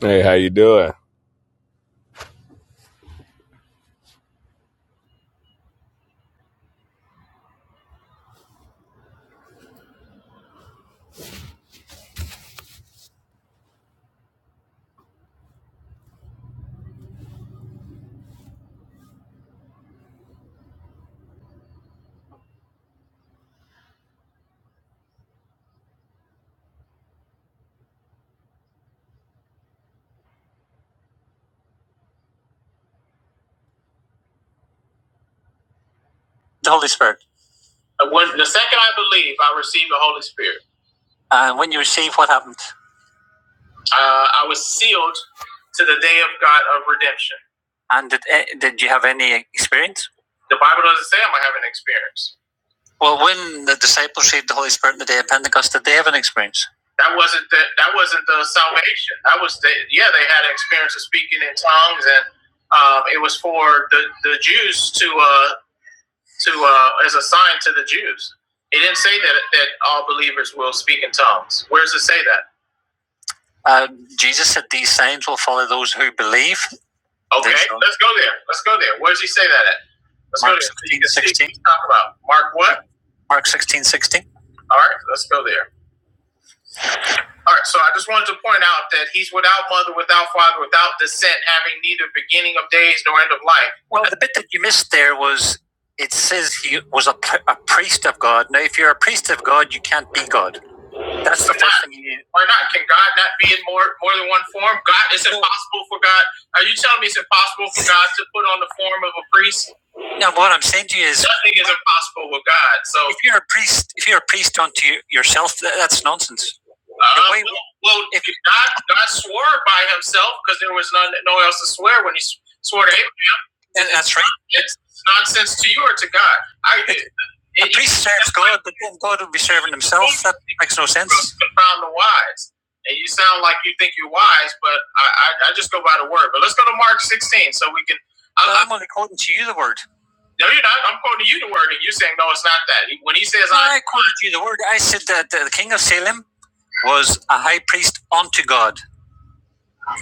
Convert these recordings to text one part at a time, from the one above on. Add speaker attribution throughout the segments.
Speaker 1: Hey, how you doing? The Holy Spirit. Uh, When, the second I believe, I received the Holy Spirit. And uh, when you received, what happened? Uh, I was sealed to the day of God of redemption. And did, eh, did you have any experience? The Bible doesn't say I'm going to have an experience. Well, when the disciples received the Holy Spirit on the day of Pentecost, did they have an experience? That wasn't the, that wasn't the salvation. That was the, yeah, they had an experience of speaking in tongues, and um, it was for the, the Jews to uh, to uh, as a sign to the Jews. He didn't say that that all believers will speak in tongues. Where does it say that? Uh, Jesus said these signs will follow those who believe. Okay, let's go there. Let's go there. Where does he say that at? Let's Mark go there. So you 16, can about Mark what? Mark sixteen sixteen. All right, let's go there. All right, so I just wanted to point out that he's without mother, without father, without descent, having neither beginning of days nor end of life. Well, the bit that you missed there was it says he was a, a priest of God. Now, if you're a priest of God, you can't be God. That's the first thing you need. Why not? Can God not be in more more than one form? God, it's impossible for God. Are you telling me it's impossible for God to put on the form of a priest? No, what I'm saying to you is, Nothing is impossible with God. So, if you're a priest, if you're a priest unto you- yourself, that's nonsense. uh, way- well, well, if- God, God swore by Himself because there was none, no one else to swear when He swore to and that's right. It's nonsense to you or to God. I, it, The it, priest serves God, but then God will be serving himself. That makes no sense. found the wise. And you sound like you think you're wise, but I, I, I just go by the word. But let's go to Mark 16 so we can. Well, I, I, am only quoting to you the word. no, you're not. I'm quoting you the word, and you saying, no, it's not that. When he says, No, I quoted you the word. I said that the king of Salem was a high priest unto God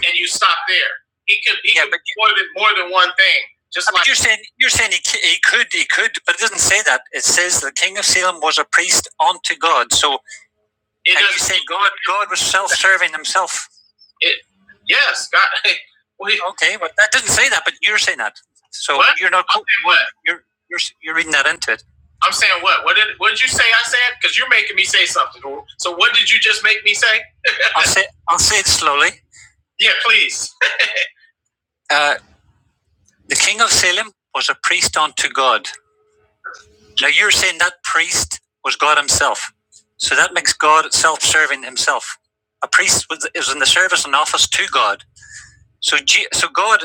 Speaker 1: and you stop there. He could he Yeah, could but do more than more than one thing. Just like you're saying you're saying he, he could he could, but it doesn't say that. It says the king of Salem was a priest unto God. So it and you does. say God God was self-serving himself. It Yes, God. we, Okay, but that doesn't say that. But you're saying that. So What? you're not what? you're you're you're reading that into it. I'm saying what? What did what did you say? I said because you're making me say something. So what did you just make me say? I'll say I'll say it slowly. Yeah, please. Uh, the king of Salem was a priest unto God. Now you're saying that priest was God himself. So that makes God self serving himself. A priest was, is in the service and office to God. So, G, so God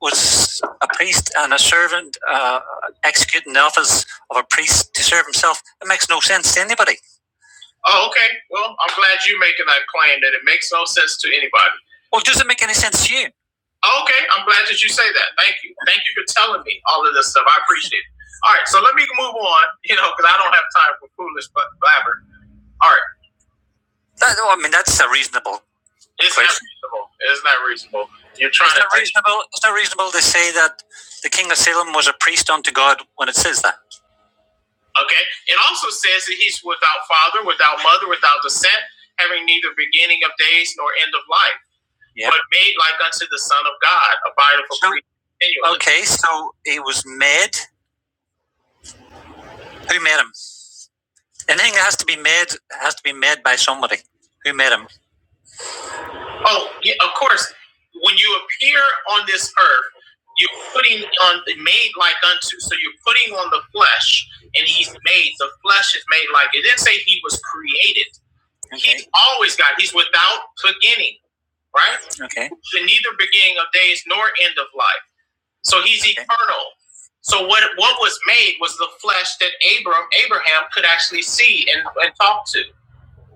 Speaker 1: was a priest and a servant uh, executing the office of a priest to serve himself. It makes no sense to anybody. Oh, okay. Well, I'm glad you're making that claim that it makes no sense to anybody. Well, it doesn't make any sense to you. Oh, okay, I'm glad that you say that. Thank you. Thank you for telling me all of this stuff. I appreciate it. All right, so let me move on, you know, because I don't have time for foolish but blabber. All right, That, no, I mean, that's a reasonable it's question. not reasonable. It's not reasonable. You're trying It's to not reasonable. It's not reasonable to say that the king of Salem was a priest unto God when it says that. Okay. It also says that he's without father, without mother, without descent, having neither beginning of days nor end of life, Yep. but made like unto the Son of God, abideth for so, continually. Okay, so he was made. Who made him? Anything that has to be made has to be made by somebody. Who made him? Oh, yeah, of course. When you appear on this earth, you're putting on the made like unto. So you're putting on the flesh, and he's made. The flesh is made like it. Didn't say he was created. Okay. He's always God. He's without beginning, right? Okay. The neither beginning of days nor end of life. So he's okay. eternal. So what what was made was the flesh that Abram Abraham could actually see and, and talk to.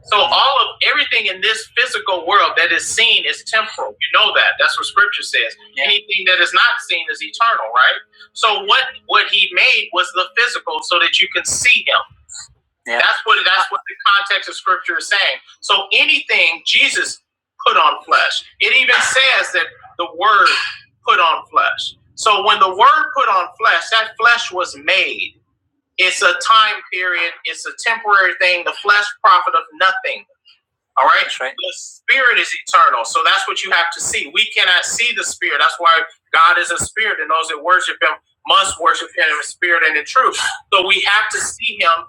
Speaker 1: So all of everything in this physical world that is seen is temporal. You know that. That's what scripture says. Yeah. Anything that is not seen is eternal, right? So what what he made was the physical so that you can see him. Yeah. That's what that's what the context of scripture is saying. So anything Jesus put on flesh. It even says that the word put on flesh. So when the word put on flesh, that flesh was made. It's a time period, it's a temporary thing. The flesh profiteth nothing. All right. That's right. The spirit is eternal. So that's what you have to see. We cannot see the spirit. That's why God is a spirit, and those that worship him must worship him in spirit and in truth. So we have to see him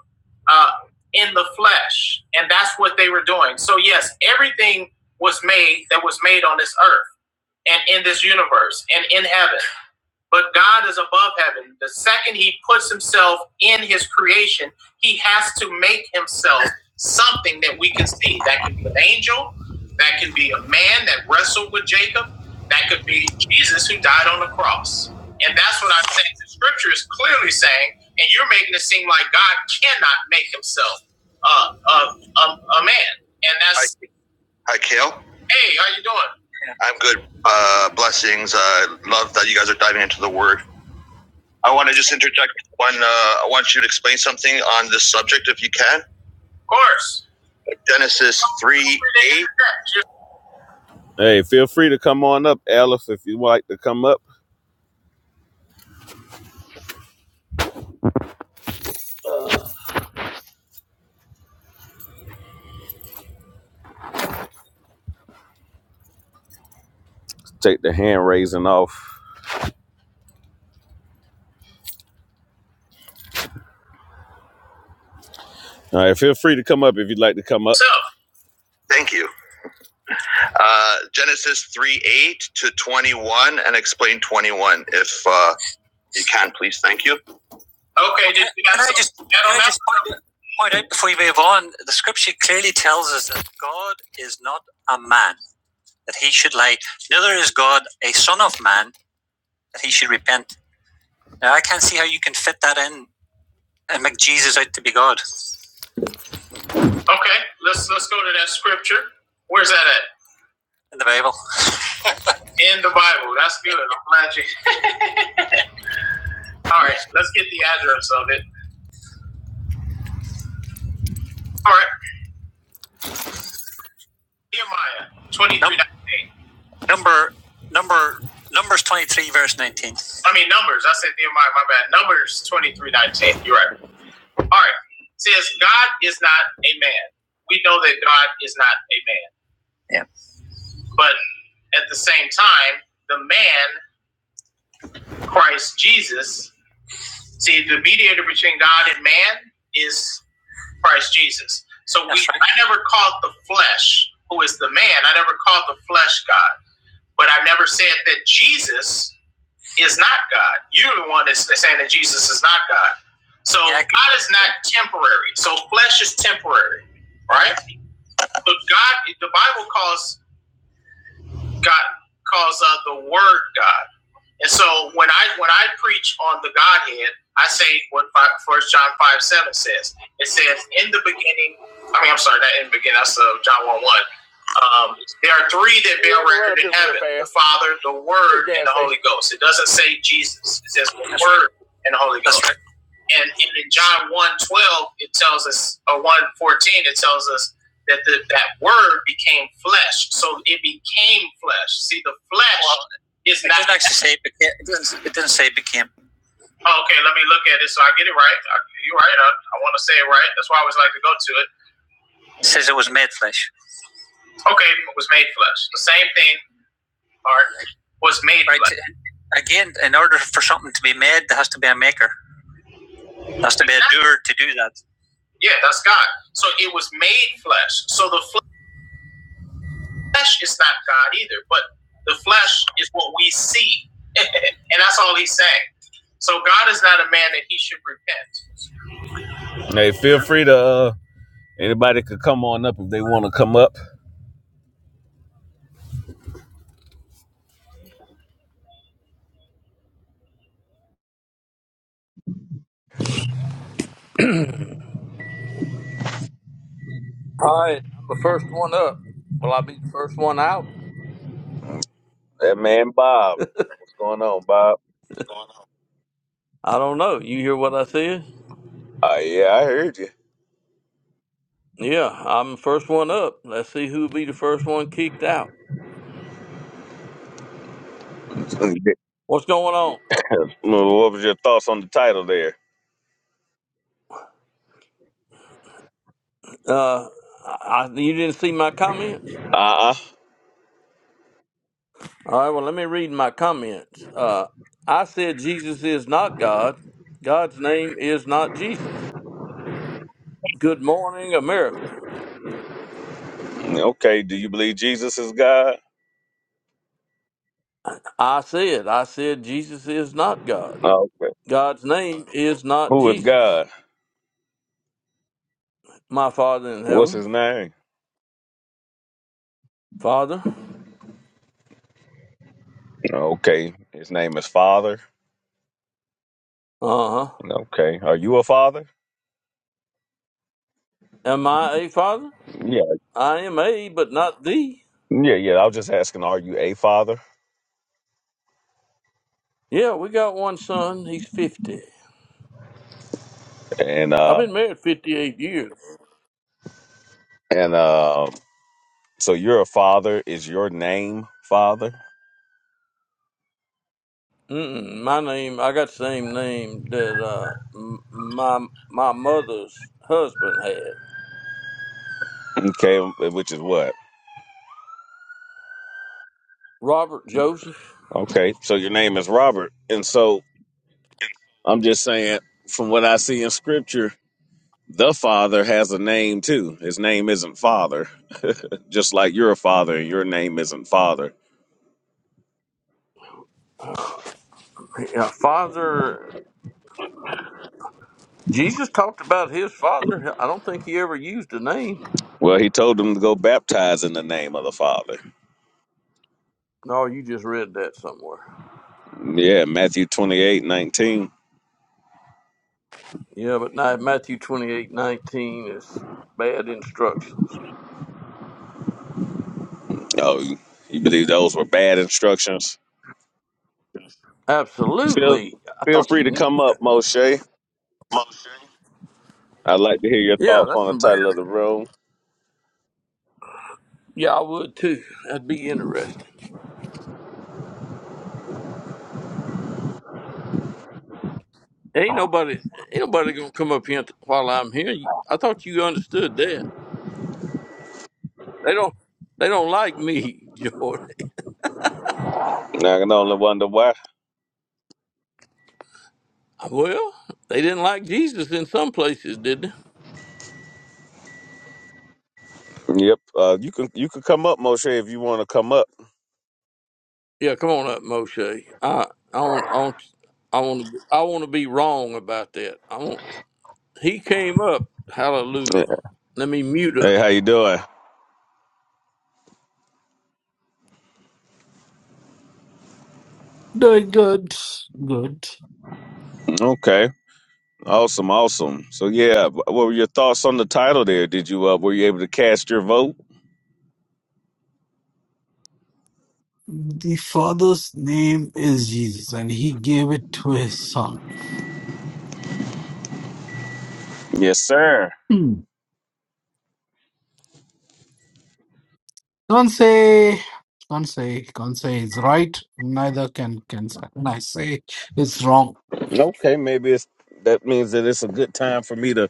Speaker 1: uh, in the flesh. And that's what they were doing. So, yes, everything was made that was made on this earth and in this universe and in heaven. But God is above heaven. The second he puts himself in his creation, he has to make himself something that we can see. That can be an angel, that can be a man that wrestled with Jacob, that could be Jesus who died on the cross. And that's what I'm saying. The scripture is clearly saying, and you're making it seem like God cannot make himself uh, a, a, a man. And that's, Hi, hi Kale. hey, how you doing? I'm good. Uh, blessings. I uh, love that you guys are diving into the word. I want to just interject one. Uh, I want you to explain something on this subject if you can. Of course. Genesis 3 8. Hey, feel free to come on up, Aleph, if you'd like to come up. Take the hand raising off. All right, feel free to come up if you'd like to come up. So, Thank you. Uh, Genesis 3 8 to 21 and explain 21 if uh, you can, please. Thank you. Okay, did Can I just, can I just point, point out right before you move on? The scripture clearly tells us that God is not a man that he should lie, neither is God a son of man that he should repent. Now, I can't see how you can fit that in and make Jesus out to be God Okay, let's let's go to that scripture. Where's that at? in the Bible. In the Bible. That's good. I'm glad you. All right, let's get the address of it. All right, Nehemiah Nope. twenty-three nineteen. Nope. Number number numbers twenty three verse nineteen. I mean numbers. I said Nehemiah. My bad. Numbers twenty three nineteen. You're right. All right. It Says God is not a man. We know that God is not a man. Yeah. But at the same time, the man Christ Jesus. See, the mediator between God and man is Christ Jesus. So we, right. I never called the flesh, who is the man. I never called the flesh God, but I never said that Jesus is not God. You're the one that's saying that Jesus is not God. So Yeah, God is not temporary. So flesh is temporary, right? But God, the Bible calls God calls uh, the Word God. And so when I when I preach on the Godhead, I say what First John five seven says. It says, "In the beginning." I mean, I'm sorry, not in the beginning. That's uh, John one one. Um, there are three that bear record in heaven: the Father, the Word, and the Holy Ghost. It doesn't say Jesus. It says the Word and the Holy Ghost. And in in John one 12, it tells us, or one fourteen, it tells us that the, that word became flesh. So it became flesh. See, the flesh is not. it doesn't actually say it became. It doesn't, it doesn't say it became. Okay, let me look at it so I get it right. I- You're right. I, I want to say it right. That's why I always like to go to it. It says it was made flesh. Okay, it was made flesh. The same thing, or was made Right. flesh. Again, in order for something to be made, there has to be a maker. There has to be a doer to do that. Yeah, that's God. So it was made flesh. So the flesh is not God either, but the flesh is what we see. and that's all he's saying. So God is not a man that he should repent. Hey, feel free to uh, anybody could come on up if they want to come up.
Speaker 2: All right, I'm the first one up. Will I be the first one out?
Speaker 1: That man Bob. What's going on, Bob?
Speaker 2: I don't know. You hear what I said?
Speaker 1: Uh, yeah, I heard you.
Speaker 2: Yeah, I'm the first one up. Let's see who'll be the first one kicked out. What's going on?
Speaker 1: what was your thoughts on the title there?
Speaker 2: Uh, I, you didn't see my comments?
Speaker 1: Uh uh
Speaker 2: All right, well, let me read my comments. Uh, I said Jesus is not God. God's name is not Jesus. Good morning, America.
Speaker 1: Okay, do you believe Jesus is God?
Speaker 2: I said, I said Jesus is not God.
Speaker 1: Okay.
Speaker 2: God's name is not
Speaker 1: Who is
Speaker 2: Jesus.
Speaker 1: God?
Speaker 2: My Father in
Speaker 1: What's
Speaker 2: heaven,
Speaker 1: his name?
Speaker 2: Father.
Speaker 1: Okay. His name is Father.
Speaker 2: Uh huh.
Speaker 1: Okay. Are you a father?
Speaker 2: Am I a father?
Speaker 1: Yeah.
Speaker 2: I am a, but not thee.
Speaker 1: Yeah, yeah. I was just asking, are you a father?
Speaker 2: Yeah, we got one son. He's 50.
Speaker 1: And
Speaker 2: I've
Speaker 1: uh
Speaker 2: been married 58 years.
Speaker 1: and uh so you're a father. Is your name father?
Speaker 2: Mm-mm, my name, I got the same name that uh, m- my my mother's husband had,
Speaker 1: Okay, which is what?
Speaker 2: Robert Joseph.
Speaker 1: Okay. So your name is Robert. And so I'm just saying, from what I see in scripture, the father has a name too. His name isn't father. just like you're a father and your name isn't father.
Speaker 2: Yeah, father, Jesus talked about his father. I don't think he ever used a name.
Speaker 1: Well, he told them to go baptize in the name of the Father.
Speaker 2: No, you just read that somewhere.
Speaker 1: Yeah, Matthew 28 19.
Speaker 2: Yeah, but now Matthew 28 19 is bad instruction.
Speaker 1: Oh, you believe those were bad instructions? Feel
Speaker 2: Absolutely. I
Speaker 1: feel
Speaker 2: thought
Speaker 1: free
Speaker 2: you
Speaker 1: to
Speaker 2: knew
Speaker 1: come up, Moshe. I'd like to hear your
Speaker 2: Yeah,
Speaker 1: thoughts
Speaker 2: that's
Speaker 1: on the
Speaker 2: some bad.
Speaker 1: title of the room.
Speaker 2: Yeah, I would too. That'd be interesting. Ain't nobody, ain't nobody gonna come up here while I'm here. You- I thought you understood that. They don't, they don't like me, Jordan.
Speaker 1: I can only wonder why.
Speaker 2: Well, they didn't like Jesus in some places, did they?
Speaker 1: Yep. Uh, you can you can come up, Moshe, if you want to come up.
Speaker 2: Yeah, come on up, Moshe. I, I want, I want, I want to, I want to be wrong about that. I want. He came up.
Speaker 1: Yeah.
Speaker 2: Hallelujah. Let me mute up.
Speaker 1: Hey, how you doing?
Speaker 3: Doing good. Good.
Speaker 1: Okay. Awesome, awesome. So yeah, what were your thoughts on the title there? Did you uh, were you able to cast your vote?
Speaker 3: The father's name is Jesus, and he gave it to his son.
Speaker 1: Yes, sir.
Speaker 3: Hmm. Can't say, can't say, can't say it's right. Neither can can I say it's wrong.
Speaker 1: Okay, maybe it's that means that it's a good time for me to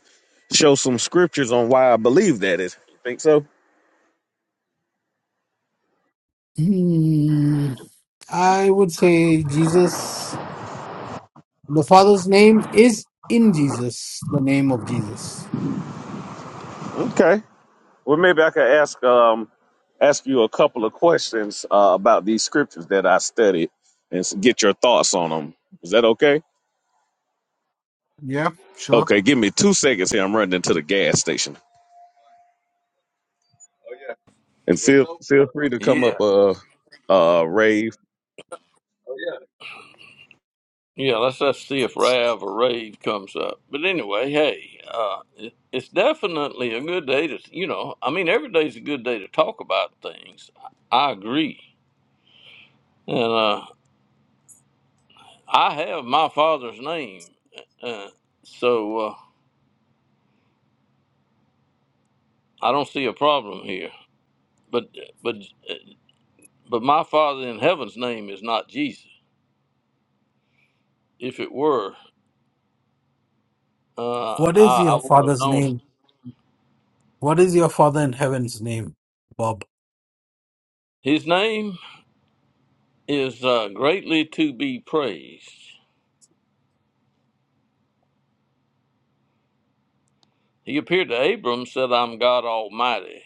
Speaker 1: show some scriptures on why I believe that is. You think so?
Speaker 3: Hmm. I would say Jesus. The father's name is in Jesus. The name of Jesus.
Speaker 1: Okay. Well, maybe I could ask um ask you a couple of questions uh, about these scriptures that I studied and s- get your thoughts on them. Is that okay?
Speaker 3: Yeah, sure.
Speaker 1: Okay, give me two seconds here. I'm running into the gas station. And feel feel free to come
Speaker 2: Yeah.
Speaker 1: up, uh, uh, rave.
Speaker 2: Yeah, let's just see if Rav or Rave comes up. But anyway, hey, uh, it, it's definitely a good day to, you know, I mean, every day's a good day to talk about things. I agree. And uh, I have my father's name, uh, uh, so uh, I don't see a problem here. But but but my father in heaven's name is not Jesus. If it were, uh,
Speaker 3: What is
Speaker 2: I,
Speaker 3: your
Speaker 2: I would have
Speaker 3: father's
Speaker 2: known.
Speaker 3: name? What is your father in heaven's name, Bob?
Speaker 2: His name is uh, greatly to be praised. He appeared to Abram, said, I'm God Almighty.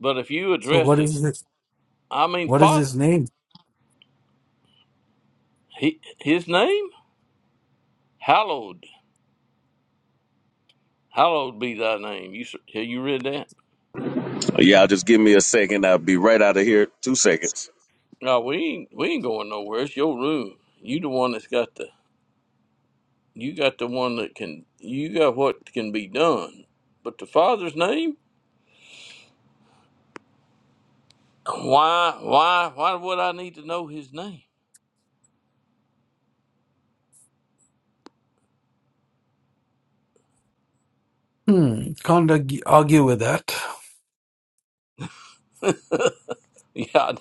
Speaker 2: But if you
Speaker 3: So
Speaker 2: address
Speaker 3: what
Speaker 2: it,
Speaker 3: is this?
Speaker 2: I mean,
Speaker 3: What is
Speaker 2: Father,
Speaker 3: his name?
Speaker 2: he, his name, hallowed, hallowed be thy name. You s- have you read that?
Speaker 1: Yeah, just give me a second. I'll be right out of here. Two seconds.
Speaker 2: No, we ain't we ain't going nowhere. It's your room. You the one that's got the you got the one that can you got what can be done. But the Father's name, why why why would I need to know his name?
Speaker 3: Hmm, can't argue argue with that.
Speaker 2: Yeah,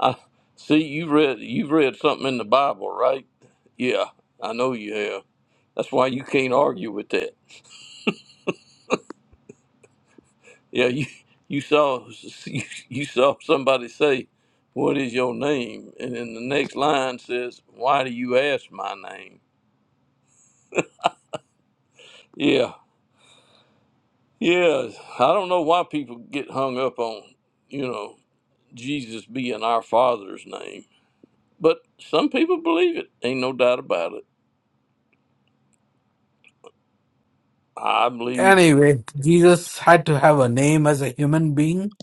Speaker 2: I see you read you've read something in the Bible, right? Yeah, I know you have. That's why you can't argue with that. Yeah, you you saw you, saw somebody say, "What is your name?" and then the next line says, "Why do you ask my name?" Yeah, yeah. I don't know why people get hung up on you know Jesus being our Father's name, but some people believe it. Ain't no doubt about it. I believe
Speaker 3: Anyway, Jesus had to have a name as a human being.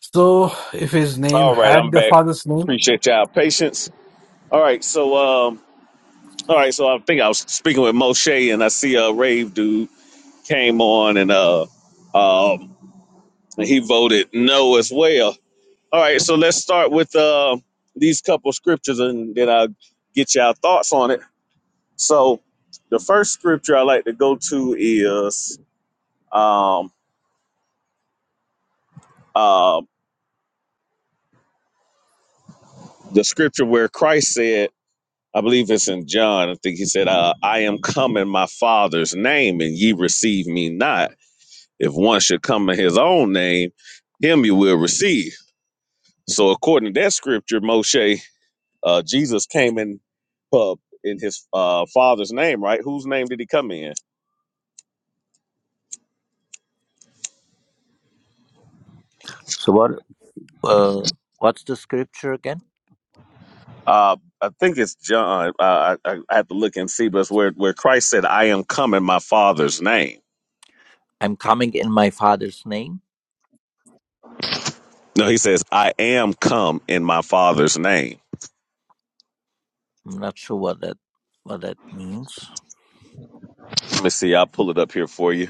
Speaker 3: So if his name
Speaker 1: All right,
Speaker 3: had
Speaker 1: I'm
Speaker 3: the
Speaker 1: back.
Speaker 3: father's name,
Speaker 1: Appreciate y'all patience. All right, so um, all right, so I think I was speaking with Moshe, and I see a rave dude came on, and uh, um, and he voted no as well. All right, so let's start with uh, these couple scriptures, and then I'll get y'all thoughts on it. So, the first scripture I like to go to is um, uh, the scripture where Christ said, I believe it's in John. I think he said, uh, "I am come in my Father's name, and ye receive me not." If one should come in his own name, him you will receive. So according to that scripture, Moshe, uh, Jesus came in uh, in his uh, father's name, right? Whose name did he come in?
Speaker 4: So what? Uh, what's the scripture again?
Speaker 1: Uh, I think it's John. Uh, I, I I have to look and see, but it's where where Christ said, "I am come in my father's name."
Speaker 4: I'm coming in my father's name.
Speaker 1: No, he says, "I am come in my father's name."
Speaker 4: I'm not sure what that what that means.
Speaker 1: Let me see. I'll pull it up here for you.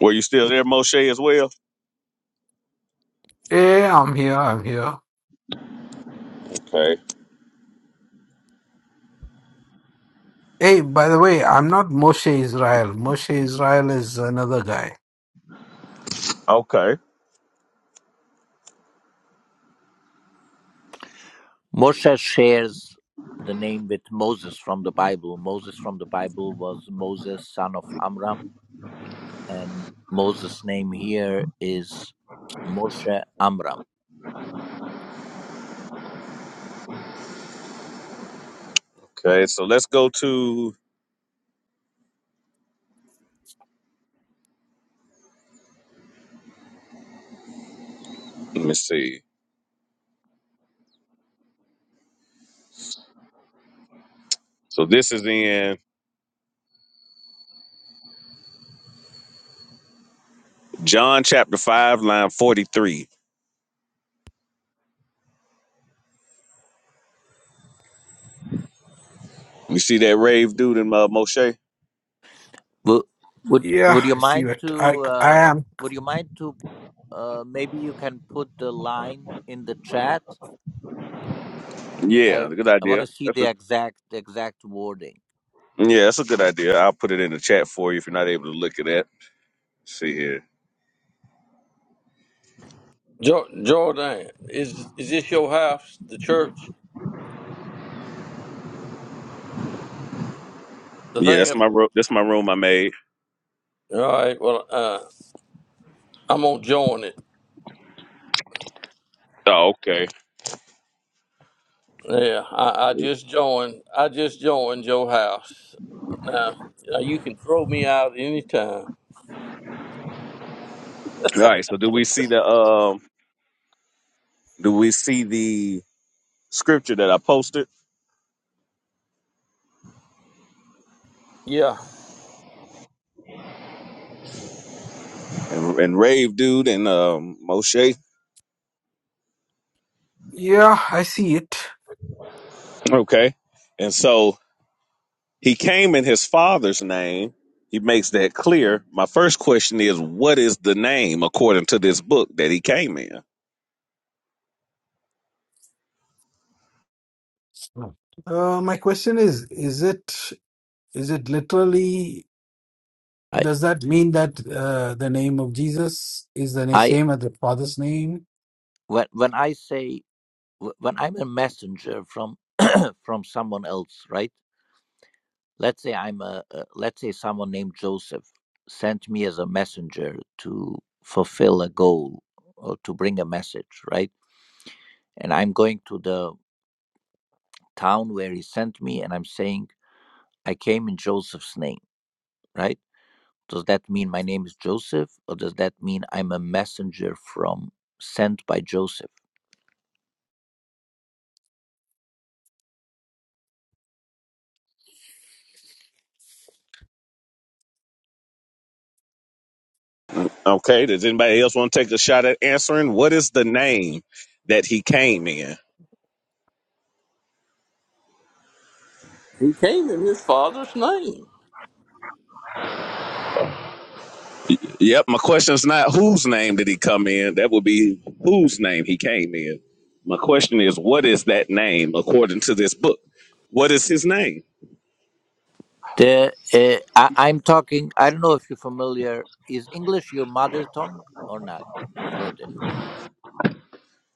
Speaker 1: Were you still there, Moshe, as well?
Speaker 3: hey, I'm here, I'm here.
Speaker 1: Okay.
Speaker 3: Hey, by the way, I'm not Moshe Israel. Moshe Israel is another guy.
Speaker 1: Okay.
Speaker 4: Moshe shares the name with Moses from the Bible. Moses from the Bible was Moses, son of Amram, and Moses' name here is Moshe Amram.
Speaker 1: Okay. So let's go to. Let me see. So this is in John chapter 5, line 43. You see that rave dude in uh, Moshe?
Speaker 4: Would would
Speaker 3: Yeah,
Speaker 4: would you
Speaker 3: I see
Speaker 4: mind
Speaker 3: it. I,
Speaker 4: to
Speaker 3: I
Speaker 4: uh,
Speaker 3: am.
Speaker 4: would you mind to uh, maybe you can put the line in the chat? I
Speaker 1: Yeah, good
Speaker 4: I want to
Speaker 1: idea.
Speaker 4: see
Speaker 1: That's
Speaker 4: the
Speaker 1: a
Speaker 4: exact the exact wording.
Speaker 1: yeah, that's a good idea. I'll put it in the chat for you if you're not able to look at that. See here.
Speaker 2: Jo- Jordan, is is this your house, the church, the
Speaker 1: Yeah,
Speaker 2: thing?
Speaker 1: that's
Speaker 2: Up-
Speaker 1: my room. That's my room I made.
Speaker 2: All right. Well, uh, I'm gonna join it.
Speaker 1: Oh, okay.
Speaker 2: Yeah, I, I just joined. I just joined your house. Now, now you can throw me out anytime.
Speaker 1: All right. So do we see the um? Do we see the scripture that I posted
Speaker 2: Yeah,
Speaker 1: and, and rave dude and um Moshe?
Speaker 3: Yeah, I see it.
Speaker 1: Okay. And so He came in his father's name. He makes that clear. My first question is what is the name according to this book that he came in?
Speaker 3: Uh, my question is, is it, is it literally
Speaker 4: I
Speaker 3: Does that mean that uh, the name of Jesus is the na-
Speaker 4: I
Speaker 3: same as the Father's name?
Speaker 4: when when I say wh- when I'm a messenger from from someone else, right? Let's say I'm a uh, let's say someone named Joseph sent me as a messenger to fulfill a goal or to bring a message, right? And I'm going to the town where he sent me, and I'm saying I came in Joseph's name, right? Does that mean my name is Joseph, or does that mean I'm a messenger from sent by Joseph?
Speaker 1: Okay, does anybody else want to take a shot at answering what is the name that he came in?
Speaker 2: he came in his father's name.
Speaker 1: Yep, my question's not whose name did he come in? That would be whose name he came in. My question is, what is that name according to this book? What is his name?
Speaker 4: The uh, I, I'm talking. I don't know if you're familiar. Is English your mother tongue or not, Jordan?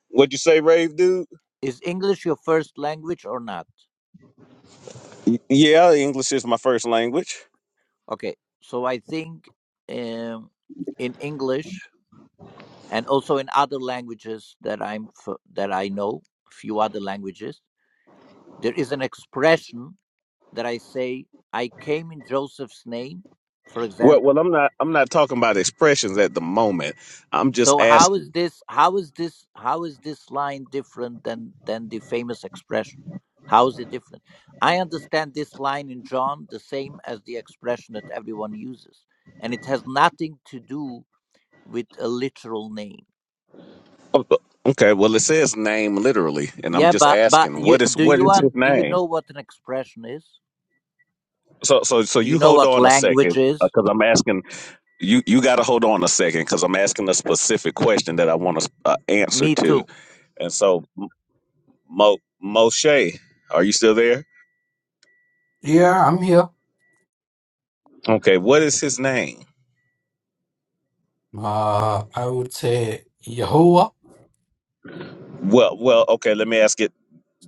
Speaker 1: What'd you say, Rave dude?
Speaker 4: Is English your first language or not?
Speaker 1: Yeah, English is my first language.
Speaker 4: Okay, so I think um, in English and also in other languages that I'm f- that I know, few other languages, there is an expression that I say, I came in Joseph's name, for
Speaker 1: Well, well,
Speaker 4: example.
Speaker 1: I'm not. I'm not talking about expressions at the moment. I'm just
Speaker 4: So how is
Speaker 1: asking.
Speaker 4: this how is this how is this line different than than the famous expression? How is it different? I understand this line in John the same as the expression that everyone uses. And it has nothing to do with a literal name.
Speaker 1: Okay, well, it says name literally, and I'm
Speaker 4: Yeah,
Speaker 1: just
Speaker 4: but but
Speaker 1: asking,
Speaker 4: you
Speaker 1: what is
Speaker 4: do
Speaker 1: what
Speaker 4: you
Speaker 1: is his
Speaker 4: un, do you
Speaker 1: name?
Speaker 4: know what an expression is?
Speaker 1: So so so
Speaker 4: Do you
Speaker 1: you
Speaker 4: know
Speaker 1: hold
Speaker 4: what
Speaker 1: on a second
Speaker 4: language is?
Speaker 1: because I'm asking you you got to hold on a second because I'm asking a specific question that I want to uh, answer
Speaker 4: Me
Speaker 1: to.
Speaker 4: too.
Speaker 1: And so M- Mo Moshe, are you still there?
Speaker 3: Yeah, I'm here.
Speaker 1: Okay, what is his name?
Speaker 3: Uh, I would say Yehovah,
Speaker 1: Well, well, okay, let me ask it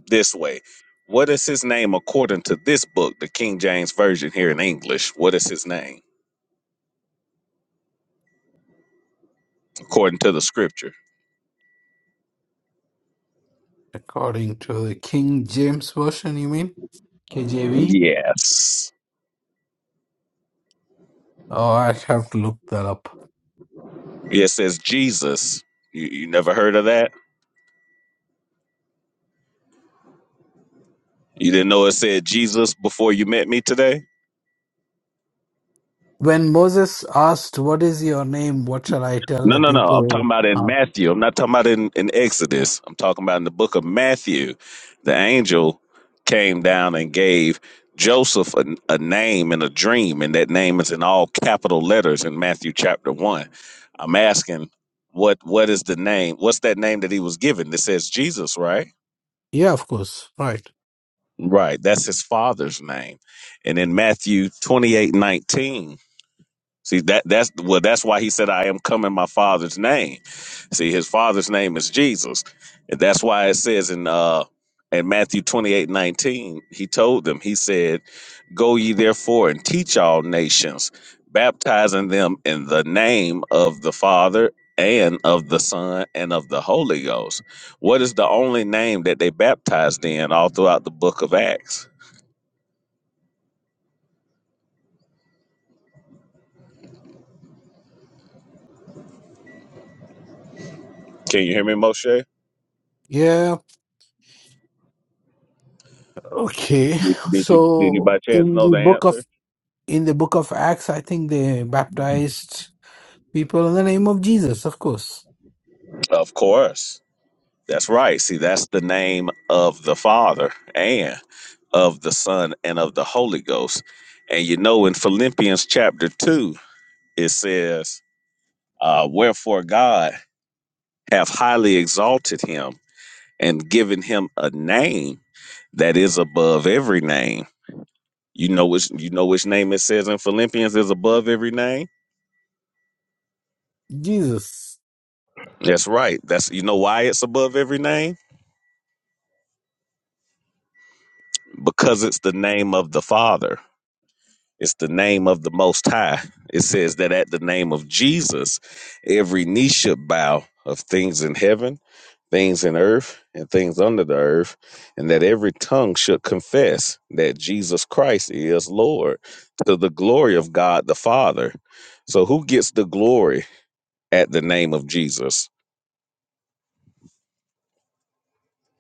Speaker 1: this way. What is his name according to this book, the King James version here in English? What is his name according to the scripture?
Speaker 3: according to the King James Version, you mean? KJV?
Speaker 1: Yes.
Speaker 3: Oh, I have to look that up.
Speaker 1: It says Jesus. You, you never heard of that? You didn't know it said Jesus before you met me today?
Speaker 3: When Moses asked, What is your name? What shall I tell
Speaker 1: No,
Speaker 3: the
Speaker 1: no, no. I'm talking
Speaker 3: people?
Speaker 1: about in
Speaker 3: Uh,
Speaker 1: Matthew. I'm not talking about in, in Exodus. I'm talking about in the book of Matthew. The angel came down and gave Joseph a, a name in a dream, and that name is in all capital letters in Matthew chapter 1. I'm asking, what what is the name? What's that name that he was given that says Jesus, right?
Speaker 3: Yeah, of course. Right.
Speaker 1: Right. That's his father's name. And in Matthew 28:19. See that that's well that's why he said I am come in my father's name. See his father's name is Jesus. And that's why it says in uh in Matthew twenty eight nineteen, he told them, he said, Go ye therefore and teach all nations, baptizing them in the name of the Father and of the Son and of the Holy Ghost. What is the only name that they baptized in all throughout the book of Acts? Can you hear me, Moshe?
Speaker 3: Yeah. Okay.
Speaker 1: Did, did you did you
Speaker 3: So
Speaker 1: by chance
Speaker 3: in
Speaker 1: know
Speaker 3: the
Speaker 1: the
Speaker 3: book of
Speaker 1: answer?
Speaker 3: in the book of Acts, I think they baptized people in the name of Jesus, of course.
Speaker 1: Of course. That's right. See, that's the name of the Father and of the Son and of the Holy Ghost. And you know, in Philippians chapter 2, it says, uh, Wherefore God hath highly exalted him and given him a name that is above every name. You know which you know which name it says in Philippians is above every name?
Speaker 3: Jesus,
Speaker 1: That's right. That's you know why it's above every name? Because it's the name of the Father. It's the name of the Most High. It says that at the name of Jesus, every knee should bow of things in heaven, things in earth, and things under the earth, and that every tongue should confess that Jesus Christ is Lord to the glory of God the Father. So, who gets the glory at the name of Jesus?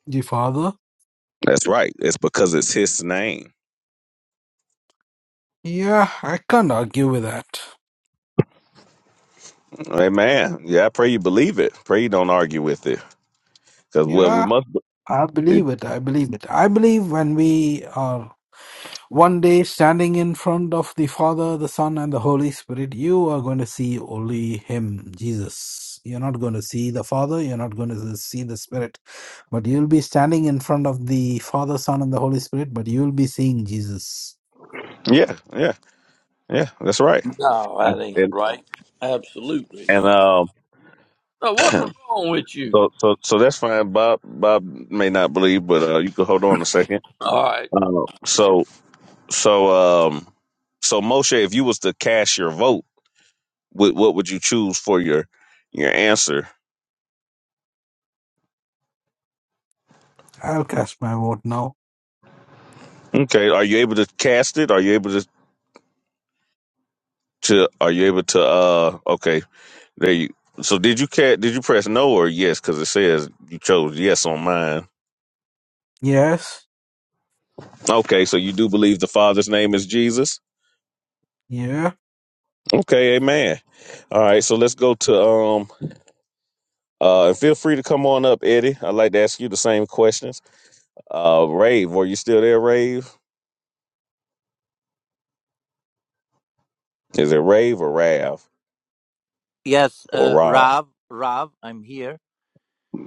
Speaker 3: the Father.
Speaker 1: That's right. It's because it's his name.
Speaker 3: Yeah, I can't argue with that.
Speaker 1: Amen. Yeah, I pray you believe it. Pray you don't argue with it. Because, well, we
Speaker 3: Yeah,
Speaker 1: must.
Speaker 3: I believe it. I believe it. I believe when we are One day, standing in front of the Father, the Son, and the Holy Spirit, you are going to see only Him, Jesus. You're not going to see the Father, you're not going to see the Spirit, but you'll be standing in front of the Father, Son, and the Holy Spirit, but you'll be seeing Jesus.
Speaker 1: Yeah, yeah, yeah. That's right.
Speaker 2: No,
Speaker 1: And
Speaker 2: that ain't
Speaker 1: and,
Speaker 2: right. Absolutely
Speaker 1: and
Speaker 2: not.
Speaker 1: um,
Speaker 2: Now, what was wrong with you?
Speaker 1: so so so that's fine. Bob Bob may not believe, but uh, you can hold on a second.
Speaker 2: All right.
Speaker 1: Uh, so so um, so Moshe, if you was to cast your vote, what what would you choose for your your answer?
Speaker 3: I'll cast my vote now.
Speaker 1: Okay, are you able to cast it? Are you able to to are you able to uh okay there you so did you cat did you press no or yes because it says you chose yes on mine
Speaker 3: Yes.
Speaker 1: okay so you do believe the father's name is jesus
Speaker 3: Yeah.
Speaker 1: okay amen all right so let's go to um uh and feel free to come on up eddie i'd like to ask you the same questions uh rave are you still there rave is it rave or rav
Speaker 4: Yes,
Speaker 1: or
Speaker 4: uh,
Speaker 1: rob
Speaker 4: Rav, Rav, I'm here.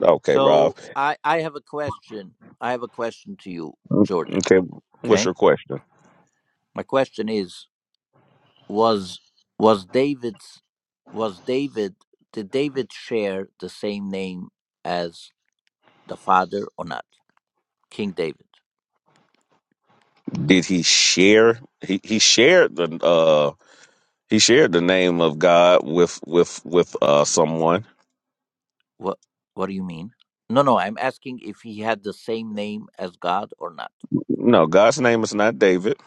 Speaker 1: okay rob
Speaker 4: So I I have a question. I have a question to you,
Speaker 1: Mm,
Speaker 4: Jordan.
Speaker 1: okay what's
Speaker 4: Okay.
Speaker 1: your question
Speaker 4: My question is was was David's was David did David share the same name as the father or not? King David.
Speaker 1: did he share he, he shared the uh He shared the name of God with with with uh, someone.
Speaker 4: What what do you mean? No, no, I'm asking if he had the same name as God or not.
Speaker 1: No, God's name is not David.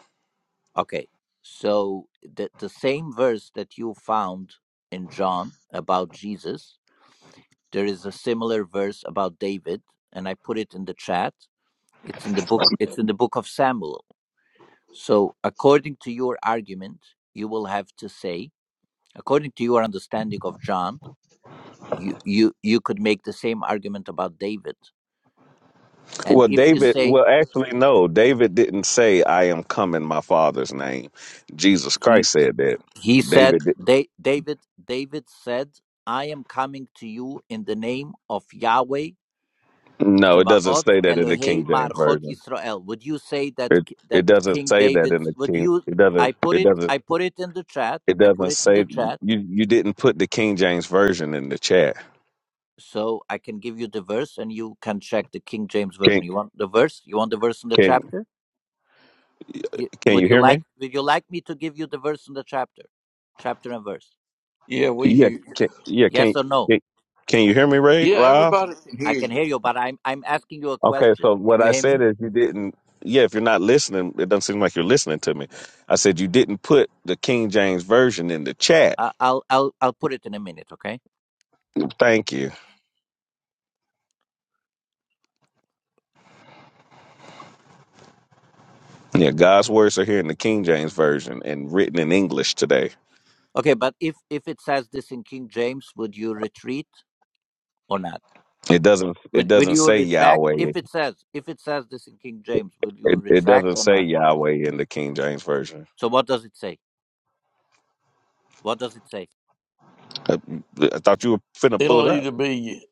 Speaker 4: Okay. So the the same verse that you found in John about Jesus There is a similar verse about David, and I put it in the chat. It's in the book. It's in the book of Samuel. So, according to your argument, you will have to say, according to your understanding of John, you you you could make the same argument about David. And
Speaker 1: Well,
Speaker 4: if you
Speaker 1: David.
Speaker 4: say
Speaker 1: Well, actually, no. David didn't say, "I am come in my Father's name."
Speaker 4: he
Speaker 1: Jesus
Speaker 4: he
Speaker 1: Christ said that.
Speaker 4: he said,
Speaker 1: David. Did,
Speaker 4: Da- David David said, I am coming to you in the name of Yahweh
Speaker 1: no, it doesn't
Speaker 4: Tsevaot
Speaker 1: say that in the
Speaker 4: Elohei
Speaker 1: King James
Speaker 4: Marchot
Speaker 1: version.
Speaker 4: Yisrael. Would you say that
Speaker 1: It it
Speaker 4: that
Speaker 1: doesn't
Speaker 4: King
Speaker 1: say that
Speaker 4: David?
Speaker 1: in the
Speaker 4: Would
Speaker 1: King.
Speaker 4: you?
Speaker 1: It doesn't.
Speaker 4: I put
Speaker 1: It
Speaker 4: it.
Speaker 1: doesn't.
Speaker 4: I put it in the chat.
Speaker 1: It
Speaker 4: I put
Speaker 1: doesn't
Speaker 4: it in the
Speaker 1: say you.
Speaker 4: chat,
Speaker 1: You didn't put the King James version in the chat.
Speaker 4: so I can give you the verse, and you can check the King James
Speaker 1: Can
Speaker 4: version. You want the verse? You want the verse in the
Speaker 1: can
Speaker 4: chapter? You,
Speaker 1: can
Speaker 4: would
Speaker 1: you
Speaker 4: you
Speaker 1: hear me?
Speaker 4: like? Would you like me to give you the verse in the chapter, chapter and verse?
Speaker 2: Yeah, we
Speaker 1: Yeah.
Speaker 2: hear. You.
Speaker 1: Can, yeah. Can,
Speaker 4: Yes or no?
Speaker 1: can can you hear me, Ray?
Speaker 2: Yeah,
Speaker 1: Rob?
Speaker 2: everybody can
Speaker 4: I
Speaker 2: hear
Speaker 4: can
Speaker 2: you.
Speaker 4: hear you, but I'm I'm asking you a
Speaker 1: Okay,
Speaker 4: question.
Speaker 1: so
Speaker 4: Can
Speaker 1: what
Speaker 4: you
Speaker 1: I
Speaker 4: hear
Speaker 1: said
Speaker 4: me?
Speaker 1: is you didn't. Yeah, if you're not listening, it doesn't seem like you're listening to me. I said you didn't put the King James version in the chat.
Speaker 4: I I'll I'll I'll put it in a minute. Okay.
Speaker 1: Thank you. Yeah, God's words are here in the King James version and written in English today.
Speaker 4: Okay, but if if it says this in King James, would you retreat? or not?
Speaker 1: It doesn't. It
Speaker 4: Would, will
Speaker 1: doesn't
Speaker 4: you
Speaker 1: say
Speaker 4: retract
Speaker 1: Yahweh.
Speaker 4: if it says if it says this in King James? Will you
Speaker 1: It, it
Speaker 4: retract
Speaker 1: doesn't
Speaker 4: or
Speaker 1: say
Speaker 4: not?
Speaker 1: Yahweh in the King James version.
Speaker 4: So what does it say? What does it say?
Speaker 1: I, I thought you were finna pull it
Speaker 2: It'll
Speaker 1: up.
Speaker 2: either be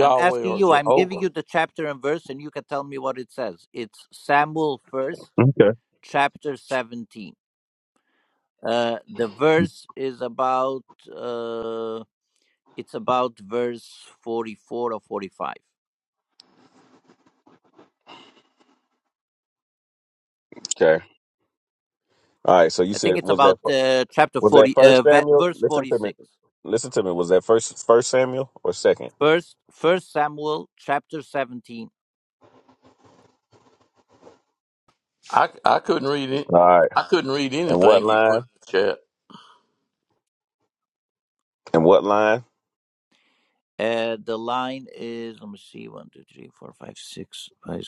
Speaker 4: I'm asking
Speaker 2: or
Speaker 4: you. I'm giving
Speaker 2: Jehovah.
Speaker 4: you the chapter and verse, and you can tell me what it says. It's Samuel first,
Speaker 1: Okay.
Speaker 4: chapter seventeen. Uh, the verse is about uh, it's about verse forty four or forty five.
Speaker 1: Okay. All right. So you
Speaker 4: I
Speaker 1: said
Speaker 4: think it's
Speaker 1: was that
Speaker 4: about
Speaker 1: fir-
Speaker 4: uh, chapter
Speaker 1: was that
Speaker 4: forty, uh,
Speaker 1: First
Speaker 4: ve-
Speaker 1: Samuel?
Speaker 4: verse
Speaker 1: Listen
Speaker 4: forty
Speaker 1: to me.
Speaker 4: six.
Speaker 1: Listen to me. Was that first First Samuel or second?
Speaker 4: First, First Samuel chapter seventeen
Speaker 2: I, I couldn't read it.
Speaker 1: All right.
Speaker 2: I couldn't read
Speaker 1: And what
Speaker 2: anything he
Speaker 1: line?
Speaker 2: put in the chat.
Speaker 1: And what line?
Speaker 4: Uh, the line is let me see one two three four five six five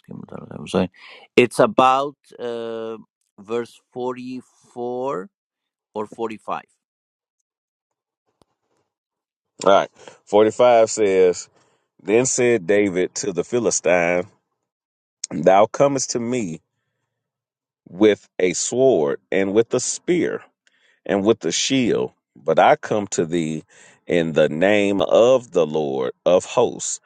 Speaker 4: I'm sorry. It's about uh, verse forty four or forty five.
Speaker 1: All right. 45 says, Then said David to the Philistine, Thou comest to me with a sword and with a spear and with a shield, but I come to thee in the name of the Lord of hosts,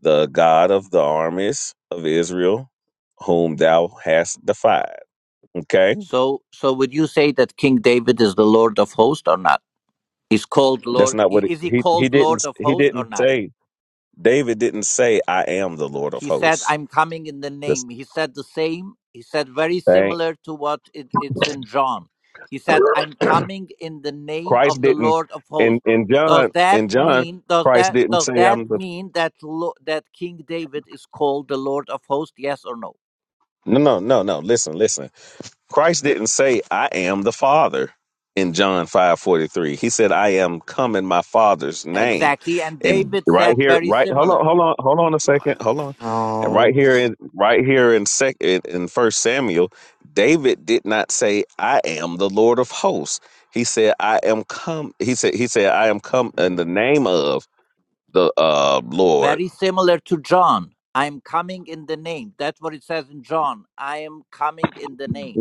Speaker 1: the God of the armies of Israel, whom thou hast defied. Okay?
Speaker 4: So so would you say that King David is the Lord of Hosts or not? Is called
Speaker 1: That's
Speaker 4: Lord?
Speaker 1: not
Speaker 4: i-
Speaker 1: what it,
Speaker 4: Is he
Speaker 1: he he
Speaker 4: called Lord
Speaker 1: didn't
Speaker 4: of
Speaker 1: he
Speaker 4: Hosts or
Speaker 1: didn't
Speaker 4: not?
Speaker 1: say David didn't say I am the Lord of
Speaker 4: He said,
Speaker 1: hosts.
Speaker 4: I'm coming in the
Speaker 1: That's
Speaker 4: name. He said the same. He said, very similar to what it, it's in John. He said, I'm coming in the name
Speaker 1: Christ
Speaker 4: of the
Speaker 1: didn't
Speaker 4: Lord of
Speaker 1: in
Speaker 4: hosts.
Speaker 1: in
Speaker 4: Does
Speaker 1: John
Speaker 4: that
Speaker 1: in John
Speaker 4: mean does
Speaker 1: Christ
Speaker 4: that
Speaker 1: didn't
Speaker 4: does
Speaker 1: say
Speaker 4: that
Speaker 1: I'm the
Speaker 4: mean that lo- that King David is called the Lord of hosts yes or no
Speaker 1: no no no no listen listen Christ didn't say I am the Father in John five forty three he said I am come in my Father's name
Speaker 4: Exactly and
Speaker 1: and
Speaker 4: David
Speaker 1: right
Speaker 4: said
Speaker 1: here
Speaker 4: very
Speaker 1: right hold on
Speaker 4: similar
Speaker 1: hold on hold on a second hold on and right
Speaker 5: Oh,
Speaker 1: here in right here in sec in, in First Samuel David did not say I am the Lord of hosts he said I am come he said he said I am come in the name of the uh, Lord
Speaker 4: very similar to John I am coming in the name that's what it says in John I am coming in the name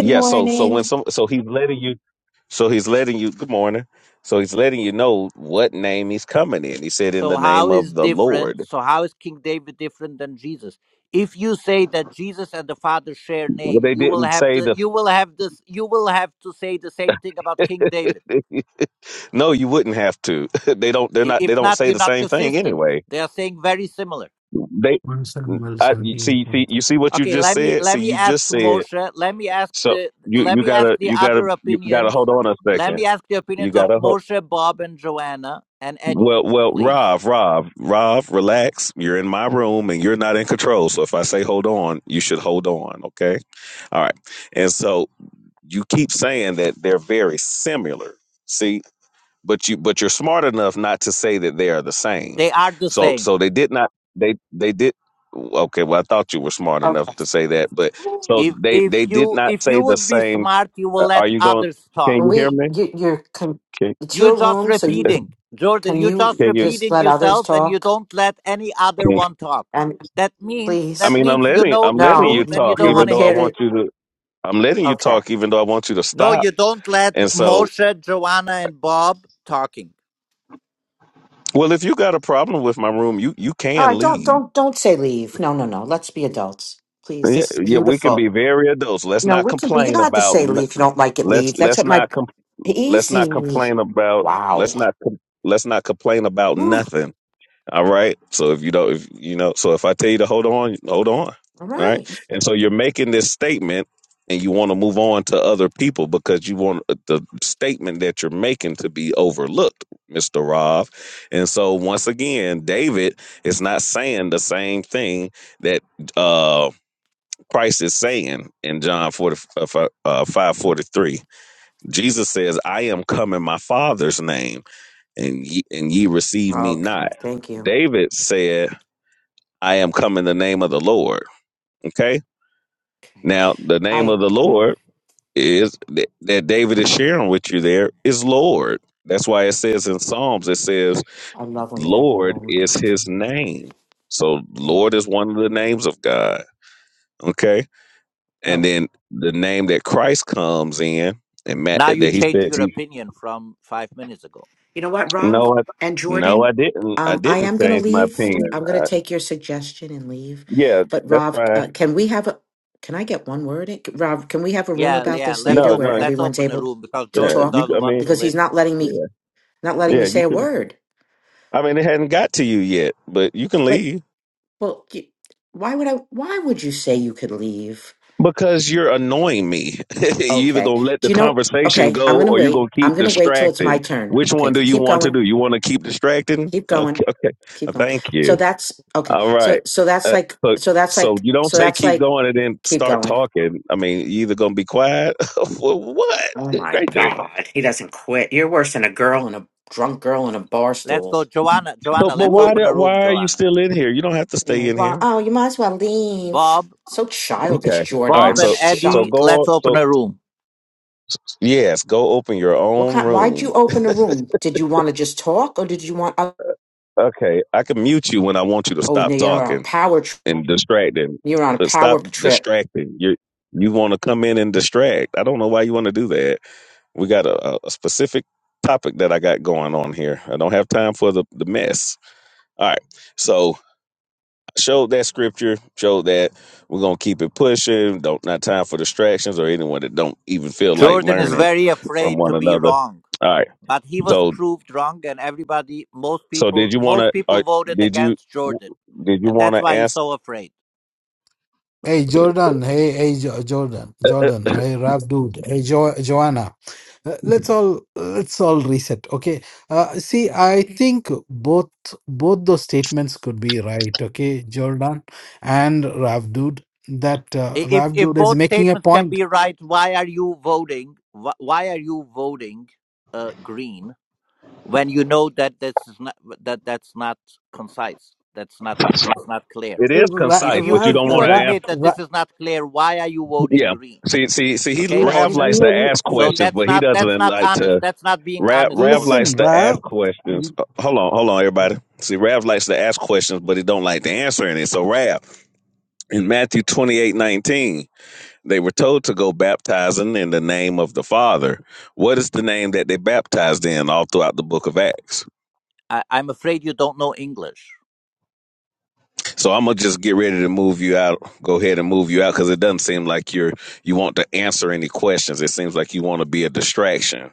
Speaker 1: Yeah, so so when some so he's letting you so he's letting you good morning. So he's letting you know what name he's coming in. He said in
Speaker 4: So
Speaker 1: the name
Speaker 4: how is
Speaker 1: of the
Speaker 4: different?
Speaker 1: Lord.
Speaker 4: So how is King David different than Jesus? If you say that Jesus and the Father share
Speaker 1: Well
Speaker 4: name,
Speaker 1: they
Speaker 4: you will
Speaker 1: didn't
Speaker 4: have
Speaker 1: say
Speaker 4: the
Speaker 1: the
Speaker 4: you will have this you will have to say the same thing about King David.
Speaker 1: No, you wouldn't have to. they don't they're
Speaker 4: I-
Speaker 1: not
Speaker 4: If
Speaker 1: they don't
Speaker 4: not,
Speaker 1: say
Speaker 4: you're
Speaker 1: the
Speaker 4: not
Speaker 1: same thing
Speaker 4: consistent.
Speaker 1: anyway.
Speaker 4: They are saying very similar.
Speaker 1: They
Speaker 3: One seven, well,
Speaker 1: I you see you see you see what you
Speaker 4: Okay,
Speaker 1: just
Speaker 4: let me
Speaker 1: said?
Speaker 4: let
Speaker 1: See
Speaker 4: me
Speaker 1: you
Speaker 4: ask
Speaker 1: just said
Speaker 4: Moshe. Let me ask
Speaker 1: so
Speaker 4: the
Speaker 1: you
Speaker 4: let
Speaker 1: you
Speaker 4: me ask
Speaker 1: gotta
Speaker 4: the
Speaker 1: you gotta
Speaker 4: other
Speaker 1: you gotta
Speaker 4: opinions.
Speaker 1: hold on a
Speaker 4: Let
Speaker 1: second.
Speaker 4: me ask the
Speaker 1: You
Speaker 4: opinions of
Speaker 1: gotta hold.
Speaker 4: Moshe, Bob, and Joanna and Eddie,
Speaker 1: Well, well,
Speaker 4: please.
Speaker 1: Rob, Rob, Rob, relax. You're in my room and you're not in control. So if I say hold on, you should hold on. Okay. All right. And so you keep saying that they're very similar. See, but you, but you're smart enough not to say that they are the same.
Speaker 4: They are the
Speaker 1: So,
Speaker 4: same.
Speaker 1: so they did not, they, they did. Okay. Well, I thought you were smart
Speaker 5: okay.
Speaker 1: enough to say that, but so
Speaker 4: If
Speaker 1: they,
Speaker 4: if
Speaker 1: they did
Speaker 4: you
Speaker 1: not
Speaker 4: if
Speaker 1: say
Speaker 4: you
Speaker 1: the
Speaker 4: would be
Speaker 1: same.
Speaker 4: smart, you will
Speaker 1: Uh, are
Speaker 4: let
Speaker 1: you going,
Speaker 4: others talk.
Speaker 1: can you hear
Speaker 5: We,
Speaker 1: me?
Speaker 5: you, you're, con-
Speaker 1: Can,
Speaker 5: it's
Speaker 4: You're
Speaker 5: your
Speaker 4: just
Speaker 5: room, so you can,
Speaker 4: repeating, Jordan.
Speaker 5: can
Speaker 4: You're
Speaker 5: you
Speaker 4: just
Speaker 1: can you?
Speaker 5: just
Speaker 4: repeating
Speaker 5: let others
Speaker 4: yourself, and you
Speaker 5: talk?
Speaker 4: don't let any other one talk.
Speaker 5: And
Speaker 4: That means
Speaker 1: I
Speaker 4: that
Speaker 5: please,
Speaker 1: mean, I'm
Speaker 4: means you
Speaker 1: letting
Speaker 4: know
Speaker 1: I'm
Speaker 4: the
Speaker 1: letting
Speaker 5: no,
Speaker 1: you
Speaker 4: truth,
Speaker 5: you,
Speaker 4: and you
Speaker 1: talk,
Speaker 5: you
Speaker 4: don't want
Speaker 1: even
Speaker 4: to
Speaker 1: though I
Speaker 5: repaired
Speaker 4: hear it.
Speaker 1: want
Speaker 5: it.
Speaker 1: you to. I'm letting you
Speaker 5: Okay.
Speaker 1: talk, even though I want you to
Speaker 4: No,
Speaker 1: stop.
Speaker 4: you don't let
Speaker 1: And so,
Speaker 4: Moshe, Joanna, and Bob talking.
Speaker 1: well, if you got a problem with my room, you you
Speaker 5: All right.
Speaker 1: can
Speaker 5: Don't,
Speaker 1: leave.
Speaker 5: don't, don't say leave. No, no, no. Let's be adults, please.
Speaker 1: Yeah,
Speaker 5: This is
Speaker 1: yeah, we can
Speaker 5: beautiful.
Speaker 1: be very adults. Let's
Speaker 5: No,
Speaker 1: not
Speaker 5: we can be. You
Speaker 1: complain
Speaker 5: don't have to
Speaker 1: about.
Speaker 5: say
Speaker 1: n-
Speaker 5: leave. If you don't like it,
Speaker 1: Let's
Speaker 5: leave. That's
Speaker 1: let's
Speaker 5: what my
Speaker 1: not com- let's not
Speaker 5: easy.
Speaker 1: complain about.
Speaker 5: Wow.
Speaker 1: Let's not com- let's not complain about
Speaker 5: Ooh,
Speaker 1: nothing. All right. So if you don't, if you know, so if I tell you to hold on, hold on.
Speaker 5: all
Speaker 1: All
Speaker 5: right.
Speaker 1: right. And so you're making this statement and you want to move on to other people because you want the statement that you're making to be overlooked, Mr. Rov. And so once again, David is not saying the same thing that uh, Christ is saying in John 40, uh, uh, 543. Jesus says, I am come in my father's name and ye, and ye receive me not.
Speaker 5: Okay. Thank you.
Speaker 1: David said, I am come in the name of the Lord. Okay.
Speaker 5: Okay.
Speaker 1: Now, the name of
Speaker 5: I,
Speaker 1: the
Speaker 5: oh,
Speaker 1: Lord is that that David is sharing with you there is Lord. That's why it says in Psalms, it says,
Speaker 5: I love when you have a
Speaker 1: Lord
Speaker 5: room.
Speaker 1: is his name. So, Lord is
Speaker 5: Amen.
Speaker 1: one of the names of God. Okay. And
Speaker 5: Okay.
Speaker 1: then the name that Christ comes in, and Matt,
Speaker 4: Now
Speaker 1: that
Speaker 4: you
Speaker 1: he
Speaker 4: changed
Speaker 1: says,
Speaker 4: your
Speaker 1: he,
Speaker 4: opinion from five minutes ago.
Speaker 5: You know what, Rob
Speaker 1: No, I,
Speaker 5: and
Speaker 1: no,
Speaker 5: Jordan?
Speaker 1: I didn't. I
Speaker 5: Um, I
Speaker 1: didn't
Speaker 5: am going to
Speaker 1: change my
Speaker 5: leave.
Speaker 1: opinion.
Speaker 5: I'm going to
Speaker 1: I,
Speaker 5: take your suggestion and leave.
Speaker 1: yeah,
Speaker 5: But
Speaker 1: that's
Speaker 5: Rob,
Speaker 1: fine.
Speaker 5: uh, can we have a? Can I get one word? in? Rob, can we have a room
Speaker 4: Yeah,
Speaker 5: about
Speaker 4: yeah.
Speaker 5: this
Speaker 4: Let's
Speaker 5: later
Speaker 1: No,
Speaker 5: where
Speaker 4: open.
Speaker 1: no.
Speaker 4: Let's
Speaker 5: everyone's
Speaker 4: open a
Speaker 5: able
Speaker 4: room because
Speaker 5: to
Speaker 1: Yeah,
Speaker 4: Jordan
Speaker 1: you.
Speaker 5: talk?
Speaker 4: doesn't
Speaker 1: I
Speaker 4: want
Speaker 1: mean,
Speaker 4: to
Speaker 5: Because he's
Speaker 4: listen.
Speaker 5: not letting me
Speaker 1: yeah,
Speaker 5: not letting me
Speaker 1: yeah.
Speaker 5: say
Speaker 1: You
Speaker 5: a
Speaker 1: can.
Speaker 5: word.
Speaker 1: I mean, it hadn't got to you yet, but you can
Speaker 5: But
Speaker 1: leave
Speaker 5: well, you, why would I? Why would you say you could leave?
Speaker 1: because you're annoying me. you either
Speaker 5: Okay.
Speaker 1: gonna let
Speaker 5: Do
Speaker 1: the
Speaker 5: you know?
Speaker 1: conversation
Speaker 5: Okay, I'm
Speaker 1: go
Speaker 5: going to
Speaker 1: or you're
Speaker 5: wait.
Speaker 1: gonna
Speaker 5: I'm
Speaker 1: keep
Speaker 5: going to wait till it's my
Speaker 1: distracting.
Speaker 5: turn.
Speaker 1: Which
Speaker 5: Okay,
Speaker 1: one do you
Speaker 5: keep
Speaker 1: want to
Speaker 5: going.
Speaker 1: do? You want to keep distracting?
Speaker 5: keep
Speaker 1: Okay,
Speaker 5: going
Speaker 1: okay.
Speaker 5: keep
Speaker 1: Uh,
Speaker 5: going
Speaker 1: Thank
Speaker 5: so
Speaker 1: you.
Speaker 5: that's okay
Speaker 1: All
Speaker 5: so
Speaker 1: right.
Speaker 5: so that's
Speaker 1: Uh,
Speaker 5: like
Speaker 1: so,
Speaker 5: so that's
Speaker 1: so
Speaker 5: like
Speaker 1: you don't
Speaker 5: so
Speaker 1: say
Speaker 5: that's
Speaker 1: keep
Speaker 5: like
Speaker 1: going and then
Speaker 5: keep
Speaker 1: start
Speaker 5: going
Speaker 1: talking. I mean, you either gonna be quiet. or what?
Speaker 5: oh
Speaker 1: Good
Speaker 5: my
Speaker 1: gracious.
Speaker 5: god he doesn't quit you're worse than a girl and a drunk girl in a bar
Speaker 4: Let's
Speaker 5: stool
Speaker 4: go, Joanna.
Speaker 1: But
Speaker 4: Joanna,
Speaker 1: but
Speaker 4: let's
Speaker 1: why
Speaker 5: Woo.
Speaker 4: open
Speaker 1: do,
Speaker 4: a room,
Speaker 1: why are you
Speaker 4: Joanna.
Speaker 1: still in here? You don't have to stay
Speaker 5: yeah
Speaker 1: in
Speaker 5: well
Speaker 1: here.
Speaker 5: oh you might as well leave
Speaker 4: Bob,
Speaker 5: so childish
Speaker 1: Okay. All
Speaker 5: jordan
Speaker 1: right.
Speaker 5: i'm
Speaker 4: Bob and
Speaker 1: So so, so
Speaker 4: Eddie,
Speaker 5: shocked
Speaker 4: let's
Speaker 1: go.
Speaker 4: open
Speaker 1: So
Speaker 4: a room.
Speaker 1: yes, go open your
Speaker 5: what
Speaker 1: own
Speaker 5: kind why'd
Speaker 1: room
Speaker 5: you open the room did you want to just talk or did you want Uh,
Speaker 1: Okay, I can mute you when I want you to
Speaker 5: oh now
Speaker 1: stop
Speaker 5: you're on a
Speaker 1: talking
Speaker 5: power trip
Speaker 1: and distracting.
Speaker 5: you're on a
Speaker 1: But stop
Speaker 5: power trip
Speaker 1: distracting. You you want to come in and distract. I don't know why you want to do that. We got a, a a specific topic that I got going on here. I don't have time for the, the mess. All right. So I showed that scripture, showed that we're gonna keep it pushing. Don't not time for distractions or anyone that don't even feel like
Speaker 4: Jordan is
Speaker 1: learning
Speaker 4: very
Speaker 1: from
Speaker 4: afraid
Speaker 1: one
Speaker 4: to be
Speaker 1: another.
Speaker 4: wrong,
Speaker 1: All right.
Speaker 4: but he was
Speaker 1: So
Speaker 4: proved wrong, and everybody, most
Speaker 1: so did
Speaker 4: people,
Speaker 1: you wanna
Speaker 4: most people
Speaker 1: uh,
Speaker 4: voted
Speaker 1: did you
Speaker 4: against Jordan,
Speaker 1: did you
Speaker 4: and that's
Speaker 1: wanna
Speaker 4: why he's
Speaker 1: answer?
Speaker 4: so afraid.
Speaker 3: Hey Jordan, hey hey Jo- Jordan, Jordan, hey rap dude, hey jo- Joanna. Uh, Let's all let's all reset, okay? Uh, see, I think both both those statements could be right, okay, Jordan and rap dude. That uh,
Speaker 4: I- If
Speaker 3: rap
Speaker 4: if
Speaker 3: dude is
Speaker 4: both
Speaker 3: making a
Speaker 4: statements can
Speaker 3: point.
Speaker 4: be right, why are you voting? wh- Why are you voting uh, green when you know that this is not that that's not concise? That's not that's not clear.
Speaker 1: It
Speaker 3: Uh,
Speaker 1: is
Speaker 3: Ra-
Speaker 4: If
Speaker 1: concise,
Speaker 4: you
Speaker 1: but you
Speaker 3: Ra-
Speaker 4: if
Speaker 1: don't
Speaker 4: you
Speaker 1: want to
Speaker 3: Ra-
Speaker 1: ask.
Speaker 4: admit that
Speaker 3: Ra-
Speaker 4: this is not clear, why are you voting
Speaker 1: Yeah.
Speaker 4: green?
Speaker 1: See, see, see. He
Speaker 4: Okay,
Speaker 3: l-
Speaker 1: Rav
Speaker 4: Moshe.
Speaker 1: likes to
Speaker 3: l-
Speaker 1: ask
Speaker 4: So
Speaker 3: l-
Speaker 1: questions,
Speaker 4: that's
Speaker 1: but he
Speaker 4: not that's
Speaker 1: doesn't
Speaker 4: not
Speaker 1: like
Speaker 4: honest.
Speaker 1: to.
Speaker 4: That's not being
Speaker 1: Rav,
Speaker 4: honest,
Speaker 1: Rav
Speaker 4: Moshe.
Speaker 3: Listen,
Speaker 1: likes to
Speaker 3: Rav,
Speaker 1: ask questions. Uh, Hold on, hold on, everybody. See, Rav likes to ask questions, but he don't like to answer any. So, Rav, in Matthew twenty eight nineteen, they were told to go baptizing in the name of the Father. What is the name that they baptized in all throughout the book of Acts?
Speaker 4: I, I'm afraid you don't know English.
Speaker 1: So I'm gonna just get ready to move you out. Go ahead and move you out because it doesn't seem like you're you want to answer any questions. It seems like you want to be a distraction.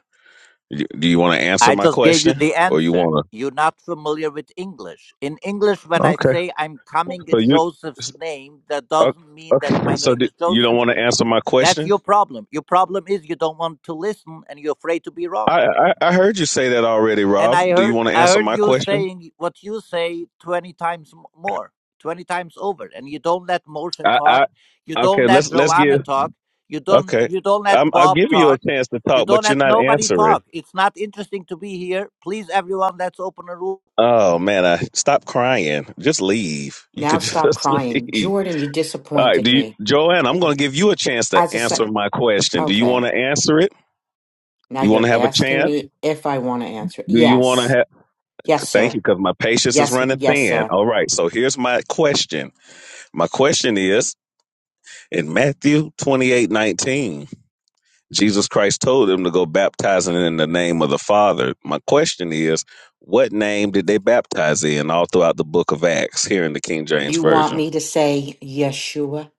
Speaker 1: You- Do you want to answer
Speaker 4: I
Speaker 1: my
Speaker 4: just gave you
Speaker 1: question,
Speaker 4: the
Speaker 1: or you
Speaker 4: answer.
Speaker 1: want
Speaker 4: You're not familiar with English. In English,
Speaker 1: to?
Speaker 4: when I
Speaker 1: Okay,
Speaker 4: say I'm coming
Speaker 1: so
Speaker 4: in
Speaker 1: you
Speaker 4: Joseph's name, that
Speaker 1: o-
Speaker 4: doesn't mean that
Speaker 1: okay?
Speaker 4: my
Speaker 1: So
Speaker 4: name
Speaker 1: do,
Speaker 4: is
Speaker 1: you don't
Speaker 4: Joseph.
Speaker 1: want to answer my
Speaker 4: That's
Speaker 1: question?
Speaker 4: your problem. Your problem is you don't want to listen and you're afraid to be wrong.
Speaker 1: I, I I heard you say that already,
Speaker 4: and I
Speaker 1: Rob. Do you
Speaker 4: heard
Speaker 1: want to
Speaker 4: I
Speaker 1: answer
Speaker 4: heard
Speaker 1: my
Speaker 4: you
Speaker 1: question?
Speaker 4: saying what you say twenty times m- more, twenty times over, and you don't let Moshe
Speaker 1: I,
Speaker 4: talk,
Speaker 1: I
Speaker 4: you don't
Speaker 1: okay.
Speaker 4: let
Speaker 1: Let's let's
Speaker 4: Joanna
Speaker 1: give
Speaker 4: talk, you don't
Speaker 1: okay.
Speaker 4: you don't
Speaker 1: I'm
Speaker 4: let
Speaker 1: I'm
Speaker 4: Bob
Speaker 1: giving you a
Speaker 4: talk,
Speaker 1: chance to
Speaker 4: you
Speaker 1: talk,
Speaker 4: don't
Speaker 1: but you're
Speaker 4: let
Speaker 1: not
Speaker 4: nobody
Speaker 1: answering.
Speaker 4: talk. It's not interesting to be here. Please, everyone, let's open a room.
Speaker 1: Oh man, I stop crying. Just leave. You
Speaker 5: now
Speaker 1: could
Speaker 5: stop
Speaker 1: just
Speaker 5: crying
Speaker 1: leave.
Speaker 5: jordan you
Speaker 1: All right,
Speaker 5: disappointed
Speaker 1: do you,
Speaker 5: me
Speaker 1: Joanne? I'm going to give you a chance to
Speaker 5: as a se-
Speaker 1: answer my question. Do you
Speaker 5: okay
Speaker 1: want to answer it?
Speaker 5: Now
Speaker 1: You want
Speaker 5: you're
Speaker 1: to have a
Speaker 5: asking
Speaker 1: chance?
Speaker 5: me if I want to answer.
Speaker 1: Do you want to
Speaker 5: Yes.
Speaker 1: have?
Speaker 5: Yes,
Speaker 1: Thank
Speaker 5: sir.
Speaker 1: you, because my patience is
Speaker 5: Yes, m-
Speaker 1: running
Speaker 5: yes,
Speaker 1: thin.
Speaker 5: sir.
Speaker 1: All right, so here's my question. My question is in Matthew 28:19, Jesus Christ told them to go baptizing in the name of the Father. My question is, what name did they baptize in all throughout the book of Acts here in the King James
Speaker 5: You want
Speaker 1: Version?
Speaker 5: me to say Yeshua?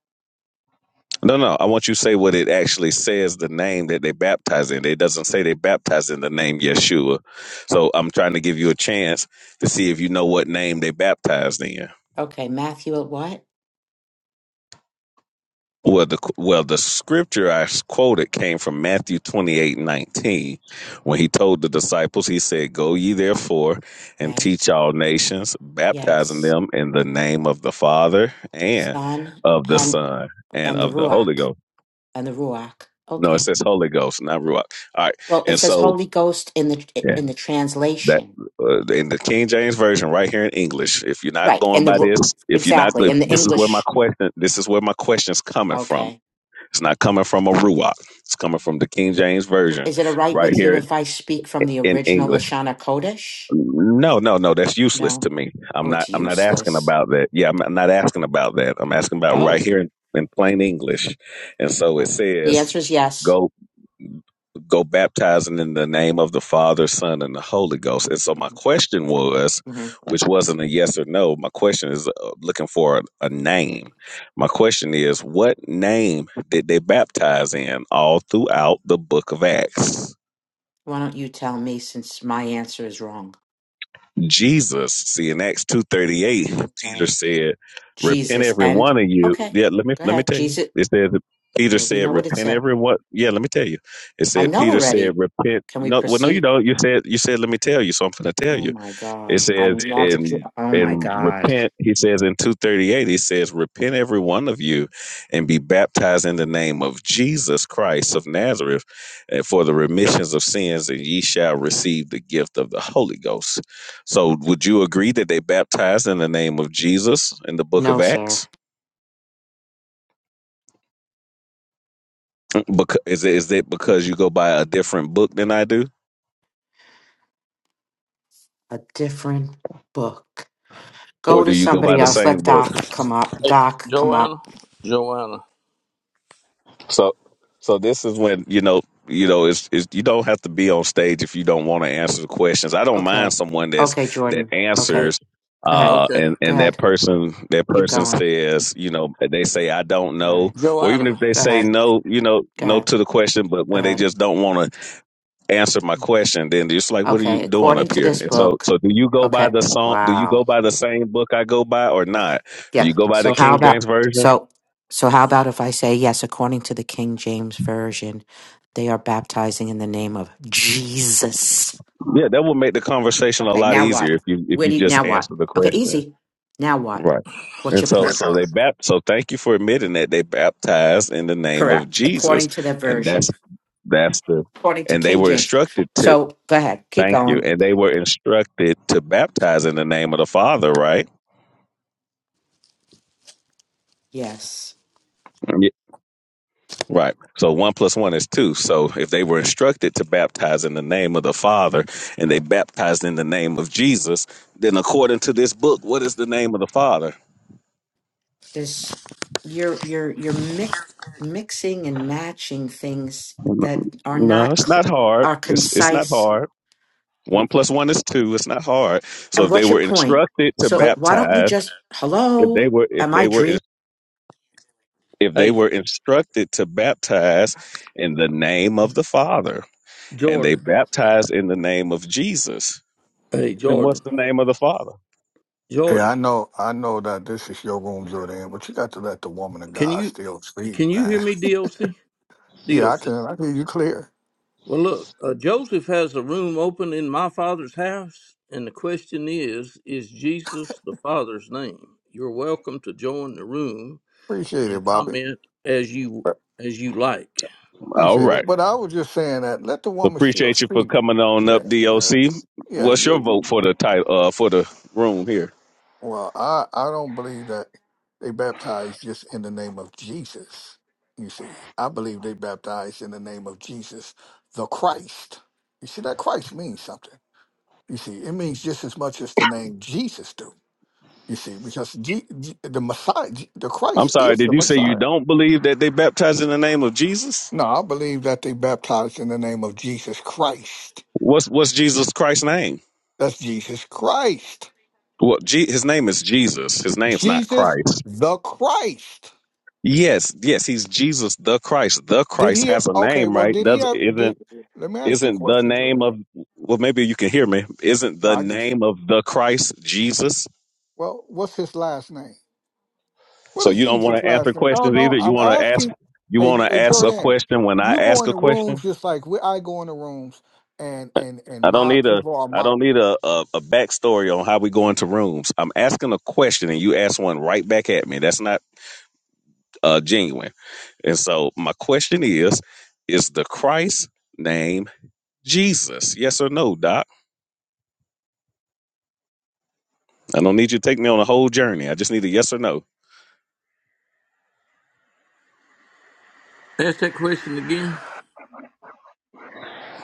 Speaker 1: No, no. I want you to say what it actually says, the name that they baptize in. It doesn't say they baptize in the name Yeshua. So I'm trying to give you a chance to see if you know what name they baptized in.
Speaker 5: Okay, Matthew at what?
Speaker 1: Well, the well, the scripture I quoted came from Matthew 28:19, when he told the disciples, he said, "Go ye therefore and
Speaker 5: Right.
Speaker 1: teach all nations, baptizing
Speaker 5: Yes.
Speaker 1: them in the name of the Father and
Speaker 5: Son
Speaker 1: of the
Speaker 5: and
Speaker 1: Son and
Speaker 5: and the
Speaker 1: of the Holy
Speaker 5: Ruach
Speaker 1: Ghost."
Speaker 5: and the Ruach.
Speaker 1: No, it
Speaker 5: Okay.
Speaker 1: says Holy Ghost, not Ruach. All right,
Speaker 5: Well, it
Speaker 1: and
Speaker 5: says
Speaker 1: so
Speaker 5: Holy Ghost in the
Speaker 1: Yeah,
Speaker 5: in the
Speaker 1: that
Speaker 5: translation.
Speaker 1: uh, in the King James version, right here in English. If you're not
Speaker 5: Right.
Speaker 1: going
Speaker 5: In the
Speaker 1: by
Speaker 5: Ru-
Speaker 1: this, if you're not,
Speaker 5: exactly
Speaker 1: if
Speaker 5: in the
Speaker 1: this is where my
Speaker 5: English.
Speaker 1: question. This is where my question's coming from.
Speaker 5: Okay.
Speaker 1: It's not coming from a ruach. It's coming from the King James
Speaker 5: Well,
Speaker 1: version,
Speaker 5: is it all right
Speaker 1: right
Speaker 5: with you
Speaker 1: here
Speaker 5: if I speak from the
Speaker 1: in
Speaker 5: original
Speaker 1: English.
Speaker 5: Lashana Kodesh?
Speaker 1: No, no, no. That's useless
Speaker 5: No.
Speaker 1: to me. I'm
Speaker 5: Oh,
Speaker 1: not.
Speaker 5: it's
Speaker 1: I'm not asking
Speaker 5: useless.
Speaker 1: about that. Yeah, I'm not asking about that. I'm asking about
Speaker 5: Oh.
Speaker 1: right here in, in plain English. And so
Speaker 5: Yeah.
Speaker 1: it
Speaker 5: The
Speaker 1: says,
Speaker 5: answer is yes.
Speaker 1: "Go, go, baptizing in the name of the Father, Son, and the Holy Ghost." And so my
Speaker 5: hmm
Speaker 1: question was,
Speaker 5: hmm
Speaker 1: which wasn't a yes or no. My question is uh, looking for a, a name. My question is, what name did they baptize in all throughout the Book of Acts?
Speaker 5: Why don't you tell me since my answer is wrong?
Speaker 1: Jesus, see in Acts two thirty eight, Peter
Speaker 5: Right.
Speaker 1: said, "Repent
Speaker 5: Jesus
Speaker 1: every
Speaker 5: and
Speaker 1: one of you."
Speaker 5: okay.
Speaker 1: Yeah, let me
Speaker 5: Go
Speaker 1: let me
Speaker 5: ahead.
Speaker 1: tell you.
Speaker 5: Jesus.
Speaker 1: It says that Peter
Speaker 5: Yeah, we
Speaker 1: said,
Speaker 5: know what it
Speaker 1: "Repent
Speaker 5: said.
Speaker 1: every one." Yeah, let me tell you. It
Speaker 5: I
Speaker 1: said
Speaker 5: know
Speaker 1: Peter said,
Speaker 5: already.
Speaker 1: "Repent."
Speaker 5: Can we
Speaker 1: No, well, no, you
Speaker 5: proceed?
Speaker 1: don't. You said you said, "Let me tell you." So I'm going to tell
Speaker 5: Oh
Speaker 1: you.
Speaker 5: my
Speaker 1: It
Speaker 5: God. I am
Speaker 1: says
Speaker 5: never.
Speaker 1: in
Speaker 5: Oh my
Speaker 1: and
Speaker 5: God.
Speaker 1: repent. He says in two thirty eight. He says, "Repent every one of you, and be baptized in the name of Jesus Christ of Nazareth, and for the remissions of sins, and ye shall receive the gift of the Holy Ghost." So, would you agree that they baptized in the name of Jesus in the Book of
Speaker 5: No, sir.
Speaker 1: Acts? Because is it, is it because you go by a different book than I do,
Speaker 5: A different book. Go
Speaker 1: or do
Speaker 5: to
Speaker 1: you go by
Speaker 5: somebody
Speaker 1: the
Speaker 5: else. Let
Speaker 1: same book?
Speaker 5: Doc come up.
Speaker 2: Hey,
Speaker 5: Doc, come up.
Speaker 2: Joanna, Joanna.
Speaker 1: So, so this is when you know, you know, it's, it's you don't have to be on stage if you don't want to answer the questions. I don't mind
Speaker 5: Okay.
Speaker 1: someone
Speaker 5: Okay,
Speaker 1: that's that
Speaker 5: Jordan. Okay.
Speaker 2: Hey,
Speaker 1: answers,
Speaker 5: Go ahead.
Speaker 1: uh,
Speaker 2: okay,
Speaker 1: and
Speaker 5: Go
Speaker 1: and that
Speaker 5: ahead.
Speaker 1: person that
Speaker 5: Keep
Speaker 1: person
Speaker 5: going.
Speaker 1: says, you know, they say I don't
Speaker 5: All
Speaker 1: know,
Speaker 5: right.
Speaker 1: or even
Speaker 2: Joanna.
Speaker 1: if they
Speaker 5: Go
Speaker 1: say
Speaker 5: ahead.
Speaker 1: no, you know,
Speaker 5: Go
Speaker 1: no
Speaker 5: ahead.
Speaker 1: to the question, but
Speaker 5: Go
Speaker 1: when they
Speaker 5: ahead.
Speaker 1: just don't want to answer my question, then it's like, what are you
Speaker 5: Okay,
Speaker 1: doing
Speaker 5: according
Speaker 1: up
Speaker 5: to
Speaker 1: here?
Speaker 5: this
Speaker 1: And so,
Speaker 5: book,
Speaker 1: so do you go by
Speaker 5: okay,
Speaker 1: the song? Do you go
Speaker 5: wow.
Speaker 1: by the same book I go by, or
Speaker 5: That's,
Speaker 1: not? Do
Speaker 5: yeah.
Speaker 1: you go by the
Speaker 5: So how
Speaker 1: King
Speaker 5: about
Speaker 1: James version?
Speaker 5: so so how about if I say yes, according to the King James version, they are baptizing in the name of Jesus.
Speaker 1: Yeah, that would make the conversation a
Speaker 5: Okay,
Speaker 1: lot
Speaker 5: now what?
Speaker 1: easier if you if
Speaker 5: Where
Speaker 1: you
Speaker 5: do you,
Speaker 1: just
Speaker 5: now what?
Speaker 1: answer the
Speaker 5: Okay,
Speaker 1: question.
Speaker 5: easy. Now what?
Speaker 1: Right.
Speaker 5: What's
Speaker 1: And
Speaker 5: your
Speaker 1: so
Speaker 5: point?
Speaker 1: so they bap so thank you for admitting that they baptized in the name of
Speaker 5: Correct.
Speaker 1: Jesus.
Speaker 5: According to the
Speaker 1: And that's
Speaker 5: version,
Speaker 1: that's the
Speaker 5: according to
Speaker 1: and they
Speaker 5: King
Speaker 1: were
Speaker 5: James.
Speaker 1: instructed to
Speaker 5: So go ahead, keep
Speaker 1: thank you.
Speaker 5: going.
Speaker 1: And they were instructed to baptize in the name of the Father, right?
Speaker 5: Yes.
Speaker 1: Right. So one plus one is two. So if they were instructed to baptize in the name of the Father and they baptized in the name of Jesus, then according to this book, what is the name of the Father?
Speaker 5: Just you're you're you're mix, mixing and matching things that are
Speaker 1: No,
Speaker 5: not
Speaker 1: it's not
Speaker 5: cl-
Speaker 1: hard.
Speaker 5: are
Speaker 1: It's it's not
Speaker 5: concise.
Speaker 1: hard. One plus one is two. It's not hard. So
Speaker 5: And
Speaker 1: if they
Speaker 5: what's your
Speaker 1: were
Speaker 5: point?
Speaker 1: instructed to
Speaker 2: Hey,
Speaker 5: So why don't you
Speaker 1: baptize,
Speaker 5: just
Speaker 1: if they
Speaker 5: hello?
Speaker 1: were if
Speaker 5: Am I
Speaker 1: they
Speaker 5: dreaming?
Speaker 1: were if they
Speaker 2: hey,
Speaker 1: were instructed to baptize in the name of the Father and they
Speaker 2: Jordan.
Speaker 1: baptized in the name of Jesus,
Speaker 2: Hey,
Speaker 1: then what's
Speaker 2: Jordan.
Speaker 1: the name of the Father?
Speaker 6: Yeah,
Speaker 2: Jordan.
Speaker 6: I know, I know that this is your room, Jordan, but you got to let the woman of
Speaker 2: Can
Speaker 6: God
Speaker 2: you
Speaker 6: still speak,
Speaker 2: can you hear
Speaker 6: man.
Speaker 2: me, DOC?
Speaker 6: Yeah, I
Speaker 2: DOC.
Speaker 6: can, I hear you clear.
Speaker 2: Well, look, uh, Joseph has a room open in my father's house, and the question is, is Jesus the Father's name? You're welcome to join the room
Speaker 6: Appreciate
Speaker 2: and
Speaker 6: it, Bobby.
Speaker 2: comment as you as you like.
Speaker 1: All
Speaker 6: Appreciate
Speaker 1: right.
Speaker 6: it. But I was just saying that let the woman still
Speaker 1: Appreciate you for
Speaker 6: speak.
Speaker 1: coming on up,
Speaker 6: Yeah, yeah,
Speaker 1: DOC.
Speaker 6: yeah.
Speaker 1: What's your
Speaker 6: You,
Speaker 1: vote for
Speaker 6: you-
Speaker 1: the title uh, for the room here?
Speaker 6: well, I, I don't believe that they baptized just in the name of Jesus. You see, I believe they baptized in the name of Jesus, the Christ. You see, that Christ means something. You see, it means just as much as the name Jesus do. You see, because G, G- the Messiah, G- the
Speaker 1: I'm
Speaker 6: Christ
Speaker 1: sorry.
Speaker 6: is
Speaker 1: Did
Speaker 6: the
Speaker 1: you say you
Speaker 6: Messiah.
Speaker 1: don't believe that they baptize in the name of Jesus?
Speaker 6: No, I believe that they baptized in the name of Jesus Christ.
Speaker 1: What's what's Jesus Christ's name?
Speaker 6: That's Jesus Christ.
Speaker 1: Well, G- his name is Jesus. His name's not
Speaker 6: Jesus
Speaker 1: Christ.
Speaker 6: the Christ.
Speaker 1: Yes, yes, he's Jesus the Christ. The
Speaker 6: Did
Speaker 1: Christ
Speaker 6: he?
Speaker 1: has a
Speaker 6: Okay,
Speaker 1: name,
Speaker 6: well,
Speaker 1: right?
Speaker 6: did he
Speaker 1: Does
Speaker 6: have? Did
Speaker 1: isn't
Speaker 6: let me ask you a
Speaker 1: isn't the
Speaker 6: question,
Speaker 1: name
Speaker 6: Jordan.
Speaker 1: of well maybe you can hear me. Isn't
Speaker 6: No,
Speaker 1: the
Speaker 6: I get you.
Speaker 1: name of the Christ Jesus?
Speaker 6: Well, what's his last name? What
Speaker 1: So
Speaker 6: is
Speaker 1: you don't
Speaker 6: Jesus'
Speaker 1: want to answer
Speaker 6: last name? No,
Speaker 1: questions
Speaker 6: no,
Speaker 1: either. You
Speaker 6: I'm
Speaker 1: want to ask
Speaker 6: asking.
Speaker 1: you
Speaker 6: Hey,
Speaker 1: want
Speaker 6: J-
Speaker 1: to
Speaker 6: hey
Speaker 1: ask a
Speaker 6: Jordan,
Speaker 1: question when I
Speaker 6: you go
Speaker 1: ask a
Speaker 6: into rooms
Speaker 1: question?
Speaker 6: just like we, I go into rooms, and and and
Speaker 1: I don't
Speaker 6: my
Speaker 1: need a
Speaker 6: people are
Speaker 1: I
Speaker 6: my.
Speaker 1: don't need a, a, a backstory on how we go into rooms. I'm asking a question and you ask one right back at me. That's not uh, genuine. And so my question is, is the Christ name Jesus? Yes or no, Doc? I don't need you to take me on a whole journey. I just need a yes or no.
Speaker 2: Ask that question again.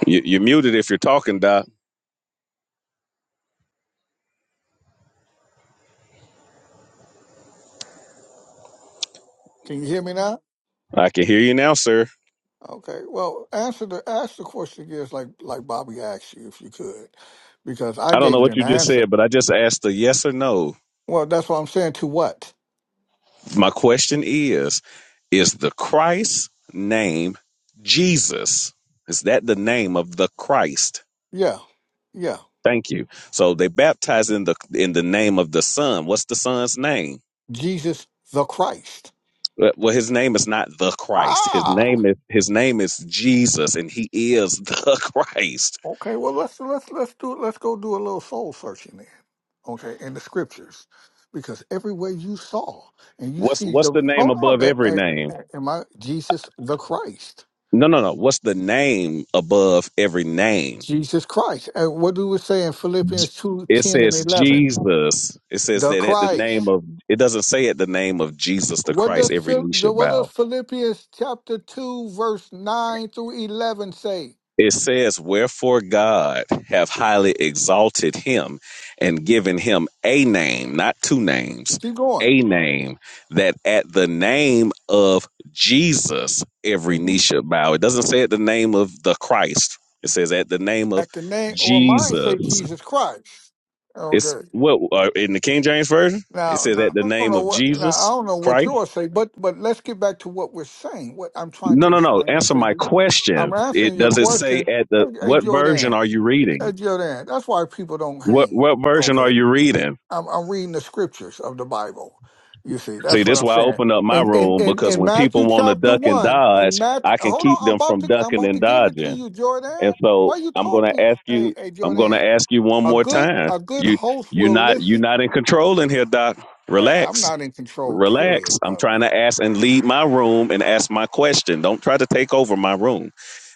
Speaker 1: You, you're muted if you're talking, Doc.
Speaker 6: Can you hear me now?
Speaker 1: I can hear you now, sir.
Speaker 6: Okay. Well, answer the ask the question again, like like Bobby asked you, if you could, because I
Speaker 1: I don't know
Speaker 6: gave you
Speaker 1: what
Speaker 6: an
Speaker 1: you just
Speaker 6: answer.
Speaker 1: said, but I just asked a yes or no.
Speaker 6: Well, that's what I'm saying. To what?
Speaker 1: My question is Is the Christ name Jesus? Is that the name of the Christ?
Speaker 6: Yeah, yeah.
Speaker 1: Thank you. So they baptize in the in the name of the Son. What's the Son's name?
Speaker 6: Jesus the Christ.
Speaker 1: Well, well, his name is not the Christ. His
Speaker 6: Ah.
Speaker 1: name is his name is Jesus, and he is the Christ.
Speaker 6: Okay. Well, let's let's let's do let's go do a little soul searching then. Okay, in the scriptures, because everywhere you saw and you
Speaker 1: What's
Speaker 6: see
Speaker 1: what's
Speaker 6: the
Speaker 1: the name
Speaker 6: hold on,
Speaker 1: above
Speaker 6: that
Speaker 1: every name?
Speaker 6: hey, am I Jesus the Christ?
Speaker 1: No, no, no. What's the name above every name?
Speaker 6: Jesus Christ. And what do we say in Philippians two
Speaker 1: It
Speaker 6: ten and
Speaker 1: says
Speaker 6: eleven?
Speaker 1: Jesus. It says
Speaker 6: The
Speaker 1: that at the
Speaker 6: Christ.
Speaker 1: name of it doesn't say at the name of Jesus the
Speaker 6: What
Speaker 1: Christ
Speaker 6: does
Speaker 1: every
Speaker 6: Phil-
Speaker 1: knee
Speaker 6: the-
Speaker 1: shall
Speaker 6: what
Speaker 1: bow.
Speaker 6: does Philippians chapter two verse nine through eleven say?
Speaker 1: It says, Wherefore God have highly exalted him and given him a name, not two names,
Speaker 6: Keep going.
Speaker 1: a name, that at the name of Jesus every
Speaker 6: hmm
Speaker 1: knee shall bow. It doesn't say at the name of the Christ, it says at the name of
Speaker 6: At the name or mine say
Speaker 1: Jesus.
Speaker 6: Jesus Christ. Oh,
Speaker 1: It's
Speaker 6: good.
Speaker 1: what uh, in the King James Version? It
Speaker 6: Now,
Speaker 1: says at
Speaker 6: now
Speaker 1: the
Speaker 6: I don't
Speaker 1: name
Speaker 6: know
Speaker 1: of
Speaker 6: what now I
Speaker 1: Jesus
Speaker 6: don't know what
Speaker 1: Christ.
Speaker 6: yours say, but but let's get back to what we're saying. What I'm trying
Speaker 1: No,
Speaker 6: to
Speaker 1: no, no.
Speaker 6: explain and
Speaker 1: Answer
Speaker 6: say to
Speaker 1: my
Speaker 6: you, I'm
Speaker 1: question.
Speaker 6: answering
Speaker 1: It
Speaker 6: your
Speaker 1: does it say
Speaker 6: question.
Speaker 1: at
Speaker 6: Hey,
Speaker 1: the
Speaker 6: hey
Speaker 1: what version
Speaker 6: Jordan,
Speaker 1: are you reading?
Speaker 6: hey Jordan. That's why people don't
Speaker 1: What
Speaker 6: hang.
Speaker 1: what version are
Speaker 6: Okay.
Speaker 1: you reading?
Speaker 6: I'm, I'm reading the scriptures of the Bible. You see,
Speaker 1: See,
Speaker 6: that's what
Speaker 1: this
Speaker 6: I'm
Speaker 1: why I
Speaker 6: saying.
Speaker 1: open up my
Speaker 6: In in
Speaker 1: room
Speaker 6: in,
Speaker 1: because
Speaker 6: in
Speaker 1: when people
Speaker 6: Matthew
Speaker 1: want to
Speaker 6: chapter
Speaker 1: duck and
Speaker 6: one, in
Speaker 1: dodge,
Speaker 6: Matthew,
Speaker 1: I can
Speaker 6: hold on,
Speaker 1: keep
Speaker 6: I'm
Speaker 1: them
Speaker 6: about
Speaker 1: from
Speaker 6: to I'm
Speaker 1: ducking
Speaker 6: about
Speaker 1: and
Speaker 6: to give it to
Speaker 1: dodging.
Speaker 6: you, Jordan.
Speaker 1: And so
Speaker 6: Why you
Speaker 1: I'm gonna
Speaker 6: talking?
Speaker 1: ask
Speaker 6: Hey,
Speaker 1: you
Speaker 6: hey,
Speaker 1: I'm gonna
Speaker 6: Jordan.
Speaker 1: ask you one
Speaker 6: A
Speaker 1: more
Speaker 6: good
Speaker 1: time.
Speaker 6: a good
Speaker 1: You
Speaker 6: host
Speaker 1: you
Speaker 6: will
Speaker 1: not you not
Speaker 6: listen.
Speaker 1: in control in here, Doc.
Speaker 6: Hey, I'm
Speaker 1: Relax.
Speaker 6: not in control.
Speaker 1: relax.
Speaker 6: Period,
Speaker 1: I'm trying
Speaker 6: brother.
Speaker 1: to ask and lead my room and ask my question. Don't try to take over my room.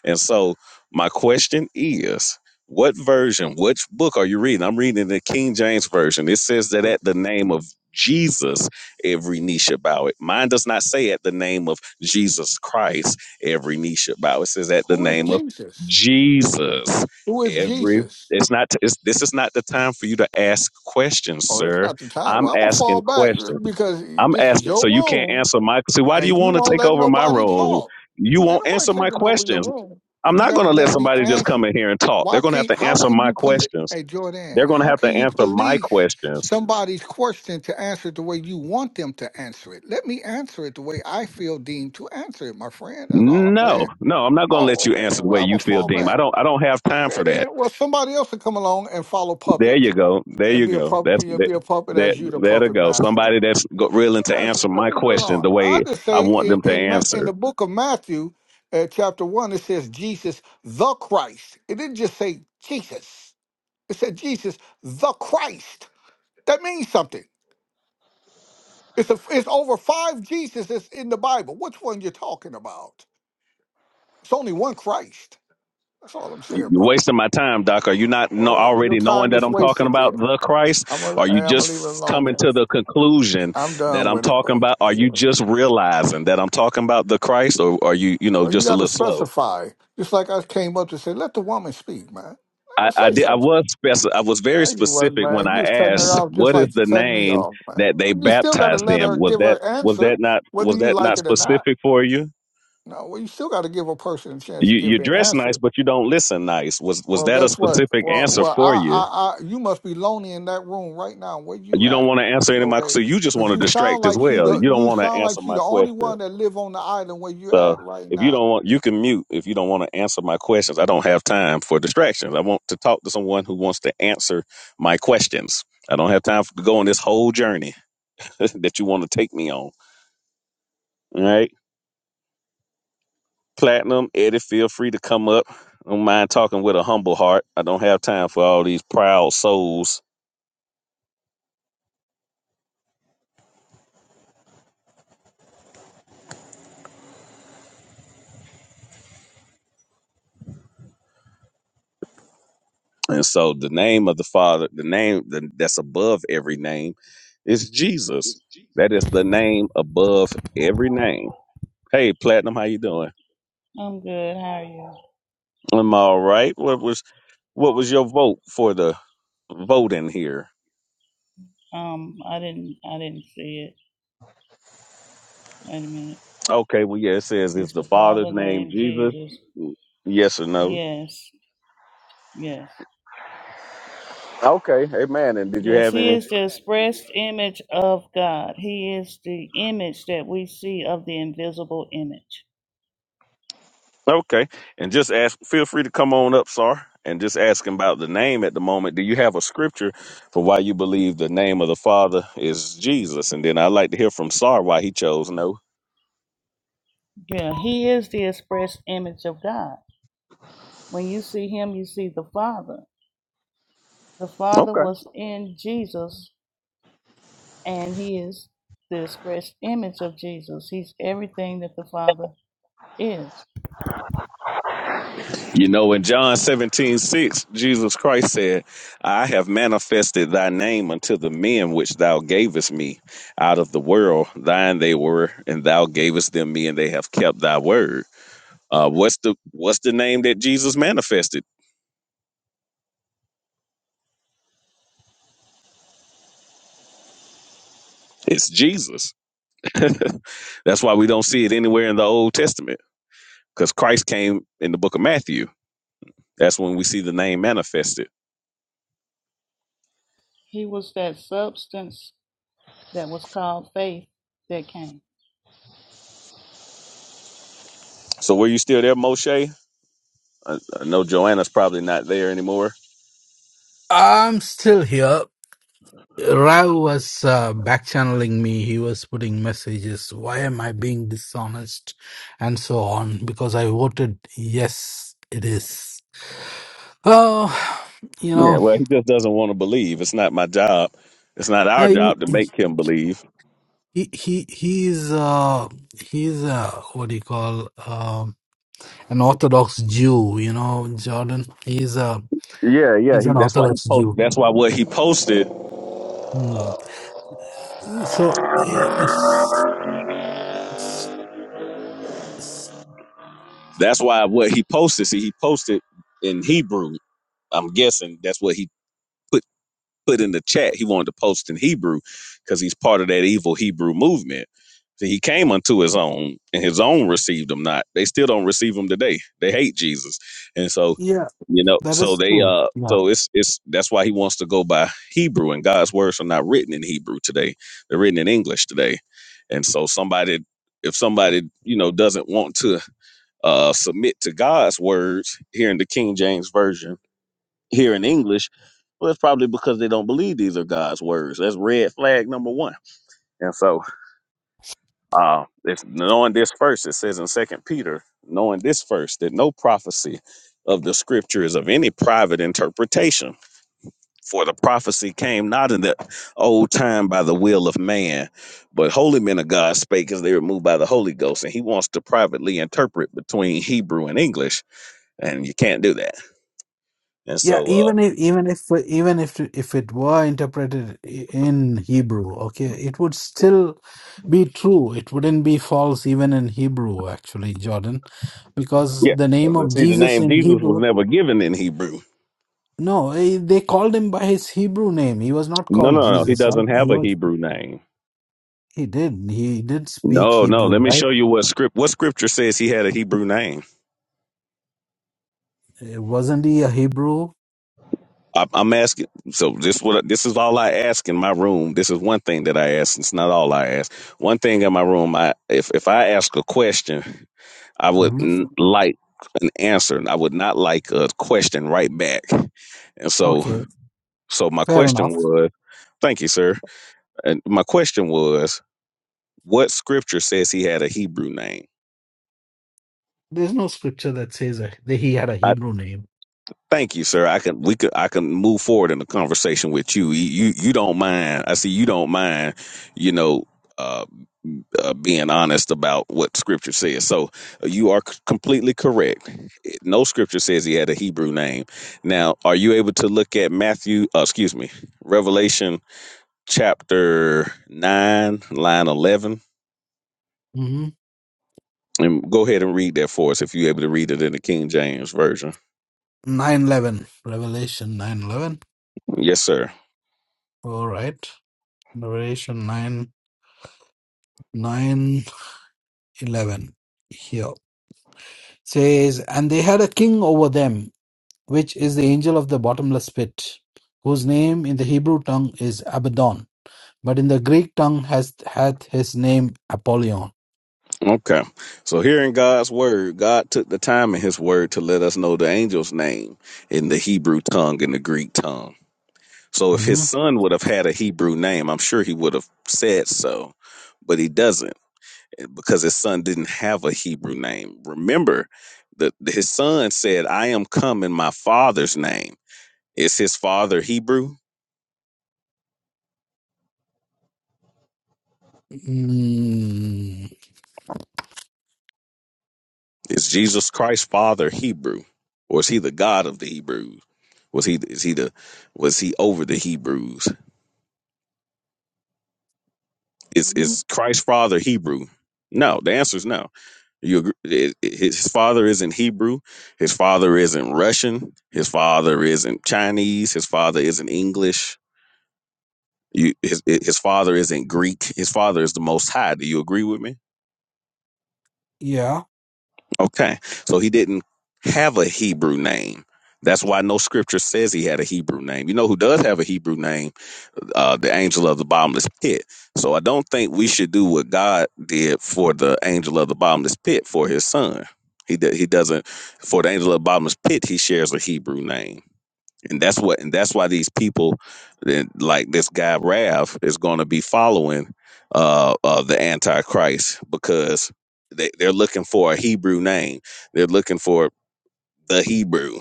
Speaker 1: And so my question is what version, which book are you reading? I'm reading the King James Version. It says that
Speaker 6: The-
Speaker 1: at the name of Jesus, every knee shall bow it. Mine does not say at the name of Jesus Christ, every knee shall bow. It says at the
Speaker 6: Who is
Speaker 1: name of
Speaker 6: Jesus?
Speaker 1: Jesus,
Speaker 6: Who is
Speaker 1: every
Speaker 6: Jesus?
Speaker 1: it's not it's, this is not the time for you to ask questions,
Speaker 6: Oh, it's
Speaker 1: sir.
Speaker 6: not the time.
Speaker 1: I'm
Speaker 6: Well, I'm gonna fall
Speaker 1: asking
Speaker 6: back uh,
Speaker 1: questions.
Speaker 6: because eh,
Speaker 1: I'm
Speaker 6: this is
Speaker 1: asking, so
Speaker 6: your
Speaker 1: you can't
Speaker 6: room,
Speaker 1: answer my. See, why do you
Speaker 6: and you
Speaker 1: want to
Speaker 6: won't
Speaker 1: take
Speaker 6: let
Speaker 1: over my
Speaker 6: nobody
Speaker 1: role?
Speaker 6: talk.
Speaker 1: You
Speaker 6: Ain't
Speaker 1: won't
Speaker 6: nobody
Speaker 1: answer my
Speaker 6: taking over your
Speaker 1: questions.
Speaker 6: room. Well,
Speaker 1: I'm
Speaker 6: you
Speaker 1: not
Speaker 6: got
Speaker 1: going
Speaker 6: to
Speaker 1: to let
Speaker 6: let me
Speaker 1: somebody just
Speaker 6: answer.
Speaker 1: come in here and talk. They're
Speaker 6: Why
Speaker 1: going to have
Speaker 6: can't?
Speaker 1: to
Speaker 6: How
Speaker 1: answer
Speaker 6: can
Speaker 1: my
Speaker 6: you police?
Speaker 1: questions.
Speaker 6: Hey, Jordan,
Speaker 1: They're going to
Speaker 6: how
Speaker 1: have to
Speaker 6: can you
Speaker 1: answer my
Speaker 6: police
Speaker 1: questions.
Speaker 6: somebody's question to answer it the way you want them to answer it? Let me answer it the way I feel deemed to answer it, my friend. That's all I'm
Speaker 1: No,
Speaker 6: saying.
Speaker 1: no, I'm not going to let
Speaker 6: Oh,
Speaker 1: you
Speaker 6: okay
Speaker 1: answer
Speaker 6: then.
Speaker 1: the
Speaker 6: Well,
Speaker 1: way
Speaker 6: I'm
Speaker 1: you
Speaker 6: gonna
Speaker 1: feel,
Speaker 6: fall
Speaker 1: Deem. I
Speaker 6: back.
Speaker 1: don't, I don't have time for
Speaker 6: Okay
Speaker 1: that.
Speaker 6: then. Well, somebody else will come along and follow
Speaker 1: There you
Speaker 6: puppet
Speaker 1: go. There
Speaker 6: and
Speaker 1: you
Speaker 6: be a
Speaker 1: go.
Speaker 6: puppet.
Speaker 1: That's
Speaker 6: You know,
Speaker 1: that.
Speaker 6: be a puppet
Speaker 1: That
Speaker 6: as you the
Speaker 1: there to
Speaker 6: puppet
Speaker 1: go.
Speaker 6: master.
Speaker 1: Somebody that's go- willing to
Speaker 6: Yes,
Speaker 1: answer my
Speaker 6: really, really
Speaker 1: question
Speaker 6: long.
Speaker 1: the
Speaker 6: I
Speaker 1: way
Speaker 6: just
Speaker 1: I
Speaker 6: say
Speaker 1: want
Speaker 6: in
Speaker 1: them to
Speaker 6: in, Ma- in
Speaker 1: answer.
Speaker 6: the book of Matthew, uh, chapter one, it says Jesus the Christ. It didn't just say Jesus. It said Jesus the Christ. That means something. It's a, it's over five Jesuses in the Bible. Which one you talking about? It's only one Christ. That's all I'm
Speaker 1: You-
Speaker 6: saying,
Speaker 1: are
Speaker 6: brother.
Speaker 1: wasting my time, Doc. Are you not know,
Speaker 6: Well, your
Speaker 1: already knowing
Speaker 6: time
Speaker 1: that
Speaker 6: is
Speaker 1: I'm talking
Speaker 6: wasted
Speaker 1: about
Speaker 6: there.
Speaker 1: the Christ?
Speaker 6: I'm gonna
Speaker 1: Are you
Speaker 6: I'm gonna leave it
Speaker 1: just
Speaker 6: alone
Speaker 1: coming
Speaker 6: there.
Speaker 1: to the conclusion
Speaker 6: I'm
Speaker 1: that
Speaker 6: done
Speaker 1: I'm
Speaker 6: with it,
Speaker 1: talking
Speaker 6: bro.
Speaker 1: about? Are
Speaker 6: Yeah.
Speaker 1: you just realizing that I'm talking about the Christ, or are you, you know,
Speaker 6: Well, you
Speaker 1: just a
Speaker 6: got to
Speaker 1: little slow?
Speaker 6: specify. Just like I came up to say, let the woman speak, man. Let
Speaker 1: I,
Speaker 6: her
Speaker 1: I
Speaker 6: say
Speaker 1: did. I
Speaker 6: something.
Speaker 1: was spec- I was very
Speaker 6: No, you wasn't,
Speaker 1: specific when
Speaker 6: man. You was
Speaker 1: I
Speaker 6: cutting her
Speaker 1: asked,
Speaker 6: off just
Speaker 1: "What is
Speaker 6: like you
Speaker 1: the
Speaker 6: cut me
Speaker 1: name
Speaker 6: off, man.
Speaker 1: that they
Speaker 6: You still got to
Speaker 1: baptized
Speaker 6: let
Speaker 1: them?"
Speaker 6: her
Speaker 1: Was
Speaker 6: give
Speaker 1: that
Speaker 6: her
Speaker 1: was that
Speaker 6: answer,
Speaker 1: not
Speaker 6: whether
Speaker 1: was
Speaker 6: you
Speaker 1: that
Speaker 6: like
Speaker 1: not
Speaker 6: it or not.
Speaker 1: specific for you?
Speaker 6: No, well, you still got to give a person a chance to
Speaker 1: You
Speaker 6: give
Speaker 1: you
Speaker 6: their
Speaker 1: dress nice,
Speaker 6: answer.
Speaker 1: but you don't listen nice. Was was
Speaker 6: Well,
Speaker 1: that a
Speaker 6: guess what?
Speaker 1: specific
Speaker 6: Well,
Speaker 1: answer
Speaker 6: well,
Speaker 1: for
Speaker 6: I,
Speaker 1: you?
Speaker 6: I, I, you must be lonely in that room right now. Where you
Speaker 1: You don't
Speaker 6: at?
Speaker 1: want to answer any of my
Speaker 6: Okay,
Speaker 1: so you just want
Speaker 6: because
Speaker 1: to
Speaker 6: you sound
Speaker 1: distract as
Speaker 6: like you,
Speaker 1: well.
Speaker 6: the,
Speaker 1: You don't
Speaker 6: you
Speaker 1: want to
Speaker 6: sound
Speaker 1: answer
Speaker 6: like you
Speaker 1: my
Speaker 6: the only
Speaker 1: question.
Speaker 6: one that live on the island where you
Speaker 1: So
Speaker 6: at right
Speaker 1: if you
Speaker 6: now.
Speaker 1: don't want you can mute if you don't want to answer my questions. I don't have time for distractions. I want to talk to someone who wants to answer my questions. I don't have time for, to go on this whole journey that you want to take me on. All right. Platinum, Eddie, feel free to come up. I don't mind talking with a humble heart. I don't have time for all these proud souls And so the name of the Father, the name th- that's above every name, is Jesus.
Speaker 7: It's Jesus.
Speaker 1: That is the name above every name. Hey, Platinum, how you doing?
Speaker 7: I'm good. How are you?
Speaker 1: I'm all right. What was what was your vote for the voting here?
Speaker 7: Um, I didn't I didn't see it. Wait a minute.
Speaker 1: Okay, well, yeah, it says is
Speaker 7: It's
Speaker 1: the
Speaker 7: the Father
Speaker 1: Father's name
Speaker 7: named
Speaker 1: Jesus?
Speaker 7: Jesus.
Speaker 1: Yes or no?
Speaker 7: Yes, yes.
Speaker 1: Okay, amen. And did you
Speaker 7: Yes,
Speaker 1: have
Speaker 7: he
Speaker 1: any?
Speaker 7: is the expressed image of God. He is the image that we see of the invisible image.
Speaker 1: Okay. And just ask, feel free to come on up, Sar, and just ask him about the name at the moment. Do you have a scripture for why you believe the name of the Father is Jesus? And then I'd like to hear from Sar why he chose no.
Speaker 7: Yeah, he is the expressed image of God. When you see him, you see the Father. The Father
Speaker 1: Okay.
Speaker 7: was in Jesus, and he is the expressed image of Jesus. He's everything that the Father is.
Speaker 1: You know, in John 17 6, Jesus Christ said, I have manifested thy name unto the men which thou gavest me out of the world. Thine they were, and thou gavest them me, and they have kept thy word. Uh, what's the what's the name that Jesus manifested? It's Jesus. That's why we don't see it anywhere in the Old Testament because Christ came in the book of Matthew. That's when we see the name manifested.
Speaker 7: He was that substance that was called faith that came.
Speaker 1: So were you still there, Moshe? I, I know Joanna's probably not there anymore.
Speaker 3: I'm still here. Rao was uh, back channeling me. He was putting messages. Why am I being dishonest? And so on. Because I voted yes, it is. Oh, you
Speaker 1: Yeah,
Speaker 3: know,
Speaker 1: well, he just doesn't want to believe. It's not my job. It's not our
Speaker 3: I,
Speaker 1: job to make him believe.
Speaker 3: he he he's uh he's uh what do you call um an Orthodox Jew, you know, Jordan. He's a
Speaker 1: Yeah, yeah.
Speaker 3: he's
Speaker 1: He,
Speaker 3: an
Speaker 1: that's why he
Speaker 3: Orthodox
Speaker 1: posted.
Speaker 3: Jew.
Speaker 1: That's why what he posted.
Speaker 3: Hmm. So eh,
Speaker 1: That's why what he posted. See, he posted in Hebrew. I'm guessing that's what he put put in the chat he wanted to post in Hebrew because he's part of that evil Hebrew movement. So he came unto his own, and his own received him not. They still don't receive him today. They hate Jesus, and so
Speaker 3: yeah,
Speaker 1: you know,
Speaker 3: that
Speaker 1: so
Speaker 3: is
Speaker 1: they
Speaker 3: true.
Speaker 1: uh,
Speaker 3: Yeah.
Speaker 1: so it's it's that's why he wants to go by Hebrew, and God's words are not written in Hebrew today. They're written in English today, and so somebody. If somebody you know doesn't want to uh, submit to God's words here in the King James version, here in English, well, it's probably because they don't believe these are God's words. That's red flag number one. And so, uh, if knowing this first, it says in Second Peter, knowing this first, that no prophecy of the Scripture is of any private interpretation. For the prophecy came not in the old time by the will of man, but holy men of God spake as they were moved by the Holy Ghost. And he wants to privately interpret between Hebrew and English, and you can't do that. And
Speaker 3: Yeah,
Speaker 1: so, uh,
Speaker 3: even if even if even if if it were interpreted i- in Hebrew, okay, it would still be true. It wouldn't be false even in Hebrew, actually, Jordan, because
Speaker 1: Yeah,
Speaker 3: the name
Speaker 1: but
Speaker 3: of
Speaker 1: see, the
Speaker 3: Jesus
Speaker 1: name
Speaker 3: in
Speaker 1: Jesus was
Speaker 3: Hebrew,
Speaker 1: never given in Hebrew.
Speaker 3: no, eh, they called him by his Hebrew name. He was not
Speaker 1: No,
Speaker 3: called
Speaker 1: no, no. He
Speaker 3: Jesus, right?
Speaker 1: doesn't
Speaker 3: He
Speaker 1: have a
Speaker 3: was
Speaker 1: Hebrew name.
Speaker 3: he did he did speak
Speaker 1: No, no.
Speaker 3: Hebrew,
Speaker 1: Let me
Speaker 3: right?
Speaker 1: show you what script what scripture says he had a Hebrew name.
Speaker 3: Eh, Wasn't he a Hebrew?
Speaker 1: I, I'm asking. So this what this is all I ask in my room. This is one thing that I ask. It's not all I ask. One thing in my room. I if if I ask a question, I would
Speaker 3: hmm
Speaker 1: n- like an answer, and I would not like a question right back. And so,
Speaker 3: Okay,
Speaker 1: so my
Speaker 3: fair
Speaker 1: question
Speaker 3: enough.
Speaker 1: was, thank you, sir. And my question was. What scripture says he had a Hebrew name?
Speaker 3: There's no scripture that says that he had a
Speaker 1: I,
Speaker 3: Hebrew name.
Speaker 1: thank you, sir. I can we could I can move forward in the conversation with you. You you, you don't mind. I see you don't mind. You know. Uh, uh, being honest about what scripture says. So uh, you are c- completely correct. Eh, No scripture says he had a Hebrew name. Now, are you able to look at Matthew, uh, excuse me, Revelation chapter 9, line 11?
Speaker 3: Mm-hmm.
Speaker 1: And go ahead and read that for us if you're able to read it in the King James Version.
Speaker 3: 911 revelation 911
Speaker 1: Yes, sir.
Speaker 3: all right revelation 9 9 11. here says and they had a king over them which is the angel of the bottomless pit whose name in the hebrew tongue is abaddon but in the greek tongue has hath his name apollyon
Speaker 1: Okay. So here in God's word, God took the time in his word to let us know the angel's name in the Hebrew tongue and the Greek tongue. So if his
Speaker 3: Mhm.
Speaker 1: son would have had a Hebrew name, I'm sure he would have said so, but he doesn't eh, because his son didn't have a Hebrew name. Remember that his son said, I am come in my father's name. Is his father Hebrew?
Speaker 3: Mm,
Speaker 1: Is Jesus Christ's father Hebrew? Or is he the God of the Hebrews? Was he is he the was he over the Hebrews? Is is Christ's father Hebrew? No, the answer is no. You agree, it- it- his father isn't Hebrew. His father isn't Russian. His father isn't Chinese. His father isn't English. You, his his father isn't Greek. His father is the Most High. Do you agree with me?
Speaker 3: yeah
Speaker 1: Okay. So he didn't have a Hebrew name. That's why no scripture says he had a Hebrew name. You know who does have a Hebrew name? Uh, the angel of the bottomless pit. So I don't think we should do what God did for the angel of the bottomless pit for his son. He, do, he doesn't, for the angel of the bottomless pit, he shares a Hebrew name and that's what and that's why these people that- like this guy Rav is going to be following uh, uh the antichrist because they, they're looking for a Hebrew name they're looking for the Hebrew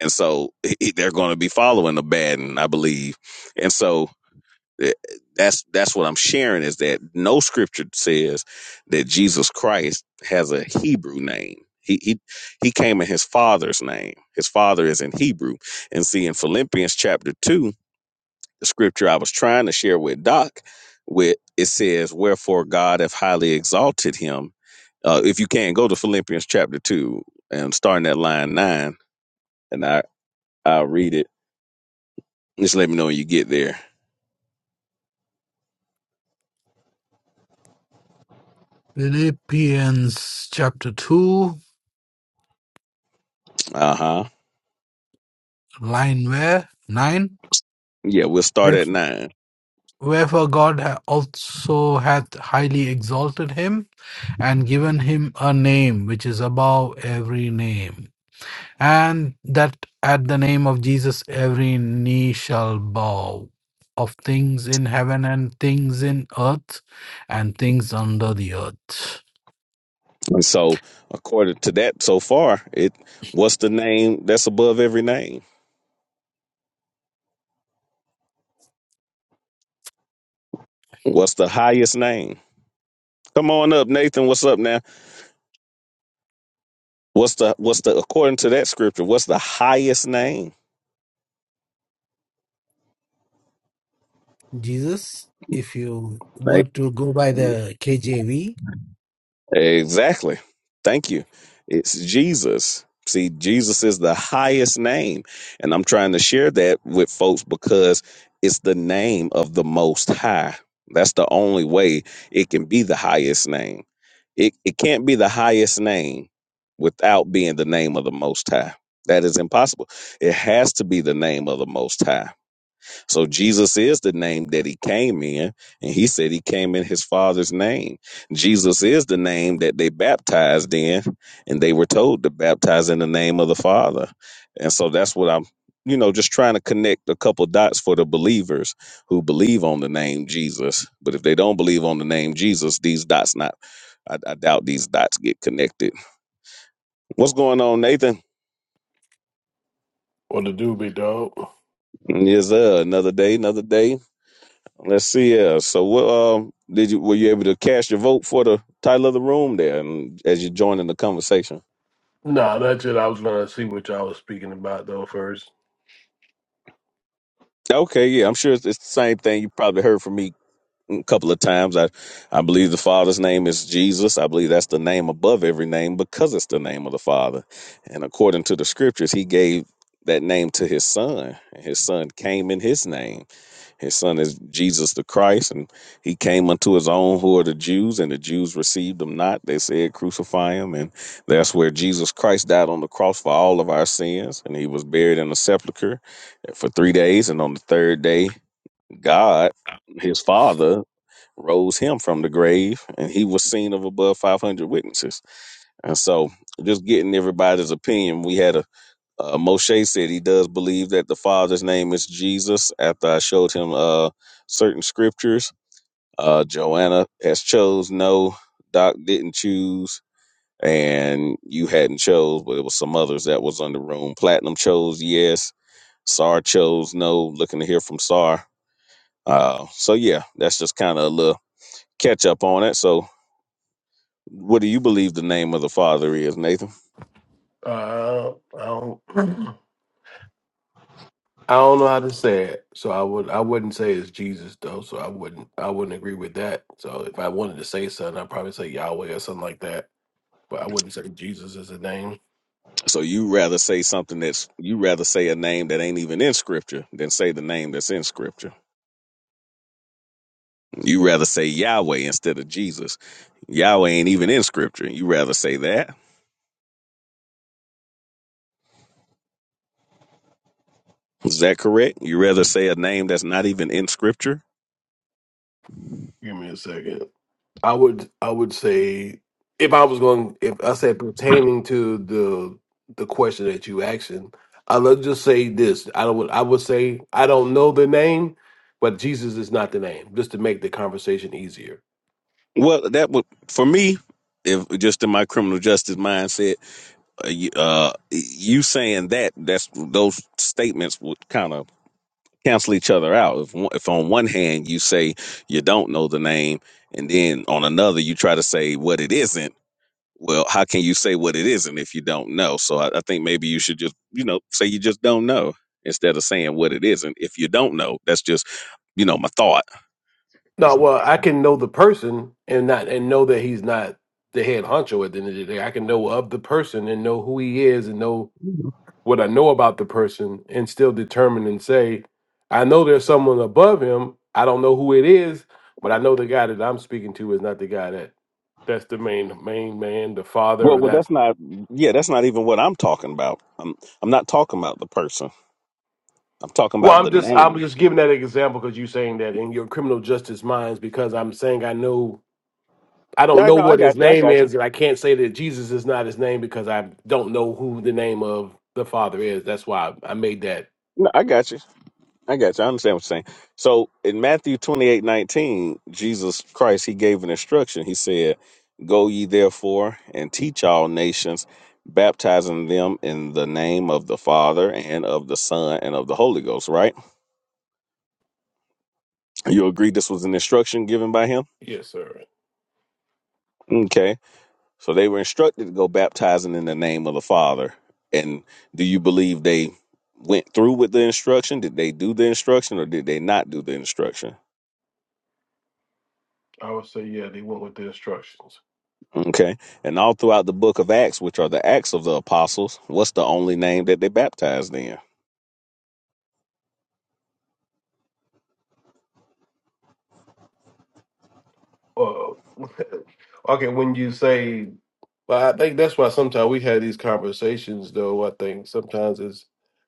Speaker 1: and so he- they're going to be following the bad I believe and so eh, That's that's what I'm sharing is that no scripture says that Jesus Christ has a Hebrew name. He he he came in his father's name. His father is in Hebrew. And see in Philippians chapter two, the scripture I was trying to share with Doc, with it says, Wherefore God hath highly exalted him. Uh, if you can go to Philippians chapter two and starting at line nine, and I I'll read it. Just let me know when you get there.
Speaker 3: philippians chapter 2
Speaker 1: Uh huh.
Speaker 3: line where 9
Speaker 1: Yeah, we'll start at nine.
Speaker 3: Wherefore God ha- also hath highly exalted him, and given him a name which is above every name, and that at the name of Jesus every knee shall bow, of things in heaven and things in earth and things under the earth.
Speaker 1: And so, according to that, so far, it what's the name that's above every name? What's the highest name? Come on up, Nathan. What's up now? What's the what's the according to that scripture? What's the highest name?
Speaker 3: Jesus, if you were
Speaker 1: Right.
Speaker 3: to go by the KJV,
Speaker 1: Exactly. Thank you. It's Jesus. See, Jesus is the highest name. And I'm trying to share that with folks because it's the name of the most high. That's the only way it can be the highest name. It, it can't be the highest name without being the name of the most high. That is impossible. It has to be the name of the most high so Jesus is the name that he came in, and he said he came in his father's name. Jesus is the name that they baptized in, and they were told to baptize in the name of the Father. And so that's what I'm, you know, just trying to connect a couple dots for the believers who believe on the name Jesus. But if they don't believe on the name Jesus, these dots not I, I doubt these dots get connected. What's going on, Nathan?
Speaker 8: What to do, big dog?
Speaker 1: Yes, uh, another day, another day. Let's see. Uh, so, what um, did you were you able to cast your vote for the title of the room there, and as you joined in the conversation?
Speaker 8: Nah, that's it. I was gonna see what y'all was speaking about though first.
Speaker 1: Okay, yeah, I'm sure it's, it's the same thing you probably heard from me a couple of times. I, I believe the Father's name is Jesus. I believe that's the name above every name because it's the name of the Father. And according to the scriptures, he gave that name to his son, and his son came in his name. His son is Jesus the Christ, and he came unto his own who are the Jews, and the Jews received him not. They said, Crucify him. And that's where Jesus Christ died on the cross for all of our sins, and he was buried in a sepulchre for three days. And on the third day, God, his father, rose him from the grave, and he was seen of above 500 witnesses. And so, just getting everybody's opinion, we had a uh, Moshe said he does believe that the Father's name is Jesus. After I showed him uh, certain scriptures, uh, Joanna has chose no, Doc didn't choose, and you hadn't chose, but it was some others that was on the room. Platinum chose yes, Sar chose no. Looking to hear from Sar. Uh, so yeah, that's just kind of a little catch up on it. So What do you believe the name of the Father is, Nathan?
Speaker 8: Uh, I don't, I don't know how to say it, so I would, I wouldn't say it's Jesus though. So I wouldn't, I wouldn't agree with that. So if I wanted to say something, I'd probably say Yahweh or something like that. But I wouldn't say Jesus is a name.
Speaker 1: So you rather say something that's you rather say a name that ain't even in Scripture than say the name that's in Scripture. You rather say Yahweh instead of Jesus. Yahweh ain't even in Scripture. You rather say that. Is that correct? You rather say a name that's not even in Scripture?
Speaker 8: Give me a second. I would I would say if I was going if I said pertaining to the the question that you asking, I let's just say this. I do would I would say I don't know the name, but Jesus is not the name, just to make the conversation easier.
Speaker 1: Well, that would for me, if just in my criminal justice mindset, uh, you, uh, you saying that that's those statements would kind of cancel each other out. If one- if on one hand you say you don't know the name, and then on another you try to say what it isn't, well, how can you say what it isn't if you don't know? So I, I think maybe you should just you know say you just don't know instead of saying what it isn't if you don't know. That's just you know my thought.
Speaker 8: No, well, I can know the person and not and know that he's not the head honcho at the end of the day. I can know of the person and know who he is and know what I know about the person and still determine and say, I know there's someone above him. I don't know who it is, but I know the guy that I'm speaking to is not the guy that that's the main main man, the father,
Speaker 1: Well,
Speaker 8: or
Speaker 1: well, that's
Speaker 8: that's
Speaker 1: not. Yeah, that's not even what I'm talking about. I'm I'm not talking about the person. I'm talking
Speaker 8: well,
Speaker 1: about
Speaker 8: I'm
Speaker 1: the
Speaker 8: just I'm
Speaker 1: name.
Speaker 8: just giving that example because you're saying that in your criminal justice minds because I'm saying I know I don't
Speaker 1: I
Speaker 8: know
Speaker 1: know. I
Speaker 8: what his
Speaker 1: got you. I
Speaker 8: name
Speaker 1: got you.
Speaker 8: is, and I can't say that Jesus is not his name because I don't know who the name of the father is. That's why I made that.
Speaker 1: No, I got you. I got you. I understand what you're saying. So in Matthew 28 19, Jesus Christ, he gave an instruction. He said, Go ye therefore and teach all nations, baptizing them in the name of the Father and of the Son and of the Holy Ghost, right? You agree this was an instruction given by him?
Speaker 8: Yes, sir.
Speaker 1: Okay. So they were instructed to go baptizing in the name of the Father. And do you believe they went through with the instruction? Did they do the instruction or did they not do the instruction?
Speaker 8: I would say yeah, they went with the instructions.
Speaker 1: Okay. And all throughout the book of Acts, which are the Acts of the Apostles, what's the only name that they baptized in?
Speaker 8: Uh, okay, when you say, well, I think that's why sometimes we have these conversations. Though I think sometimes it's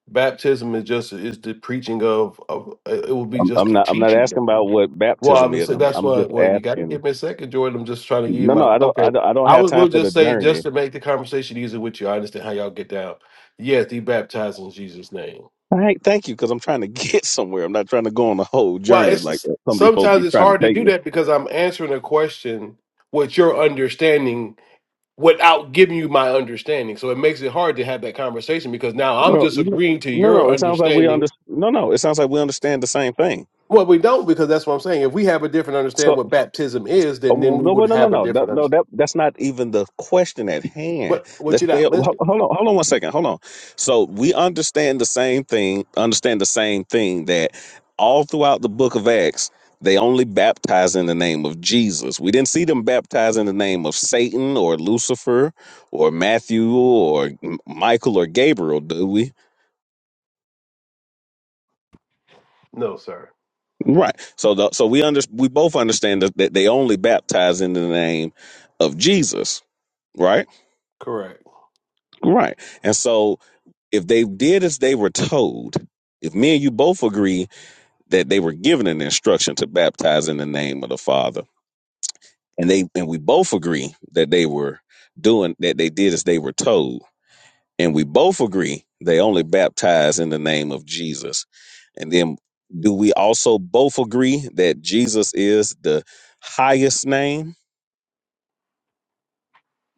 Speaker 8: baptism is just is the preaching of of it will be
Speaker 1: I'm,
Speaker 8: just
Speaker 1: I'm
Speaker 8: the
Speaker 1: not. I'm not
Speaker 8: teaching.
Speaker 1: asking
Speaker 8: of
Speaker 1: about
Speaker 8: it.
Speaker 1: what
Speaker 8: Well,
Speaker 1: baptism is.
Speaker 8: obviously
Speaker 1: I'm.
Speaker 8: that's
Speaker 1: I'm
Speaker 8: why.
Speaker 1: just
Speaker 8: Well, you got to
Speaker 1: asking.
Speaker 8: give me a second, Jordan. I'm just trying to give you
Speaker 1: No, no.
Speaker 8: my
Speaker 1: I don't. I
Speaker 8: okay.
Speaker 1: don't. I don't
Speaker 8: I
Speaker 1: have
Speaker 8: would
Speaker 1: time
Speaker 8: will
Speaker 1: for
Speaker 8: just
Speaker 1: the
Speaker 8: say just
Speaker 1: journey.
Speaker 8: to make the conversation easier with you. I understand how y'all get down. Yes, he baptized in Jesus' name.
Speaker 1: All right. Thank you, because I'm trying to get somewhere. I'm not trying to go on a whole
Speaker 8: Well,
Speaker 1: journey like
Speaker 8: it's
Speaker 1: that. Somebody's supposed to
Speaker 8: sometimes
Speaker 1: be
Speaker 8: it's
Speaker 1: trying to
Speaker 8: hard to
Speaker 1: take
Speaker 8: do
Speaker 1: me.
Speaker 8: that because I'm answering a question with your understanding without giving you my understanding. So it makes it hard to have that conversation because now I'm
Speaker 1: Well,
Speaker 8: just
Speaker 1: no,
Speaker 8: agreeing to
Speaker 1: no,
Speaker 8: your
Speaker 1: no, it sounds like we under.
Speaker 8: understanding.
Speaker 1: No, no, it sounds like we understand the same thing.
Speaker 8: Well, we don't because that's what I'm saying. If we have a different understanding
Speaker 1: So,
Speaker 8: what baptism is,
Speaker 1: uh,
Speaker 8: then then
Speaker 1: well,
Speaker 8: we
Speaker 1: no,
Speaker 8: would
Speaker 1: well, no, no,
Speaker 8: have a
Speaker 1: no, no,
Speaker 8: different
Speaker 1: no.
Speaker 8: understanding.
Speaker 1: That that's not even the question at hand.
Speaker 8: But what
Speaker 1: Let's
Speaker 8: you
Speaker 1: stay.
Speaker 8: not
Speaker 1: ho- Hold
Speaker 8: listening?
Speaker 1: on, hold on one second. Hold on. So we understand the same thing. Understand the same thing that all throughout the Book of Acts. They only baptize in the name of Jesus. We didn't see them baptize in the name of Satan or Lucifer or Matthew or M- Michael or Gabriel, do we?
Speaker 8: No, sir.
Speaker 1: Right. So the, so we under, we both understand that, that they only baptize in the name of Jesus, right?
Speaker 8: Correct.
Speaker 1: Right. And so if they did as they were told, if me and you both agree that they were given an instruction to baptize in the name of the Father, and they and we both agree that they were doing that they did as they were told, and we both agree they only baptize in the name of Jesus. And then do we also both agree that Jesus is the highest name?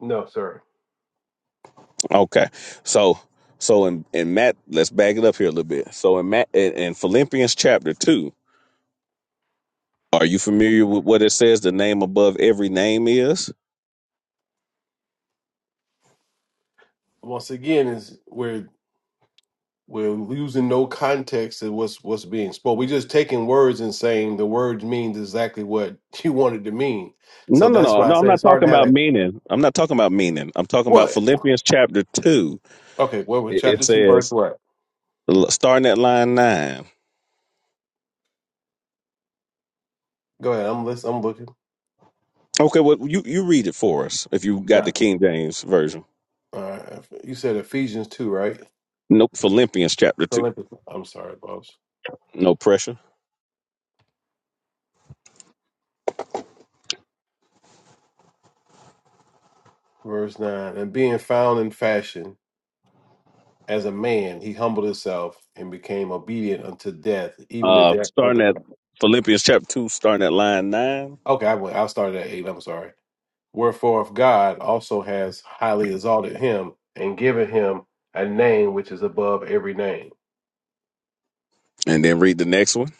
Speaker 8: No, sir.
Speaker 1: Okay. So so in, in Matt, let's back it up here a little bit. So in Matt in, in Philippians chapter two, are you familiar with what it says the name above every name is?
Speaker 8: Once again, is we're we're losing no context of what's what's being spoke. We're just taking words and saying the words means exactly what you wanted to mean.
Speaker 1: No,
Speaker 8: So
Speaker 1: no,
Speaker 8: that's
Speaker 1: no,
Speaker 8: why I
Speaker 1: no. I'm
Speaker 8: say it's
Speaker 1: not
Speaker 8: hard
Speaker 1: talking
Speaker 8: to have
Speaker 1: about
Speaker 8: that.
Speaker 1: meaning. I'm not talking about meaning. I'm talking about
Speaker 8: What?
Speaker 1: Philippians chapter two.
Speaker 8: Okay. What was
Speaker 1: It, it
Speaker 8: chapter two, verse
Speaker 1: says
Speaker 8: what?
Speaker 1: starting at line nine.
Speaker 8: Go ahead. I'm listening. I'm looking.
Speaker 1: Okay, well, you, you read it for us if you got the
Speaker 8: Not.
Speaker 1: King James version.
Speaker 8: All right. You said Ephesians two, right?
Speaker 1: Nope, Philippians chapter two.
Speaker 8: Philippians. I'm sorry, boss.
Speaker 1: No pressure.
Speaker 8: Verse nine. And being found in fashion as a man, he humbled himself and became obedient unto death, even the
Speaker 1: Uh,
Speaker 8: death of
Speaker 1: starting
Speaker 8: the
Speaker 1: at
Speaker 8: cross.
Speaker 1: Philippians chapter two, starting at line nine,
Speaker 8: Okay, I went. I started at eight. I'm sorry. Wherefore, if God also has highly exalted him and given him a name which is above every name,
Speaker 1: and then read the next one.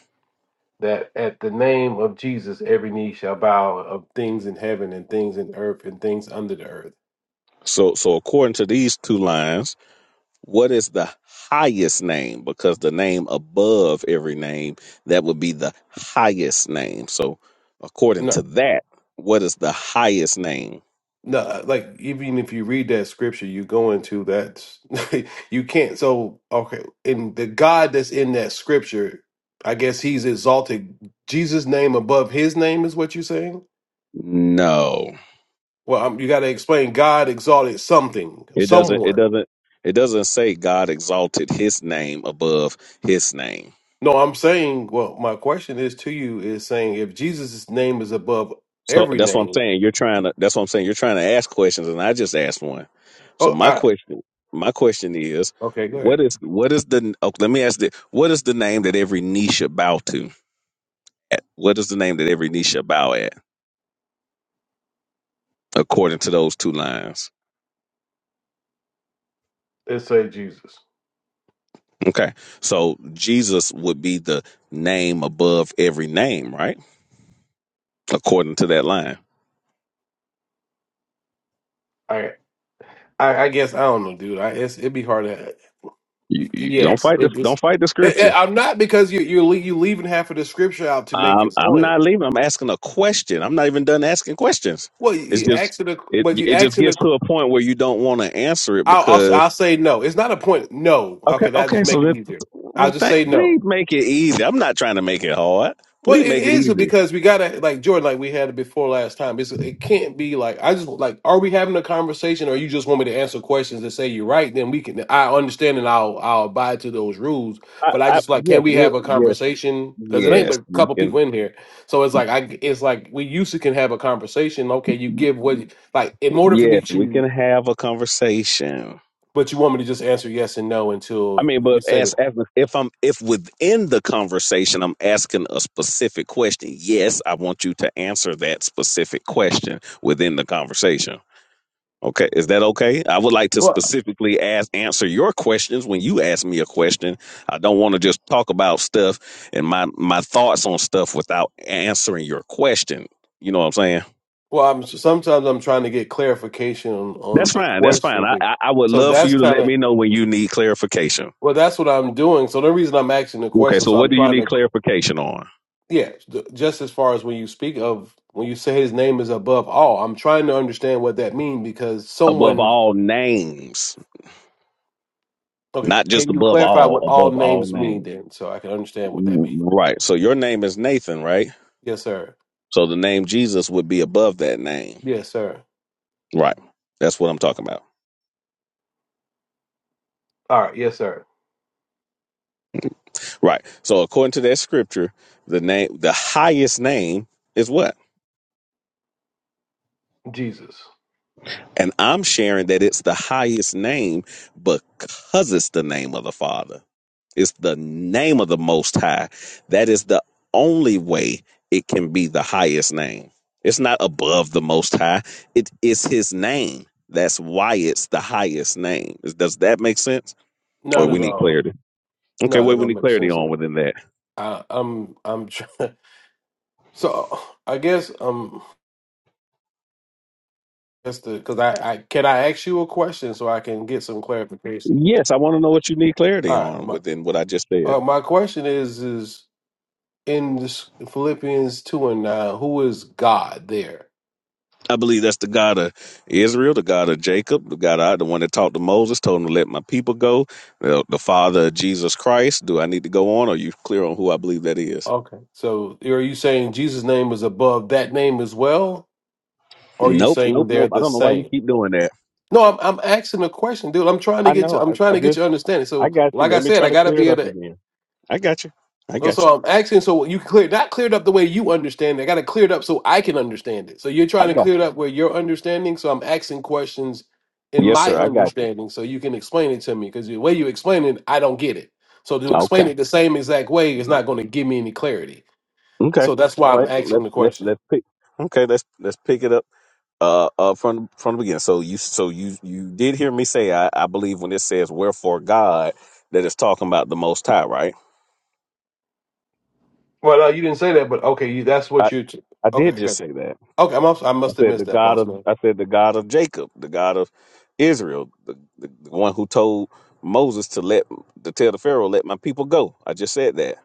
Speaker 8: that at the name of Jesus every knee shall bow of things in heaven and things in earth and things under the earth.
Speaker 1: So, so according to these two lines, what is the highest name? Because the name above every name, that would be the highest name. So, according
Speaker 8: No,
Speaker 1: to that, what is the highest name?
Speaker 8: No, uh, like even if you read that scripture, you go into that you can't. So okay, and the God that's in that scripture, I guess he's exalted Jesus' name above his name is what you're saying.
Speaker 1: No.
Speaker 8: Well, I'm, you got to explain God exalted something,
Speaker 1: It doesn't. It
Speaker 8: someone.
Speaker 1: doesn't. It doesn't say God exalted His name above His name.
Speaker 8: No, I'm saying. Well, my question is to you is saying if Jesus' name is above
Speaker 1: So
Speaker 8: every
Speaker 1: that's what I'm
Speaker 8: name.
Speaker 1: saying. You're trying to. That's what I'm saying. You're trying to ask questions, and I just asked one. So
Speaker 8: Oh,
Speaker 1: my
Speaker 8: I
Speaker 1: question, my question is,
Speaker 8: okay, go ahead.
Speaker 1: what is what is the? Oh, let me ask this: What is the name that every knee should bow to? At- What is the name that every knee should bow at, according to those two lines?
Speaker 8: Let's say Jesus.
Speaker 1: Okay, so Jesus would be the name above every name, right? According to that line.
Speaker 8: I I, I guess I don't know, dude. I it's, it'd be hard to.
Speaker 1: You,
Speaker 8: Y-
Speaker 1: you don't
Speaker 8: Yes,
Speaker 1: fight this.
Speaker 8: it
Speaker 1: Don't
Speaker 8: just.
Speaker 1: fight the
Speaker 8: I-
Speaker 1: scripture.
Speaker 8: I- I'm not because you you're le- you leaving half of the scripture out to make your
Speaker 1: Um, I'm
Speaker 8: point.
Speaker 1: not leaving. I'm asking a question. I'm not even done asking questions.
Speaker 8: Well, you
Speaker 1: It's
Speaker 8: you
Speaker 1: just
Speaker 8: asking the,
Speaker 1: it
Speaker 8: but you
Speaker 1: it just
Speaker 8: asking
Speaker 1: gets
Speaker 8: the.
Speaker 1: to a point where you don't want to answer it
Speaker 8: I'll, I'll
Speaker 1: because
Speaker 8: I'll say no. It's not a point. No.
Speaker 1: okay
Speaker 8: Okay, that'll just
Speaker 1: okay
Speaker 8: make
Speaker 1: so
Speaker 8: it
Speaker 1: this
Speaker 8: easier. I'll
Speaker 1: well
Speaker 8: just
Speaker 1: thank
Speaker 8: say no.
Speaker 1: please make it easy. I'm not trying to make it hard.
Speaker 8: Well,
Speaker 1: Please
Speaker 8: it
Speaker 1: make it
Speaker 8: is
Speaker 1: easy.
Speaker 8: because we gotta like Jordan, like we had it before last time. It's it can't be like I just like are we having a conversation or you just want me to answer questions and say you're right, then we can I understand and I'll I'll abide to those rules.
Speaker 1: I,
Speaker 8: But I
Speaker 1: I
Speaker 8: just like
Speaker 1: yes
Speaker 8: can we
Speaker 1: we're
Speaker 8: have a
Speaker 1: yes
Speaker 8: conversation? Because it ain't
Speaker 1: yes
Speaker 8: but a
Speaker 1: we
Speaker 8: couple
Speaker 1: can
Speaker 8: people in here. So it's like I it's like we used to can have a conversation. Okay, you give what like in order for me
Speaker 1: yes we
Speaker 8: to
Speaker 1: can have a conversation.
Speaker 8: but you want me to just answer yes and no
Speaker 1: I
Speaker 8: until
Speaker 1: mean,
Speaker 8: you
Speaker 1: but
Speaker 8: say
Speaker 1: as, as if I'm if within the conversation I'm asking a specific question, yes, I want you to answer that specific question within the conversation. Okay, is that okay? I would like to
Speaker 8: that.
Speaker 1: specifically ask answer your questions when you ask me a question. I don't want to just talk about stuff and my my thoughts on stuff without answering your question. You know what I'm saying?
Speaker 8: Well, I'm sometimes I'm trying to get clarification on, on
Speaker 1: That's
Speaker 8: the
Speaker 1: fine. That's fine.
Speaker 8: question.
Speaker 1: I
Speaker 8: be-
Speaker 1: I, I would
Speaker 8: So
Speaker 1: love for
Speaker 8: that's
Speaker 1: you to
Speaker 8: kind
Speaker 1: let
Speaker 8: of
Speaker 1: me know when you need clarification.
Speaker 8: well, that's what I'm doing. So the reason I'm asking the
Speaker 1: Okay,
Speaker 8: question,
Speaker 1: so
Speaker 8: so
Speaker 1: what
Speaker 8: I'm
Speaker 1: do you
Speaker 8: trying
Speaker 1: need
Speaker 8: to
Speaker 1: clarification on?
Speaker 8: yeah, th- just as far as when you speak of when you say his name is above all, I'm trying to understand what that means because
Speaker 1: above
Speaker 8: someone
Speaker 1: all names,
Speaker 8: okay,
Speaker 1: not just
Speaker 8: can you
Speaker 1: above
Speaker 8: clarify what
Speaker 1: all,
Speaker 8: all
Speaker 1: above all
Speaker 8: names mean
Speaker 1: names.
Speaker 8: then, so I can understand what that
Speaker 1: Mm,
Speaker 8: means?
Speaker 1: Right. So your name is Nathan, right?
Speaker 8: Yes, sir.
Speaker 1: So the name Jesus would be above that name.
Speaker 8: Yes, sir.
Speaker 1: Right. That's what I'm talking about.
Speaker 8: All right. Yes, sir.
Speaker 1: Right. So according to that scripture, the name the highest name is what?
Speaker 8: Jesus.
Speaker 1: And I'm sharing that it's the highest name because it's the name of the Father. It's the name of the Most High. That is the only way it can be the highest name. It's not above the Most High, it is His name. That's why it's the highest name. Is- Does that make sense? Or
Speaker 8: Not
Speaker 1: we
Speaker 8: at
Speaker 1: need
Speaker 8: all.
Speaker 1: clarity? Okay,
Speaker 8: No, that
Speaker 1: what we
Speaker 8: don't
Speaker 1: need
Speaker 8: make
Speaker 1: clarity
Speaker 8: sense at
Speaker 1: on
Speaker 8: all.
Speaker 1: within that?
Speaker 8: I, I'm I'm trying. So I guess um. Just to, because I, I can I ask you a question so I can get some clarification.
Speaker 1: Yes, I want to know what you need clarity
Speaker 8: All right,
Speaker 1: on
Speaker 8: my
Speaker 1: within what I just said.
Speaker 8: uh, my question is is in this Philippians two and nine, who is God there?
Speaker 1: I believe that's the God of Israel, the God of Jacob, the God I, the one that talked to Moses, told him to let my people go. The, the Father of Jesus Christ. Do I need to go on? Or are you clear on who I believe that is?
Speaker 8: Okay, so are you saying Jesus' name is above that name as well, or are you
Speaker 1: Nope,
Speaker 8: saying
Speaker 1: nope,
Speaker 8: they're
Speaker 1: nope. I
Speaker 8: the
Speaker 1: don't know why you
Speaker 8: same?
Speaker 1: keep doing that.
Speaker 8: No, I'm I'm asking a question, dude. I'm trying to
Speaker 1: I
Speaker 8: get you.
Speaker 1: know.
Speaker 8: I'm
Speaker 1: I,
Speaker 8: trying
Speaker 1: I
Speaker 8: to get
Speaker 1: just,
Speaker 8: you understanding.
Speaker 1: I
Speaker 8: So,
Speaker 1: got you.
Speaker 8: like I
Speaker 1: Let me
Speaker 8: said,
Speaker 1: try
Speaker 8: I
Speaker 1: to
Speaker 8: gotta
Speaker 1: clear it
Speaker 8: be
Speaker 1: up
Speaker 8: able to
Speaker 1: again. I got you. I
Speaker 8: Well,
Speaker 1: got you.
Speaker 8: so I'm asking, so you clear not cleared up the way you understand it. I got to clear it up so I can understand it. So you're trying
Speaker 1: I
Speaker 8: to
Speaker 1: got
Speaker 8: clear it
Speaker 1: you.
Speaker 8: up where you're understanding. So I'm asking questions in
Speaker 1: Yes,
Speaker 8: my
Speaker 1: sir. I got you.
Speaker 8: understanding, so you can explain it to me. Because the way you explain it, I don't get it. So to
Speaker 1: Okay.
Speaker 8: explain it the same exact way is not going to give me any clarity.
Speaker 1: Okay.
Speaker 8: So that's
Speaker 1: All
Speaker 8: why I'm
Speaker 1: right.
Speaker 8: asking
Speaker 1: Let's
Speaker 8: the
Speaker 1: let's
Speaker 8: question.
Speaker 1: let's pick. Okay. Let's let's pick it up. uh, uh, from from the beginning. So you, so you, you did hear me say, I, I believe when it says "wherefore God," that it's talking about the Most High, right?
Speaker 8: Well, no, you didn't say that, but okay, you, that's
Speaker 1: I,
Speaker 8: what you. T-
Speaker 1: I
Speaker 8: okay,
Speaker 1: did
Speaker 8: I
Speaker 1: just
Speaker 8: got.
Speaker 1: say that.
Speaker 8: Okay, I'm, I
Speaker 1: I
Speaker 8: must have
Speaker 1: said the
Speaker 8: missed that,
Speaker 1: God
Speaker 8: boss
Speaker 1: of,
Speaker 8: man.
Speaker 1: I said the God of Jacob, the God of Israel, the, the, the one who told Moses to let to tell the Pharaoh, "Let my people go." I just said that.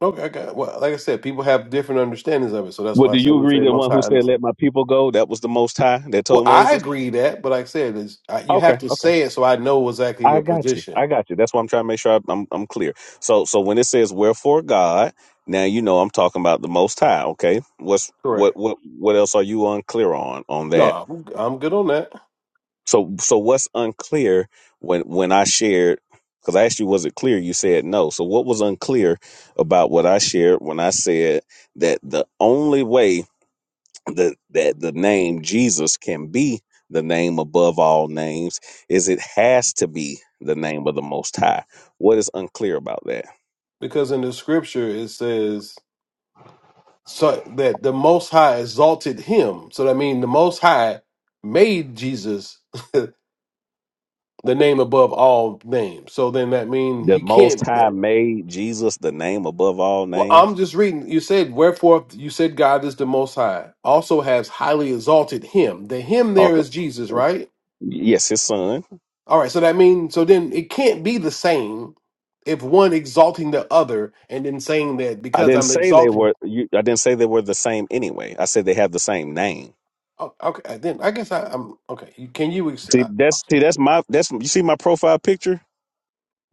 Speaker 8: Okay, I got well. Like I said, people have different understandings of it, so that's
Speaker 1: Well,
Speaker 8: why I
Speaker 1: do
Speaker 8: said
Speaker 1: you
Speaker 8: we
Speaker 1: agree?
Speaker 8: say
Speaker 1: The
Speaker 8: Most
Speaker 1: one
Speaker 8: High
Speaker 1: who said,
Speaker 8: understand.
Speaker 1: "Let my people go," that was the Most High that
Speaker 8: Well,
Speaker 1: told
Speaker 8: I
Speaker 1: Moses.
Speaker 8: agree that, but like I said, is you
Speaker 1: Okay,
Speaker 8: have to
Speaker 1: okay.
Speaker 8: say it so I know exactly
Speaker 1: I
Speaker 8: your
Speaker 1: got you.
Speaker 8: position.
Speaker 1: I got you. That's why I'm trying to make sure I- I'm I'm clear. So so when it says wherefore God, now you know I'm talking about the Most High. Okay, what's what
Speaker 8: Correct.
Speaker 1: what what else are you unclear on on that?
Speaker 8: No, I'm, I'm good on that
Speaker 1: So so what's unclear when when I shared? Because I asked you, was it clear? You said no. So what was unclear about what I shared when I said that the only way that that the name Jesus can be the name above all names is it has to be the name of the most high. What is unclear about that?
Speaker 8: because in the scripture it says so that the Most High exalted him. So that means the Most High made Jesus the name above all names. So then that means
Speaker 1: The
Speaker 8: he can't.
Speaker 1: most high made Jesus the name above all
Speaker 8: Well, I'm
Speaker 1: names.
Speaker 8: just reading. You said, Wherefore you said God is the most high, also has highly exalted him. The him there
Speaker 1: Talk-
Speaker 8: is Jesus, right?
Speaker 1: Yes, his son.
Speaker 8: All right, so that means so then it can't be the same if one exalting the other and then saying that
Speaker 1: I
Speaker 8: because
Speaker 1: didn't
Speaker 8: I'm
Speaker 1: say they
Speaker 8: exalting.
Speaker 1: were you I didn't say they were the same anyway. I said they have the same name.
Speaker 8: Oh, okay, uh, then I guess I, I'm okay. you- Can you? Ex-
Speaker 1: See,
Speaker 8: uh,
Speaker 1: that's see, that's my that's you see my profile picture.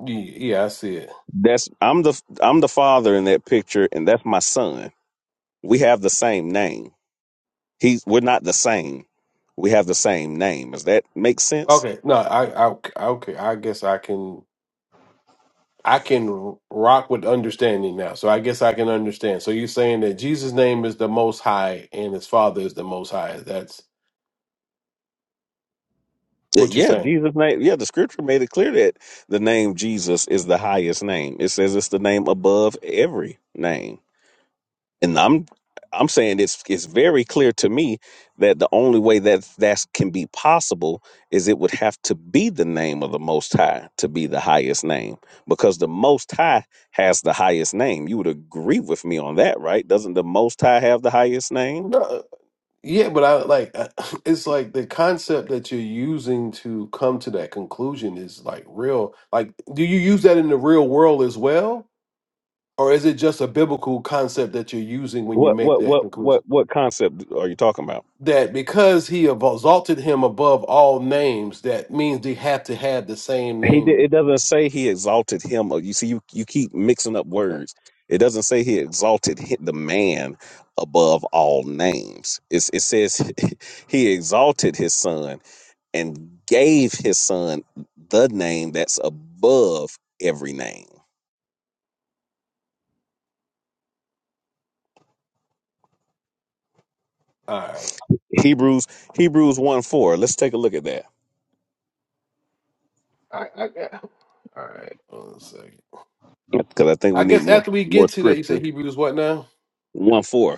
Speaker 8: y- yeah, I see it.
Speaker 1: That's I'm the I'm the father in that picture, and that's my son. We have the same name. He's we're not the same. We have the same name. Does that make sense?
Speaker 8: Okay, no, I, I okay, I guess I can. I can r- rock with understanding now. So I guess I can understand. So you're saying that Jesus' name is the most high and his father is the most high. That's
Speaker 1: Y-
Speaker 8: what you're
Speaker 1: Yeah,
Speaker 8: saying.
Speaker 1: Jesus' name. Yeah, the scripture made it clear that the name Jesus is the highest name. It says it's the name above every name. and I'm I'm saying it's it's very clear to me that the only way that that can be possible is it would have to be the name of the Most High to be the highest name because the Most High has the highest name. You would agree with me on that, right? Doesn't the Most High have the highest name?
Speaker 8: No, yeah, but I like I- it's like the concept that you're using to come to that conclusion is like real. Like do you use that in the real world as well? Or is it just a biblical concept that you're using when you
Speaker 1: What
Speaker 8: make
Speaker 1: what
Speaker 8: that
Speaker 1: what what
Speaker 8: conclusion?
Speaker 1: what concept are you talking about?
Speaker 8: That because he have exalted him above all names, that means they have to have the same
Speaker 1: He did,
Speaker 8: name.
Speaker 1: it doesn't say he exalted him. uh, You see, you, you keep mixing up
Speaker 8: Okay.
Speaker 1: words. It doesn't say he exalted hi- the man above all names. It's, it says he exalted his son and gave his son the name that's above every name.
Speaker 8: All right.
Speaker 1: Hebrews Hebrews one four. Let's take a look at that
Speaker 8: I, I got. All right. One second.
Speaker 1: because I think
Speaker 8: I
Speaker 1: we need
Speaker 8: guess
Speaker 1: more
Speaker 8: after we
Speaker 1: more
Speaker 8: get to that, you say
Speaker 1: scripture.
Speaker 8: Hebrews what now?
Speaker 1: One four.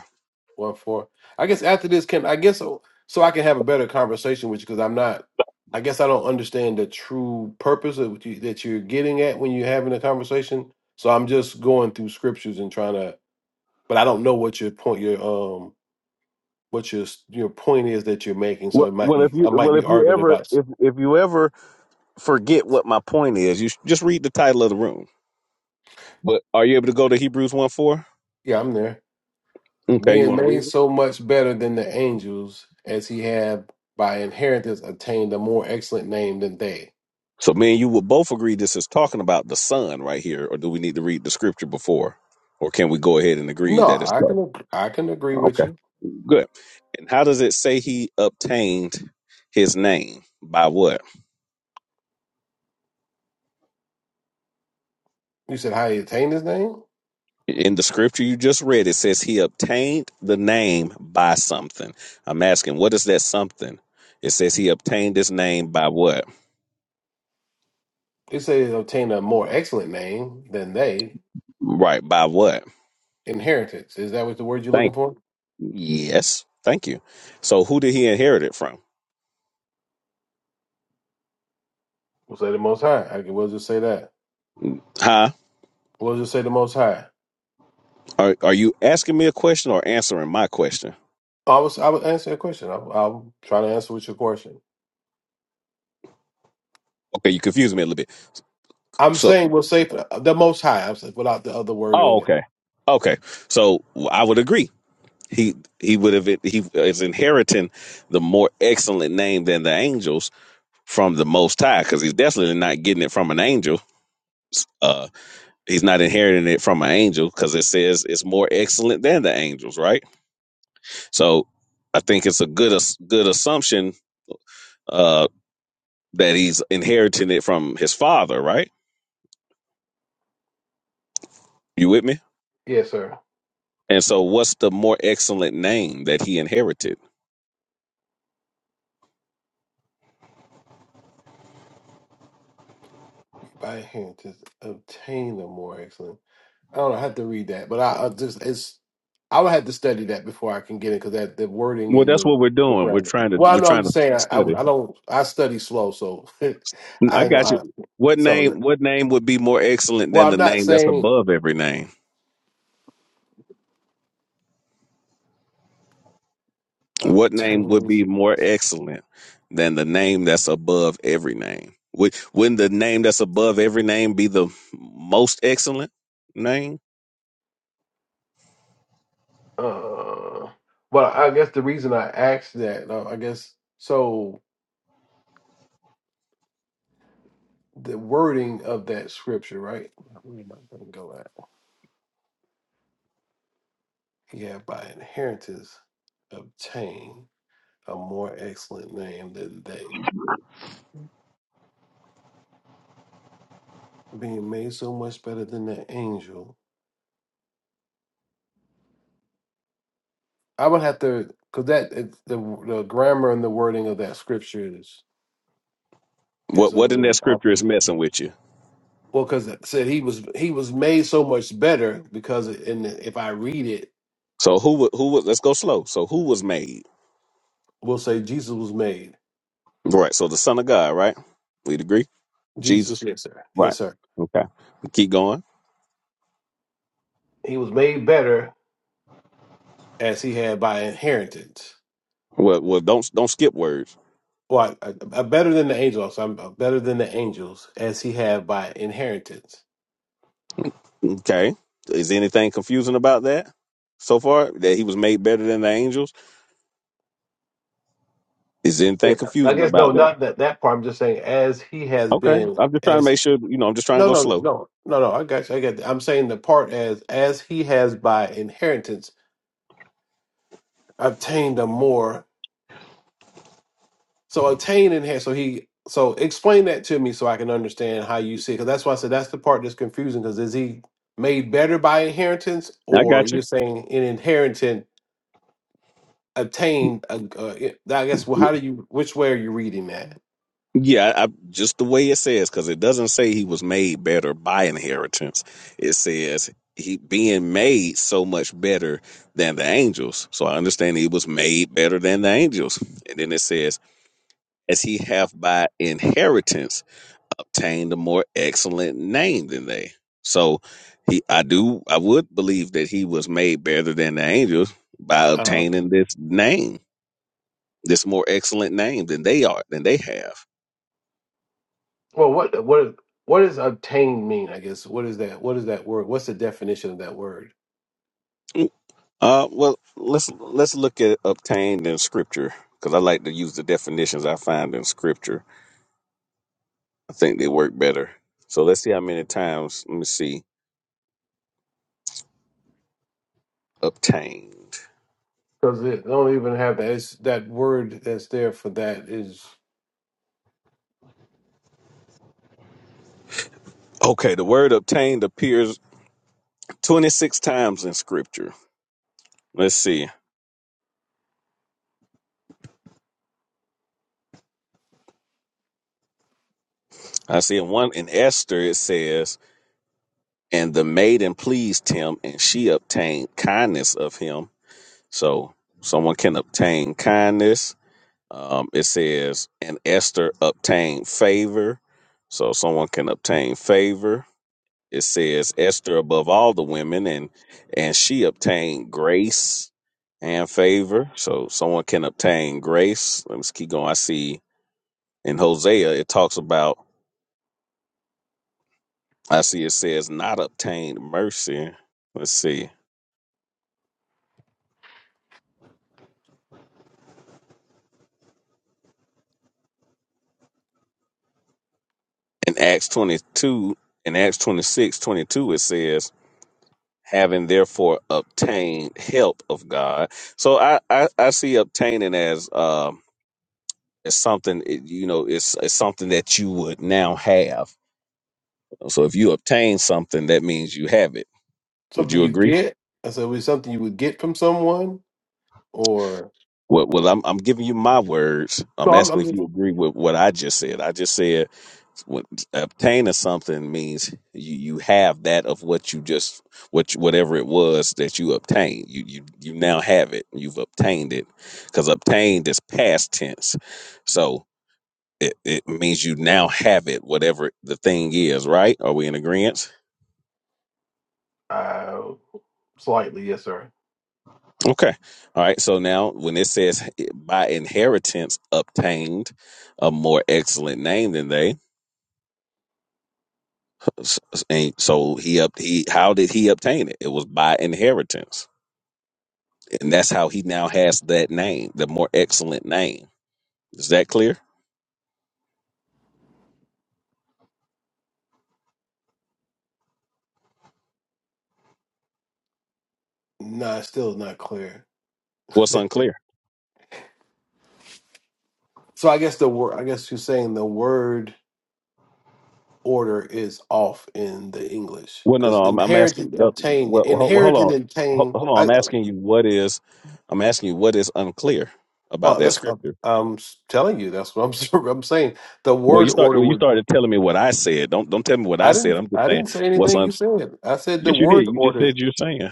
Speaker 8: One four. I guess after this, can I guess so, so I can have a better conversation with you because I'm not. I guess I don't understand the true purpose of what you, that you're getting at when you're having a conversation. So I'm just going through scriptures and trying to, but I don't know what your point, your um, what your s- your point is that you're making. So
Speaker 1: Well,
Speaker 8: it might
Speaker 1: well,
Speaker 8: be,
Speaker 1: if
Speaker 8: I
Speaker 1: you
Speaker 8: might
Speaker 1: well,
Speaker 8: be
Speaker 1: if you
Speaker 8: arguing
Speaker 1: ever
Speaker 8: about.
Speaker 1: if if you ever forget what my point is, you should just read the title of the room. But are you able to go to Hebrews one four?
Speaker 8: Yeah, I'm there.
Speaker 1: Okay, you
Speaker 8: being
Speaker 1: want to
Speaker 8: made
Speaker 1: read it?
Speaker 8: so much better than the angels as he had by inheritance attained a more excellent name than they.
Speaker 1: So, me and you will both agree this is talking about the son right here, or do we need to read the scripture before, or can we go ahead and agree
Speaker 8: No,
Speaker 1: that it's
Speaker 8: I
Speaker 1: talking?
Speaker 8: can ag- I can agree with
Speaker 1: okay?
Speaker 8: you.
Speaker 1: Good. And how does it say he obtained his name by what?
Speaker 8: You said how he attained his name?
Speaker 1: In the scripture you just read, it says he obtained the name by something. I'm asking, what is that something? It says he obtained his name by what?
Speaker 8: You say he obtained a more excellent name than they.
Speaker 1: Right, by what?
Speaker 8: Inheritance. Is that what the word you're looking
Speaker 1: Thank
Speaker 8: for?
Speaker 1: Yes, thank you. So who did he inherit it from?
Speaker 8: We'll say the most high. I can we'll just say that.
Speaker 1: Huh?
Speaker 8: We'll just say the most high.
Speaker 1: Are, are you asking me a question or answering my question?
Speaker 8: I was I would answer a question. I I'm trying to answer with your question.
Speaker 1: Okay, you confused me a little bit.
Speaker 8: I'm
Speaker 1: So,
Speaker 8: saying we'll say the most high. I'm saying without the other word
Speaker 1: oh,
Speaker 8: in it.
Speaker 1: okay. Okay, so I would agree. He he would have he is inheriting the more excellent name than the angels, from the Most High because he's definitely not getting it from an angel. Uh, he's not inheriting it from an angel because it says it's more excellent than the angels, right? So I think it's a good as- good assumption uh, that he's inheriting it from his father, right? You with me?
Speaker 8: Yes, sir.
Speaker 1: And so, what's the more excellent name that he inherited?
Speaker 8: by hand to obtain a more excellent. I don't know. I have to read that, but I, I just it's I would have to study that before I can get it because that the wording
Speaker 1: Well,
Speaker 8: and
Speaker 1: that's
Speaker 8: the
Speaker 1: what we're
Speaker 8: the
Speaker 1: doing. We're
Speaker 8: grammar.
Speaker 1: trying to
Speaker 8: Well, I
Speaker 1: we're
Speaker 8: know. I'm
Speaker 1: trying to
Speaker 8: just saying I,
Speaker 1: study.
Speaker 8: I I don't I study slow, so I
Speaker 1: I
Speaker 8: ain't
Speaker 1: got you.
Speaker 8: gonna. I,
Speaker 1: What
Speaker 8: so that-
Speaker 1: name? What name would be more excellent
Speaker 8: well,
Speaker 1: than
Speaker 8: I'm
Speaker 1: the
Speaker 8: not
Speaker 1: name that's
Speaker 8: saying
Speaker 1: above every name? What name would
Speaker 8: obtain.
Speaker 1: be more excellent than the name that's above every name? Would wouldn't the name that's above every name be the most excellent name?
Speaker 8: Uh, well, I guess the reason I asked that, uh, I guess so the wording of that scripture, right? Where am I gonna go at? Yeah, by inheritance obtain. a more excellent name than they. Being made so much better than the angel. I would have to, because that it, the the grammar and the wording of that scripture is is
Speaker 1: What
Speaker 8: a
Speaker 1: what in that
Speaker 8: little
Speaker 1: scripture is
Speaker 8: often.
Speaker 1: messing with you?
Speaker 8: Well, because it said he was he was made so much better because it, and if I read it,
Speaker 1: So who wa- who was let's go slow. So who was made?
Speaker 8: we'll say Jesus was made
Speaker 1: Right. So the Son of God, right? We'd agree?
Speaker 8: Jesus.
Speaker 1: Jesus.
Speaker 8: Yes, sir. Yes,
Speaker 1: Right.
Speaker 8: sir.
Speaker 1: Okay. Keep going.
Speaker 8: He was made better as he had by inheritance.
Speaker 1: Well well don't don't skip words.
Speaker 8: Well, I, I- I- better than the angels. I'm uh, better than the angels as he had by inheritance
Speaker 1: Okay. Is anything confusing about that so far? That he was made better than the angels? Is
Speaker 8: Yeah,
Speaker 1: anything
Speaker 8: I
Speaker 1: confusing
Speaker 8: guess no,
Speaker 1: about that?
Speaker 8: not that that part. I'm just saying, as he has
Speaker 1: Okay,
Speaker 8: been,
Speaker 1: I'm just trying to
Speaker 8: as
Speaker 1: make sure. You know, I'm just trying to
Speaker 8: no,
Speaker 1: go
Speaker 8: no,
Speaker 1: slow.
Speaker 8: no, no, no. I got you. I got. That. I'm saying the part as as he has by inheritance obtained a more. So obtained inherit. So he. So explain that to me so I can understand how you see it. Because that's why I said that's the part that's confusing. Because is he made better by inheritance,
Speaker 1: I
Speaker 8: or
Speaker 1: got
Speaker 8: you're
Speaker 1: you.
Speaker 8: saying in inheritance obtained? A, a, I guess. Well, how do you? Which way are you reading that?
Speaker 1: Yeah, I, I, just the way it says, because it doesn't say he was made better by inheritance. It says he being made so much better than the angels. So I understand he was made better than the angels. And then it says, as he have by inheritance obtained a more excellent name than they. So he, I do, I would believe that he was made better than the angels by
Speaker 8: Uh,
Speaker 1: obtaining this name. There's more excellent name than they are than they have.
Speaker 8: Well, what what what does obtain mean? I guess what is that? What is that word? What's the definition of that word?
Speaker 1: Uh, well, let's let's look at obtained in scripture because I like to use the definitions I find in scripture. I think they work better. So let's see how many times. Let me see. Obtained.
Speaker 8: Because it don't even have that. It's that word that's there for that is
Speaker 1: Okay, the word obtained appears 26 times in scripture. Let's see. I see in one in Esther it says, "And the maiden pleased him, and she obtained kindness of him." So someone can obtain kindness Um, it says, and Esther obtained favor. So someone can obtain favor. It says Esther above all the women, and and she obtained grace and favor. So someone can obtain grace. Let me keep going. I see in Hosea it talks about. I see it says not obtained mercy. Let's see in Acts twenty two. In Acts 26 22, it says having therefore obtained help of God. So I I, I see obtaining as um as something it- you know it's, it's something that you would now have. So if you obtain something, that means you have it. Would
Speaker 8: something
Speaker 1: you
Speaker 8: you
Speaker 1: agree?
Speaker 8: get. I said, was something you would get from someone, or
Speaker 1: Well, well, I'm I'm giving you my words. I'm
Speaker 8: no? I'm, I'm
Speaker 1: asking if
Speaker 8: just
Speaker 1: you agree with what I just said. I just said what obtain of something means you you have that of what you just what you- whatever it was that you obtained you you you now have it you've obtained it because obtained is past tense so it, it means you now have it whatever the thing is right are we in agreement
Speaker 8: uh, slightly yes, sir.
Speaker 1: okay all right so now when it says eh, by inheritance obtained a more excellent name than they s- s- and so he up he how did he obtain it it was by inheritance And that's how he now has that name, the more excellent name. Is that clear?
Speaker 8: Nah, it's still not clear.
Speaker 1: What's unclear?
Speaker 8: So I guess the word. I guess you're saying the word order is off in the English
Speaker 1: Well, no,
Speaker 8: because
Speaker 1: no. I'm, I'm
Speaker 8: inherited,
Speaker 1: asking. no,
Speaker 8: obtained,
Speaker 1: Well, ho- well, hold
Speaker 8: inherited,
Speaker 1: on, Ho-
Speaker 8: obtained.
Speaker 1: hold on. I'm asking you what is. I'm asking you what is unclear about
Speaker 8: Well,
Speaker 1: that
Speaker 8: that's I'm,
Speaker 1: scripture.
Speaker 8: I'm s- telling you. That's what I'm. s- I'm saying the
Speaker 1: Well, you
Speaker 8: word
Speaker 1: start.
Speaker 8: order
Speaker 1: Well, you
Speaker 8: would.
Speaker 1: started telling me what I said. Don't don't tell me what I
Speaker 8: I
Speaker 1: said.
Speaker 8: didn't.
Speaker 1: I'm just
Speaker 8: I
Speaker 1: saying
Speaker 8: didn't say
Speaker 1: what's
Speaker 8: anything.
Speaker 1: unclear.
Speaker 8: You said. I said the
Speaker 1: Yes, you
Speaker 8: word
Speaker 1: did. You just
Speaker 8: order.
Speaker 1: said you're saying.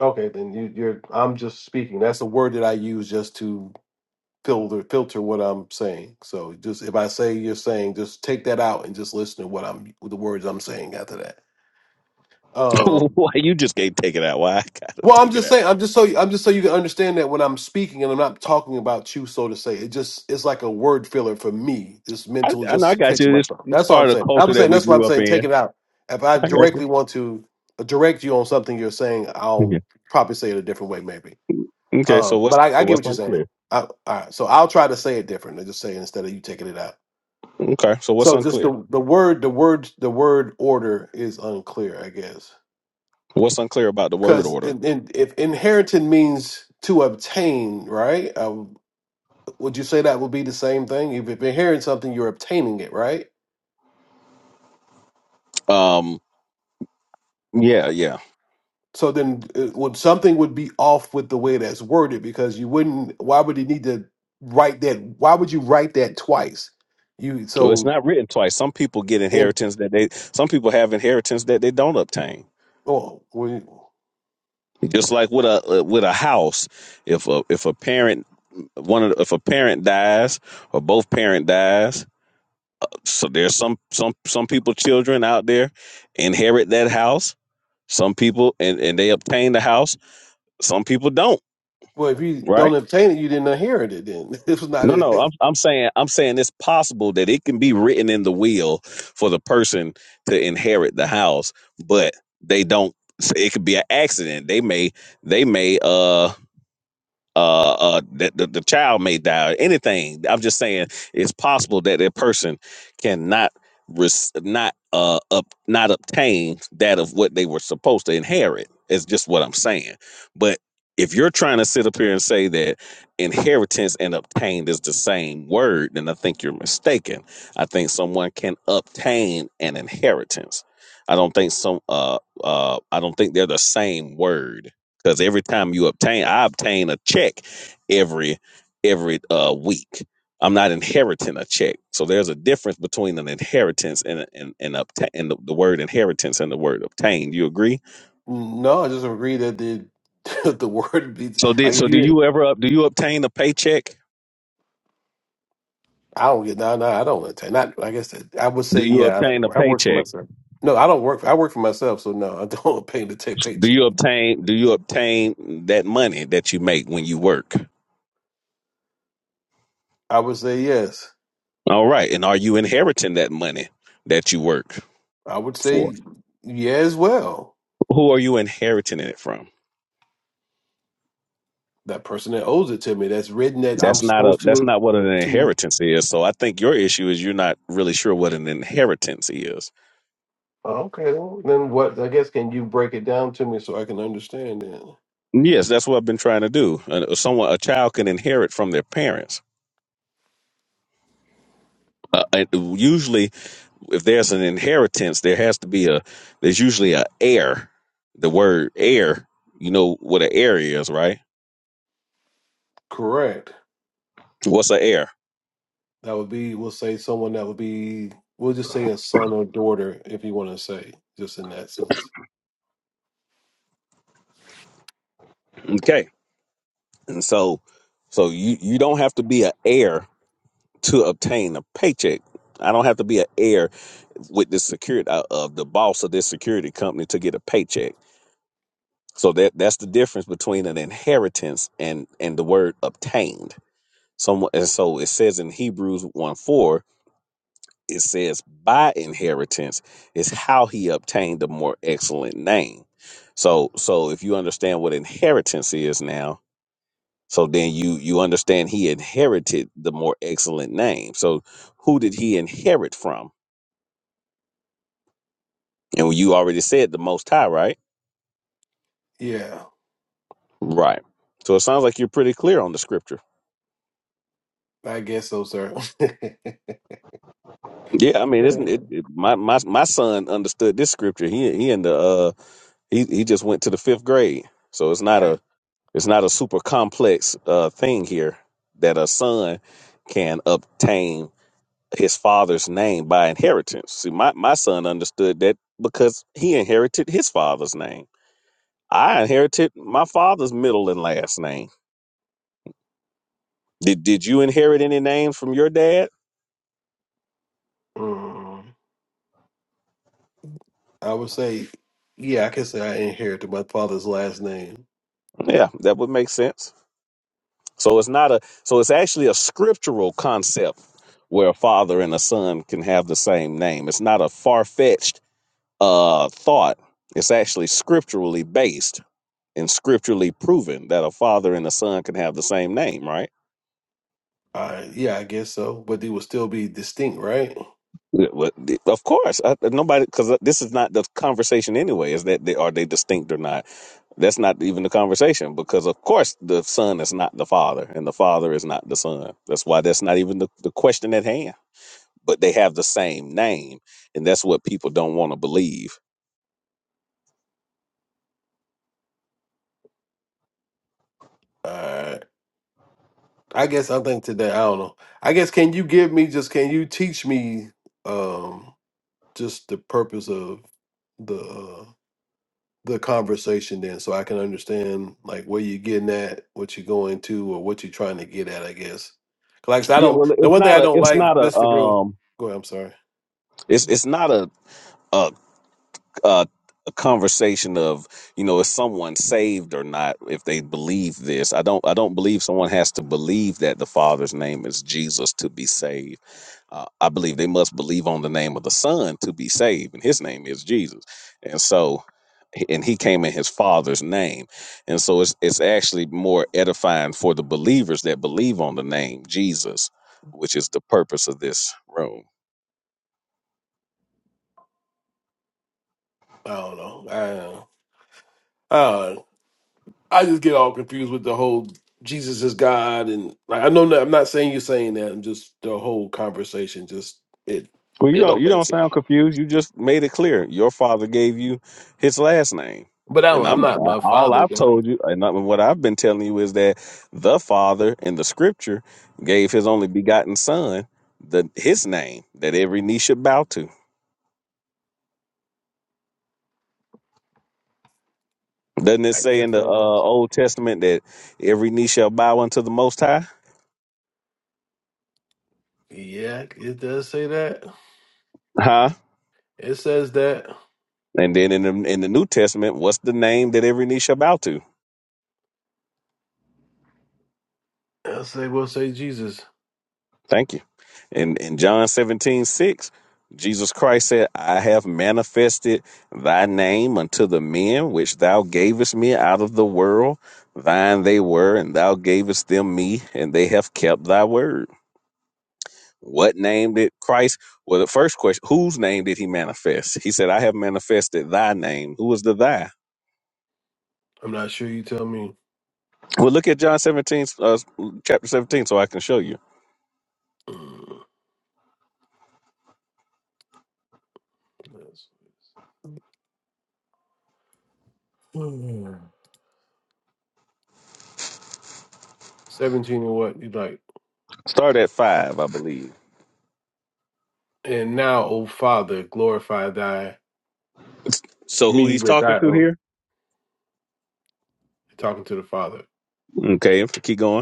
Speaker 8: Okay, then you, you're. I'm just speaking. That's a word that I use just to filter filter what I'm saying. So just if I say you're saying, just take that out and just listen to what I'm the words I'm saying after that. Um,
Speaker 1: Why you just can't take it out? Why I gotta
Speaker 8: Well, I'm
Speaker 1: take it
Speaker 8: just
Speaker 1: out?
Speaker 8: saying, I'm just so I'm just so you can understand that when I'm speaking and I'm not talking about you, so to say, it just it's like a word filler for me. This
Speaker 1: I,
Speaker 8: mental
Speaker 1: I know. I
Speaker 8: just
Speaker 1: got
Speaker 8: catching
Speaker 1: you.
Speaker 8: my
Speaker 1: It's
Speaker 8: thought. That's all
Speaker 1: part
Speaker 8: I'm
Speaker 1: of the
Speaker 8: saying. I'm
Speaker 1: culture that
Speaker 8: saying
Speaker 1: we
Speaker 8: that's what I'm
Speaker 1: grew up
Speaker 8: saying. Take
Speaker 1: in.
Speaker 8: it out. If I
Speaker 1: I got you.
Speaker 8: directly want to uh, direct you on something you're saying, I'll
Speaker 1: Yeah.
Speaker 8: probably say it a different way, maybe.
Speaker 1: Okay. So
Speaker 8: Um,
Speaker 1: what's
Speaker 8: but I, I
Speaker 1: so
Speaker 8: get
Speaker 1: what's
Speaker 8: what you're saying.
Speaker 1: unclear?
Speaker 8: I, all right, so I'll try to say it different. I just say it instead of you taking it out.
Speaker 1: Okay. So what's
Speaker 8: So just
Speaker 1: unclear?
Speaker 8: the the word, the word, the word order is unclear, I guess.
Speaker 1: What's unclear about the word
Speaker 8: Because
Speaker 1: order?
Speaker 8: in, in, if inheriting means to obtain, right? Uh, would you say that would be the same thing? If you're inheriting something, you're obtaining it, right?
Speaker 1: Um. Yeah. Yeah.
Speaker 8: So then, it would something would be off with the way that's worded because you wouldn't. Why would you need to write that? Why would you write that twice? You
Speaker 1: Well, it's
Speaker 8: so
Speaker 1: not written twice. Some people get
Speaker 8: in
Speaker 1: inheritance that they. Some people have inheritance that they don't obtain.
Speaker 8: oh well,
Speaker 1: Just like with a uh, with a house, if a if a parent one of the, if a parent dies or both parent dies, so there's some some some people children out there inherit that house. Some people and and they obtain the house. Some people don't.
Speaker 8: well if you
Speaker 1: right?
Speaker 8: don't obtain it, you didn't inherit it. Then this was not
Speaker 1: No, no,
Speaker 8: a
Speaker 1: I'm I'm saying I'm saying it's possible that it can be written in the will for the person to inherit the house, but they don't. so It could be an accident. They may they may uh uh, uh, that the, the child may die. Anything. I'm just saying it's possible that that person cannot res- not uh up not obtain that of what they were supposed to inherit. Is just what I'm saying. But if you're trying to sit up here and say that inheritance and obtained is the same word, then I think you're mistaken. I think someone can obtain an inheritance. I don't think some uh uh I don't think they're the same word because every time you obtain i obtain a check every every uh week i'm not inheriting a check so there's a difference between an inheritance and and and, obtain, and the, the word inheritance and the word obtain you agree
Speaker 8: no. I just agree that the the word be
Speaker 1: so did
Speaker 8: like if
Speaker 1: so do
Speaker 8: you
Speaker 1: you ever up do you obtain a paycheck
Speaker 8: I don't get no, no. I don't entertain. Not, I guess that, I would
Speaker 1: do
Speaker 8: say,
Speaker 1: you
Speaker 8: yeah.
Speaker 1: obtain a
Speaker 8: I, I work for
Speaker 1: paycheck
Speaker 8: myself. No, I don't work. For, I work for myself, so no, I don't pay the take
Speaker 1: do
Speaker 8: paycheck.
Speaker 1: you obtain do you obtain that money that you make when you work
Speaker 8: I would say yes.
Speaker 1: all right and are you inheriting that money that you work
Speaker 8: I would
Speaker 1: for
Speaker 8: say yeah as well.
Speaker 1: who are you inheriting it from
Speaker 8: That person that owes it to me, that's written that I'm
Speaker 1: That's not a
Speaker 8: supposed
Speaker 1: that's
Speaker 8: to
Speaker 1: not what an
Speaker 8: to.
Speaker 1: inheritance is. So I think your issue is you're not really sure what an inheritance is.
Speaker 8: Oh, Okay, well, then what? I guess can you break it down to me so I can understand it?
Speaker 1: Yes, that's what I've been trying to do. Uh, Someone a child can inherit from their parents. Uh, and usually, if there's an inheritance, there has to be a there's usually a heir. The word heir, you know what an heir is, right?
Speaker 8: Correct.
Speaker 1: What's an heir?
Speaker 8: That would be. We'll say someone that would be. We'll just say a son or daughter, if you want to say, just in that sense.
Speaker 1: Okay, and so so you you don't have to be an heir to obtain a paycheck. I don't have to be an heir with the security uh, of the boss of this security company to get a paycheck. So that that's the difference between an inheritance and and the word obtained. Someone and so it says in Hebrews one four it says by inheritance is how he obtained a more excellent name. So so if you understand what inheritance is now, so then you you understand he inherited the more excellent name. So who did he inherit from? And you already said the Most High, right?
Speaker 8: Yeah,
Speaker 1: Right. So it sounds like you're pretty clear on the scripture.
Speaker 8: I guess so, sir.
Speaker 1: Yeah, I mean,
Speaker 8: Yeah.
Speaker 1: isn't it? it my my my son understood this scripture. He he in the uh he he just went to the fifth grade, so it's not
Speaker 8: Right.
Speaker 1: a it's not a super complex uh thing here that a son can obtain his father's name by inheritance. See, my my son understood that because he inherited his father's name. I inherited my father's middle and last name. Did did you inherit any names from your dad?
Speaker 8: Um, I would say, yeah, I can say I inherited my father's last name.
Speaker 1: Yeah, that would make sense. So it's not a so it's actually a scriptural concept where a father and a son can have the same name. It's not a far fetched uh thought. It's actually scripturally based and scripturally proven that a father and a son can have the same name, right?
Speaker 8: Uh, yeah, I guess so. But it would still be distinct, right?
Speaker 1: Yeah, well, Of course, I, nobody because this is not the conversation anyway. Is that they are they distinct or not? That's not even the conversation because of course the son is not the father and the father is not the son. That's why that's not even the, the question at hand. But they have the same name, and that's what people don't want to believe.
Speaker 8: Uh, I guess I think today, I don't know. I guess can you give me just can you teach me um just the purpose of the uh, the conversation then so I can understand like where you're getting at, what you're going to or what you're trying to get at, I guess. 'Cause Like I said, I
Speaker 1: Yeah, well,
Speaker 8: don't the
Speaker 1: it's
Speaker 8: one thing
Speaker 1: not
Speaker 8: I
Speaker 1: a,
Speaker 8: don't
Speaker 1: it's
Speaker 8: like
Speaker 1: not a,
Speaker 8: just to real
Speaker 1: um,
Speaker 8: go ahead, I'm sorry.
Speaker 1: it's it's not a a. uh, a conversation of you know is someone saved or not if they believe this i don't i don't believe someone has to believe that the father's name is jesus to be saved uh, i believe they must believe on the name of the son to be saved and his name is jesus and so and he came in his father's name and so it's it's actually more edifying for the believers that believe on the name jesus which is the purpose of this room
Speaker 8: I don't know. I don't know. Uh, I just get all confused with the whole Jesus is God and like I know that I'm not saying you're saying that. I'm just the whole conversation. Just it
Speaker 1: Well, you
Speaker 8: it
Speaker 1: don't
Speaker 8: don't
Speaker 1: you
Speaker 8: make
Speaker 1: don't
Speaker 8: sense.
Speaker 1: sound confused. You just made it clear. Your father gave you his last name,
Speaker 8: But I
Speaker 1: and
Speaker 8: don't, I'm
Speaker 1: I'm
Speaker 8: not my
Speaker 1: all
Speaker 8: father,
Speaker 1: I've
Speaker 8: though.
Speaker 1: told you, and I- what I've been telling you is that the Father in the Scripture gave his only begotten Son the his name that every knee should bow to. Doesn't it
Speaker 8: I
Speaker 1: say in
Speaker 8: guess
Speaker 1: the
Speaker 8: so.
Speaker 1: uh,
Speaker 8: though.
Speaker 1: Old Testament that every knee shall bow unto the Most High?
Speaker 8: Yeah, it does say that.
Speaker 1: Huh?
Speaker 8: It says that.
Speaker 1: And then in the, in the New Testament, what's the name that every knee shall bow to?
Speaker 8: I say we'll say Jesus.
Speaker 1: Thank you. In in John 17 6, Jesus Christ said, I have manifested thy name unto the men which thou gavest me out of the world. Thine they were, and thou gavest them me, and they have kept thy word. What name did Christ? Well, the first question, whose name did he manifest? He said, I have manifested thy name. Who was the thy?
Speaker 8: I'm not sure. You tell me.
Speaker 1: Well, look at John 17, uh, chapter 17, so I can show you.
Speaker 8: Mm, that's- Hmm. Seventeen or what you like?
Speaker 1: Start at 5, I believe.
Speaker 8: And now, O Father, glorify thy
Speaker 1: So who
Speaker 8: me
Speaker 1: he's
Speaker 8: with
Speaker 1: talking
Speaker 8: thy
Speaker 1: to
Speaker 8: own.
Speaker 1: here?
Speaker 8: Talking to the Father.
Speaker 1: Okay, keep going.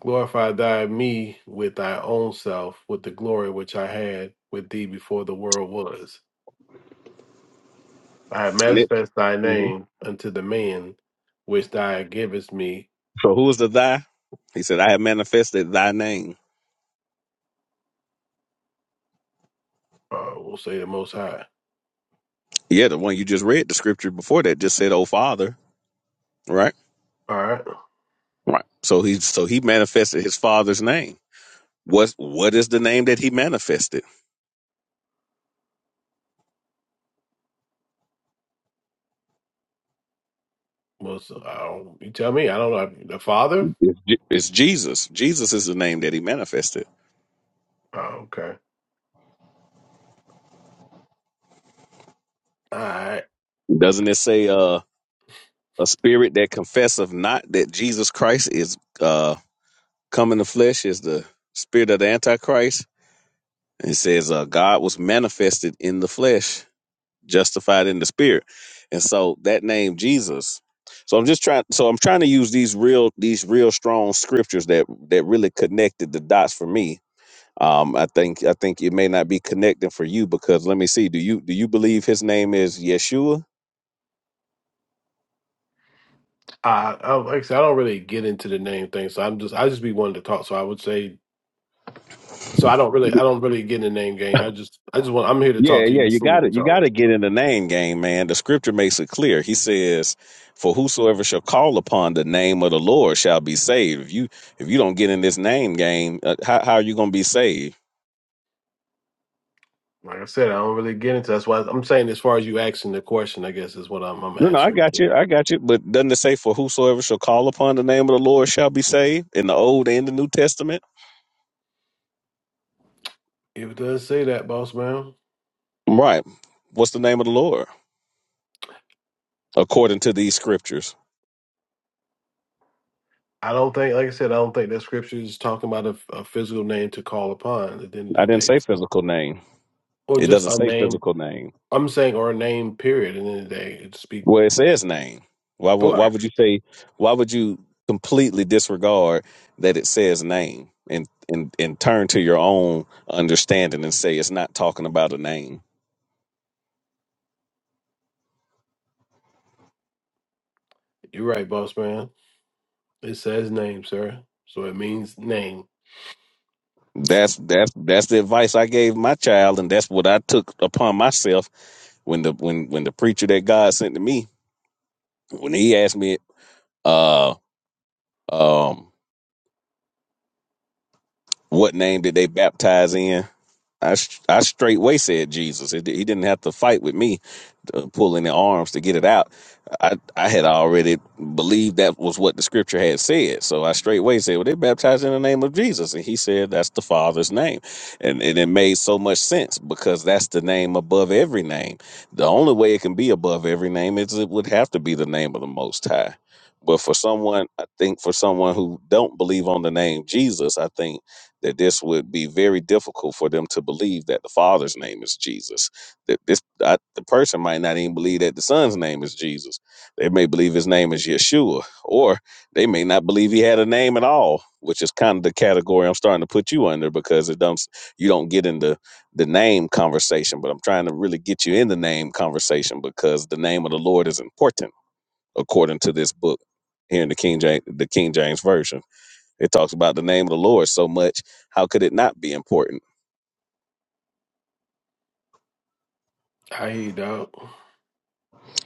Speaker 8: Glorify thy me with thy own self, with the glory which I had with thee before the world was. I have
Speaker 1: Nick.
Speaker 8: manifest thy
Speaker 1: hmm
Speaker 8: name unto the man which thou givest me.
Speaker 1: So who is the thy? He said, I have manifested thy name.
Speaker 8: Uh, we'll say the Most High.
Speaker 1: Yeah, the one you just read the scripture before that just said, Oh Father, right?
Speaker 8: All right.
Speaker 1: Right. So he so he manifested his father's name. What what is the name that he manifested?
Speaker 8: Well, so, I don't, you tell me. I don't know. The Father?
Speaker 1: It's, Je- it's Jesus. Jesus is the name that he manifested.
Speaker 8: Oh, okay. All right.
Speaker 1: Doesn't it say uh a spirit that confesseth not that Jesus Christ is uh come in the flesh is the spirit of the Antichrist? And it says uh God was manifested in the flesh justified in the spirit and so that name jesus so i'm just trying so i'm trying to use these real these real strong scriptures that that really connected the dots for me um i think i think it may not be connecting for you because let me see do you do you believe his name is yeshua
Speaker 8: I, I, like I said, I don't really get into the name thing, so I'm just I just be wanting to talk. So I would say So I don't really, I don't really get in the name game. I just, I just want, I'm here to
Speaker 1: yeah
Speaker 8: talk to you.
Speaker 1: yeah you
Speaker 8: Just see what
Speaker 1: got
Speaker 8: you
Speaker 1: it you got
Speaker 8: talking.
Speaker 1: to get in the name game man the scripture makes it clear he says for whosoever shall call upon the name of the lord shall be saved if you if you don't get in this name game uh, how, how are you going to be saved
Speaker 8: Like I said, I don't really get into. That's why I'm saying, as far as you asking the question, I guess is what I'm, I'm
Speaker 1: No, no, I
Speaker 8: answering
Speaker 1: got
Speaker 8: to.
Speaker 1: you. I got you. But doesn't it say, for whosoever shall call upon the name of the Lord shall be saved in the Old and the New Testament?
Speaker 8: If it does say that, boss man,
Speaker 1: Right. What's the name of the Lord according to these scriptures?
Speaker 8: I don't think, like I said, I don't think that scripture is talking about a, a physical name to call upon at the end of
Speaker 1: I
Speaker 8: the
Speaker 1: didn't
Speaker 8: day,
Speaker 1: say physical name.
Speaker 8: or
Speaker 1: It
Speaker 8: just
Speaker 1: doesn't
Speaker 8: a
Speaker 1: say
Speaker 8: name.
Speaker 1: physical name.
Speaker 8: I'm saying, or a name. Period. At the end of the day, it speak.
Speaker 1: Well, it says name. Why would,
Speaker 8: Boy,
Speaker 1: why would you say, why would you completely disregard that it says name and, and, and turn to your own understanding and say it's not talking about a name?
Speaker 8: you're right, boss man. It says name, sir. So it means name.
Speaker 1: That's that's that's the advice I gave my child, and that's what I took upon myself when the when when the preacher that God sent to me when he asked me, uh, um, what name did they baptize in? I sh- I straightway said Jesus. It, he didn't have to fight with me, uh, pulling the arms to get it out. I I had already believed that was what the scripture had said. So I straightway said, "Well, they baptized in the name of Jesus," and he said, "That's the Father's name," and and it made so much sense because that's the name above every name. The only way it can be above every name is it would have to be the name of the Most High. But for someone, I think for someone who don't believe on the name Jesus, I think that this would be very difficult for them to believe that the father's name is jesus that this I, the person might not even believe that the son's name is jesus they may believe his name is yeshua or they may not believe he had a name at all which is kind of the category i'm starting to put you under because it don't you don't get into the name conversation but i'm trying to really get you in the name conversation because the name of the lord is important according to this book here in the king james the king james version it talks about the name of the Lord so much. How could it not be important?
Speaker 8: I hear you, dog.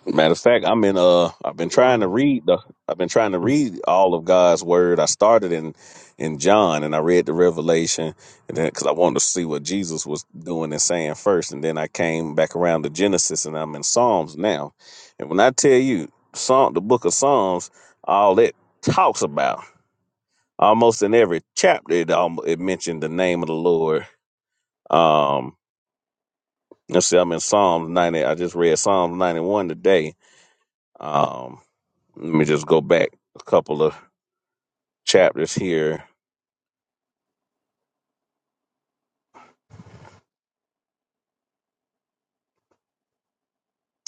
Speaker 1: Matter of fact, I'm in uh I've been trying to read the I've been trying to read all of God's word. I started in in John and I read the Revelation and then cuz I wanted to see what Jesus was doing and saying first and then I came back around to Genesis and I'm in Psalms now. And when I tell you Psalm the book of Psalms all it talks about almost in every chapter it almost, it mentioned the name of the Lord. Um Let's see, I'm in Psalms 90. I just read Psalms 91 today. Um, let me just go back a couple of chapters here.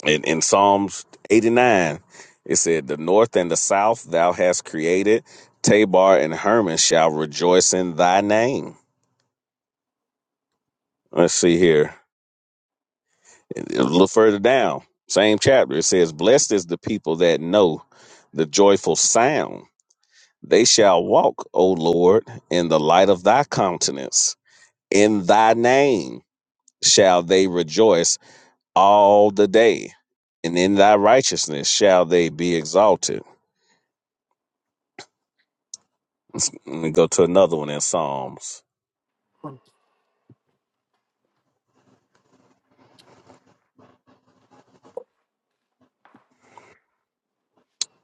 Speaker 1: In, in Psalms 89, it said, The north and the south thou hast created. Tabor and Hermon shall rejoice in thy name. Let's see here. A little further down, same chapter, it says, Blessed is the people that know the joyful sound. They shall walk, O Lord, in the light of thy countenance, in thy name shall they rejoice all the day, and in thy righteousness shall they be exalted. Let's- Let me go to another one in Psalms.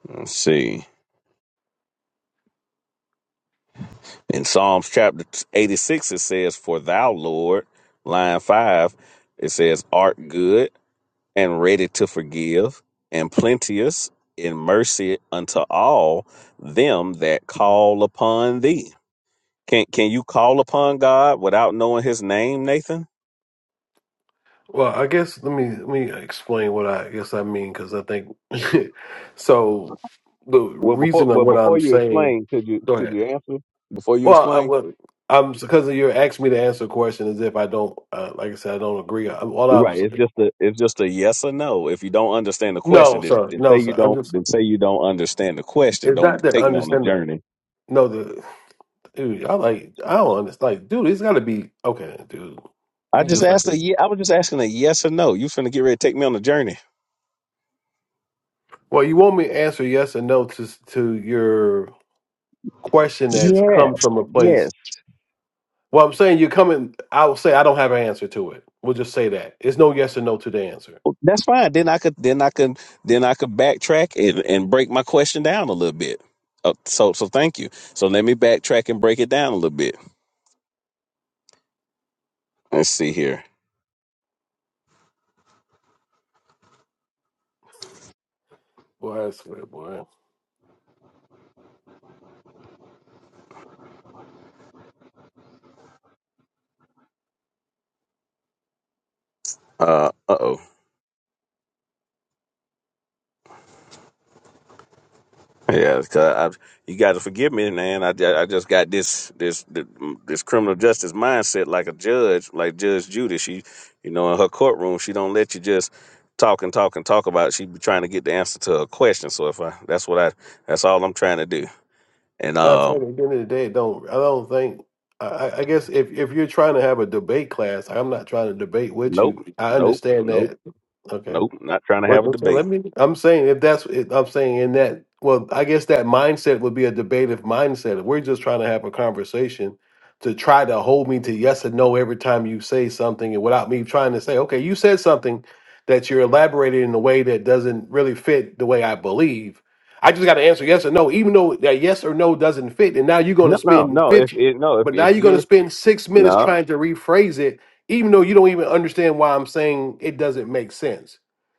Speaker 1: Let's see. In Psalms chapter 86, it says, For thou, Lord, line 5, it says, art good and ready to forgive, and plenteous in mercy unto all them that call upon thee. Can, can you call upon God without knowing his name, Nathan?
Speaker 8: Well, I guess let me let me explain what I guess I mean because I think so. The
Speaker 1: Well, before
Speaker 8: reason of
Speaker 1: well
Speaker 8: what I'm
Speaker 1: before you
Speaker 8: saying,
Speaker 1: explain, could you
Speaker 8: go
Speaker 1: could
Speaker 8: ahead.
Speaker 1: you answer before you
Speaker 8: Well, I,
Speaker 1: explain?
Speaker 8: well I'm because you're asking me to answer a question as if I don't, uh, like I said, I don't agree. i all I
Speaker 1: Right.
Speaker 8: was,
Speaker 1: It's just a it's just a yes or no. If you don't understand the question,
Speaker 8: no,
Speaker 1: then,
Speaker 8: sir,
Speaker 1: then
Speaker 8: no,
Speaker 1: say you
Speaker 8: sir. I'm
Speaker 1: don't
Speaker 8: just
Speaker 1: then say you don't understand the question.
Speaker 8: it's
Speaker 1: Don't
Speaker 8: not that
Speaker 1: take me on the
Speaker 8: understanding.
Speaker 1: journey.
Speaker 8: No, the dude, I like I don't understand. Like, dude, it's got to be okay, dude.
Speaker 1: I
Speaker 8: You
Speaker 1: just
Speaker 8: just like
Speaker 1: asked
Speaker 8: a,
Speaker 1: a ye- I was just asking a yes or no. You finna get ready to take me on the journey.
Speaker 8: well, you want me to answer yes or no to to your question that's
Speaker 1: Yes.
Speaker 8: come from a place
Speaker 1: Yes.
Speaker 8: Well, I'm saying you're coming. I will say I don't have an answer to it. We'll just say that it's no yes or no to the answer.
Speaker 1: Well, That's fine. Then I could then I could then I could backtrack and, and break my question down a little bit. Uh, so so thank you. So let me backtrack and break it down a little bit. Let's see here.
Speaker 8: Boy, I swear, boy.
Speaker 1: Uh uh oh. Yeah, it's 'cause I, you got to forgive me, man. I, ju- I just got this this this criminal justice mindset, like a judge, like Judge Judy. She, you know, in her courtroom, she don't let you just talk and talk and talk about. It. She be trying to get the answer to her question. So if I, that's what I, that's all I'm trying to do. And
Speaker 8: But I said
Speaker 1: um,
Speaker 8: at the end of the day, it don't I don't think. I, I I guess if if you're trying to have a debate class, I'm not trying to debate with
Speaker 1: nope,
Speaker 8: you. I
Speaker 1: nope,
Speaker 8: understand
Speaker 1: nope,
Speaker 8: that. Okay.
Speaker 1: nope. Not trying to
Speaker 8: But
Speaker 1: have a
Speaker 8: but so
Speaker 1: debate.
Speaker 8: let me. I'm saying if that's, if I'm saying in that. Well, I guess that mindset would be a debative mindset. If we're just trying to have a conversation to try to hold me to yes and no every time you say something, and without me trying to say, okay, you said something that you're elaborating in a way that doesn't really fit the way I believe. I just got to answer yes or no, even though that yes or no doesn't fit. And now you're going
Speaker 1: No,
Speaker 8: to
Speaker 1: no,
Speaker 8: spend
Speaker 1: no. If
Speaker 8: fifty,
Speaker 1: it, no, if
Speaker 8: but now
Speaker 1: if
Speaker 8: you're going to
Speaker 1: you're
Speaker 8: spend six minutes
Speaker 1: no,
Speaker 8: trying to rephrase it, even though you don't even understand why I'm saying it doesn't make sense.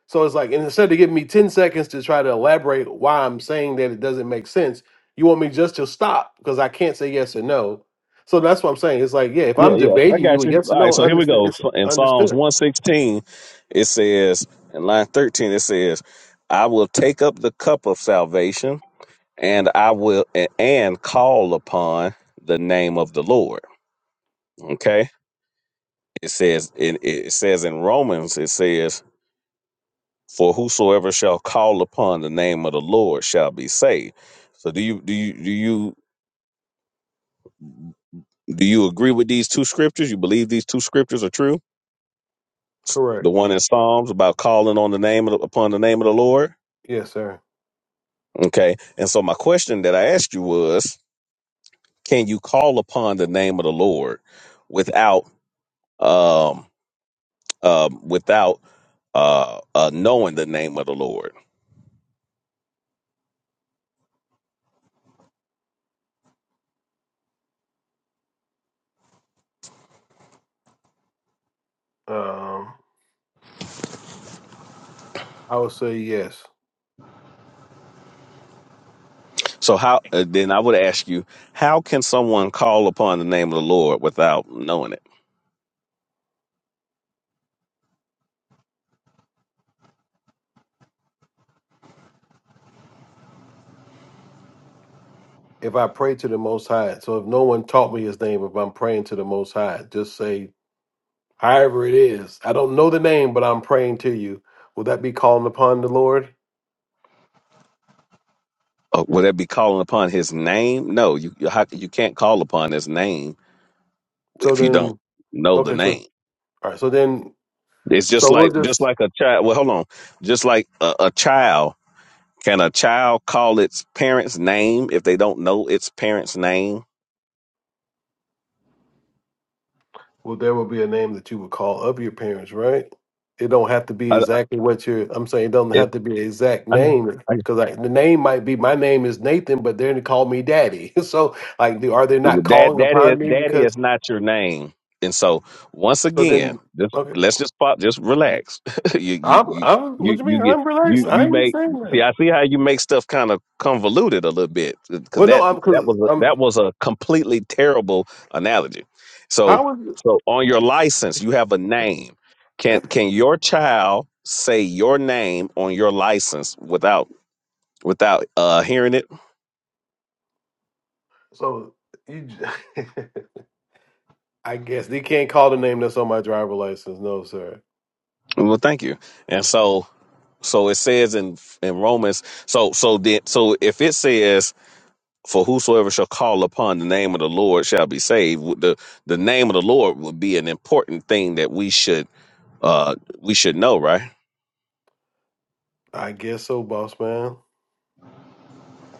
Speaker 8: So it's like, and instead of giving me 10 seconds to try to elaborate why I'm saying that it doesn't make sense, you want me just to stop because I can't say yes or no. So that's what I'm saying. It's like, yeah, if
Speaker 1: Yeah,
Speaker 8: I'm
Speaker 1: yeah, I
Speaker 8: debating you
Speaker 1: got
Speaker 8: with
Speaker 1: you.
Speaker 8: yes or
Speaker 1: All right,
Speaker 8: no,
Speaker 1: so here we
Speaker 8: understood,
Speaker 1: go.
Speaker 8: it's
Speaker 1: In Psalms
Speaker 8: understood.
Speaker 1: 116, it says, in line 13, it says, I will take up the cup of salvation and I will a- and call upon the name of the Lord. Okay. It says in it says in Romans, it says, For whosoever shall call upon the name of the Lord shall be saved. So do you do you do you do you agree with these two scriptures? You believe these two scriptures are true? the
Speaker 8: Correct.
Speaker 1: one in Psalms about calling on the name of the, upon the name of the Lord.
Speaker 8: Yes, sir.
Speaker 1: Okay. And so my question that I asked you was, can you call upon the name of the Lord without um um without uh, uh knowing the name of the Lord?
Speaker 8: Um, I would say yes.
Speaker 1: So how uh, then I would ask you, how can someone call upon the name of the Lord without knowing it?
Speaker 8: If I pray to the Most High, so if no one taught me His name, if I'm praying to the Most High, just say However, it is. I don't know the name, but I'm praying to you. Will that be calling upon the Lord?
Speaker 1: Uh, would that be calling upon his name? No, you you, how, you can't call upon his name
Speaker 8: So
Speaker 1: if you don't
Speaker 8: then,
Speaker 1: know the
Speaker 8: okay, so
Speaker 1: name.
Speaker 8: all right, so then,
Speaker 1: It's just
Speaker 8: so we'll
Speaker 1: like just
Speaker 8: just
Speaker 1: like a child. Well, hold on. Just like a, a child, can a child call its parents' name if they don't know its parents' name?
Speaker 8: well, there will be a name that you would call of your parents, right? It don't have to be
Speaker 1: I,
Speaker 8: exactly what you're. I'm saying it doesn't
Speaker 1: it,
Speaker 8: have to be an exact
Speaker 1: I know.
Speaker 8: name because the name might be my name is Nathan, but they're gonna call me Daddy. So like, do, are they not
Speaker 1: That
Speaker 8: calling
Speaker 1: that is
Speaker 8: upon me
Speaker 1: that
Speaker 8: because?
Speaker 1: is not your name. And so once
Speaker 8: So
Speaker 1: again,
Speaker 8: then,
Speaker 1: just
Speaker 8: okay,
Speaker 1: let's just pop, just relax. you you
Speaker 8: I'm.
Speaker 1: you
Speaker 8: I'm. What do
Speaker 1: you
Speaker 8: you
Speaker 1: you
Speaker 8: mean?
Speaker 1: get
Speaker 8: I'm relaxed.
Speaker 1: you
Speaker 8: I
Speaker 1: you
Speaker 8: ain't
Speaker 1: make
Speaker 8: saying
Speaker 1: see
Speaker 8: nothing.
Speaker 1: I see how you make stuff kind of convoluted a little bit because
Speaker 8: Well, no,
Speaker 1: that
Speaker 8: I'm
Speaker 1: that
Speaker 8: because
Speaker 1: was a, that
Speaker 8: I'm.
Speaker 1: was a completely terrible analogy. So
Speaker 8: How is?
Speaker 1: so on your license you have a name. Can can your child say your name on your license without without uh hearing it?
Speaker 8: So you, j- I guess they can't call the name that's on my driver license. No, sir.
Speaker 1: Well, thank you. And so, so it says in in Romans. So so then so if it says, "For whosoever shall call upon the name of the Lord shall be saved," w- the the name of the Lord would be an important thing that we should uh we should know, right?
Speaker 8: I guess so, boss man.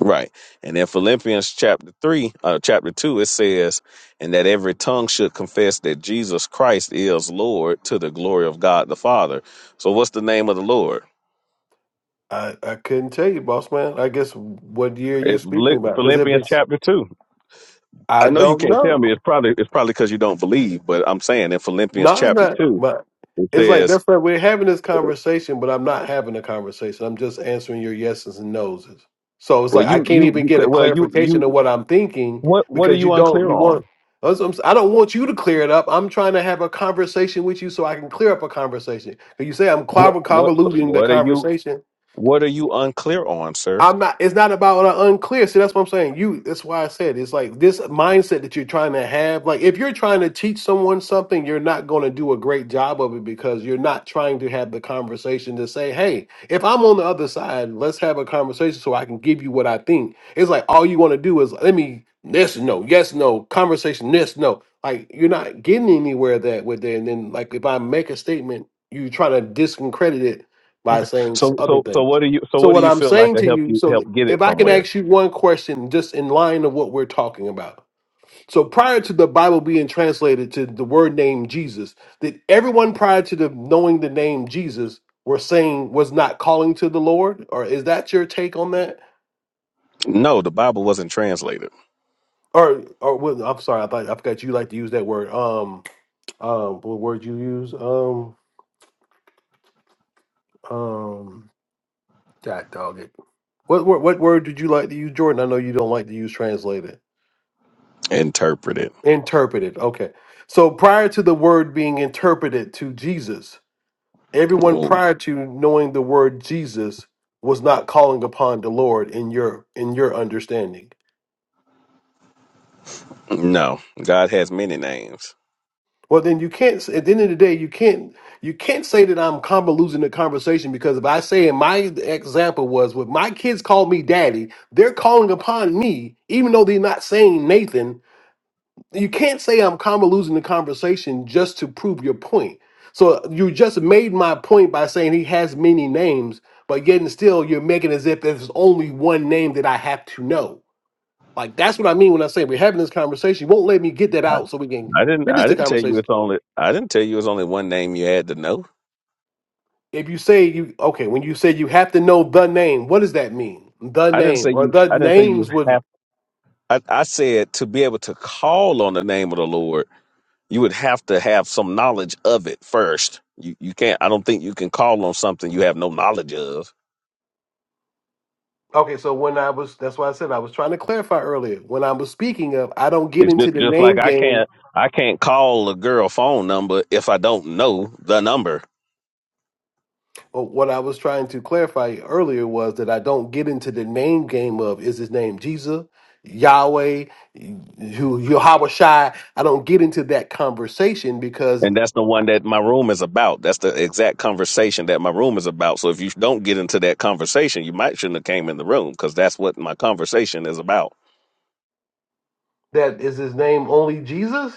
Speaker 1: Right. And in Philippians chapter three, uh, chapter two, it says, "And that every tongue should confess that Jesus Christ is Lord to the glory of God the Father." So, what's the name of the Lord?
Speaker 8: I I couldn't tell you, boss man. I guess what year you
Speaker 1: It,
Speaker 8: speaking about? Because if
Speaker 1: Philippians
Speaker 8: it's,
Speaker 1: chapter two. I
Speaker 8: I
Speaker 1: know you
Speaker 8: don't
Speaker 1: can't tell
Speaker 8: know.
Speaker 1: me. It's probably it's probably because you don't believe. But I'm saying in Philippians
Speaker 8: No, it's
Speaker 1: chapter
Speaker 8: not.
Speaker 1: two,
Speaker 8: But
Speaker 1: it
Speaker 8: it's like
Speaker 1: says,
Speaker 8: that's right. We're having this conversation, but I'm not having a conversation. I'm just answering your yeses and noses. So it's
Speaker 1: "Well,
Speaker 8: like I
Speaker 1: you
Speaker 8: can't
Speaker 1: you,
Speaker 8: even
Speaker 1: you
Speaker 8: get a
Speaker 1: well you
Speaker 8: clarification of
Speaker 1: you
Speaker 8: what I'm thinking
Speaker 1: what what are
Speaker 8: because you
Speaker 1: you
Speaker 8: don't.
Speaker 1: unclear
Speaker 8: You
Speaker 1: on?
Speaker 8: want. that's what I'm s- I don't want you to clear it up. I'm trying to have a conversation with you so I can clear up a conversation. And you say I'm
Speaker 1: What
Speaker 8: conv-
Speaker 1: what so
Speaker 8: convoluting the
Speaker 1: what are you
Speaker 8: conversation.
Speaker 1: what are you unclear on, sir?
Speaker 8: I'm not. It's not about uh, unclear. See, that's what I'm saying. You. That's why I said it's like this mindset that you're trying to have. Like if you're trying to teach someone something, you're not going to do a great job of it because you're not trying to have the conversation to say, "Hey, if I'm on the other side, let's have a conversation so I can give you what I think." It's like all you want to do is let me this no yes no conversation this no. Like you're not getting anywhere that with that. And then like if I make a statement, you try to discredit it by
Speaker 1: Okay.
Speaker 8: saying s-
Speaker 1: So
Speaker 8: other
Speaker 1: so so
Speaker 8: things.
Speaker 1: what do you so
Speaker 8: So
Speaker 1: what do
Speaker 8: what
Speaker 1: you
Speaker 8: I'm
Speaker 1: feel like
Speaker 8: saying
Speaker 1: will
Speaker 8: to
Speaker 1: help
Speaker 8: you,
Speaker 1: you
Speaker 8: so
Speaker 1: help get it
Speaker 8: if I can
Speaker 1: somewhere?
Speaker 8: ask you one question, just in line of what we're talking about. So prior to the Bible being translated to the word name Jesus, did everyone prior to the knowing the name Jesus were saying was not calling to the Lord, or is that your take on that?
Speaker 1: No, the Bible wasn't translated,
Speaker 8: Or, or well, I'm sorry, I thought I forgot you like to use that word. Um, um, what word you use? Um, um, that dog it. What, what what word did you like to use, Jordan? I know you don't like to use translated.
Speaker 1: interpreted.
Speaker 8: Interpreted. Okay. So prior to the word being interpreted to Jesus, everyone
Speaker 1: Well,
Speaker 8: prior to knowing the word Jesus was not calling upon the Lord in your in your understanding.
Speaker 1: No, God has many names.
Speaker 8: Well, then you can't. s- At the end of the day, you can't you can't say that I'm convoluting the conversation because if I say in my example was when my kids call me daddy, they're calling upon me, even though they're not saying Nathan. you can't say I'm kind of losing the conversation just to prove your point. So you just made my point by saying he has many names, but yet and still you're making as if there's only one name that I have to know. Like that's what I mean when I say we're having this conversation. You won't let me get that out so we can
Speaker 1: I didn't.
Speaker 8: finish
Speaker 1: I
Speaker 8: the
Speaker 1: didn't tell you
Speaker 8: conversation.
Speaker 1: it's only. I didn't tell you it's only one name you had to know.
Speaker 8: If you say you okay, when you say you have to know the name, what does that mean? The
Speaker 1: I didn't
Speaker 8: name
Speaker 1: say
Speaker 8: or
Speaker 1: you.
Speaker 8: the
Speaker 1: I didn't say you
Speaker 8: names
Speaker 1: have.
Speaker 8: would
Speaker 1: I, I said to be able to call on the name of the Lord, you would have to have some knowledge of it first. You you can't. I don't think you can call on something you have no knowledge of.
Speaker 8: okay. So when I was that's why I said I was trying to clarify earlier. When I was speaking of, I don't get
Speaker 1: It's
Speaker 8: into
Speaker 1: just
Speaker 8: the
Speaker 1: just like
Speaker 8: name
Speaker 1: I
Speaker 8: game
Speaker 1: can't I can't call a girl phone number if I don't know the number.
Speaker 8: Well, what I was trying to clarify earlier was that I don't get into the name game of is his name Jesus, Yahweh, who Yahweh Shai. I don't get into that conversation because
Speaker 1: And that's the one that my room is about. That's the exact conversation that my room is about. So if you don't get into that conversation, you might shouldn't have came in the room because that's what my conversation is about.
Speaker 8: that is his name only Jesus.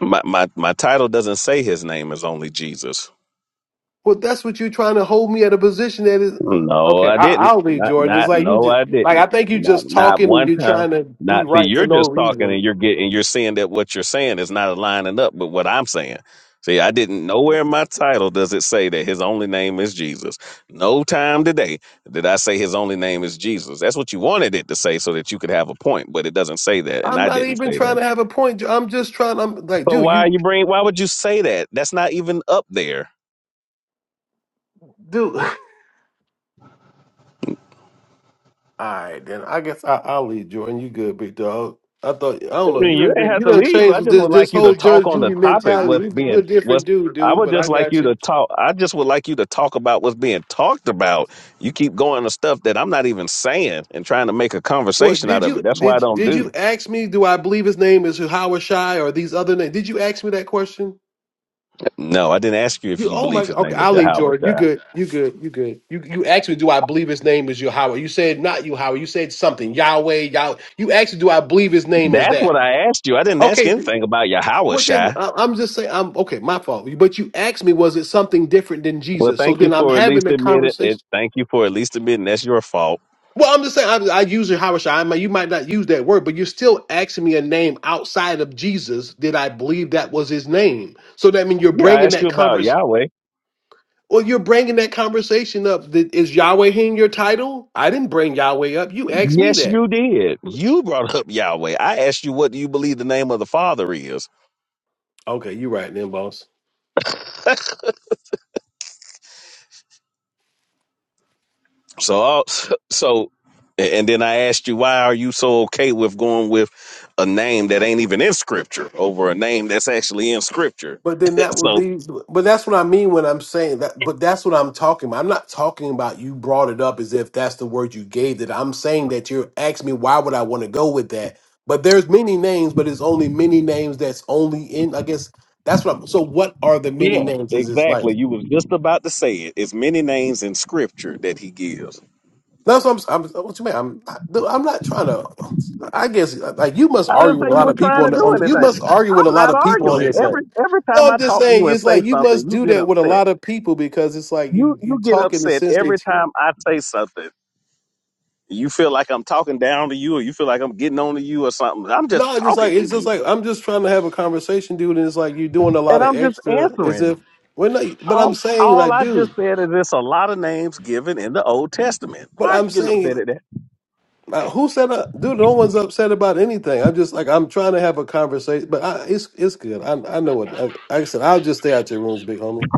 Speaker 1: My, my my title doesn't say his name is only Jesus.
Speaker 8: Well, that's what you're trying to hold me at a position that is
Speaker 1: No,
Speaker 8: okay.
Speaker 1: I
Speaker 8: I,
Speaker 1: didn't.
Speaker 8: I'll leave
Speaker 1: Not,
Speaker 8: Jordan. It's
Speaker 1: not,
Speaker 8: like you
Speaker 1: no,
Speaker 8: just
Speaker 1: I
Speaker 8: like I
Speaker 1: didn't.
Speaker 8: think you
Speaker 1: Not,
Speaker 8: just
Speaker 1: not
Speaker 8: talking and
Speaker 1: one
Speaker 8: you're
Speaker 1: time.
Speaker 8: trying to be
Speaker 1: Not, see,
Speaker 8: right for
Speaker 1: you're
Speaker 8: no
Speaker 1: just talking
Speaker 8: reason.
Speaker 1: and you're getting, you're seeing that what you're saying is not aligning up with what I'm saying. See, I didn't, nowhere in my title does it say that his only name is Jesus. No time today did I say his only name is Jesus. That's what you wanted it to say so that you could have a point, but it doesn't say that. And
Speaker 8: I'm
Speaker 1: I
Speaker 8: not
Speaker 1: didn't
Speaker 8: even
Speaker 1: say
Speaker 8: trying
Speaker 1: that.
Speaker 8: to have a point. I'm just trying. I'm like,
Speaker 1: So
Speaker 8: dude,
Speaker 1: why
Speaker 8: you,
Speaker 1: you bring, why would you say that? That's not even up there.
Speaker 8: dude. All right, then I guess I, I'll leave Jordan. You good, big dog? I thought I
Speaker 1: I
Speaker 8: don't know.
Speaker 1: mean,
Speaker 8: You
Speaker 1: you
Speaker 8: done
Speaker 1: ain't
Speaker 8: been,
Speaker 1: have
Speaker 8: you
Speaker 1: to
Speaker 8: done
Speaker 1: leave.
Speaker 8: changed
Speaker 1: I
Speaker 8: with
Speaker 1: just
Speaker 8: this
Speaker 1: would like
Speaker 8: this
Speaker 1: you to
Speaker 8: whole
Speaker 1: talk
Speaker 8: Judge
Speaker 1: on the
Speaker 8: Judy
Speaker 1: topic.
Speaker 8: mentality.
Speaker 1: What's
Speaker 8: You, you're
Speaker 1: being
Speaker 8: a
Speaker 1: what's
Speaker 8: different dude,
Speaker 1: I
Speaker 8: dude.
Speaker 1: would
Speaker 8: But I
Speaker 1: just like
Speaker 8: got
Speaker 1: you
Speaker 8: you.
Speaker 1: to talk. I just would like you to talk about what's being talked about. You keep going to stuff that I'm not even saying and trying to make a
Speaker 8: What
Speaker 1: conversation out
Speaker 8: did
Speaker 1: of it.
Speaker 8: you
Speaker 1: That's why I
Speaker 8: did
Speaker 1: don't
Speaker 8: did you
Speaker 1: do.
Speaker 8: ask me? Do I believe his name is Howard Shy or these other names? Did you ask me that question?
Speaker 1: No, I didn't ask you if
Speaker 8: You
Speaker 1: you
Speaker 8: oh my
Speaker 1: believe his
Speaker 8: okay.
Speaker 1: name is
Speaker 8: I'll leave
Speaker 1: Yahweh
Speaker 8: Jordan. You
Speaker 1: Shai.
Speaker 8: good? You good? You good? You you asked me. Do I believe his name is Yahweh? You said not you Howard. You said something Yahweh Yah. You asked me. Do I believe his name is
Speaker 1: That's what
Speaker 8: that?
Speaker 1: I asked you. I didn't ask
Speaker 8: Okay.
Speaker 1: anything about Yahweh
Speaker 8: Well, then
Speaker 1: Shai.
Speaker 8: I- I'm just saying, I'm okay. My fault. But you asked me, was it something different than
Speaker 1: Well,
Speaker 8: Jesus? So
Speaker 1: thank you
Speaker 8: then I'm
Speaker 1: for at
Speaker 8: having
Speaker 1: least
Speaker 8: the
Speaker 1: admitting it.
Speaker 8: conversation.
Speaker 1: Thank you for at least admitting that's your fault.
Speaker 8: Well, I'm just saying, I, I use it, Howard I mean, you might not use that word, but you're still asking me a name outside of Jesus. Did I believe that was his name? So that means you're
Speaker 1: Yeah, I
Speaker 8: bringing
Speaker 1: asked
Speaker 8: that
Speaker 1: you about
Speaker 8: conversation.
Speaker 1: Yahweh.
Speaker 8: Well, you're bringing that conversation up. Did, is Yahweh in your title? I didn't bring Yahweh up. You asked me
Speaker 1: Yes,
Speaker 8: that.
Speaker 1: you did. You brought up Yahweh. I asked you, what do you believe the name of the Father is?
Speaker 8: Okay, you're right then, boss.
Speaker 1: So, I'll- so, and then I asked you, why are you so okay with going with a name that ain't even in Scripture over a name that's actually in Scripture?
Speaker 8: But then that would
Speaker 1: so,
Speaker 8: be, but that's what I mean when I'm saying that. But that's what I'm talking about. I'm not talking about you brought it up as if that's the word you gave it. I'm saying that you're asking me why would I want to go with that. But there's many names, but it's only many names that's only in. I guess that's what. I'm, so what are the many
Speaker 1: yes,
Speaker 8: names? Is this like?
Speaker 1: exactly. You was just about to say it. It's many names in Scripture that He gives.
Speaker 8: That's what I'm. I'm what you mean? I'm. Not, I'm not trying to. I guess like you must
Speaker 1: I
Speaker 8: argue
Speaker 1: didn't
Speaker 8: with a
Speaker 1: say you
Speaker 8: lot
Speaker 1: were
Speaker 8: of people
Speaker 1: trying
Speaker 8: on
Speaker 1: to
Speaker 8: the
Speaker 1: do
Speaker 8: on. The, you must
Speaker 1: anything.
Speaker 8: argue with a
Speaker 1: I'm
Speaker 8: lot
Speaker 1: not
Speaker 8: of people on
Speaker 1: arguing.
Speaker 8: here saying.
Speaker 1: Every every
Speaker 8: No,
Speaker 1: time I
Speaker 8: I'm just
Speaker 1: talk to
Speaker 8: saying
Speaker 1: you and
Speaker 8: it's
Speaker 1: say
Speaker 8: like you
Speaker 1: something,
Speaker 8: must
Speaker 1: you
Speaker 8: do
Speaker 1: get
Speaker 8: that with a
Speaker 1: upset.
Speaker 8: lot of people because it's like
Speaker 1: you
Speaker 8: you you
Speaker 1: you get
Speaker 8: talk in the
Speaker 1: upset
Speaker 8: sense
Speaker 1: every
Speaker 8: that
Speaker 1: time I say something. You feel like I'm talking down to you, or you feel like I'm getting on to you, or something. I'm just
Speaker 8: no, just
Speaker 1: talking
Speaker 8: like
Speaker 1: to
Speaker 8: it's just
Speaker 1: you,
Speaker 8: like I'm just trying to have a conversation, dude, and it's like you're doing a
Speaker 1: and
Speaker 8: lot of
Speaker 1: I'm just
Speaker 8: extra as
Speaker 1: answering.
Speaker 8: if we're But I'm
Speaker 1: All
Speaker 8: saying
Speaker 1: all
Speaker 8: like,
Speaker 1: I just
Speaker 8: dude,
Speaker 1: said is it's a lot of names given in the Old Testament.
Speaker 8: but
Speaker 1: Why are you
Speaker 8: I'm
Speaker 1: getting upset
Speaker 8: saying
Speaker 1: at that?
Speaker 8: uh, who said uh, dude? No one's upset about anything. I'm just like I'm trying to have a conversation, but I, it's it's good. I I know what I, like I said. I'll just stay out your rooms, big homie.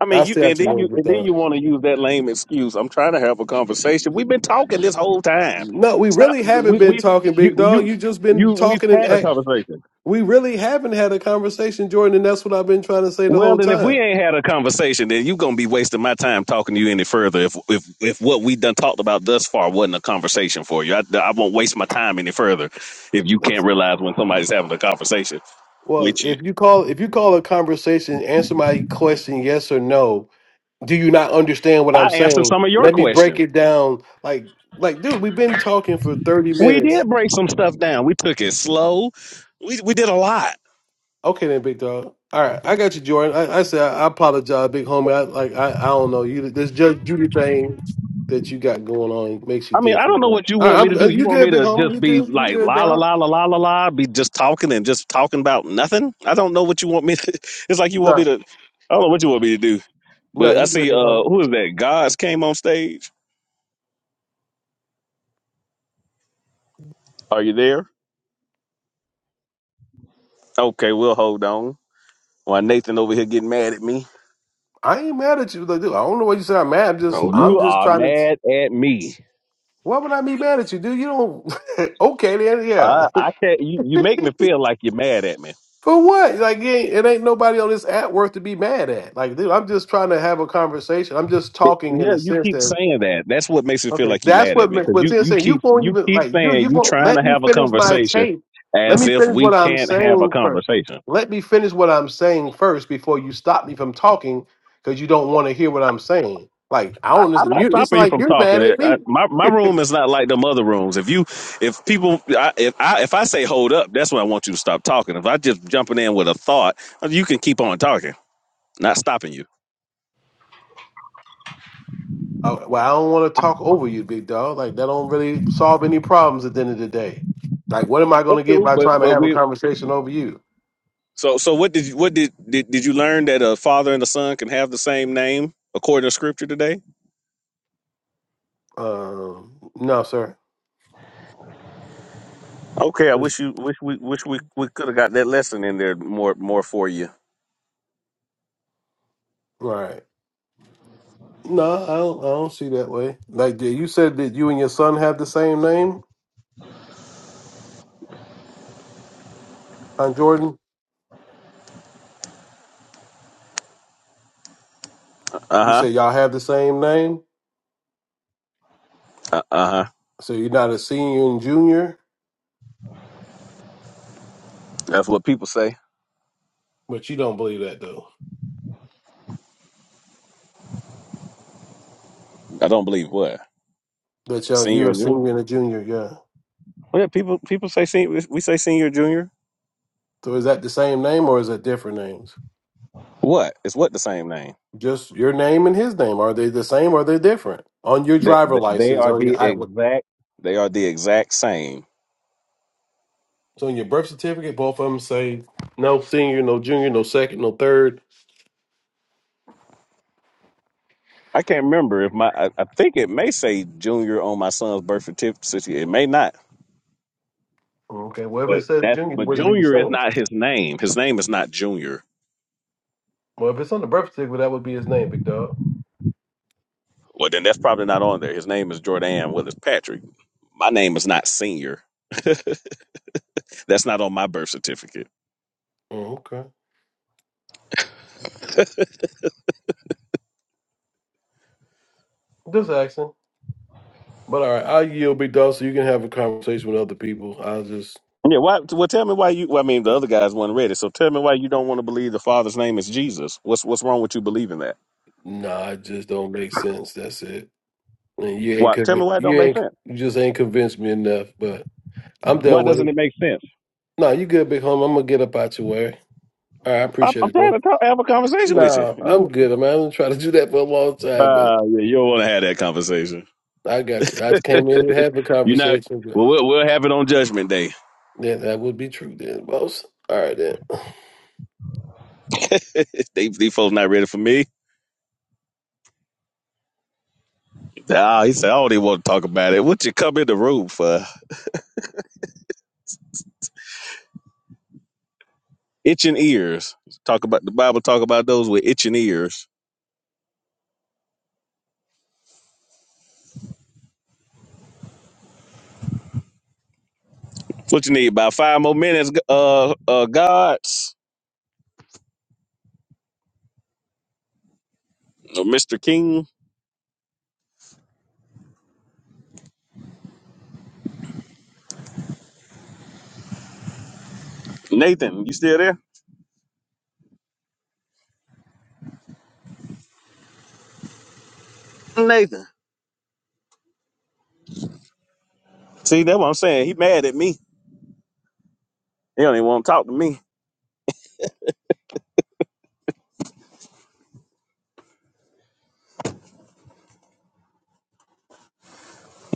Speaker 1: I
Speaker 8: I'll
Speaker 1: mean, you
Speaker 8: stay out
Speaker 1: and
Speaker 8: your
Speaker 1: then you
Speaker 8: rooms with
Speaker 1: and then
Speaker 8: that.
Speaker 1: you want to use that lame excuse. I'm trying to have a conversation. We've been talking this whole time.
Speaker 8: No, we
Speaker 1: Stop.
Speaker 8: really haven't
Speaker 1: We
Speaker 8: been
Speaker 1: we
Speaker 8: talking,
Speaker 1: you
Speaker 8: big dog.
Speaker 1: you
Speaker 8: You just
Speaker 1: you
Speaker 8: been
Speaker 1: we've
Speaker 8: talking and
Speaker 1: had a
Speaker 8: act.
Speaker 1: conversation.
Speaker 8: We really haven't had a conversation, Jordan, and that's what I've been trying to say the
Speaker 1: Well,
Speaker 8: whole
Speaker 1: then if we
Speaker 8: time.
Speaker 1: ain't had a conversation, then you gonna be wasting my time talking to you any further. If if if what we done talked about thus far wasn't a conversation for you, I, I won't waste my time any further. If you can't
Speaker 8: That's-
Speaker 1: realize when somebody's having a conversation
Speaker 8: Well,
Speaker 1: with you,
Speaker 8: if you call if you call a conversation, answer my question yes or no. Do you not understand what I'm
Speaker 1: I answered
Speaker 8: saying?
Speaker 1: some of your
Speaker 8: Let me break
Speaker 1: questions.
Speaker 8: it down. Like like dude, we've been talking for 30
Speaker 1: We
Speaker 8: minutes.
Speaker 1: did break some stuff down. We took it slow. We we did a lot.
Speaker 8: Okay then, big dog. All right, I got you, Jordan. I, I said I apologize, big homie. I like I, I don't know you. This Judge Judy thing that you got going on makes you
Speaker 1: I mean, I don't
Speaker 8: different,
Speaker 1: know
Speaker 8: though.
Speaker 1: what you
Speaker 8: All right,
Speaker 1: want
Speaker 8: I'm,
Speaker 1: me to
Speaker 8: uh,
Speaker 1: do. You
Speaker 8: you
Speaker 1: want
Speaker 8: good,
Speaker 1: me
Speaker 8: big
Speaker 1: to
Speaker 8: homie? You
Speaker 1: just be
Speaker 8: good? You
Speaker 1: like
Speaker 8: good,
Speaker 1: la la
Speaker 8: dog?
Speaker 1: la la la la la, be just talking and just talking about nothing? I don't know what you want me to. It's like you want
Speaker 8: No,
Speaker 1: me to. I don't know what you want me to do.
Speaker 8: no,
Speaker 1: But I
Speaker 8: you good,
Speaker 1: see,
Speaker 8: big homie.
Speaker 1: uh, who is that? Gods came on stage. Are you there? Okay, we'll hold on. Why Nathan over here getting mad at me?
Speaker 8: I ain't mad at you. Like, dude, I don't know why you say I'm mad. I'm just,
Speaker 9: Hold
Speaker 8: I'm
Speaker 9: on.
Speaker 1: You
Speaker 8: just
Speaker 1: are
Speaker 8: trying to.
Speaker 1: mad at me.
Speaker 8: Why would I be mad at you, dude? You don't. okay, then, yeah.
Speaker 1: I, I can't. You, you make me feel like you're mad at me.
Speaker 8: For what? Like, it ain't, it ain't nobody on this app worth to be mad at. Like, dude, I'm just trying to have a conversation. I'm just
Speaker 1: It-
Speaker 8: talking in
Speaker 1: yeah,
Speaker 8: the
Speaker 1: you
Speaker 8: sense
Speaker 1: keep
Speaker 8: that
Speaker 1: saying that. That's what makes me feel
Speaker 8: Okay,
Speaker 1: like you're
Speaker 8: that's
Speaker 1: mad at
Speaker 8: what
Speaker 1: me
Speaker 8: Mc-
Speaker 1: because
Speaker 8: what's
Speaker 1: you,
Speaker 8: in
Speaker 1: you
Speaker 8: saying. You
Speaker 1: keep
Speaker 8: won't
Speaker 1: you
Speaker 8: even
Speaker 1: keep
Speaker 8: like you.
Speaker 1: saying
Speaker 8: You
Speaker 1: you
Speaker 8: won't
Speaker 1: trying
Speaker 8: let
Speaker 1: to
Speaker 8: me
Speaker 1: have a
Speaker 8: finish my
Speaker 1: conversation
Speaker 8: tape. Let
Speaker 1: as
Speaker 8: me
Speaker 1: if
Speaker 8: finish what
Speaker 1: we
Speaker 8: I'm
Speaker 1: can't have a
Speaker 8: saying first.
Speaker 1: conversation.
Speaker 8: Let me finish what I'm saying first before you stop me from talking because you don't want to hear what I'm saying. Like I
Speaker 1: I,
Speaker 8: don't
Speaker 1: I'm
Speaker 8: listen.
Speaker 1: not
Speaker 8: You, it's
Speaker 1: stopping you
Speaker 8: like
Speaker 1: from
Speaker 8: you're
Speaker 1: talking.
Speaker 8: mad at
Speaker 1: I,
Speaker 8: me.
Speaker 1: my my room is not like them other rooms. If you if people I, if I if I say hold up, that's when I want you to stop talking. If I just jumping in with a thought, you can keep on talking. Not stopping you.
Speaker 8: I, well, I don't want to talk over you, big dog. Like that don't really solve any problems at the end of the day. Like, what am I going
Speaker 1: That's
Speaker 8: to get
Speaker 1: cool,
Speaker 8: by
Speaker 1: but
Speaker 8: trying to
Speaker 1: but
Speaker 8: have a
Speaker 1: we
Speaker 8: conversation over you?
Speaker 1: So so what did you, what did, did did you learn that a father and a son can have the same name according to scripture today?
Speaker 8: Um, no, sir.
Speaker 1: Okay, I wish you wish we wish we we could have got that lesson in there more more for you.
Speaker 8: Right? No, I don't. I don't see that way. Like yeah, you said that you and your son have the same name, huh, Jordan.
Speaker 1: Uh
Speaker 8: You
Speaker 1: huh.
Speaker 8: said y'all have the same name,
Speaker 1: Uh huh.
Speaker 8: so you're not a senior and junior,
Speaker 1: That's what people say.
Speaker 8: but you don't believe that though.
Speaker 1: I don't believe what
Speaker 8: That y'all you
Speaker 1: senior.
Speaker 8: a
Speaker 1: and junior.
Speaker 8: senior and a junior, yeah.
Speaker 1: Well, yeah, people people say senior. We say senior, junior.
Speaker 8: So is that the same name or is it different names?
Speaker 1: What is what the same name?
Speaker 8: Just your name and his name. Are they the same? Or are they different? On your
Speaker 1: That
Speaker 8: driver
Speaker 1: that- they
Speaker 8: license
Speaker 1: are
Speaker 8: or your
Speaker 1: the
Speaker 8: I what
Speaker 1: exact. They are the exact same.
Speaker 8: so on your birth certificate, both of them say no senior, no junior, no second, no third.
Speaker 1: I can't remember if my. I, I think it may say junior on my son's birth certificate. It may not,
Speaker 8: Okay, well if
Speaker 1: but
Speaker 8: it says
Speaker 1: that's
Speaker 8: junior, it
Speaker 1: but
Speaker 8: wouldn't be the
Speaker 1: junior is
Speaker 8: same.
Speaker 1: not his name. His name is not junior.
Speaker 8: Well if it's on the birth certificate, that would be his name, big dog.
Speaker 1: Well, then that's probably not on there. His name is Jordan Willis Patrick. My name is not senior. that's not on my birth certificate.
Speaker 8: Mm, Okay. Just asking. But all right, I yield big dog so you can have a conversation with other people. I just
Speaker 1: Yeah, why, well, tell me why you. Well, I mean, the other guys weren't ready, so tell me why you don't want to believe the Father's name is Jesus. What's what's wrong with you believing that?
Speaker 8: nah, it just don't make sense. That's it. And you ain't
Speaker 1: Why? Tell me
Speaker 8: conv-
Speaker 1: why it don't
Speaker 8: you
Speaker 1: make
Speaker 8: ain't
Speaker 1: sense.
Speaker 8: you just ain't convinced me enough, but I'm
Speaker 1: Why
Speaker 8: done with
Speaker 1: doesn't
Speaker 8: it.
Speaker 1: it make sense?
Speaker 8: Nah, you good, big homie. I'm gonna get up out your way. All right, I
Speaker 1: I'm,
Speaker 8: appreciate
Speaker 1: I'm
Speaker 8: it,
Speaker 1: trying
Speaker 8: bro.
Speaker 1: to talk, have a conversation with you.
Speaker 8: No,
Speaker 1: You-
Speaker 8: I'm good. I mean, I've been trying to do that for a long time, but
Speaker 1: Uh, yeah, you don't want to have that conversation.
Speaker 8: I got you. I just came in and have a
Speaker 1: you not.
Speaker 8: conversation, but
Speaker 1: well, well, we'll have it on Judgment Day.
Speaker 8: yeah, that would be true then, boss. All right then.
Speaker 1: they, these folks not ready for me. Ah, he said, I don't even want to talk about it. What you come in the room for? Itching ears. Talk about the Bible. Talk about those with itching ears. What you need? About five more minutes, uh, uh, gods, or Mr. King, Nathan. You still there? Nathan. See, that's what I'm saying. He mad at me. He don't even want to talk to me.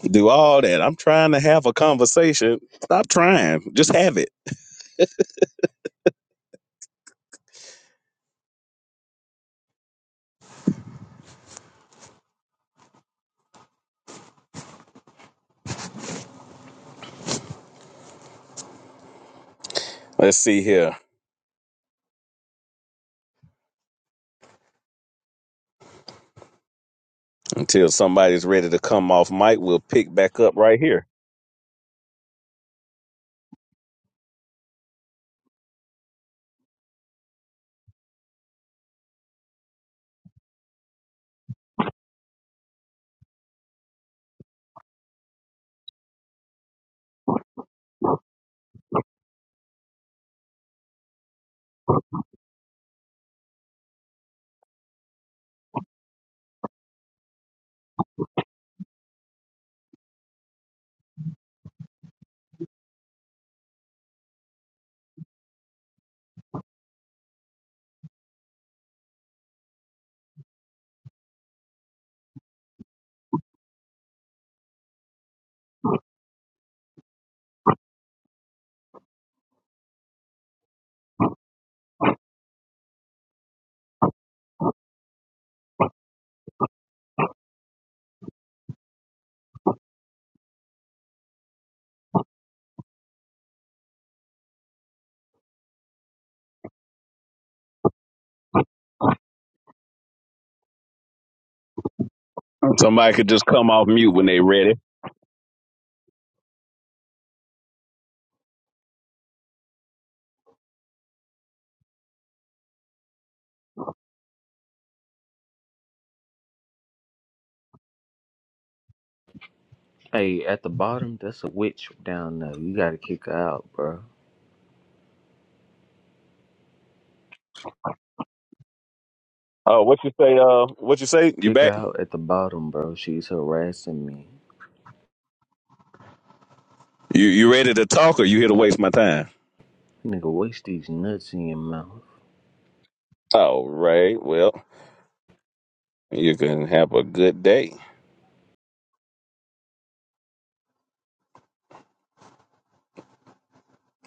Speaker 1: Do all that. I'm trying to have a conversation. Stop trying. Just have it. Let's see here. Until somebody's ready to come off mic, we'll pick back up right here. Somebody could just come off mute when they ready.
Speaker 9: Hey, at the bottom, that's a witch down there. You gotta kick her out, bro.
Speaker 1: Oh, what you say? Uh, what you say? You
Speaker 9: Kick her
Speaker 1: back?
Speaker 9: out at the bottom, bro. She's harassing me.
Speaker 1: You you ready to talk or you here to waste my time?
Speaker 9: Nigga, waste these nuts in your mouth.
Speaker 1: All right. Well, you can have a good day.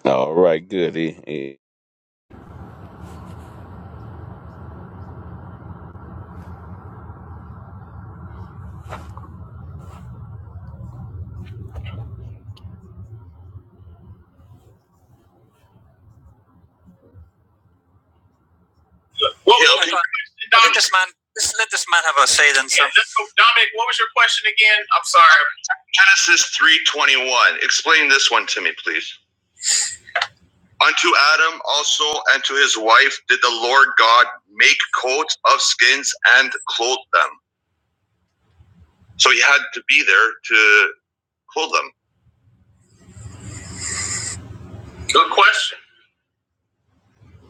Speaker 1: All right. Good. Eh, eh. What was Yeah, my- Let Dominic- Let this man let let this man have a say then. Yeah, let's go. Dominic, what was your question again? I'm sorry. Genesis three twenty one. Explain this one to me, please. Unto Adam also and to his wife did the Lord God make coats of skins and clothe them. So he had to be there to clothe them. Good question.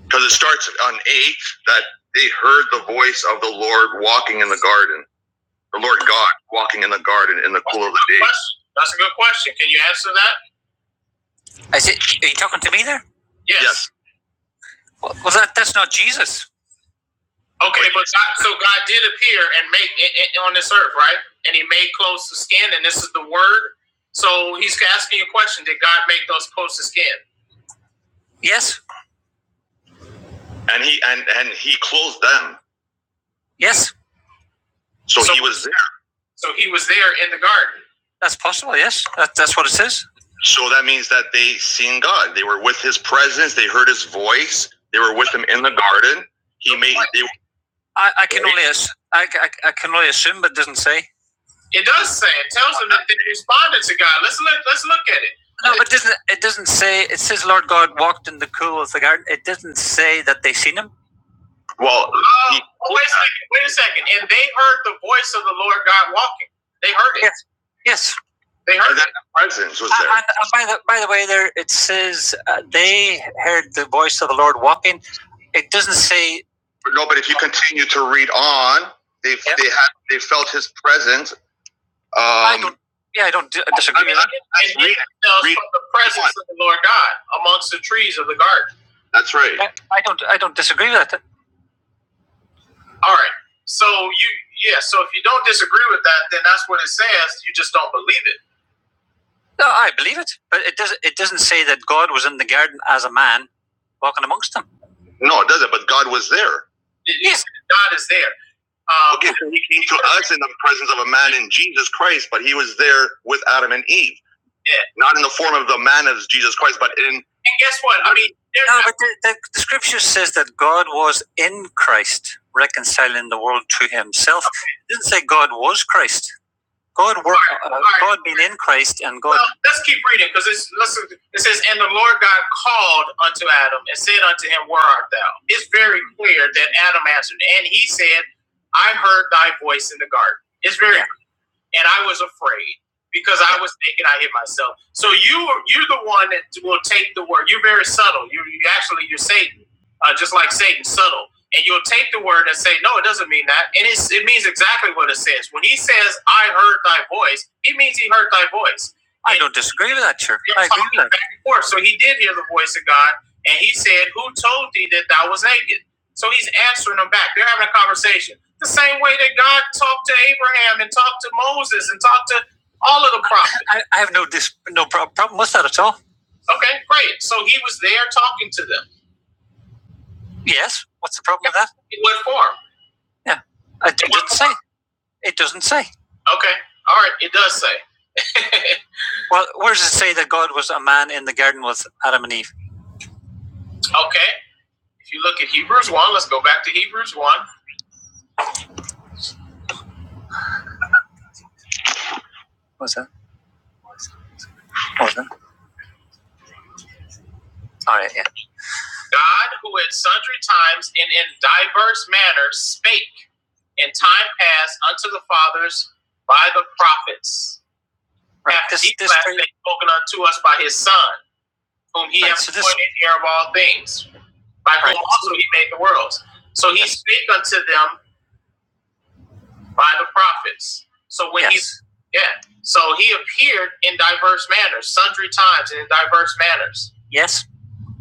Speaker 1: because it starts on eight that they heard the voice of the Lord walking in the garden, the Lord God walking in the garden in the cool of the day. That's a good question. Can you answer that? I said, are you talking to me there? Yes. Yes, Well, well, that, that's not Jesus. Okay, but God, so God did appear and make i- i- on this earth, right? And He made clothes of skin, and this is the word. So He's asking you a question: Did God make those clothes of skin? Yes, and he and and he clothed them, yes. so, So- he was there. So he was there in the garden. That's possible, yes. That, that's what it says. So that means that they seen God. They were with His presence. They heard His voice. They were with Him in the garden. He made. They, I, I can only I, I, I can only assume, but it doesn't say. It does say it tells them that they responded to God. Let's look. Let's look at it. No, but it doesn't it doesn't say? It says Lord God walked in the cool of the garden. It doesn't say that they seen him. Well, Uh, he, wait, a second, wait a second. And they heard the voice of the Lord God walking. They heard it. Yes. Yes. They heard that the presence was Uh, there. and, uh, by, the, by the way, there it says uh, they heard the voice of the Lord walking. It doesn't say no, but if you continue to read on, they Yeah. they had they felt his presence. Um, I don't. Yeah, I don't disagree. I mean, with I- that. read- read- from the presence of the Lord God amongst the trees of the garden. that's right. I, I don't. I don't disagree with that. All right. So you yeah. So if you don't disagree with that, then that's what it says. You just don't believe it. No, I believe it, but it doesn't. It doesn't say that God was in the garden as a man walking amongst them. No, it doesn't. But God was there. It- it God is there. Um, okay, so he came to us in the presence of a man in Jesus Christ, but he was there with Adam and Eve. Yeah. Not in the form of the man of Jesus Christ, but in. And guess what? I mean, No, but the, the, the scripture says that God was in Christ, reconciling the world to himself. It didn't say God was Christ. God work, right, uh, right. God been increased, and God. Well, let's keep reading because it's listen. It says, "And the Lord God called unto Adam and said unto him, Where art thou?" It's very clear that Adam answered, and he said, "I heard thy voice in the garden." It's very yeah and I was afraid because I was thinking I hit myself. So you you're the one that will take the word. You're very subtle. You you actually you're Satan, uh, just like Satan, subtle. And you'll take the word and say, no, it doesn't mean that. And it's, it means exactly what it says. When he says, I heard thy voice, he means he heard thy voice. I And don't disagree with that, sir. I agree talking with that. back and forth. So he did hear the voice of God, and he said, "Who told thee that thou was naked?" So he's answering them back. They're having a conversation. The same way that God talked to Abraham and talked to Moses and talked to all of the prophets. I, I have no dis- no problem with that at all. Okay, great. So he was there talking to them. Yes. What's the problem yeah. with that? In what form? Yeah. I- It doesn't say. It doesn't say. Okay. All right. It does say. well, where does it say that God was a man in the garden with Adam and Eve? Okay. If you look at Hebrews 1, let's go back to Hebrews 1. What's that? What's that? All right. Yeah. God, who at sundry times and in diverse manners spake in time past unto the fathers by the prophets, Right. hath This, these last things spoken unto us by his Son, whom he Right, hath so appointed heir of all things, by right. whom also he made the worlds. So he Yes. spake unto them by the prophets. So when yes. he yes. yeah. So he appeared in diverse manners, sundry times and in diverse manners. Yes.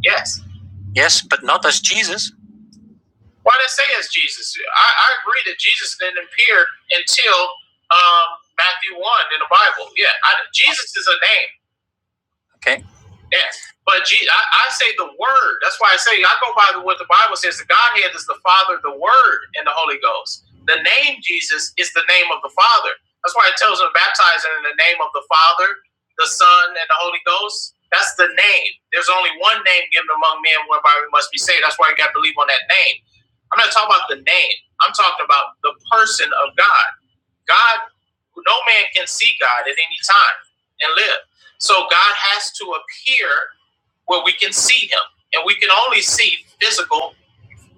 Speaker 1: Yes. Yes. But not as Jesus. Why did it say it's Jesus? I, I agree that Jesus didn't appear until um, Matthew 1 in the Bible. Yeah, I, Jesus is a name. Okay. Yeah. But gee, I, I say the word. That's why I say I go by what the Bible says. The Godhead is the Father, the Word, and the Holy Ghost. The name Jesus is the name of the Father. That's why it tells them baptizing in the name of the Father, the Son, and the Holy Ghost. That's the name. There's only one name given among men whereby we must be saved. That's why you got to believe on that name. I'm not talking about the name. I'm talking about the person of God. God, no man can see God at any time and live. So God has to appear where we can see him. And we can only see physical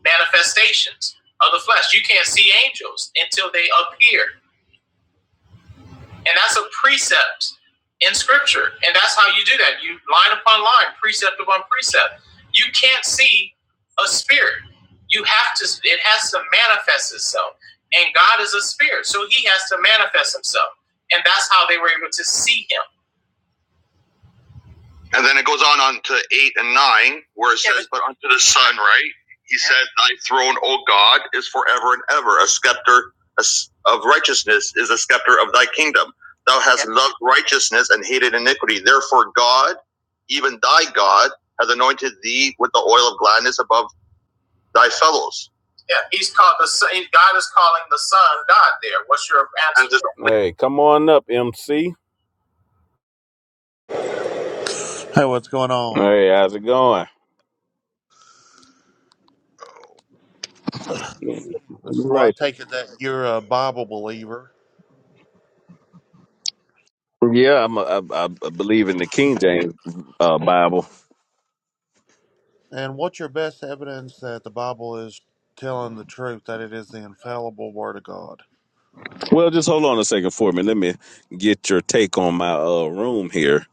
Speaker 1: manifestations of the flesh. You can't see angels until they appear and that's a precept in scripture. And that's how you do that. You line upon line, precept upon precept. You can't see a spirit. You have to, it has to manifest itself. And God is a spirit. So he has to manifest himself. And that's how they were able to see him. And then it goes on on to eight and nine, where it Yeah, says, But unto the Son, right? He Yeah. said, Thy throne, O God, is forever and ever. A scepter of righteousness is a scepter of thy kingdom. Thou hast Yeah. loved righteousness and hated iniquity. Therefore, God, even thy God, has anointed thee with the oil of gladness above thy fellows. Yeah, he's called the son. God is calling the son God. There. What's your answer? Hey, come on up, MC.
Speaker 10: Hey, what's going on?
Speaker 1: Hey, how's it going? Yeah.
Speaker 10: So I
Speaker 1: Right.
Speaker 10: take it that you're a Bible believer.
Speaker 1: Yeah, I'm a, I, I I believe in the King James uh, Bible.
Speaker 10: And what's your best evidence that the Bible is telling the truth, that it is the infallible Word of God?
Speaker 1: Well, just hold on a second for me. Let me get your take on my uh, room here,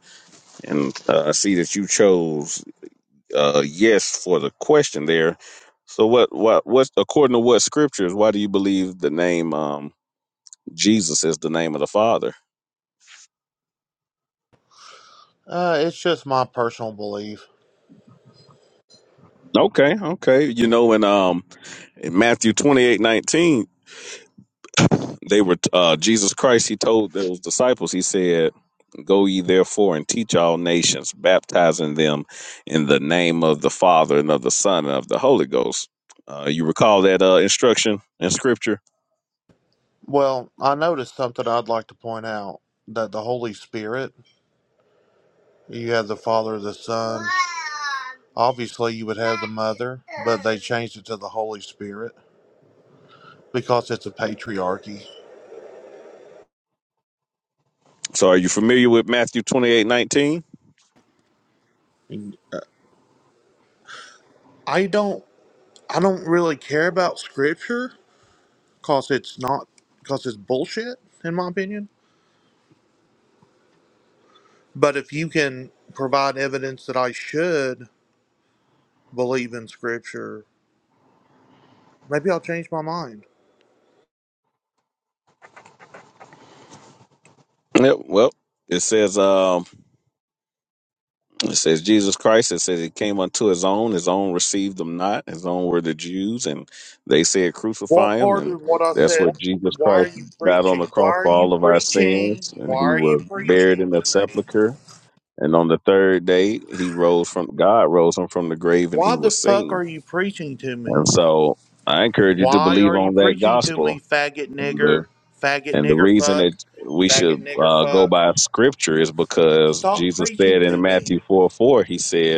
Speaker 1: and uh, I see that you chose uh, yes for the question there. So, what, what, what? According to what scriptures, why do you believe the name um, Jesus is the name of the Father?
Speaker 10: Uh, it's just my personal belief.
Speaker 1: Okay, okay. You know, in um, in Matthew twenty-eight nineteen. They were uh, Jesus Christ. He told those disciples. He said, "Go ye therefore and teach all nations, baptizing them in the name of the Father and of the Son and of the Holy Ghost." Uh, you recall that uh, instruction in Scripture?
Speaker 10: Well, I noticed something I'd like to point out that the Holy Spirit, you have the Father, the Son. Obviously, you would have the Mother, but they changed it to the Holy Spirit because it's a patriarchy.
Speaker 1: So, are you familiar with Matthew twenty-eight nineteen?
Speaker 10: And I don't. I don't really care about scripture cause it's not because it's bullshit in my opinion but if you can provide evidence that i should believe in scripture maybe i'll change my mind
Speaker 1: Yep. Well, it says. Um, It says Jesus Christ. It says he came unto his own. His own received him not. His own were the Jews, and they said crucify
Speaker 10: what
Speaker 1: him.
Speaker 10: part
Speaker 1: And
Speaker 10: of what i
Speaker 1: that's
Speaker 10: said
Speaker 1: what Jesus
Speaker 10: why are
Speaker 1: Christ
Speaker 10: you
Speaker 1: died on
Speaker 10: preaching
Speaker 1: the
Speaker 10: why
Speaker 1: cross
Speaker 10: are
Speaker 1: for
Speaker 10: you
Speaker 1: all of our
Speaker 10: preaching
Speaker 1: sins. And
Speaker 10: why
Speaker 1: he
Speaker 10: are you
Speaker 1: was buried
Speaker 10: preaching
Speaker 1: in the
Speaker 10: to me
Speaker 1: sepulcher. And on the third day, he rose from God rose him from the grave, and
Speaker 10: why
Speaker 1: he
Speaker 10: the
Speaker 1: was
Speaker 10: fuck
Speaker 1: seen.
Speaker 10: are you preaching to
Speaker 1: And
Speaker 10: me
Speaker 1: so I encourage you to
Speaker 10: why
Speaker 1: believe
Speaker 10: are you
Speaker 1: on that
Speaker 10: preaching to
Speaker 1: gospel.
Speaker 10: me faggot
Speaker 1: And the
Speaker 10: nigger faggot
Speaker 1: and the
Speaker 10: nigger
Speaker 1: reason that
Speaker 10: fuck
Speaker 1: we
Speaker 10: faggot
Speaker 1: should
Speaker 10: nigger
Speaker 1: uh, go
Speaker 10: fuck
Speaker 1: by scripture is because
Speaker 10: stop
Speaker 1: Jesus
Speaker 10: preaching
Speaker 1: said in
Speaker 10: to me
Speaker 1: Matthew four four, he said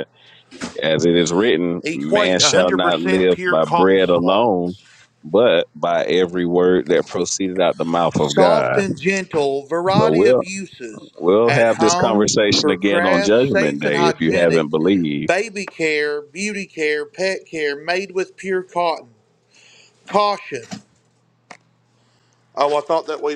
Speaker 1: as it is written, man
Speaker 10: equate
Speaker 1: shall not
Speaker 10: 100%
Speaker 1: live
Speaker 10: pure
Speaker 1: by
Speaker 10: cotton
Speaker 1: bread alone,
Speaker 10: swabs,
Speaker 1: but by every word that proceeded out the mouth of
Speaker 10: Soft
Speaker 1: God.
Speaker 10: and gentle,
Speaker 1: So
Speaker 10: variety of
Speaker 1: we'll
Speaker 10: uses
Speaker 1: we'll
Speaker 10: at
Speaker 1: have this
Speaker 10: home,
Speaker 1: conversation
Speaker 10: for
Speaker 1: again on
Speaker 10: crafts,
Speaker 1: Judgment
Speaker 10: safe and
Speaker 1: Day if you haven't
Speaker 10: hygienic,
Speaker 1: believed.
Speaker 10: baby care, beauty care, pet care, made with pure cotton. Caution. Oh, I thought that we were.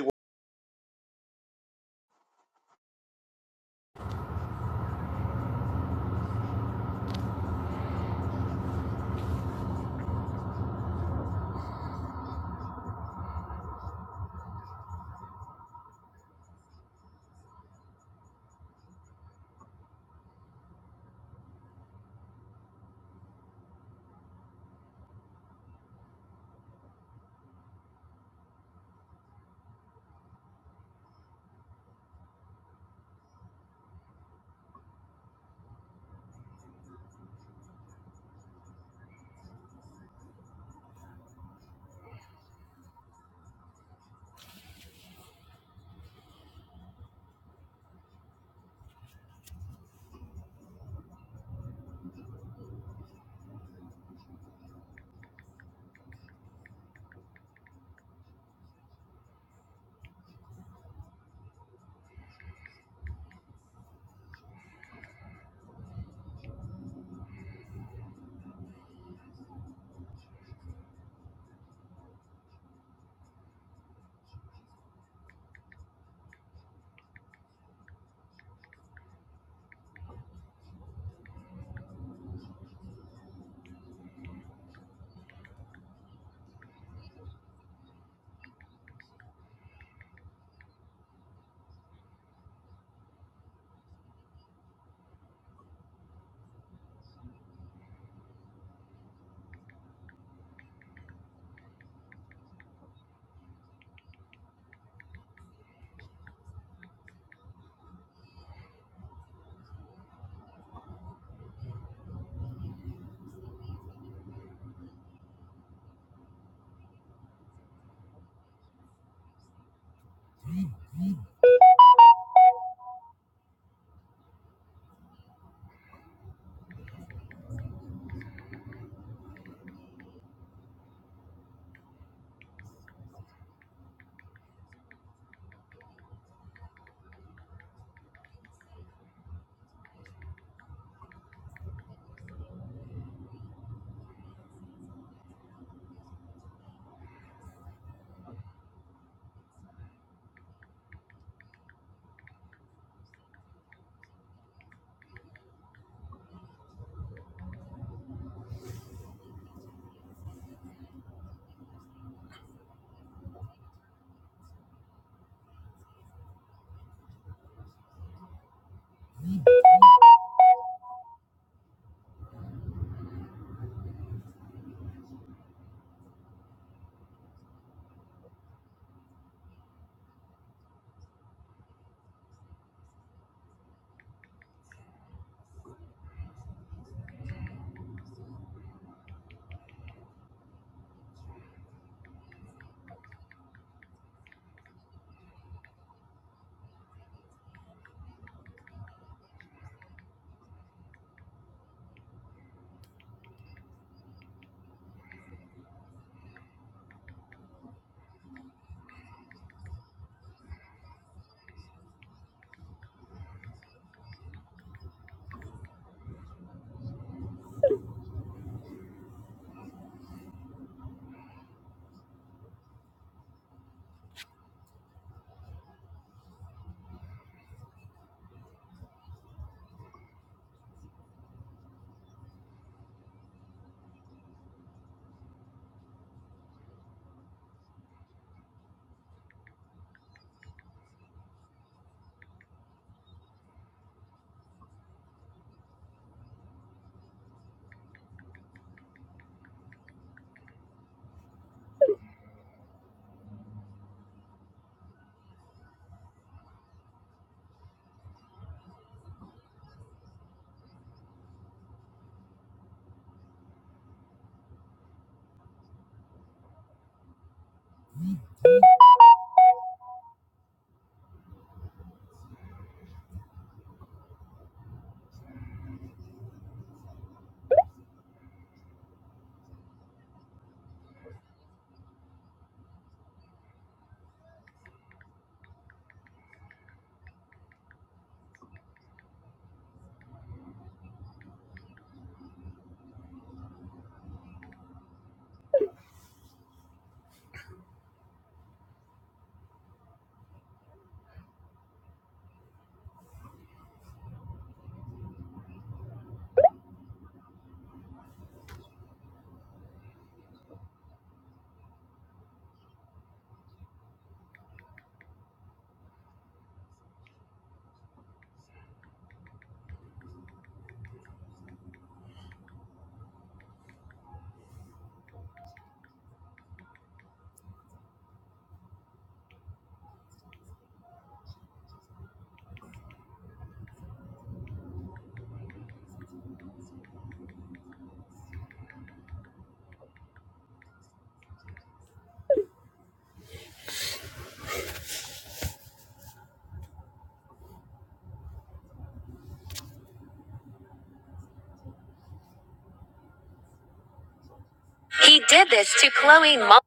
Speaker 1: He did this to Chloe Mo-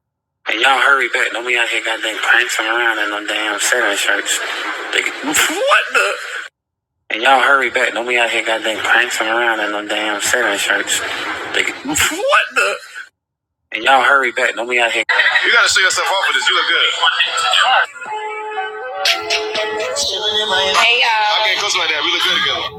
Speaker 1: And y'all hurry back. Don't be out here goddamn prancing around in no damn selling shirts. They- What? And y'all hurry back. Don't be out here goddamn prancing around in no damn selling shirts. They- What? And y'all hurry back. Don't be out here. Hey y'all. I can't close like that. We look good together.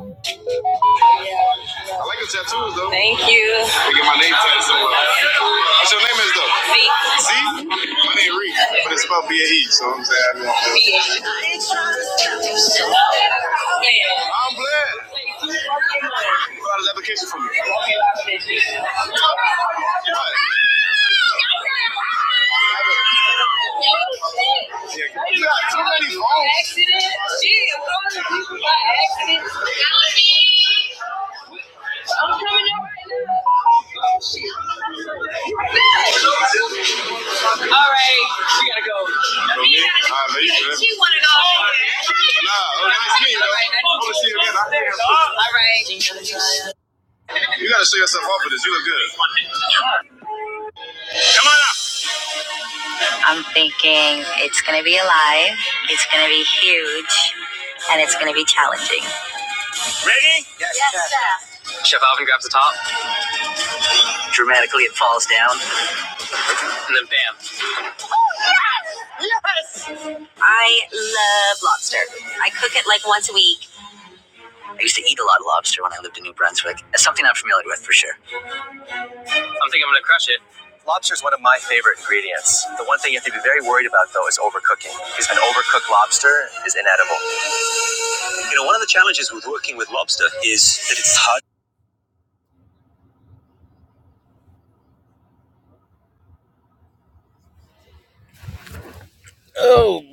Speaker 1: I like the tattoos though. Thank you. They get my name tatted somewhere. What's your name is though? Z. Z? My name is Reed, but it's spelled B-A-E, so I'm saying I don't know. Yeah. I'm glad. You got an application for me. Yeah. You got too many phones. Accident. Shit, i people by accident. I'm coming up right now. Oh, shit. All right, we gotta go. right, sure. Nah, oh, nice I wanna see right. You gotta show yourself off for this. You look good. I'm thinking it's gonna be alive, it's gonna be huge, and it's gonna be challenging. I love lobster. I cook it like once a week. I'm thinking I'm gonna crush it. Oh,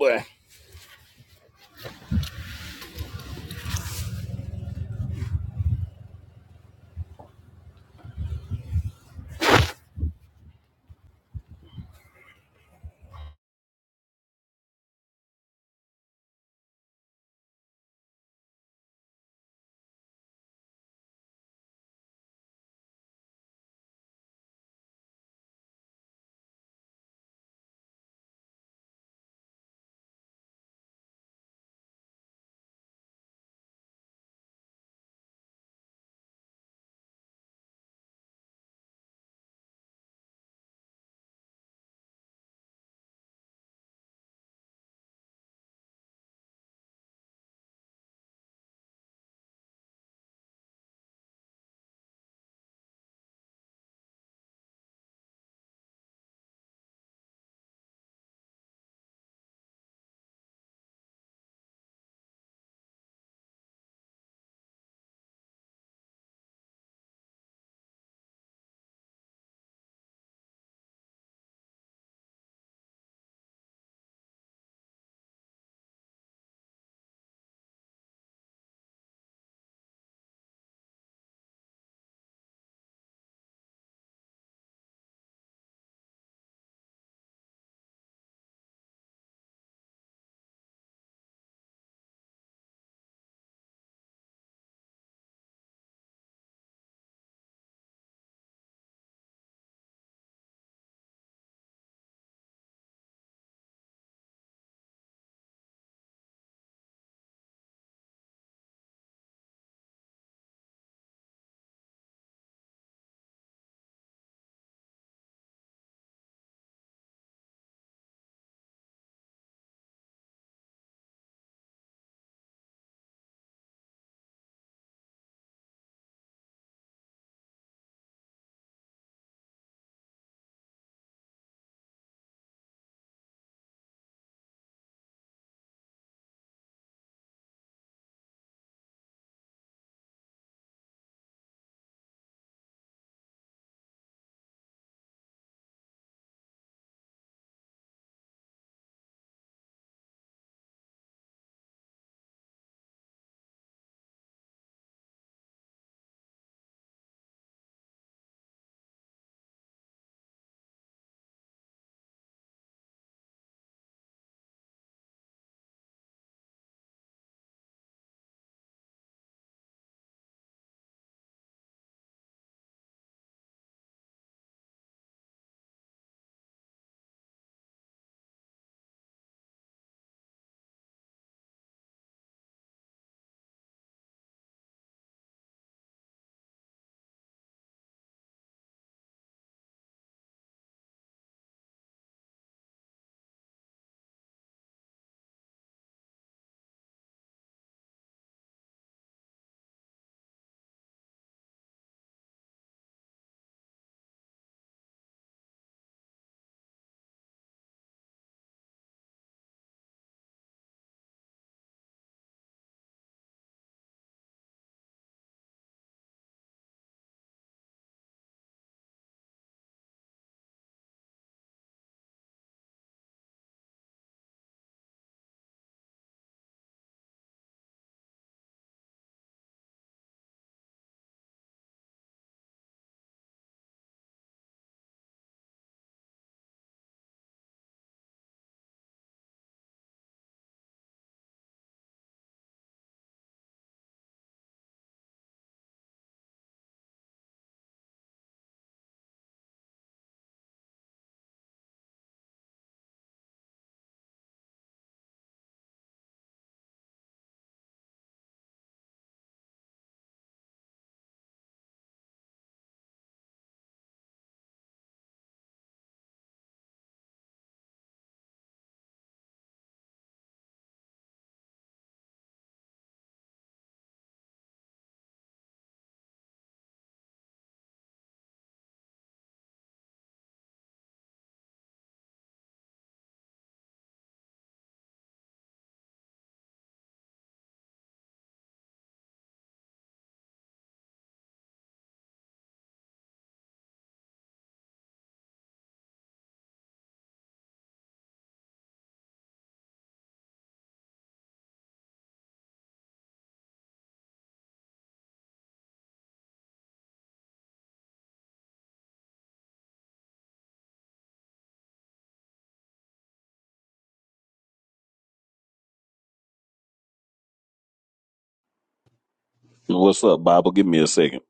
Speaker 1: What's up, Bible? Give me a second.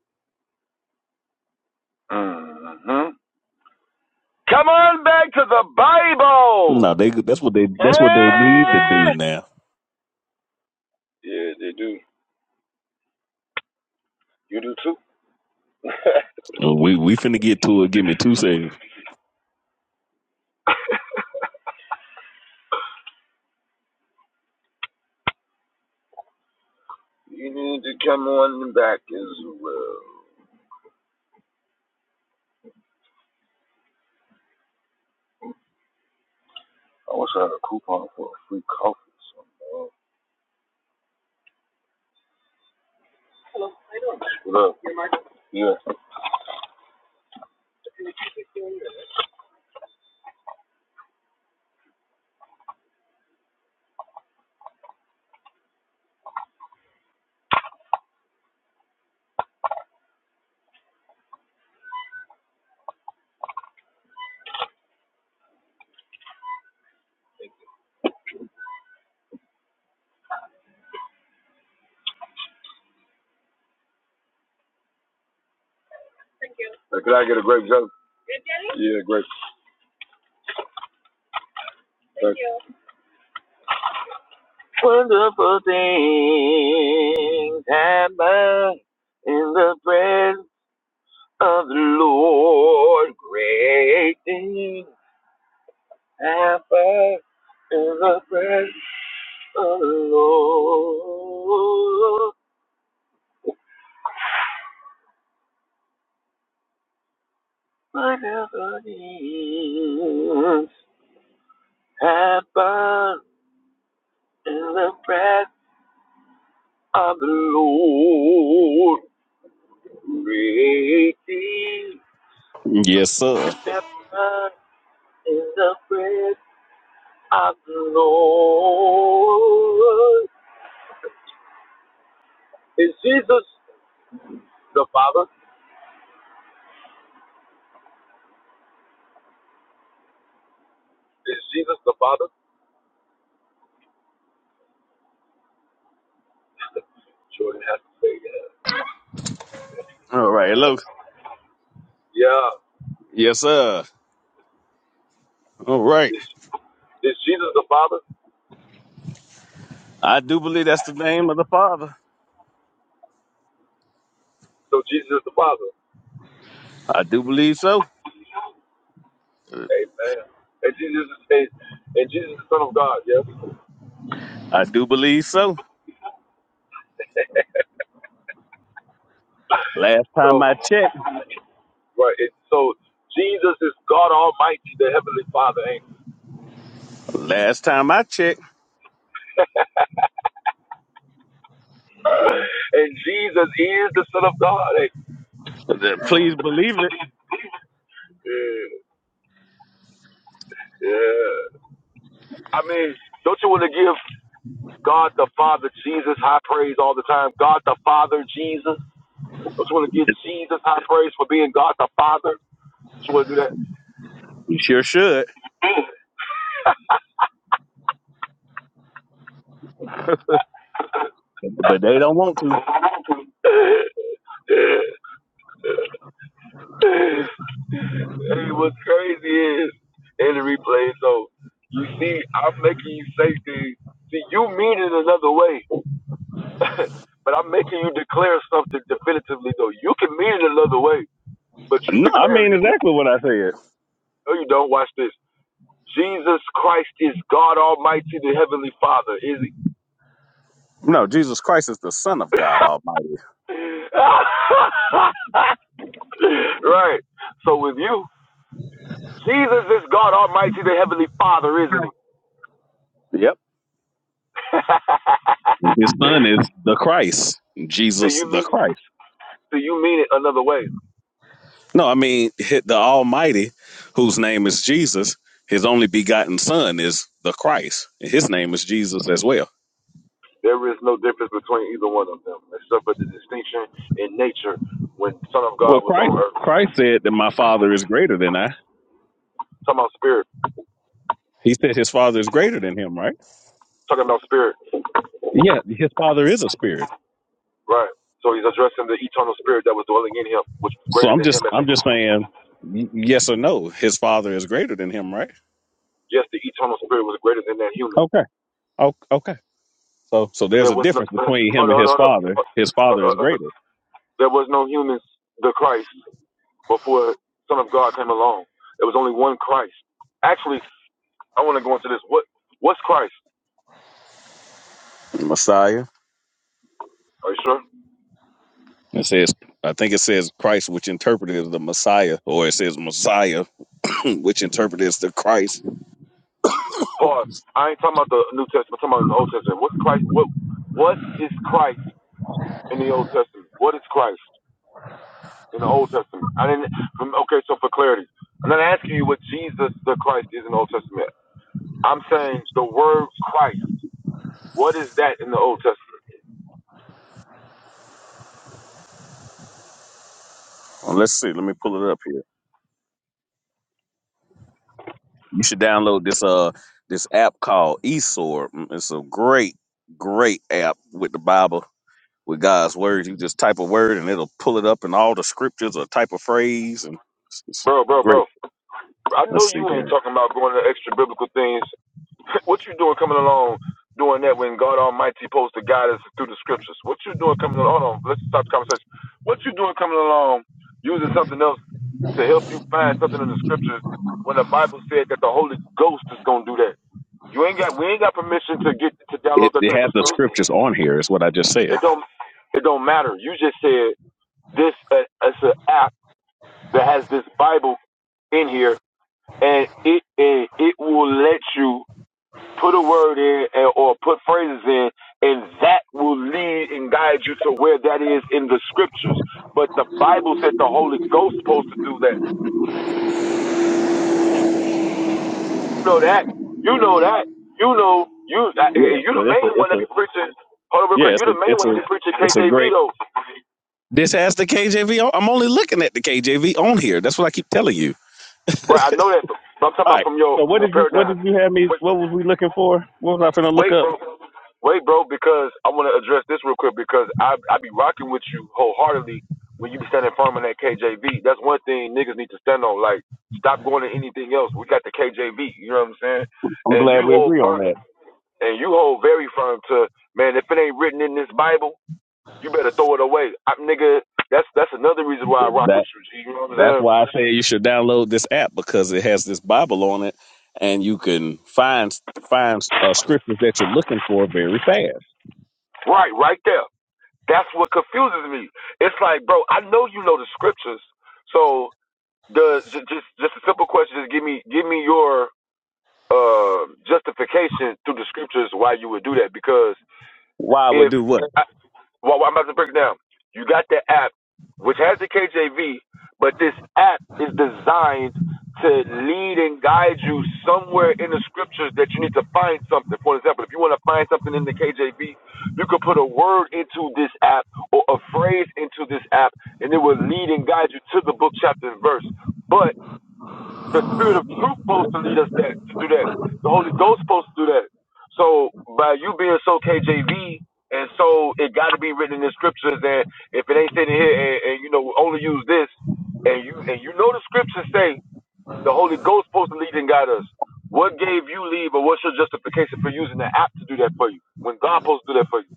Speaker 11: Mm-hmm. Come on back to the Bible.
Speaker 1: No, they that's what they that's what they need to do
Speaker 11: Eh?
Speaker 1: now.
Speaker 11: Yeah, they do. You do too.
Speaker 1: We we finna get to it. Give me two seconds.
Speaker 11: you need to come on back as well. I wish I had a coupon for a free coffee. So. What up? Yeah. Could I get a grape jelly? Grape jelly? Yeah, grape. Thank you. Wonderful things happen in the presence of the Lord. Great things. Abba is the breath of the Lord. Whatever needs Abba in the breath of the Lord. Creating
Speaker 1: Yes, sir.
Speaker 11: Abba in the breath of the Lord. Is Jesus the Father? Is Jesus the Father? Jordan has to say that.
Speaker 1: All right, hello.
Speaker 11: Yeah.
Speaker 1: Yes, sir. All right.
Speaker 11: Is Is Jesus the Father?
Speaker 1: I do believe that's the name of the Father.
Speaker 11: So Jesus is the Father.
Speaker 1: I do believe so.
Speaker 11: Amen. And Jesus is and, and Jesus is the Son of God. Yes.
Speaker 1: I do believe so. Last time
Speaker 11: So
Speaker 1: I checked.
Speaker 11: right. It, so Jesus is God Almighty, the Heavenly Father. Ain't he?
Speaker 1: Last time I checked.
Speaker 11: and Jesus is the Son of God. Ain't
Speaker 1: Th- Please believe
Speaker 11: he? yeah. yeah. I mean, don't you want to give God the Father Jesus high praise all the time? God the Father Jesus. Don't you want to give
Speaker 1: it.
Speaker 11: Jesus high praise for being God the Father? Don't you want to do
Speaker 1: You sure should. But they don't want to.
Speaker 11: that? Yeah. Hey, what's crazy is in the replay, so you see, I'm making you say things. See, you mean it another way, but I'm making you declare something definitively, though. You can mean it another way, but you
Speaker 1: No, I
Speaker 11: declaring
Speaker 1: mean
Speaker 11: it.
Speaker 1: exactly what I said.
Speaker 11: No, you don't. Watch this. Jesus Christ is God Almighty, the Heavenly Father, is he?
Speaker 1: No, Jesus Christ is the Son of God Almighty.
Speaker 11: right. So with you, Jesus is God Almighty, the Heavenly Father, isn't he?
Speaker 1: Yep. And his son is the Christ,
Speaker 11: Do
Speaker 1: Jesus
Speaker 11: you mean
Speaker 1: the
Speaker 11: it?
Speaker 1: Christ.
Speaker 11: So you mean it another way.
Speaker 1: No, I mean hi- the Almighty, whose name is Jesus, his only begotten son is the Christ. And his name is Jesus as well.
Speaker 11: There is no difference between either one of them, except for the distinction in nature when the Son of
Speaker 1: Well,
Speaker 11: God was on
Speaker 1: Christ
Speaker 11: earth.
Speaker 1: Christ said that my father is greater than I.
Speaker 11: Talking about spirit,
Speaker 1: He said his father is greater than him, right?
Speaker 11: talking about spirit,
Speaker 1: Yeah, his father is a spirit.
Speaker 11: right? Talking about spirit that was dwelling in him, which was
Speaker 1: So
Speaker 11: greater
Speaker 1: I'm
Speaker 11: than him
Speaker 1: just
Speaker 11: as a
Speaker 1: I'm just saying y- yes or no. His father is greater than him, right?
Speaker 11: human.
Speaker 1: Okay. O- Okay. So so
Speaker 11: But there,
Speaker 1: there's a difference between
Speaker 11: hold
Speaker 1: him
Speaker 11: up,
Speaker 1: and his father. His
Speaker 11: uh,
Speaker 1: father is
Speaker 11: uh, uh,
Speaker 1: greater.
Speaker 11: there was no humans, the Christ, before Son of God. It was Christ. Actually, I want what? What's Christ?
Speaker 1: Messiah.
Speaker 11: Are you sure?
Speaker 1: It says I think it says Christ, which interpreted is the Messiah, or it says Messiah, which interpreted is the Christ.
Speaker 11: Pause. I ain't talking about the New Testament. I'm talking about the Old Testament. What's Christ? What? What is Christ in the Old Testament? What is Christ? in the Old Testament. I didn't. From, okay, so for clarity, I'm not asking you what Jesus the Christ is in the Old Testament. I'm saying the word Christ. What is that in the Old Testament,
Speaker 1: Well, let's see. Let me pull it up here. You should download this uh this app called Esor. It's a great great app with the Bible with God's word. You just type a word and it'll pull it up in all the scriptures or type a phrase. And it's, it's
Speaker 11: bro, bro,
Speaker 1: great.
Speaker 11: bro? I
Speaker 1: Let's
Speaker 11: know you
Speaker 1: see
Speaker 11: ain't
Speaker 1: here.
Speaker 11: talking about going to extra biblical things. what you doing coming along doing that when God Almighty supposed to guide us through the Scriptures? What you doing coming along? Hold on, let's stop the conversation. What you doing coming along using something else to help you find something in the Scriptures when the Bible says that the Holy Ghost is gonna do that? You ain't got we ain't got permission to get to download
Speaker 1: It,
Speaker 11: that
Speaker 1: it
Speaker 11: type of
Speaker 1: has the
Speaker 11: stuff.
Speaker 1: scriptures on here. Is what I just said.
Speaker 11: It don't it don't matter. You just said this uh, it's an app that has this Bible in here, and it and it will let you put a word in and, or put phrases in, and that will lead and guide you to where that is in the scriptures. But the Bible said the Holy Ghost supposed to do that. You know that. You know that. You know you. I-
Speaker 1: Yeah.
Speaker 11: You
Speaker 1: So
Speaker 11: the
Speaker 1: it's a
Speaker 11: main one
Speaker 1: it's
Speaker 11: that
Speaker 1: a
Speaker 11: be preaching. Hold on real
Speaker 1: yeah
Speaker 11: quick. You
Speaker 1: it's a
Speaker 11: the main
Speaker 1: it's
Speaker 11: one that
Speaker 1: a
Speaker 11: be preaching
Speaker 1: it's a
Speaker 11: KJV
Speaker 1: great.
Speaker 11: though.
Speaker 1: This has the KJV. On, I'm only looking at the KJV on here. That's what I keep telling you.
Speaker 11: Right, I know that, but I'm talking
Speaker 1: All
Speaker 11: about
Speaker 1: right.
Speaker 11: from your
Speaker 1: So
Speaker 11: from
Speaker 1: what
Speaker 11: your
Speaker 1: did you what
Speaker 11: paradigm.
Speaker 1: did you have me?
Speaker 11: Wait,
Speaker 1: What was we looking for? What was I finna look
Speaker 11: wait,
Speaker 1: up?
Speaker 11: bro, wait, bro, because I want to address this real quick because I I be rocking with you wholeheartedly when you be standing firm on that KJV. That's one thing niggas need to stand on. Like, stop going to anything else. We got the KJV. You know what I'm saying?
Speaker 1: I'm
Speaker 11: And you
Speaker 1: glad we
Speaker 11: hold
Speaker 1: agree on
Speaker 11: firm,
Speaker 1: that.
Speaker 11: and you hold very firm to man. If it ain't written in this Bible, you better throw it away. I, nigga, that's that's another reason why I rock
Speaker 1: That
Speaker 11: with you. You know what I'm
Speaker 1: That's
Speaker 11: saying?
Speaker 1: why I say you should download this app because it has this Bible on it, and you can find find uh, scriptures that you're looking for very fast.
Speaker 11: Right, right there. That's what confuses me. It's like, bro, I know you know the scriptures. So the j- just just a simple question, just give me give me your uh, justification through the scriptures why you would do that. Because
Speaker 1: Why would
Speaker 11: if
Speaker 1: do what?
Speaker 11: well, I'm about to break down. You got the app, which has the KJV, but this app is designed to lead and guide you somewhere in the scriptures that you need to find something. For example, if you want to find something in the KJV, you could put a word into this app or a phrase into this app, and it will lead and guide you to the book, chapter, and verse. But the Spirit of Truth supposed to lead us that to do that. The Holy Ghost supposed to do that. So by you being so KJV, and so it got to be written in the scriptures. And if it ain't sitting here, and, and you know only use this, and you and you know the scriptures say the Holy Ghost supposed to lead and guide us. What gave you leave, or what's your justification for using the app to do that for you when God supposed to do that for you?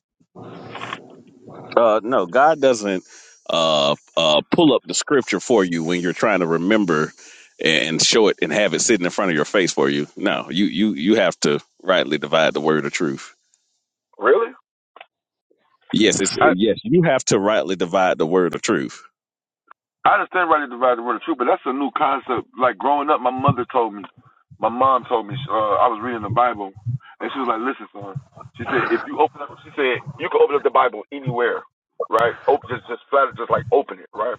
Speaker 1: Uh, no, God doesn't uh, uh, pull up the scripture for you when you're trying to remember and show it and have it sitting in front of your face for you. No, you you you have to rightly divide the word of truth.
Speaker 11: Really?
Speaker 1: Yes, it's, yes, you have to rightly divide the word of truth.
Speaker 11: I understand rightly divided word of truth, but that's a new concept. Like growing up, my mother told me, my mom told me, uh, I was reading the Bible, and she was like, "Listen, son," she said, "If you open up," she said, "you can open up the Bible anywhere, right? Open just just flat, just like open it, right?"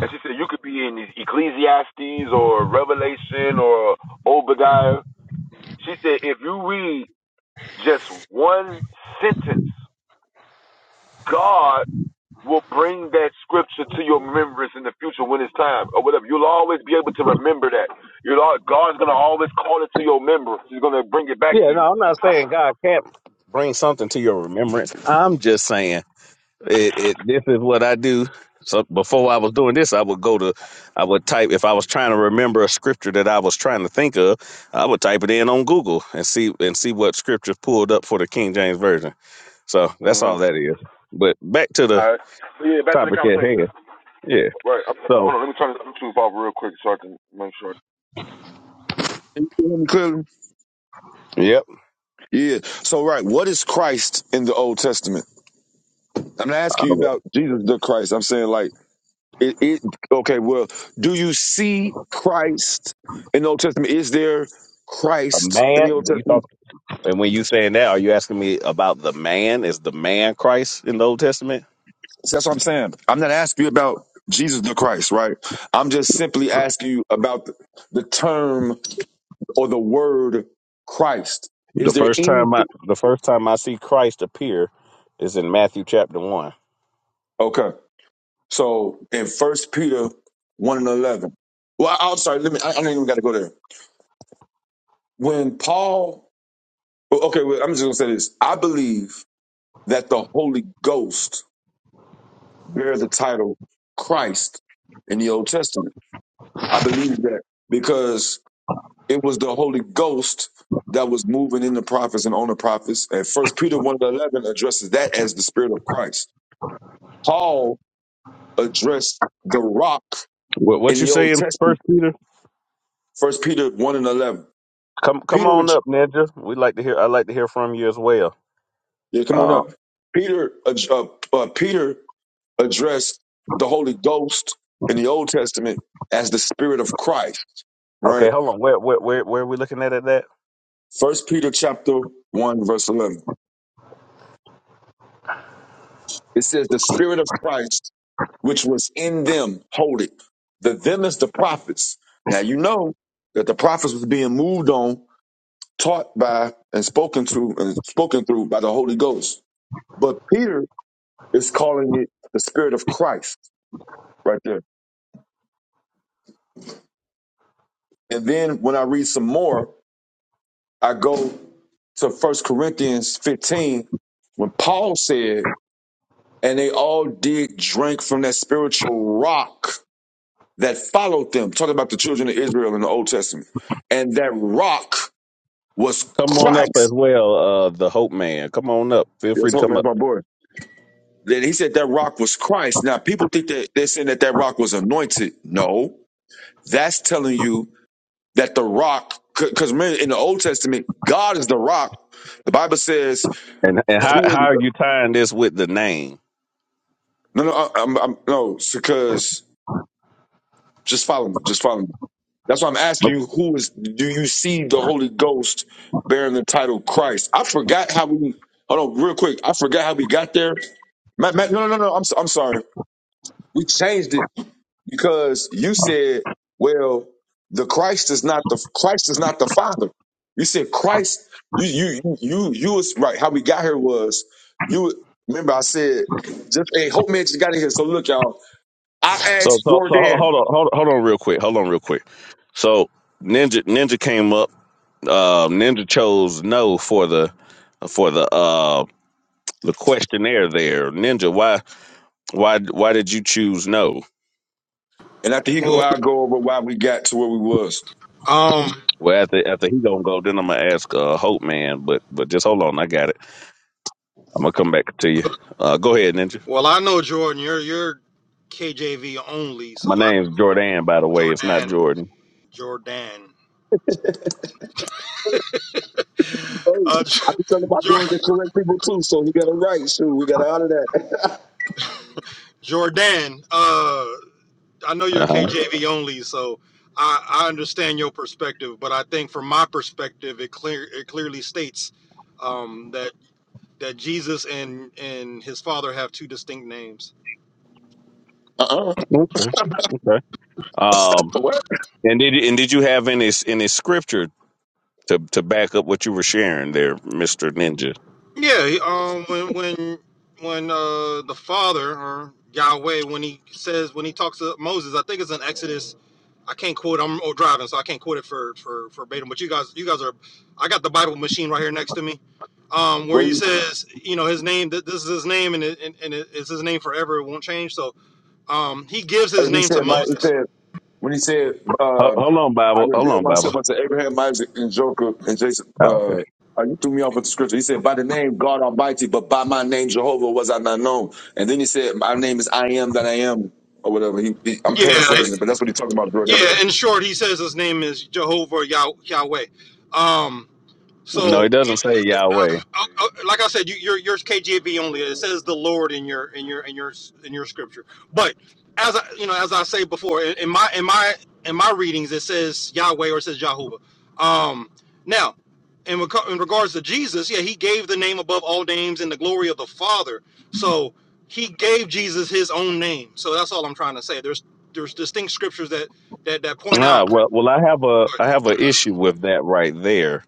Speaker 11: And she said, "You could be in Ecclesiastes or Revelation or Obadiah." She said, "If you read just one sentence, God." will bring that scripture to your remembrance in the future when it's time or whatever. You'll always be able to remember that. You'll al- God's gonna always call it to your remembrance. He's gonna bring it back to
Speaker 1: Yeah,
Speaker 11: you.
Speaker 1: no, I'm not saying God can't bring something to your remembrance. I'm just saying It, it, this is what I do. So before I was doing this, I would go to, I would type if I was trying to remember a scripture that I was trying to think of, I would type it in on Google and see and see what scriptures pulled up for the King James version. So that's
Speaker 11: Mm-hmm.
Speaker 1: all that is. But back to the
Speaker 11: All right. So yeah, back to the
Speaker 1: topic at
Speaker 11: conversation.
Speaker 1: hand. Yeah.
Speaker 11: Right. I'm,
Speaker 1: So
Speaker 11: hold on. Let me turn this YouTube off real quick so I can make sure. Clearly.
Speaker 1: yep,
Speaker 11: Yeah. So, right, what is Christ in the Old Testament? I'm not
Speaker 1: I
Speaker 11: asking you
Speaker 1: was-
Speaker 11: about Jesus the Christ. I'm saying, like, it, it okay, well, do you see Christ in the Old Testament? Is there
Speaker 1: a
Speaker 11: Christ in
Speaker 1: man.
Speaker 11: the Old
Speaker 1: You
Speaker 11: Testament?
Speaker 1: talk, and when you saying that, are you asking me about the man? Is the man Christ in the Old Testament?
Speaker 11: So that's what I'm saying. I'm not asking you about Jesus the Christ, right? I'm just simply asking you about the, the term or the word Christ.
Speaker 1: The
Speaker 11: Is there
Speaker 1: first time I,
Speaker 11: anything?
Speaker 1: the first time I see Christ appear is in Matthew chapter one.
Speaker 11: Okay. So in First Peter 1 and 11. Well, I- I'm sorry. Let me, I, I don't even got to go there. When Paul, well, okay, well, I'm just going to say this. I believe that the Holy Ghost bear the title Christ in the Old Testament. I believe that because It was the Holy Ghost that was moving in the prophets and on the prophets. And First Peter 1 and 11 addresses that as the Spirit of Christ. Paul addressed the rock
Speaker 1: What what
Speaker 11: in
Speaker 1: you
Speaker 11: the
Speaker 1: say
Speaker 11: Old
Speaker 1: in
Speaker 11: Testament,
Speaker 1: First Peter?
Speaker 11: First Peter 1 and 11.
Speaker 1: Come come
Speaker 11: Peter,
Speaker 1: on up, Ninja. We like to hear. I like to hear from you as well.
Speaker 11: yeah, come on
Speaker 1: Uh,
Speaker 11: up. Peter, uh, uh, Peter addressed the Holy Ghost in the Old Testament as the Spirit of Christ,
Speaker 1: okay,
Speaker 11: right?
Speaker 1: hold on. Where where where where are we looking at at that?
Speaker 11: First Peter chapter 1, verse 11. It says, The Spirit of Christ which was in them, hold it. The them is the prophets. Now you know that the prophets was being moved on, taught by, and spoken to, and spoken through by the Holy Ghost. But Peter is calling it the Spirit of Christ right there. And then when I read some more, I go to First Corinthians 15 when Paul said, and they all did drink from that spiritual rock that followed them. Talking about the children of Israel in the Old Testament. And that rock was
Speaker 1: Come on up as
Speaker 11: Christ.
Speaker 1: well. Uh, the Hope Man. Come on up. Feel free
Speaker 11: That's
Speaker 1: to
Speaker 11: hope,
Speaker 1: come
Speaker 11: man. That's
Speaker 1: up.
Speaker 11: my boy. Then he said that rock was Christ. Now people think that they're saying that that rock was anointed. No, that's telling you that the rock, because remember in the Old Testament, God is the rock. The Bible says,
Speaker 1: And and how
Speaker 11: "Who is?"
Speaker 1: how are you tying this with the name?
Speaker 11: No, no, I- am I'm no, because just follow me. Just follow me. That's why I'm asking you, who is? Do you see the Holy Ghost bearing the title Christ? I forgot how we. Hold on, real quick. I forgot how we got there. Matt, Matt, no, no, no, no. I'm, so- I'm sorry. We changed it. because you said, well, the Christ is not the Christ is not the Father. You said Christ. You you you you you was right. How we got here was you remember I said just hey Hope Man just got in here. So look y'all, I
Speaker 1: So
Speaker 11: asked
Speaker 1: so so ho-
Speaker 11: Jordan,
Speaker 1: hold on hold hold on real quick. Hold on real quick. So Ninja Ninja came up. Uh, Ninja chose no for the for the uh the questionnaire there. Ninja, why why why did you choose no?
Speaker 11: and after he go,
Speaker 12: Well,
Speaker 11: I go over why we got to where we was.
Speaker 12: um,
Speaker 1: Well, after after he gonna go, then I'm gonna ask uh, Hope Man. But but just hold on, I got it. I'm gonna come back to you. Uh, go ahead, Ninja.
Speaker 12: well, I know Jordan. You're you're KJV only, so
Speaker 1: My
Speaker 12: I,
Speaker 1: name's Jordan, by the way. It's not
Speaker 12: Jordan,
Speaker 1: Jordan.
Speaker 12: Jordan,
Speaker 11: Hey,
Speaker 12: uh,
Speaker 11: I be telling my
Speaker 12: Jor-
Speaker 11: Jordan to correct people too, so he got it right. Shoot, we got to honor that.
Speaker 12: Jordan. Uh, I know
Speaker 1: Uh
Speaker 12: you're
Speaker 1: huh.
Speaker 12: KJV only, so I, I understand your perspective, but I think from my perspective, it clear it clearly states um, that that Jesus and and his Father have two distinct names.
Speaker 11: Uh uh
Speaker 1: Okay. Okay. Um.
Speaker 11: What?
Speaker 1: And did and did you have any any scripture to to back up what you were sharing there, Mister Ninja?
Speaker 12: Yeah, he, um, when when when uh the father or Yahweh when he says when he talks to Moses, I think it's in Exodus. I can't quote. I'm oh, driving, so I can't quote it for for for verbatim. But you guys, you guys are. I got the Bible machine right here next to me. Um, where
Speaker 11: What?
Speaker 12: he
Speaker 11: He,
Speaker 12: says, you know, his name. th- This is his name, and it, and, and it, it's his name forever. It won't change. So, um, he gives his
Speaker 11: he
Speaker 12: name
Speaker 11: said,
Speaker 12: to Moses.
Speaker 11: Mike. When he said,
Speaker 1: Ho-
Speaker 11: uh,
Speaker 1: Hold on,
Speaker 11: I
Speaker 1: Bible. Hold
Speaker 11: revealed
Speaker 1: on,
Speaker 11: myself
Speaker 1: Bible.
Speaker 11: unto Abraham, Isaac, and Jacob, and Jason,
Speaker 1: Oh, okay.
Speaker 11: uh, uh, you threw me off with the scripture. He said, by the name God Almighty, but by my name Jehovah was I not known. And then he said, my name is I am that I am, or whatever. He, he-
Speaker 12: Yeah,
Speaker 11: I'm paraphrasing it,
Speaker 12: it-
Speaker 11: but that's what he's talking about, Jordan.
Speaker 12: yeah. In short, he says his name is Jehovah Yah- Yahweh. Um,
Speaker 1: No, it
Speaker 12: So,
Speaker 1: doesn't
Speaker 12: you-
Speaker 1: say
Speaker 12: uh,
Speaker 1: Yahweh.
Speaker 12: uh, uh, like I said, you, you're yours KJV only. It says the Lord in your in your in your in your scripture. But as I you know, as I say before, in, in my in my in my readings, it says Yahweh or it says Jehovah. Um, now, in, reco- in regards to Jesus, yeah, he gave the name above all names and the glory of the Father. So he gave Jesus his own name. So that's all I'm trying to say. There's there's distinct scriptures that that that point
Speaker 1: Ah,
Speaker 12: out
Speaker 1: well, well, I have a I have an issue with that right there.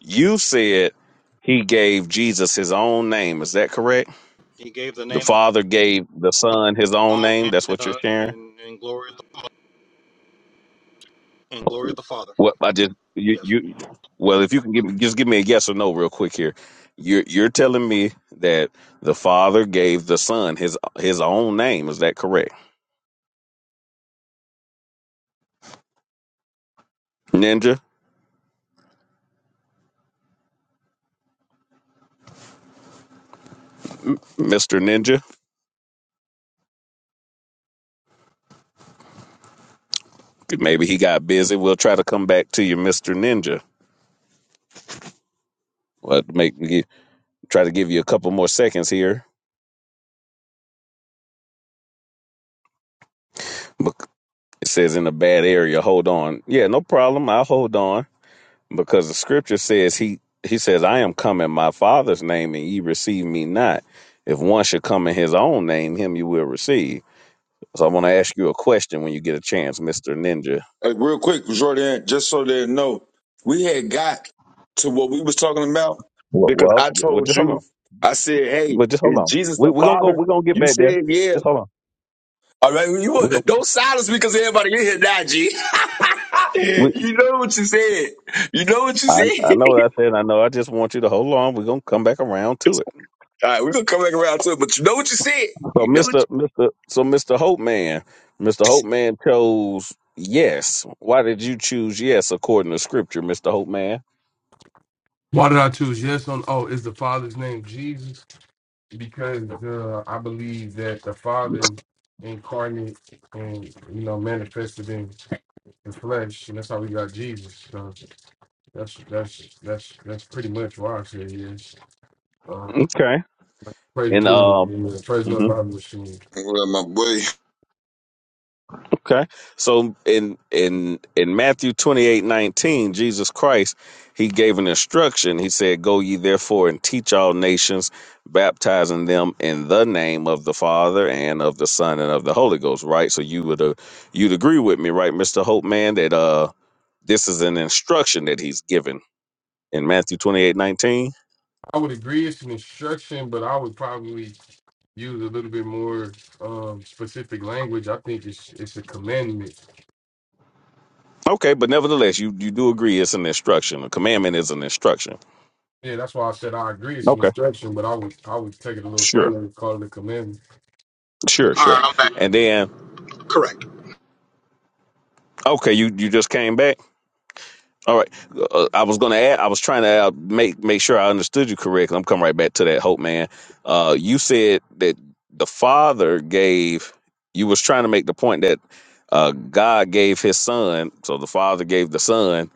Speaker 1: You said he gave Jesus his own name. Is that correct?
Speaker 12: he gave the
Speaker 1: The
Speaker 12: name above
Speaker 1: Father gave the Son his own
Speaker 12: all
Speaker 1: name.
Speaker 12: names
Speaker 1: That's
Speaker 12: and
Speaker 1: what you're
Speaker 12: uh,
Speaker 1: sharing.
Speaker 12: and, and glory. of the and glory of the Father.
Speaker 1: What I just you
Speaker 12: Yes.
Speaker 1: you well, if you can give me just give me a yes or no real quick here. You're you're telling me that the Father gave the Son his his own name. Is that correct, Ninja, Mister Ninja? Maybe he got busy. We'll try to come back to you, Mister Ninja. Well, make try to give you a couple more seconds here It says in a bad area, hold on. Yeah, no problem. I'll hold on because the scripture says he he says, I am come in my father's name and ye receive me not. If one should come in his own name, him you will receive. So I want to ask you a question when you get a chance, Mr. Ninja.
Speaker 11: Uh, real quick, Jordan, just so they know, we had got to what we was talking about
Speaker 1: Well,
Speaker 11: because
Speaker 1: well,
Speaker 11: I
Speaker 1: well
Speaker 11: told
Speaker 1: just hold
Speaker 11: you,
Speaker 1: on.
Speaker 11: I said, hey,
Speaker 1: Well, just hold
Speaker 11: is
Speaker 1: on.
Speaker 11: Jesus
Speaker 1: We,
Speaker 11: the
Speaker 1: we're going to go.
Speaker 11: Father?
Speaker 1: We're going to get
Speaker 11: You
Speaker 1: back there.
Speaker 11: said, yeah.
Speaker 1: Just hold on.
Speaker 11: All right, you
Speaker 1: We're gonna,
Speaker 11: don't silence me because everybody in here now, G.
Speaker 1: we,
Speaker 11: You know what you said. You know what you
Speaker 1: I, I
Speaker 11: said.
Speaker 1: know what I said. I know. I just want you to hold on. We're going to come back around to it.
Speaker 11: All right, we're gonna come back around to it, but you know what you said.
Speaker 1: So
Speaker 11: You know what
Speaker 1: Mr. Mr. So Mr. Hope Man, Mr. Hope Man chose yes. Why did you choose yes according to scripture, Mr. Hope Man?
Speaker 13: Why did I choose yes on? Oh, is the Father's name Jesus? Because uh, I believe that the Father incarnate and you know manifested in the flesh, and that's how we got Jesus. So that's that's that's that's pretty much why I said yes. Uh,
Speaker 1: Okay.
Speaker 13: praise
Speaker 1: And
Speaker 13: the Lord,
Speaker 1: um
Speaker 13: Amen. praise the Lord,
Speaker 1: mhm.
Speaker 13: Bible machine.
Speaker 11: you Well, my boy.
Speaker 1: okay. So in in in Matthew twenty eight nineteen, Jesus Christ, he gave an instruction. He said, Go ye therefore and teach all nations, baptizing them in the name of the Father and of the Son and of the Holy Ghost, right? So you would uh, you'd agree with me, right, Mr. Hope Man, that uh This is an instruction that he's given in Matthew 28 19.
Speaker 13: I would agree it's an instruction, but I would probably use a little bit more um, specific language. I think it's it's a commandment
Speaker 1: Okay, but nevertheless, you, you do agree it's an instruction. A commandment is an instruction.
Speaker 13: Yeah, that's why I said I agree it's an
Speaker 1: Okay.
Speaker 13: instruction, but I would I would take it a little
Speaker 1: Sure.
Speaker 13: further and call it a commandment.
Speaker 1: Sure,
Speaker 12: All
Speaker 1: sure.
Speaker 12: right, I'm back.
Speaker 1: And then,
Speaker 12: Correct.
Speaker 1: okay, you, you just came back. All right. Uh, I was going to add, I was trying to add, make make sure I understood you correctly. I'm coming right back to that hope, man. Uh, you said that the father gave. You was trying to make the point that uh, God gave His Son, so the Father gave the Son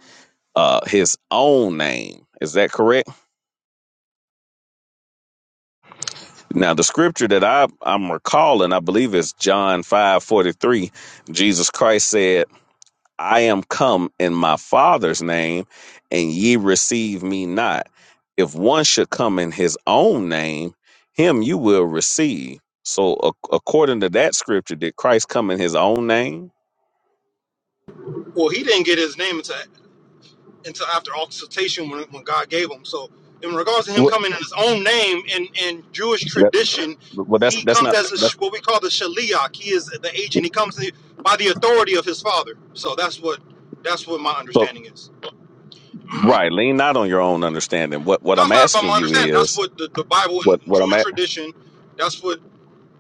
Speaker 1: uh, His own name. Is that correct? Now, the scripture that I I'm recalling, I believe is John five forty three. Jesus Christ said. I am come in my Father's name, and ye receive me not. If one should come in his own name, him you will receive. So, ac- according to that scripture, did Christ come in his own name?
Speaker 12: Well, he didn't get his name until until after occultation when, when God gave him. So, in regards to him
Speaker 1: What?
Speaker 12: coming in his own name in in Jewish
Speaker 1: That,
Speaker 12: tradition,
Speaker 1: well, that's
Speaker 12: he
Speaker 1: that's
Speaker 12: comes
Speaker 1: not.
Speaker 12: as a,
Speaker 1: That's,
Speaker 12: what we call the shaliach. He is the agent. He comes in by the authority of his father. So that's what that's what my
Speaker 1: so,
Speaker 12: understanding is.
Speaker 1: right. Lean not on your own understanding. What what
Speaker 12: No,
Speaker 1: I'm
Speaker 12: it's not about
Speaker 1: asking
Speaker 12: my
Speaker 1: you
Speaker 12: understanding. That's
Speaker 1: is
Speaker 12: what the, the Bible
Speaker 1: what
Speaker 12: and
Speaker 1: what I'm
Speaker 12: Jewish
Speaker 1: at.
Speaker 12: tradition. That's what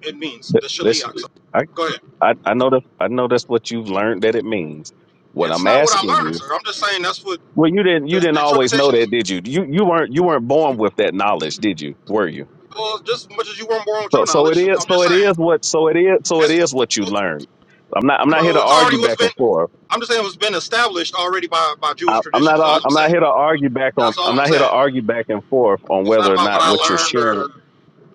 Speaker 12: it means. The
Speaker 1: Listen.
Speaker 12: shaliach. So, go ahead.
Speaker 1: I, I know that I know that's what you've learned that it means. What
Speaker 12: It's
Speaker 1: I'm
Speaker 12: not what I
Speaker 1: asking
Speaker 12: learned,
Speaker 1: you,
Speaker 12: sir. I'm just saying that's what
Speaker 1: well, you didn't
Speaker 12: the,
Speaker 1: you didn't
Speaker 12: the
Speaker 1: always know
Speaker 12: interpretation. is.
Speaker 1: that, did you? You you weren't you weren't born with that knowledge, did you? Were you?
Speaker 12: Well, just as much as you weren't born with
Speaker 1: So
Speaker 12: your
Speaker 1: so it
Speaker 12: knowledge,
Speaker 1: is
Speaker 12: I'm
Speaker 1: so
Speaker 12: just
Speaker 1: it
Speaker 12: saying.
Speaker 1: is what so it is so it
Speaker 12: It's,
Speaker 1: is what you learned. I'm not I'm not here
Speaker 12: well,
Speaker 1: to
Speaker 12: it's
Speaker 1: argue
Speaker 12: already what's
Speaker 1: back
Speaker 12: been.
Speaker 1: and forth.
Speaker 12: I'm just saying what's been established already by, by
Speaker 1: I,
Speaker 12: Jewish
Speaker 1: I'm
Speaker 12: tradition.
Speaker 1: not
Speaker 12: Is
Speaker 1: ar-
Speaker 12: all I'm
Speaker 1: I'm not
Speaker 12: saying.
Speaker 1: here to argue back on
Speaker 12: That's all
Speaker 1: I'm
Speaker 12: I'm
Speaker 1: not here
Speaker 12: saying.
Speaker 1: to argue back and forth on
Speaker 12: It's not
Speaker 1: whether or
Speaker 12: about what
Speaker 1: not
Speaker 12: I
Speaker 1: what you're
Speaker 12: learned
Speaker 1: sharing.
Speaker 12: or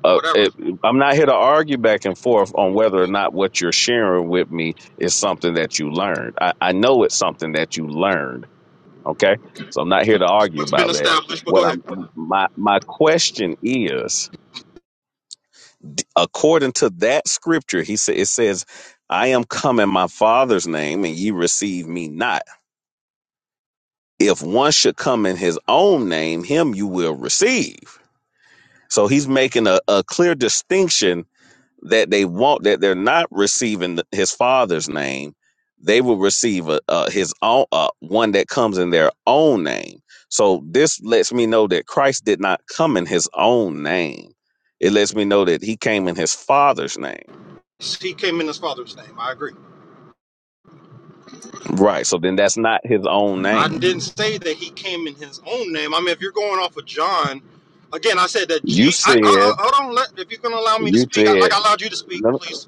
Speaker 1: Uh,
Speaker 12: whatever.
Speaker 1: it, I'm not here to argue back and forth on whether or not what you're sharing with me is something that you learned. I, I know it's something that you learned Okay, so I'm not here to
Speaker 12: It's
Speaker 1: argue
Speaker 12: What's been
Speaker 1: about that.
Speaker 12: established. But
Speaker 1: What
Speaker 12: go ahead.
Speaker 1: I'm my my question is, d- according to that scripture, he said it says, "I am come in my Father's name, and ye receive me not." If one should come in his own name, him you will receive. So he's making a, a clear distinction that they want that they're not receiving the, his father's name they will receive a, a his own uh, one that comes in their own name so this lets me know that christ did not come in his own name it lets me know that he came in his father's name
Speaker 12: He came in his father's name. I agree.
Speaker 1: right so then that's not his own
Speaker 12: I
Speaker 1: name
Speaker 12: didn't say that he came in his own name. I mean, if you're going off of John, again, I said that.
Speaker 1: you
Speaker 12: G- I, I, I,
Speaker 1: said
Speaker 12: hold on. Let, if you're going to allow me to
Speaker 1: you
Speaker 12: speak, I,
Speaker 1: said
Speaker 12: like I allowed you to speak,
Speaker 1: no
Speaker 12: please.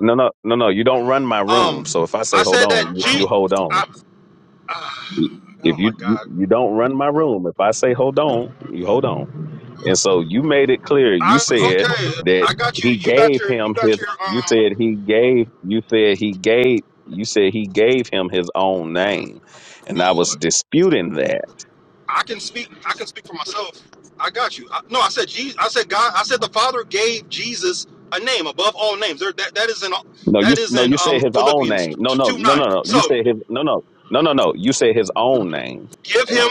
Speaker 1: no no no no you don't run my room so
Speaker 12: Um,
Speaker 1: if i say
Speaker 12: I
Speaker 1: hold
Speaker 12: said
Speaker 1: on
Speaker 12: that.
Speaker 1: you, you
Speaker 12: G-
Speaker 1: hold on
Speaker 12: I, ah, oh
Speaker 1: if you,
Speaker 12: my
Speaker 1: you
Speaker 12: God.
Speaker 1: you don't run my room if i say hold on you hold on And so you made it clear. You
Speaker 12: I
Speaker 1: said
Speaker 12: okay.
Speaker 1: that
Speaker 12: I got you.
Speaker 1: he
Speaker 12: You got
Speaker 1: gave
Speaker 12: your. You
Speaker 1: him
Speaker 12: got
Speaker 1: his.
Speaker 12: your.
Speaker 1: You
Speaker 12: Um.
Speaker 1: said he gave. You said he gave. You said he gave him his own name, and I
Speaker 12: Well,
Speaker 1: was disputing that.
Speaker 12: I can speak. I can speak for myself. I got you. I, no, I said Jesus. I said God. I said the Father gave Jesus a name above all names. There, that that is in
Speaker 1: No, you
Speaker 12: that is
Speaker 1: no.
Speaker 12: in
Speaker 1: You said
Speaker 12: um
Speaker 1: his own
Speaker 12: Philippians
Speaker 1: name. No,
Speaker 12: two,
Speaker 1: no,
Speaker 12: two
Speaker 1: no,
Speaker 12: nine.
Speaker 1: no, no. You
Speaker 12: So
Speaker 1: said his. No, no, no, no, no. You said his own name.
Speaker 12: give him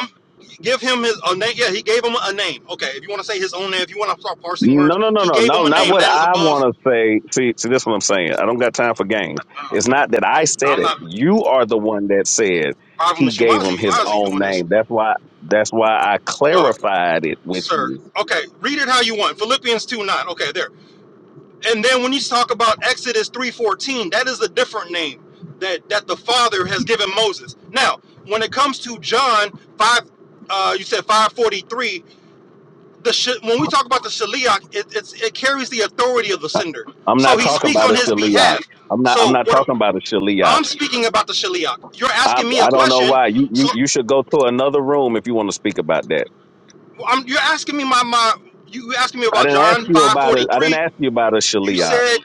Speaker 12: give him his a name. Yeah, he gave him a name. Okay, if you want to say his own name, if you want to start parsing
Speaker 1: No,
Speaker 12: words,
Speaker 1: no, no,
Speaker 12: he
Speaker 1: no,
Speaker 12: gave
Speaker 1: no,
Speaker 12: him a
Speaker 1: not
Speaker 12: name
Speaker 1: what
Speaker 12: that is
Speaker 1: I
Speaker 12: above.
Speaker 1: want to say. See, see, this is what I'm saying. I don't got time for games. It's not that I said
Speaker 12: I'm
Speaker 1: it.
Speaker 12: not
Speaker 1: You are the one that said
Speaker 12: Bible
Speaker 1: he
Speaker 12: machine. Why
Speaker 1: gave
Speaker 12: is
Speaker 1: him
Speaker 12: he?
Speaker 1: his
Speaker 12: Why is he
Speaker 1: own
Speaker 12: doing this?
Speaker 1: name. That's why. That's why I
Speaker 12: Look,
Speaker 1: clarified it with
Speaker 12: sir.
Speaker 1: you.
Speaker 12: Okay, read it how you want. Philippians two nine. Okay, there. And then when you talk about Exodus 3:14, that is a different name that that the Father has given Moses. Now, when it comes to John 5 uh you said 543, the sh- when we talk about the Shaliach, it it's, it carries the authority of the
Speaker 1: I-
Speaker 12: sender.
Speaker 1: I'm
Speaker 12: So
Speaker 1: not
Speaker 12: he
Speaker 1: talking
Speaker 12: speaks
Speaker 1: about
Speaker 12: on
Speaker 1: a
Speaker 12: his
Speaker 1: shaliach.
Speaker 12: behalf.
Speaker 1: I'm not. I'm
Speaker 12: So
Speaker 1: not
Speaker 12: what
Speaker 1: talking about a shaliach.
Speaker 12: I'm speaking about the Shaliach. You're
Speaker 1: I
Speaker 12: asking me a
Speaker 1: I don't know
Speaker 12: question.
Speaker 1: why. You
Speaker 12: So
Speaker 1: you you should go to another room if you want to speak about that.
Speaker 12: I'm, you're asking me my my you asking me
Speaker 1: I
Speaker 12: about
Speaker 1: didn't ask
Speaker 12: John
Speaker 1: you about a. I didn't
Speaker 12: 543.
Speaker 1: ask you about a
Speaker 12: You
Speaker 1: shaliach.
Speaker 12: said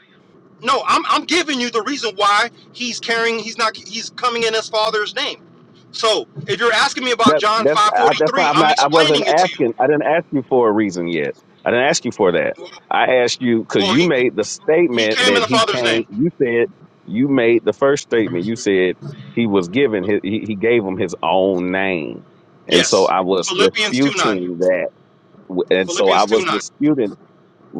Speaker 12: No, I'm I'm giving you the reason why he's carrying he's not he's coming in his father's name. So if you're asking me about
Speaker 1: That
Speaker 12: John
Speaker 1: that's
Speaker 12: five
Speaker 1: I,
Speaker 12: forty
Speaker 1: that's fine.
Speaker 12: three,
Speaker 1: I'm
Speaker 12: I'm
Speaker 1: not. I wasn't
Speaker 12: explaining it to
Speaker 1: asking.
Speaker 12: you.
Speaker 1: I didn't ask you for a reason yet. I didn't ask you for that. I asked you because
Speaker 12: Well,
Speaker 1: you
Speaker 12: he
Speaker 1: made the
Speaker 12: he
Speaker 1: statement
Speaker 12: came in
Speaker 1: that
Speaker 12: the
Speaker 1: he
Speaker 12: father's
Speaker 1: came.
Speaker 12: name.
Speaker 1: You said you made the first statement. You said he was given his. He, he gave him his own name, and so
Speaker 12: Yes,
Speaker 1: I was
Speaker 12: Philippians two nine
Speaker 1: disputing that. W-
Speaker 12: and
Speaker 1: And so I
Speaker 12: Philippians two
Speaker 1: was
Speaker 12: nine.
Speaker 1: disputing.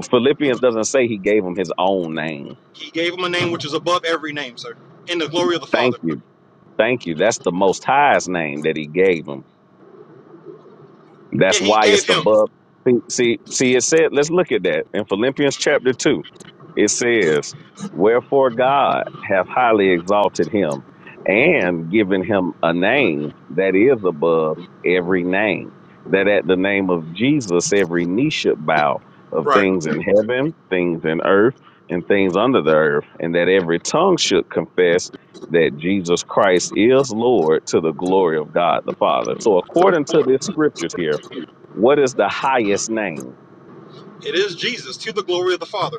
Speaker 1: Philippians doesn't say he gave him his own name.
Speaker 12: He gave him a name which is above every name, sir, in the glory of the
Speaker 1: Thank
Speaker 12: Father.
Speaker 1: you. Thank you. That's the Most High's name that he gave him.
Speaker 12: Yeah,
Speaker 1: That's
Speaker 12: he
Speaker 1: why it's
Speaker 12: gave
Speaker 1: the
Speaker 12: him
Speaker 1: above. See, see, see, it said, let's look at that. In Philippians chapter 2, it says, Wherefore God hath highly exalted him and given him a name that is above every name, that at the name of Jesus every knee should bow of
Speaker 12: right.
Speaker 1: things in heaven, things in earth, and things under the earth, and that every tongue should confess that Jesus Christ is Lord to the glory of God the Father. So, according to this scriptures here, what is the highest name?
Speaker 12: It is Jesus to the glory of the Father.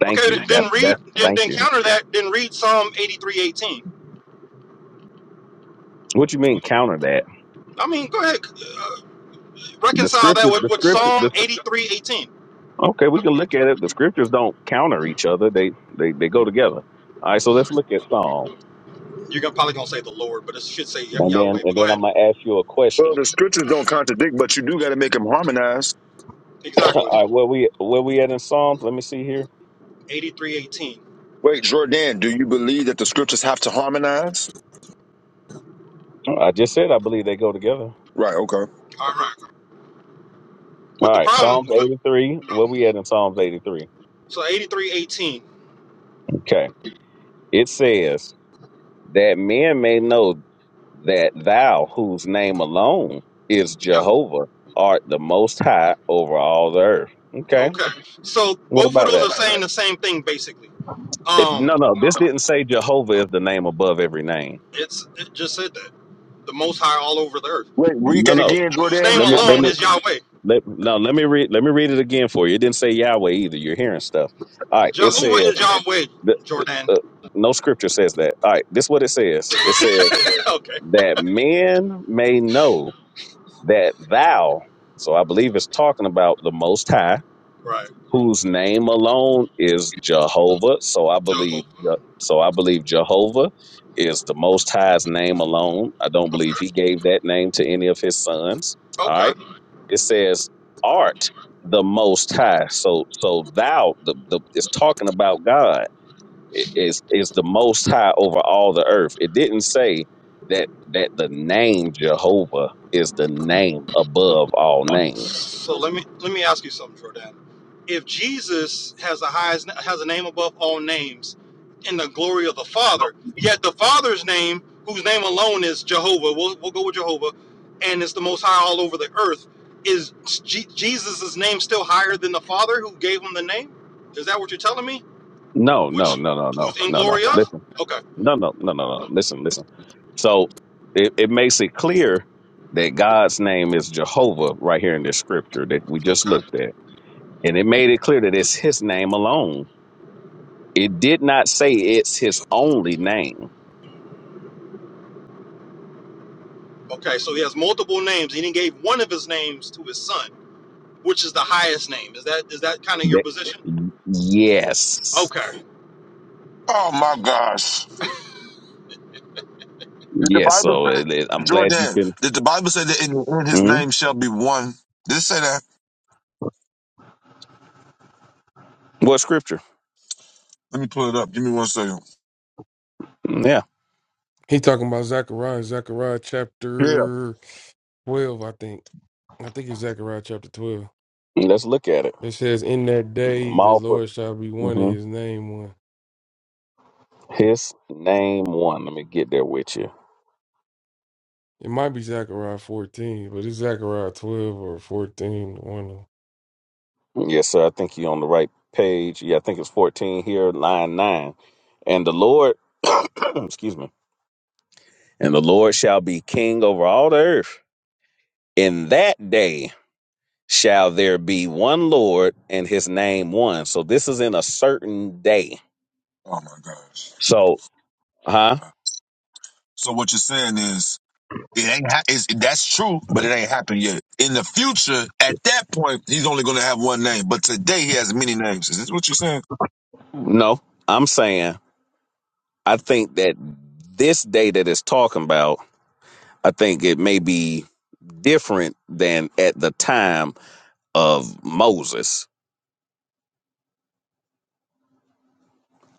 Speaker 1: Thank
Speaker 12: Okay, th-
Speaker 1: you. That
Speaker 12: then read
Speaker 1: that
Speaker 12: then
Speaker 1: thank
Speaker 12: then
Speaker 1: you.
Speaker 12: counter that. Then read Psalm eighty three eighteen.
Speaker 1: What you mean counter that?
Speaker 12: I mean, go ahead,
Speaker 1: The
Speaker 12: reconcile that
Speaker 1: scripture
Speaker 12: with,
Speaker 1: the
Speaker 12: with
Speaker 1: scripture
Speaker 12: Psalm
Speaker 1: the
Speaker 12: eighty
Speaker 1: okay, we can look at it. The scriptures don't counter each other. They they they go together. All right, so let's look at Psalms.
Speaker 12: You're gonna, probably going to say the Lord, but it should say Yah-
Speaker 1: And then
Speaker 12: Yahweh.
Speaker 1: and
Speaker 12: But go
Speaker 1: then I'm
Speaker 12: ahead.
Speaker 1: gonna ask you a
Speaker 11: Well,
Speaker 1: question.
Speaker 11: the scriptures don't contradict, but you do got to make them harmonize.
Speaker 1: All
Speaker 12: Exactly.
Speaker 1: right, where we where we at in Psalms? Let me see here.
Speaker 12: Eighty three
Speaker 11: Wait, Jordan, do you believe that the scriptures have to harmonize?
Speaker 1: I just said I believe they go together.
Speaker 11: Right, okay.
Speaker 12: All right.
Speaker 1: All
Speaker 12: But the
Speaker 1: right,
Speaker 12: problem,
Speaker 1: Psalms 83. Where we at in Psalms 83?
Speaker 12: so 83 18.
Speaker 1: Okay. It says that men may know that thou, whose name alone is
Speaker 12: Yeah.
Speaker 1: Jehovah, art the most high over all the earth. Okay.
Speaker 12: Okay. So
Speaker 1: What
Speaker 12: both of
Speaker 1: about
Speaker 12: those
Speaker 1: that?
Speaker 12: are saying the same thing, basically.
Speaker 1: It,
Speaker 12: Um,
Speaker 1: no, no, this didn't say Jehovah is the name above every name.
Speaker 12: It's It just said that. The Most High all over the earth.
Speaker 11: Wait, read
Speaker 1: No,
Speaker 11: that
Speaker 1: no.
Speaker 11: again,
Speaker 12: Whose
Speaker 11: Jordan,
Speaker 12: name
Speaker 1: Let me let
Speaker 12: alone
Speaker 11: verbatim.
Speaker 1: me
Speaker 12: is Yahweh.
Speaker 1: let no, let me read let me read it again for you. It didn't say Yahweh either. You're hearing stuff. All right, it
Speaker 12: Jehovah
Speaker 1: said
Speaker 12: is Yahweh,
Speaker 1: the,
Speaker 12: Jordan.
Speaker 1: uh, no scripture says that. All right, this is what it says. It says
Speaker 12: okay.
Speaker 1: that men may know that thou, so I believe it's talking about the most high
Speaker 12: Right.
Speaker 1: whose name alone is Jehovah. So I believe
Speaker 12: Jehovah.
Speaker 1: uh, so I believe Jehovah is the most high's name alone. I don't believe he gave that name to any of his sons. All
Speaker 12: Okay.
Speaker 1: right. It says art the most high. So so thou the, the it's talking about God i- is is the most high over all the earth. It didn't say that that the name Jehovah is the name above all names.
Speaker 12: So let me let me ask you something, Jordan. If Jesus has the highest has a name above all names in the glory of the Father, yet the Father's name, whose name alone is Jehovah, we'll, we'll go with Jehovah, and it's the most high all over the earth, is Je- Jesus' name still higher than the Father who gave him the name? Is that what you're telling me?
Speaker 1: No,
Speaker 12: Which
Speaker 1: no, no, no,
Speaker 12: who's
Speaker 1: no,
Speaker 12: in
Speaker 1: no, no.
Speaker 12: glory of?
Speaker 1: Listen.
Speaker 12: Okay.
Speaker 1: No, no, no, no, no. Listen, listen. So it, it makes it clear that God's name is Jehovah right here in this scripture that we just
Speaker 12: Okay.
Speaker 1: looked at. And it made it clear that it's his name alone. It did not say it's his only name.
Speaker 12: Okay, so he has multiple names. He didn't gave one of his names to his son, which is the highest name. Is that is that kind of your
Speaker 1: That,
Speaker 12: position?
Speaker 1: yes.
Speaker 12: Okay.
Speaker 11: Oh my gosh. Did the
Speaker 1: Yes.
Speaker 11: Bible
Speaker 1: So
Speaker 11: say
Speaker 1: it, it- I'm glad you
Speaker 11: Jordan?
Speaker 1: can.
Speaker 11: Did the Bible say that in the end his
Speaker 1: mhm.
Speaker 11: name shall be one? Did it say that?
Speaker 1: What scripture?
Speaker 11: Let me pull it up. Give me one second.
Speaker 1: Mm, Yeah.
Speaker 13: He talking about Zechariah, Zechariah
Speaker 11: Yeah.
Speaker 13: chapter twelve, I think. I think it's Zechariah chapter twelve.
Speaker 1: Let's look at it.
Speaker 13: It says, "In that day,
Speaker 1: I'm
Speaker 13: the
Speaker 1: all for
Speaker 13: Lord shall be one, in
Speaker 1: mhm.
Speaker 13: His name one."
Speaker 1: his name one. Let me get there with you.
Speaker 13: It might be Zechariah fourteen, but it's Zechariah twelve or fourteen. One. of 'em.
Speaker 1: Yes, sir. I think you're on the right page. Yeah, I think it's 14 here, line 9. And the Lord, excuse me, and the Lord shall be king over all the earth. In that day shall there be one Lord and his name one. So this is in a certain day.
Speaker 11: Oh my gosh.
Speaker 1: So, huh?
Speaker 11: Wow. So what you're saying is It ain't ha- it's, that's true, but it ain't happened yet. In the future, at that point, he's only going to have one name. But today, he has many names. Is this what you're saying?
Speaker 1: No, I'm saying I think that this day that it's talking about, I think it may be different than at the time of Moses.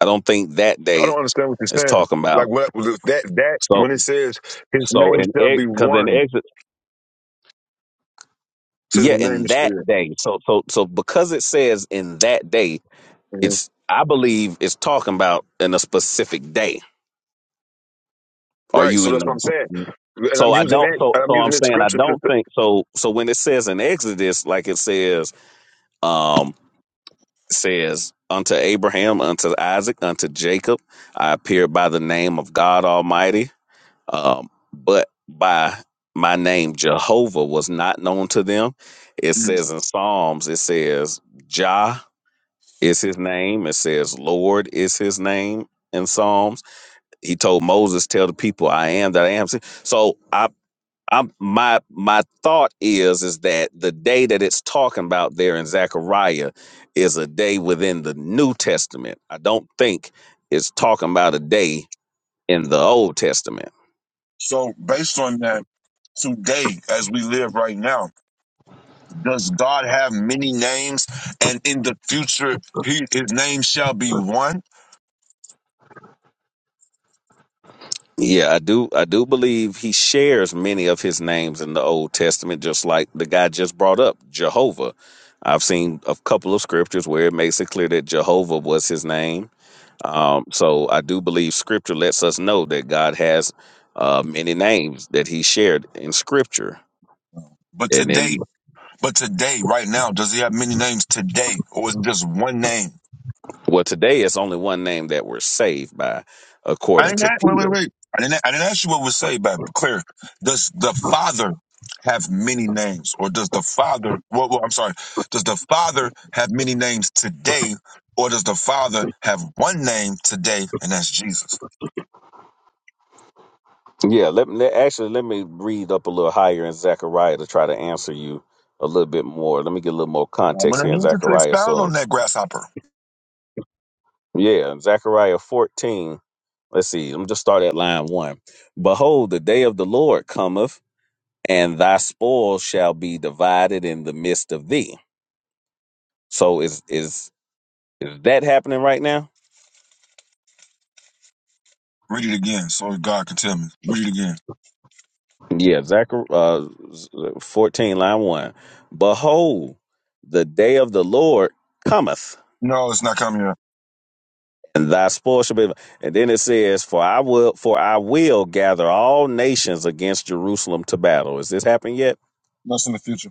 Speaker 1: I don't think that
Speaker 11: I
Speaker 1: day
Speaker 11: don't understand what you're
Speaker 1: It's
Speaker 11: saying.
Speaker 1: talking
Speaker 11: Like
Speaker 1: about
Speaker 11: what that that
Speaker 1: so
Speaker 11: when it says his
Speaker 1: so
Speaker 11: name
Speaker 1: in
Speaker 11: shall
Speaker 1: ex
Speaker 11: be
Speaker 1: because in
Speaker 11: one,
Speaker 1: exit
Speaker 11: says his
Speaker 1: yeah
Speaker 11: name
Speaker 1: in
Speaker 11: is
Speaker 1: that day so so so because it says in that day
Speaker 11: Mhm.
Speaker 1: it's I believe it's talking about in a specific day. Are
Speaker 11: right.
Speaker 1: you
Speaker 11: So
Speaker 1: in
Speaker 11: that's what I'm saying,
Speaker 1: the
Speaker 11: and
Speaker 1: so
Speaker 11: I'm
Speaker 1: I
Speaker 11: using
Speaker 1: don't
Speaker 11: that.
Speaker 1: so
Speaker 11: And I'm
Speaker 1: so
Speaker 11: using
Speaker 1: I'm
Speaker 11: that
Speaker 1: saying I
Speaker 11: scripture to.
Speaker 1: don't think so so when it says in Exodus like it says um it says unto Abraham unto Isaac unto Jacob I appeared by the name of God Almighty Um, but by my name, Jehovah was not known to them. It says in Psalms, it says Jah is his name. It says Lord is his name in Psalms. He told Moses, "Tell the people, I am that I am." So I, I'm my my thought is is that the day that it's talking about there in Zechariah is a day within the New Testament. I don't think it's talking about a day in the Old Testament
Speaker 11: So, based on that, today, as we live right now, does God have many names? And in the future, he, his name shall be one.
Speaker 1: Yeah, I do. I do believe he shares many of his names in the Old Testament, just like the guy just brought up, Jehovah. I've seen a couple of scriptures where it makes it clear that Jehovah was his name. Um, so I do believe Scripture lets us know that God has uh, many names that He shared in Scripture,
Speaker 11: But
Speaker 1: and
Speaker 11: today,
Speaker 1: then
Speaker 11: But today, right now, does he have many names today, or is it just one name?
Speaker 1: well, today it's only one name that we're saved by,
Speaker 11: I
Speaker 1: according
Speaker 11: didn't
Speaker 1: to
Speaker 11: ask. Wait, wait,
Speaker 1: Peter.
Speaker 11: wait. I didn't. I didn't ask you what was saved, but clear. Does the Father have many names, or does the Father? Well, well, I'm sorry. Does the Father have many names today, or does the Father have one name today, and that's Jesus?
Speaker 1: Yeah, let, let actually let me read up a little higher in Zechariah to try to answer you a little bit more. Let me get a little more
Speaker 11: I'm
Speaker 1: context
Speaker 11: gonna
Speaker 1: here in
Speaker 11: need you to
Speaker 1: Zechariah.
Speaker 11: expound
Speaker 1: So
Speaker 11: on
Speaker 1: in-
Speaker 11: that grasshopper.
Speaker 1: yeah, in Zechariah 14. Let's see. I'm just start at line one. Behold, the day of the Lord cometh, and thy spoil shall be divided in the midst of thee. So is is is that happening right now?
Speaker 11: Read it again, so God can tell me. Read it again.
Speaker 1: Yeah, Zechariah uh, Z- 14, line one. Behold, the day of the Lord cometh
Speaker 11: No, it's not coming up.
Speaker 1: and thy spoil shall be. And then it says, "For I will, for I will gather all nations against Jerusalem to battle." Has this happened yet?
Speaker 11: That's in the future.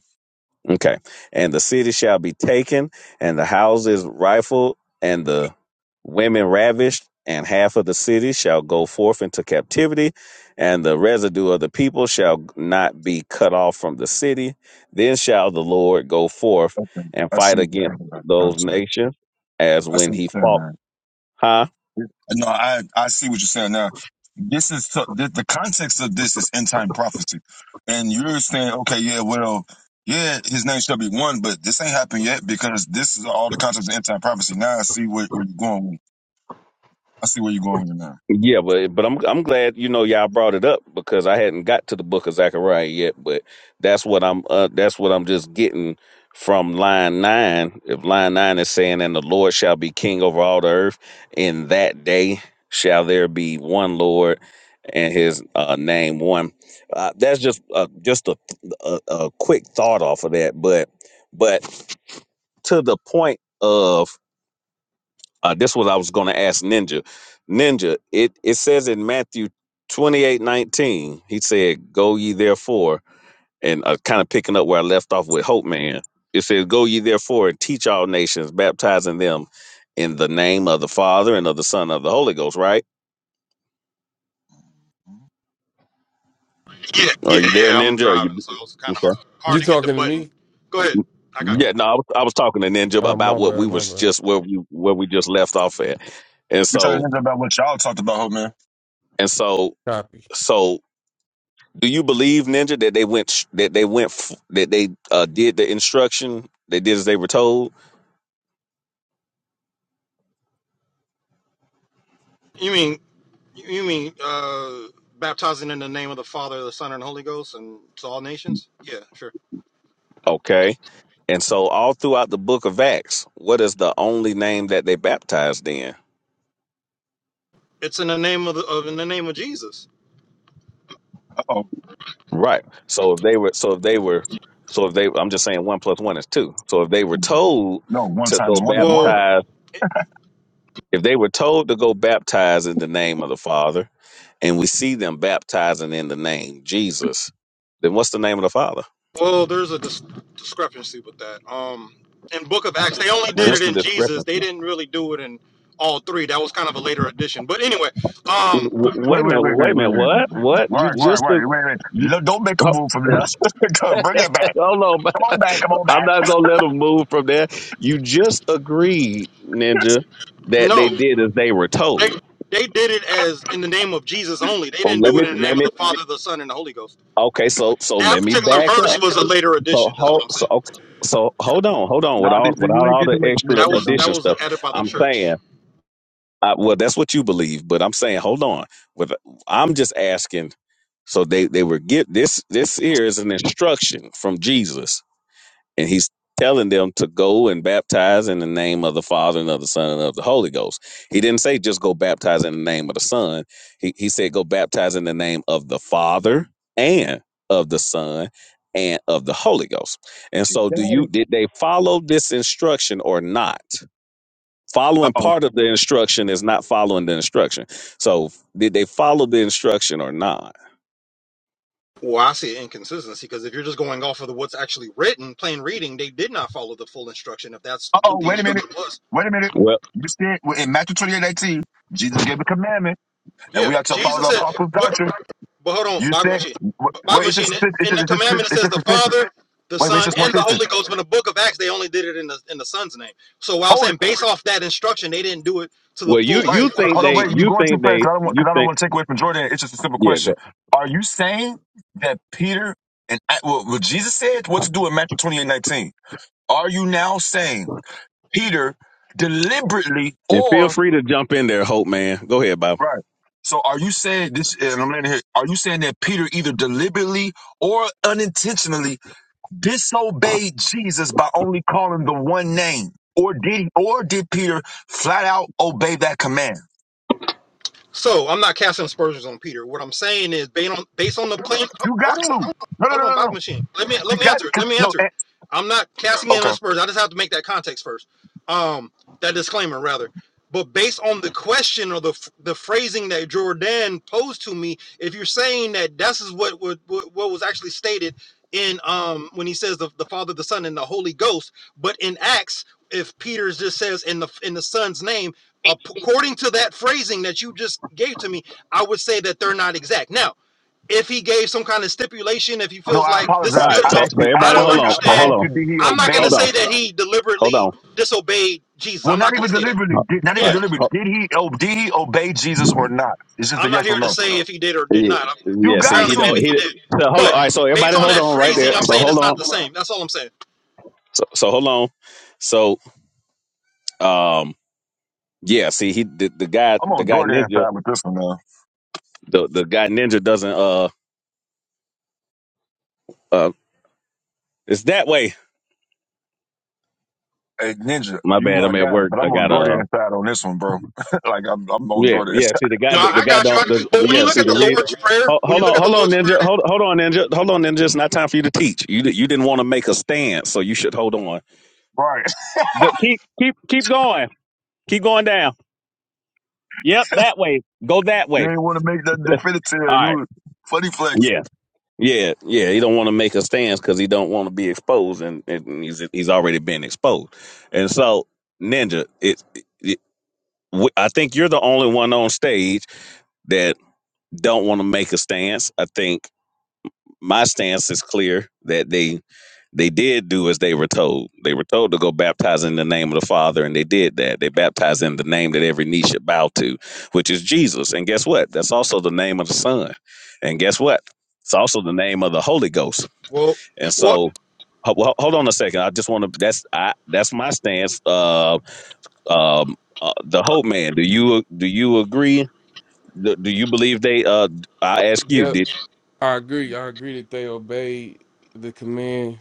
Speaker 1: Okay. And the city shall be taken, and the houses rifled, and the women ravished, and half of the city shall go forth into captivity, and the residue of the people shall not be cut off from the city. Then shall the Lord go forth
Speaker 11: Okay,
Speaker 1: and
Speaker 11: I see
Speaker 1: fight
Speaker 11: what you're
Speaker 1: against
Speaker 11: talking about. The
Speaker 1: those
Speaker 11: contract.
Speaker 1: nations, as
Speaker 11: I see
Speaker 1: when
Speaker 11: what
Speaker 1: he
Speaker 11: you're saying,
Speaker 1: fought.
Speaker 11: man.
Speaker 1: Huh?
Speaker 11: No, I I see what you're saying now. This is so- the, the context of this is end time prophecy, and you're saying, okay, yeah, well, yeah, his name shall be one, but this ain't happened yet because this is all the context of end time prophecy. Now I see where, where you're going. With. I see where you're going with it now.
Speaker 1: Yeah, but but I'm I'm glad you know y'all brought it up because I hadn't got to the book of Zechariah yet, but that's what I'm uh, that's what I'm just getting from line nine. If line nine is saying, "And the Lord shall be king over all the earth," in that day shall there be one Lord and His uh, name one. Uh, that's just uh, just a, a a quick thought off of that, but but to the point of Uh, this was I was going to ask Ninja. Ninja, it, it says in Matthew twenty eight nineteen, he said, Go ye therefore, and uh, kind of picking up where I left off with Hope Man. It says, Go ye therefore and teach all nations, baptizing them in the name of the Father and of the Son and of the Holy Ghost, right?
Speaker 11: You're
Speaker 12: Yeah,
Speaker 1: Are
Speaker 12: yeah,
Speaker 1: you there,
Speaker 12: yeah. I'm
Speaker 1: Ninja? Are you
Speaker 12: driving, so it's kind of hard,
Speaker 1: Okay.
Speaker 12: hard
Speaker 13: You
Speaker 12: to get the
Speaker 13: talking to
Speaker 12: button.
Speaker 13: me?
Speaker 12: Go ahead. I got.
Speaker 1: Yeah,
Speaker 13: No.
Speaker 1: no, I was, I was talking to Ninja
Speaker 13: Oh,
Speaker 1: about
Speaker 13: my
Speaker 1: what
Speaker 13: bad,
Speaker 1: we
Speaker 13: my
Speaker 1: was
Speaker 13: bad.
Speaker 1: just where we where we just left off at, and
Speaker 11: talking
Speaker 1: so
Speaker 11: about what y'all talked about, hope man.
Speaker 1: and so
Speaker 13: Copy.
Speaker 1: so. Do you believe Ninja that they went sh- that they went f- that they uh, did the instruction they did as they were told?
Speaker 12: You mean you you mean uh, baptizing in the name of the Father, the Son, and the Holy Ghost, and to all nations? Yeah, sure.
Speaker 1: Okay, and so all throughout the Book of Acts, what is the only name that they baptized in?
Speaker 12: It's in the name of the of, in the name of Jesus.
Speaker 11: Uh oh,
Speaker 1: Right. So if they were, so if they were, so if they, I'm just saying one plus one is two. So if they were told
Speaker 11: no, one
Speaker 1: to
Speaker 11: times
Speaker 1: go
Speaker 11: one is
Speaker 12: Well,
Speaker 11: one.
Speaker 1: baptize,
Speaker 12: it,
Speaker 1: if they were told to go baptize in the name of the Father, and we see them baptizing in the name Jesus, then what's the name of the Father?
Speaker 12: well, there's a dis- discrepancy with that. Um, in Book of Acts, they only did
Speaker 11: Where?
Speaker 1: What's
Speaker 12: it
Speaker 1: the
Speaker 12: in Jesus.
Speaker 1: discrepancy?
Speaker 12: They didn't really do it in all three. That was kind of a later addition. But anyway, um,
Speaker 1: W-
Speaker 11: Wait,
Speaker 1: Wait a
Speaker 11: wait,
Speaker 1: minute.
Speaker 11: wait,
Speaker 1: Wait
Speaker 11: wait, wait,
Speaker 1: a
Speaker 11: wait,
Speaker 1: minute.
Speaker 11: wait,
Speaker 1: What?
Speaker 11: wait, wait,
Speaker 1: What? You
Speaker 11: Right, right,
Speaker 1: just
Speaker 11: right,
Speaker 1: a
Speaker 11: wait, wait.
Speaker 1: you?
Speaker 11: No, Don't make a
Speaker 1: Oh,
Speaker 11: move from there. Come, Bring it back.
Speaker 1: hold on. but
Speaker 11: Come on back. Come on
Speaker 1: I'm
Speaker 11: back.
Speaker 1: not gonna let them move from there. You just agreed, Ninja, that they
Speaker 12: no.
Speaker 1: did as they were
Speaker 12: They
Speaker 1: told.
Speaker 12: they did it as in the name of Jesus only. They
Speaker 1: Well,
Speaker 12: didn't
Speaker 1: let
Speaker 12: do
Speaker 1: me
Speaker 12: it in the
Speaker 1: let
Speaker 12: name of
Speaker 1: me.
Speaker 12: the Father, the Son, and the Holy Ghost.
Speaker 1: Okay, so so
Speaker 12: That
Speaker 1: let me
Speaker 12: particular
Speaker 1: back
Speaker 12: verse
Speaker 1: up.
Speaker 12: was a later
Speaker 1: So
Speaker 12: addition. That's what
Speaker 1: hold
Speaker 12: I'm
Speaker 1: so
Speaker 12: saying.
Speaker 1: okay, so hold on, hold on.
Speaker 11: No, nah,
Speaker 1: Without
Speaker 11: nigga, you
Speaker 1: without
Speaker 11: ain't
Speaker 1: all
Speaker 11: getting
Speaker 1: the
Speaker 11: away from this,
Speaker 1: extra
Speaker 12: That
Speaker 11: nigga.
Speaker 12: was that
Speaker 1: addition
Speaker 12: was
Speaker 1: stuff,
Speaker 12: added by the
Speaker 1: I'm saying
Speaker 12: church.
Speaker 1: I, well, that's what you believe, but I'm saying, hold on. With I'm just asking. So they they were get this this here is an instruction from Jesus, and he's telling them to go and baptize in the name of the Father and of the Son and of the Holy Ghost. He didn't say just go baptize in the name of the Son. He he said go baptize in the name of the Father and of the Son and of the Holy Ghost. And
Speaker 11: You
Speaker 1: so, do
Speaker 11: got
Speaker 1: you
Speaker 11: it.
Speaker 1: did they follow this instruction or not?
Speaker 11: Uh
Speaker 1: Following
Speaker 11: oh.
Speaker 1: part of the instruction is not following the instruction. So did they follow the instruction or not?
Speaker 12: Well, I see an inconsistency because if you're just going off of the, what's actually written, plain reading, they did not follow the full instruction. If that's
Speaker 11: Uh
Speaker 12: what
Speaker 11: oh.
Speaker 12: the
Speaker 11: Wait a minute.
Speaker 12: instruction was,
Speaker 11: Wait a minute.
Speaker 1: Well,
Speaker 11: You said well, in Matthew 28 eighteen, Jesus gave a commandment, and
Speaker 12: Yeah,
Speaker 11: we are to follow
Speaker 12: Jesus
Speaker 11: the
Speaker 12: said,
Speaker 11: apostles'
Speaker 12: but
Speaker 11: doctrine.
Speaker 12: but hold on,
Speaker 11: You
Speaker 12: Bible
Speaker 11: said,
Speaker 12: machine,
Speaker 11: wait,
Speaker 12: Bible
Speaker 11: wait, it's
Speaker 12: machine.
Speaker 11: just, a sen- it's
Speaker 12: In the
Speaker 11: just, it's just,
Speaker 12: commandment, it
Speaker 11: it's
Speaker 12: says
Speaker 11: just
Speaker 12: the
Speaker 11: a sentence.
Speaker 12: Father, the
Speaker 11: Wait, wait, it's
Speaker 12: Son,
Speaker 11: just one
Speaker 12: and the
Speaker 11: sentence.
Speaker 12: Holy Ghost. But in the Book of Acts, they only did it in the in the Son's name. So while I'm
Speaker 11: Hold it.
Speaker 12: saying based off that instruction, they didn't do it to the
Speaker 1: well, you
Speaker 11: Right.
Speaker 1: you
Speaker 12: fullest part
Speaker 1: think
Speaker 12: of
Speaker 11: Hold
Speaker 12: the
Speaker 11: on.
Speaker 1: they
Speaker 11: Wait, you're
Speaker 12: instruction.
Speaker 1: you
Speaker 11: going too
Speaker 1: think
Speaker 11: fast.
Speaker 1: they
Speaker 11: 'cause I don't want,
Speaker 1: you
Speaker 11: because I don't
Speaker 1: think
Speaker 11: want to take away from Jordan. It's just a simple
Speaker 1: yeah. Go.
Speaker 11: question. Are you saying that Peter and uh, well, what Jesus said what to do in Matthew 28 19? Are you now saying Peter deliberately
Speaker 1: And
Speaker 11: or
Speaker 1: feel free to jump in there, Hope man. Go ahead, Bob.
Speaker 11: Right. So are you saying this and I'm letting here, are you saying that Peter either deliberately or unintentionally disobeyed Jesus by only calling the one name? Or did or did Peter flat out obey that command?
Speaker 12: So I'm not casting aspersions on Peter. What I'm saying is based on based on the plain.
Speaker 11: You
Speaker 12: Hold
Speaker 11: got
Speaker 12: on,
Speaker 11: to.
Speaker 12: hold on,
Speaker 11: No, no,
Speaker 12: hold
Speaker 11: no,
Speaker 12: on,
Speaker 11: no,
Speaker 12: Bible
Speaker 11: no.
Speaker 12: machine. Let me let
Speaker 11: You
Speaker 12: me
Speaker 11: got
Speaker 12: answer it.
Speaker 11: to
Speaker 12: Let me
Speaker 11: no
Speaker 12: answer it.
Speaker 11: eh,
Speaker 12: I'm not casting in on
Speaker 11: okay.
Speaker 12: Spurs. I just have to make that context first. Um, that disclaimer rather. But based on the question or the the phrasing that Jordan posed to me, if you're saying that this is what what, what what was actually stated in um when he says the, the Father, the Son, and the Holy Ghost, but in Acts, if Peter just says in the in the Son's name, according to that phrasing that you just gave to me, I would say that they're not exact. Now, if he gave some kind of stipulation, if he
Speaker 11: No,
Speaker 12: feels
Speaker 11: I
Speaker 12: like this is
Speaker 1: All
Speaker 11: apologize.
Speaker 1: right,
Speaker 12: good
Speaker 11: I
Speaker 1: so,
Speaker 12: enough,
Speaker 11: asked
Speaker 1: so
Speaker 11: you I,
Speaker 12: I
Speaker 1: everybody,
Speaker 11: wait,
Speaker 12: don't
Speaker 11: wait,
Speaker 1: hold on. So
Speaker 11: I, I
Speaker 1: hold
Speaker 12: understand.
Speaker 11: asked
Speaker 1: on,
Speaker 11: you did he
Speaker 12: I'm not going
Speaker 11: obey?
Speaker 12: to
Speaker 1: hold on,
Speaker 12: say that he
Speaker 1: hold
Speaker 12: deliberately
Speaker 1: on.
Speaker 12: disobeyed Jesus.
Speaker 11: Well,
Speaker 12: I'm
Speaker 11: not
Speaker 12: not going
Speaker 11: even
Speaker 12: to say that.
Speaker 11: deliberately.
Speaker 1: Uh, All
Speaker 11: Did, not even
Speaker 12: Yeah,
Speaker 1: right,
Speaker 11: deliberately.
Speaker 1: ho-
Speaker 11: Did he oh, did he obey Jesus or not? It's just a
Speaker 12: I'm
Speaker 11: yes
Speaker 12: not
Speaker 11: or
Speaker 12: here to
Speaker 11: no.
Speaker 12: say if he did or did
Speaker 1: yeah,
Speaker 12: not. I'm,
Speaker 11: You
Speaker 1: yeah.
Speaker 11: got
Speaker 1: See, he
Speaker 12: apparently, maybe
Speaker 1: don't.
Speaker 11: to.
Speaker 12: he
Speaker 1: He
Speaker 12: did.
Speaker 1: so hold on. All
Speaker 12: But
Speaker 1: right, so
Speaker 12: based
Speaker 1: everybody,
Speaker 12: on
Speaker 1: hold
Speaker 12: that
Speaker 1: on right
Speaker 12: phrasing,
Speaker 1: there.
Speaker 12: I'm
Speaker 1: So
Speaker 12: saying
Speaker 1: hold
Speaker 12: it's
Speaker 1: on.
Speaker 12: not the same. That's all I'm saying.
Speaker 1: So, so hold on. So, um, yeah. See, he the, the guy,
Speaker 11: I'm
Speaker 1: the
Speaker 11: on
Speaker 1: guy
Speaker 11: Jordan
Speaker 1: ninja,
Speaker 11: side with this one now.
Speaker 1: the the guy ninja doesn't. Uh, uh, it's that way.
Speaker 11: Hey, Ninja,
Speaker 1: My
Speaker 11: you
Speaker 1: bad.
Speaker 11: my
Speaker 1: I'm at
Speaker 11: guy,
Speaker 1: work.
Speaker 11: but
Speaker 1: I
Speaker 11: I'm on
Speaker 1: got uh.
Speaker 11: Jordan side on this one, bro. like I'm, I'm on
Speaker 1: Yeah,
Speaker 11: Jordan
Speaker 1: yeah.
Speaker 11: side.
Speaker 1: See, the guy,
Speaker 12: No,
Speaker 1: the
Speaker 12: I, I
Speaker 1: guy
Speaker 12: got you.
Speaker 1: don't.
Speaker 12: I,
Speaker 1: The,
Speaker 12: but
Speaker 1: the-
Speaker 12: when you
Speaker 1: yeah.
Speaker 12: look
Speaker 1: See,
Speaker 12: at
Speaker 1: the
Speaker 12: the
Speaker 1: read.
Speaker 12: Lord's Prayer,
Speaker 1: Hold,
Speaker 12: when
Speaker 1: hold
Speaker 12: you look
Speaker 1: on,
Speaker 12: at the
Speaker 1: hold on,
Speaker 12: Lord's Prayer,
Speaker 1: ninja. Hold, hold on, ninja. Hold on, ninja. It's not time for you to teach. You di- you didn't want to make a stand, so you should hold on.
Speaker 11: Right.
Speaker 1: Good. Keep keep keep going. Keep going down. Yep, that way. Go that
Speaker 11: You
Speaker 1: way.
Speaker 11: ain't want to make that
Speaker 1: All
Speaker 11: definitive. You
Speaker 1: right.
Speaker 11: was funny flex.
Speaker 1: Yeah. Yeah, yeah, he don't want to make a stance because he don't want to be exposed, and, and he's he's already been exposed. And so, Ninja, it, it w- I think you're the only one on stage that don't want to make a stance. I think my stance is clear that they they did do as they were told. They were told to go baptize in the name of the Father, and they did that. They baptized in the name that every knee should bow to, which is Jesus. And guess what? That's also the name of the Son. And guess what? It's also the name of the Holy Ghost.
Speaker 12: well,
Speaker 1: And
Speaker 12: what?
Speaker 1: so, ho- ho- hold on a second. I just want to. That's I. That's my stance. Uh, um, uh, the Hope Man. Do you do you agree? Do, do you believe they? Uh, I ask you.
Speaker 13: Yep,
Speaker 1: Did
Speaker 13: I agree. I agree that they obeyed the command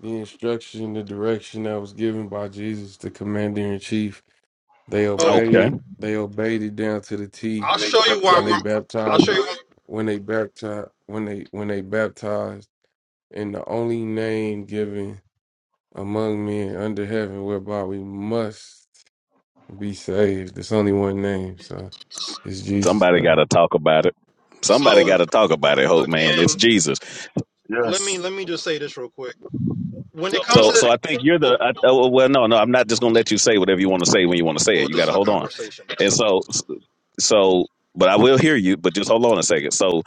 Speaker 13: the instruction, the direction that was given by Jesus, the commander in chief. They
Speaker 12: Well,
Speaker 1: okay?
Speaker 13: obeyed. They obeyed it down to the T
Speaker 12: I'll show you why.
Speaker 13: when they
Speaker 12: we're- I'll
Speaker 13: baptized.
Speaker 12: show you. Why.
Speaker 13: When they baptized. When they when they baptized in the only name given among men under heaven, whereby we must be saved. There's only one name, so it's Jesus.
Speaker 1: Somebody got to talk about it. Somebody got
Speaker 12: So
Speaker 1: to talk about it, Hope Man. It's
Speaker 12: again,
Speaker 1: Jesus.
Speaker 12: let me
Speaker 11: Yes.
Speaker 12: let me just say this real quick. When it comes
Speaker 1: So, so I think you're
Speaker 12: to
Speaker 1: the. I, oh, well, no, no, I'm not just gonna let you say whatever you want to say when you want to say it.
Speaker 12: Well,
Speaker 1: You
Speaker 12: this
Speaker 1: got to
Speaker 12: is a
Speaker 1: hold on.
Speaker 12: conversation.
Speaker 1: And so, so, so, but I will hear you. But just hold on a second. So,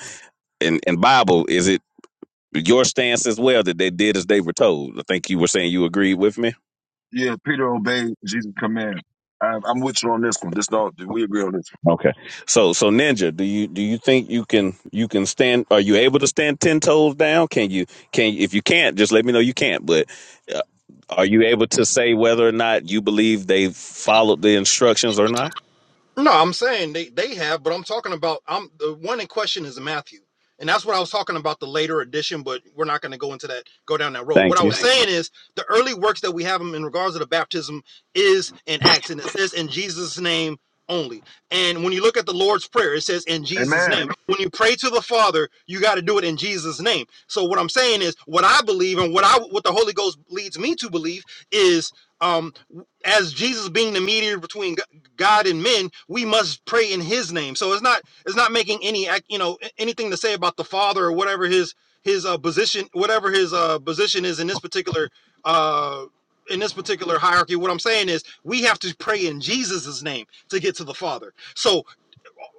Speaker 1: in in Bible, is it? your stance as well that they did as they were told. I think you were saying you agreed with me.
Speaker 11: Yeah. Peter obeyed Jesus' command. I'm, I'm with you on this one. This do We agree on this.
Speaker 1: Okay. So so Ninja, do you do you think you can you can stand are you able to stand 10 toes down? Can you can if you can't just let me know you can't, but uh, are you able to say whether or not you believe they followed the instructions or not?
Speaker 12: No, I'm saying they, they have, but I'm talking about I'm the one in question is Matthew. And that's what I was talking about the later edition, but we're not going to go into that, go down that road. What
Speaker 1: Thank
Speaker 12: I
Speaker 1: you.
Speaker 12: was Thank you. saying is the early works that we have in regards to the baptism is in Acts, and it says in Jesus' name only. And when you look at the Lord's Prayer, it says in
Speaker 11: one.
Speaker 12: Jesus'
Speaker 11: Amen.
Speaker 12: name. When you pray to the Father, you got to do it in Jesus' name. So what I'm saying is what I believe and what I what the Holy Ghost leads me to believe is um as Jesus being the mediator between God and men, we must pray in His name. So it's not it's not making any you know anything to say about the Father or whatever his his uh, position whatever his uh, position is in this particular uh, in this particular hierarchy. What I'm saying is we have to pray in Jesus's name to get to the Father. So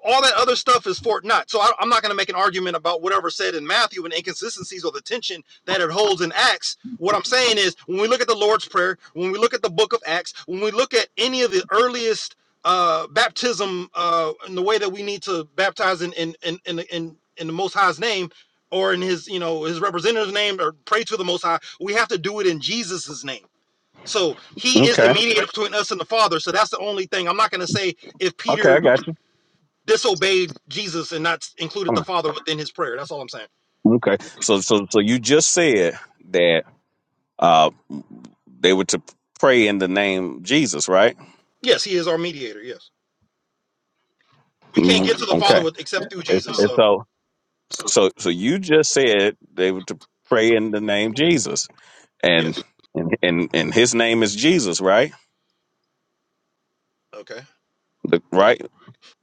Speaker 12: all that other stuff is Fort Knott. So I, I'm not going to make an argument about whatever said in Matthew and inconsistencies or the tension that it holds in Acts. What I'm saying is, when we look at the Lord's Prayer, when we look at the book of Acts, when we look at any of the earliest uh, baptism uh, in the way that we need to baptize in in in in, in, in the Most High's name or in his you know his representative's name or pray to the Most High, we have to do it in Jesus's name. So he is the
Speaker 1: Okay.
Speaker 12: mediator between us and the Father. So that's the only thing. I'm not going to say if
Speaker 1: Okay, I
Speaker 12: Peter
Speaker 1: got you.
Speaker 12: disobeyed Jesus and not included
Speaker 1: All
Speaker 12: the
Speaker 1: right.
Speaker 12: Father within his prayer. That's all I'm saying.
Speaker 1: Okay. So so so you just said that uh they were to pray in the name Jesus, right?
Speaker 12: Yes, he is our mediator. Yes. We can't
Speaker 1: Mm,
Speaker 12: get to the Father
Speaker 1: Okay.
Speaker 12: with except through
Speaker 1: It's
Speaker 12: Jesus.
Speaker 1: it's
Speaker 12: So,
Speaker 1: so So, so you just said they were to pray in the name Jesus, and
Speaker 12: yes.
Speaker 1: and and His name is Jesus, right?
Speaker 12: Okay.
Speaker 1: The, right?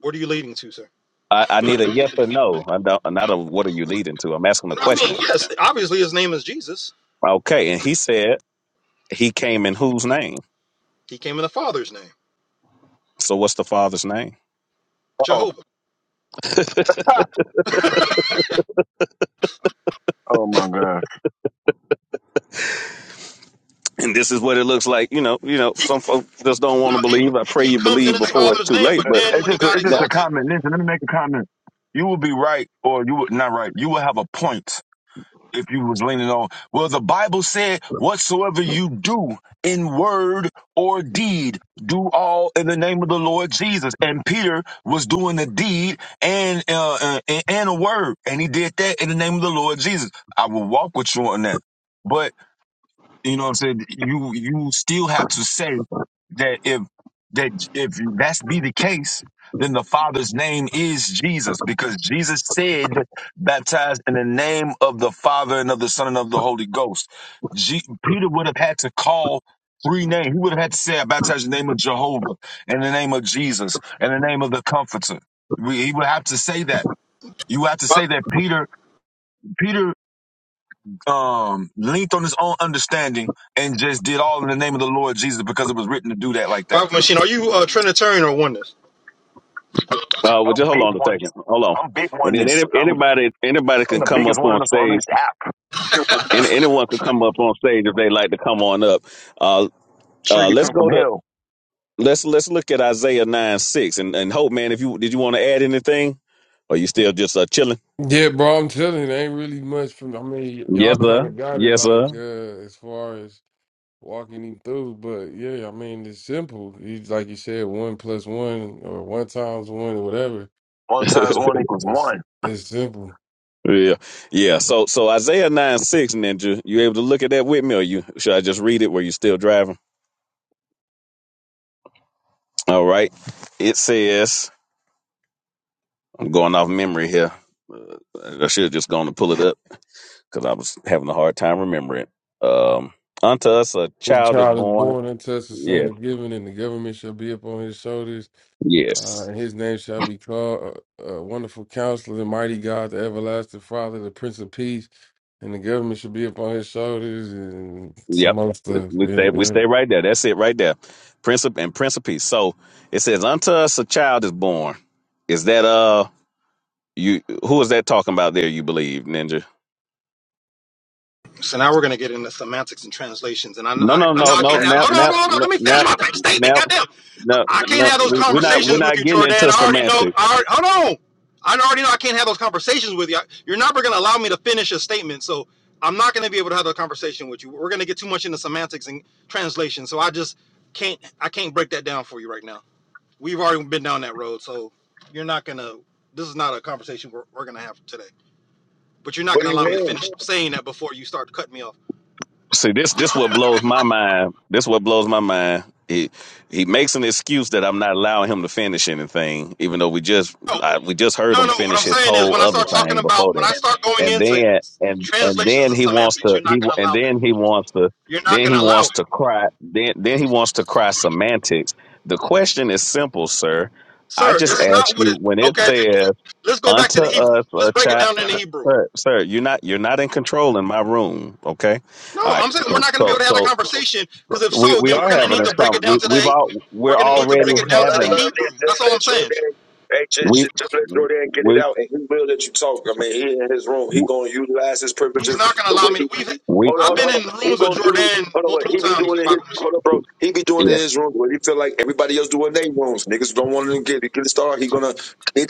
Speaker 12: What are you leading to, sir?
Speaker 1: I, I need a yes or no. I don't, not a what are you leading to. I'm asking a
Speaker 12: I mean,
Speaker 1: question.
Speaker 12: yes, obviously his name is Jesus.
Speaker 1: Okay, and he said he came in whose name?
Speaker 12: He came in the Father's name,
Speaker 1: So, what's the Father's name?
Speaker 11: Oh.
Speaker 12: Jehovah.
Speaker 11: Oh my God.
Speaker 1: And this is what it looks like. You know, you know, some folks just don't want
Speaker 12: No,
Speaker 1: to
Speaker 12: he,
Speaker 1: believe. I pray
Speaker 12: he
Speaker 1: you
Speaker 12: comes in
Speaker 1: believe
Speaker 12: his
Speaker 1: before it's
Speaker 12: Father's
Speaker 1: too
Speaker 12: name,
Speaker 1: late.
Speaker 11: Uh,
Speaker 12: but
Speaker 1: But
Speaker 12: then
Speaker 11: It's
Speaker 12: when he
Speaker 11: just. A,
Speaker 12: got
Speaker 11: it's just
Speaker 1: that,
Speaker 11: a
Speaker 12: exalted,
Speaker 11: comment. Listen, let me make a comment. You will be right, or you would not right. You will have a point if you was leaning on. Well, the Bible said, whatsoever you do in word or deed, do all in the name of the Lord Jesus. And Peter was doing the deed and uh, uh, and and a word, and he did that in the name of the Lord Jesus. I will walk with you on that. But you know what I'm saying? You you still have to say that if that if that's be the case, then the Father's name is Jesus, because Jesus said, baptized in the name of the Father and of the Son and of the Holy Ghost. G- Peter would have had to call three names. He would have had to say, I baptize in the name of Jehovah, in the name of Jesus, in the name of the Comforter. We, he would have to say that. You have to say that Peter. Peter um leaned on his own understanding and just did all in the name of the Lord Jesus because it was written to do that like that.
Speaker 12: Bible Machine, are you uh, Trinitarian or oneness?
Speaker 1: uh, well,
Speaker 11: I'm
Speaker 1: just hold
Speaker 11: big
Speaker 1: on a
Speaker 11: one.
Speaker 1: second. Hold on,
Speaker 11: I'm big
Speaker 1: and
Speaker 11: one.
Speaker 1: then
Speaker 11: This
Speaker 1: any,
Speaker 11: I'm
Speaker 1: anybody anybody
Speaker 11: I'm
Speaker 1: can
Speaker 11: the
Speaker 1: come
Speaker 11: biggest
Speaker 1: up
Speaker 11: one in
Speaker 1: on
Speaker 11: this on
Speaker 1: stage
Speaker 11: this app.
Speaker 1: And anyone could come up on stage if they like to come on up. Uh,
Speaker 11: Sure,
Speaker 1: uh,
Speaker 11: you
Speaker 1: let's
Speaker 11: come from
Speaker 1: go to
Speaker 11: hell.
Speaker 1: let's let's look at Isaiah nine six and and hope man. If you did you want to add anything, or you still just uh, chilling?
Speaker 13: Yeah, bro, I'm telling you, there ain't really much from. I mean,
Speaker 1: Yes
Speaker 13: y'all
Speaker 1: sir.
Speaker 13: kind of got it,
Speaker 1: Yes
Speaker 13: like
Speaker 1: sir.
Speaker 13: uh, as far as walking him through. But yeah, I mean, it's simple. He's like you said, one plus one or one times one or whatever.
Speaker 11: One times one equals
Speaker 13: It's
Speaker 11: one.
Speaker 13: it's simple.
Speaker 1: yeah yeah. So so Isaiah nine six ninja. You able to look at that with me, or you should I just read it where you still driving? All right. It says I'm going off memory here. Uh, I should have just gone to pull it up because I was having a hard time remembering. it. Um, unto us a
Speaker 13: The
Speaker 1: child is
Speaker 13: child is
Speaker 1: born.
Speaker 13: born unto us a
Speaker 1: Yeah,
Speaker 13: son of given, and the government shall be upon his shoulders.
Speaker 1: yeah,
Speaker 13: Uh, and his name shall be called uh, uh, Wonderful Counselor, the Mighty God, the Everlasting Father, the Prince of Peace. And the government should be upon his shoulders, and
Speaker 1: yep.
Speaker 13: some other stuff.
Speaker 1: We
Speaker 13: Yeah,
Speaker 1: stay, we
Speaker 13: yeah.
Speaker 1: stay right there. That's it, right there. Prince of, and Prince of Peace. So it says, "Unto us a child is born." Is that uh you? Who is that talking about there? You believe, Ninja?
Speaker 12: So now we're going to get into semantics and translations. And I,
Speaker 1: No,
Speaker 12: I,
Speaker 1: no,
Speaker 12: I know
Speaker 1: no,
Speaker 12: I
Speaker 1: no.
Speaker 12: can't have.
Speaker 1: Now,
Speaker 12: Hold on,
Speaker 1: now,
Speaker 12: hold on.
Speaker 1: no,
Speaker 12: Let me finish
Speaker 1: now,
Speaker 12: my big statement.
Speaker 1: now,
Speaker 12: Goddamn.
Speaker 1: no,
Speaker 12: I can't
Speaker 1: no.
Speaker 12: have those
Speaker 1: We we're not we're
Speaker 12: conversations with
Speaker 1: not
Speaker 12: you,
Speaker 1: getting
Speaker 12: Jordan.
Speaker 1: into
Speaker 12: I already know.
Speaker 1: semantics.
Speaker 12: I already, hold on. I already know I can't have those conversations with you. You're not going to allow me to finish a statement. So I'm not going to be able to have a conversation with you. We're going to get too much into semantics and translation. So I just can't. I can't break that down for you right now. We've already been down that road. So you're not going to. This is not a conversation we're, we're going to have today. But you're not
Speaker 11: What
Speaker 12: going
Speaker 11: do
Speaker 12: to
Speaker 11: you
Speaker 12: allow me to
Speaker 11: mean?
Speaker 12: finish saying that before you start cutting me off.
Speaker 1: See, this this what blows my mind. This what blows my mind. He he makes an excuse that I'm not allowing him to finish anything, even though we just
Speaker 12: Oh,
Speaker 1: I, we just heard
Speaker 12: No,
Speaker 1: him
Speaker 12: no. What
Speaker 1: finish
Speaker 12: I'm
Speaker 1: his
Speaker 12: saying is, when
Speaker 1: whole
Speaker 12: I
Speaker 1: other
Speaker 12: start talking
Speaker 1: thing before
Speaker 12: about, when I
Speaker 1: that,
Speaker 12: start going
Speaker 1: and
Speaker 12: into
Speaker 1: then and and
Speaker 12: translations
Speaker 1: then
Speaker 12: and
Speaker 1: he wants
Speaker 12: semantics,
Speaker 1: to
Speaker 12: you're not
Speaker 1: he
Speaker 12: going to
Speaker 1: and
Speaker 12: allow it.
Speaker 1: then he wants to
Speaker 12: You're not
Speaker 1: then he
Speaker 12: going to allow it,
Speaker 1: wants to cry then then he wants to cry semantics. The question is simple, sir. I
Speaker 12: sir.
Speaker 1: just
Speaker 12: It's
Speaker 1: asked
Speaker 12: not what
Speaker 1: you
Speaker 12: it.
Speaker 1: when it
Speaker 12: Okay, if you,
Speaker 1: says
Speaker 12: let's go back
Speaker 1: unto
Speaker 12: to the Hebrew.
Speaker 1: us
Speaker 12: Let's
Speaker 1: a
Speaker 12: break it
Speaker 1: child.
Speaker 12: down in the Hebrew.
Speaker 1: Sir, sir, you're not you're not in control in my room, okay?
Speaker 12: No,
Speaker 1: All right.
Speaker 12: I'm saying we're
Speaker 1: So
Speaker 12: not going to be
Speaker 1: so
Speaker 12: able to have that
Speaker 1: so
Speaker 12: conversation because if
Speaker 1: we
Speaker 12: so,
Speaker 1: we
Speaker 12: then we're
Speaker 1: are
Speaker 12: going to
Speaker 1: having
Speaker 12: need
Speaker 1: this
Speaker 12: to break
Speaker 1: con
Speaker 12: it down
Speaker 1: we
Speaker 12: to
Speaker 1: we've
Speaker 12: the.
Speaker 1: all we're
Speaker 12: We're going to need to
Speaker 1: already
Speaker 12: break
Speaker 11: That's
Speaker 12: it down
Speaker 11: what I
Speaker 12: to the
Speaker 1: having
Speaker 11: learned is
Speaker 12: Hebrew.
Speaker 11: just
Speaker 12: That's all I'm
Speaker 11: let
Speaker 12: saying.
Speaker 11: Jordan. Hey, just,
Speaker 1: we
Speaker 11: just just let Jordan get it
Speaker 1: we
Speaker 11: out, and he will let you talk. I mean, he in his room, he gonna utilize his
Speaker 12: He's
Speaker 11: privileges
Speaker 12: not going to
Speaker 11: the
Speaker 12: allow
Speaker 11: way
Speaker 12: me.
Speaker 11: he
Speaker 12: To, we've.
Speaker 1: we
Speaker 11: Hold on,
Speaker 12: I've
Speaker 11: hold on,
Speaker 12: been
Speaker 11: hold on.
Speaker 12: in
Speaker 11: He
Speaker 12: rooms with
Speaker 11: gonna do.
Speaker 12: Jordan
Speaker 11: Hold on, wait.
Speaker 12: multiple
Speaker 11: He be
Speaker 12: times.
Speaker 11: doing in his. Hold on, bro. He be doing in
Speaker 1: yeah.
Speaker 11: his rooms where he feel like everybody else doing their rooms. Niggas don't want to get get a star. He gonna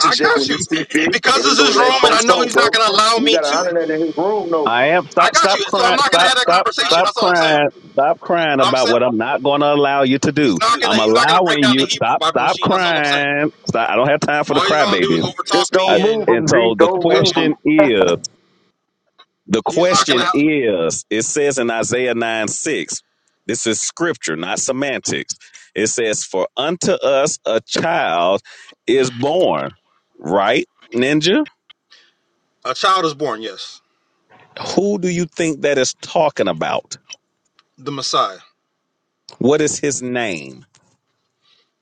Speaker 12: I
Speaker 11: when
Speaker 12: got you
Speaker 11: he see fit,
Speaker 12: because
Speaker 11: and he
Speaker 12: this is his
Speaker 11: gonna let
Speaker 12: room, and I
Speaker 11: folks
Speaker 12: know
Speaker 11: talk,
Speaker 12: he's
Speaker 11: bro.
Speaker 12: not going to allow
Speaker 11: We
Speaker 12: me
Speaker 11: gotta
Speaker 12: to.
Speaker 11: honor that in his room, though.
Speaker 1: I am
Speaker 12: I
Speaker 1: stop
Speaker 12: got
Speaker 1: stop
Speaker 12: you. So I'm
Speaker 1: crying
Speaker 12: not gonna
Speaker 1: stop
Speaker 12: have that
Speaker 1: stop
Speaker 12: conversation.
Speaker 1: stop
Speaker 12: That's all I'm saying.
Speaker 1: crying stop crying
Speaker 12: I'm
Speaker 1: about
Speaker 12: saying
Speaker 1: what I'm not going to allow you to
Speaker 12: he's
Speaker 1: do.
Speaker 12: not gonna
Speaker 1: I'm
Speaker 12: he's not gonna break
Speaker 1: allowing
Speaker 12: down the
Speaker 1: you
Speaker 12: Hebrew
Speaker 1: stop
Speaker 12: Bible
Speaker 1: stop
Speaker 12: machine. That's all I'm saying.
Speaker 1: crying. Stop, I don't have time for the
Speaker 12: All he's gonna do is
Speaker 1: crybabies.
Speaker 12: overtalk
Speaker 11: Just
Speaker 12: me
Speaker 11: don't
Speaker 1: I,
Speaker 11: move
Speaker 12: and
Speaker 11: him,
Speaker 1: and
Speaker 11: G.
Speaker 1: so the
Speaker 11: Don't
Speaker 12: cut
Speaker 11: move
Speaker 12: me off.
Speaker 11: him.
Speaker 1: question is The
Speaker 12: He's not gonna.
Speaker 1: question is, it says in Isaiah 9 6, this is scripture, not semantics. It says, For unto us a child is born, right, Ninja?
Speaker 12: a child is born. Yes,
Speaker 1: Who do you think that is talking about?
Speaker 12: the Messiah.
Speaker 1: What is his name?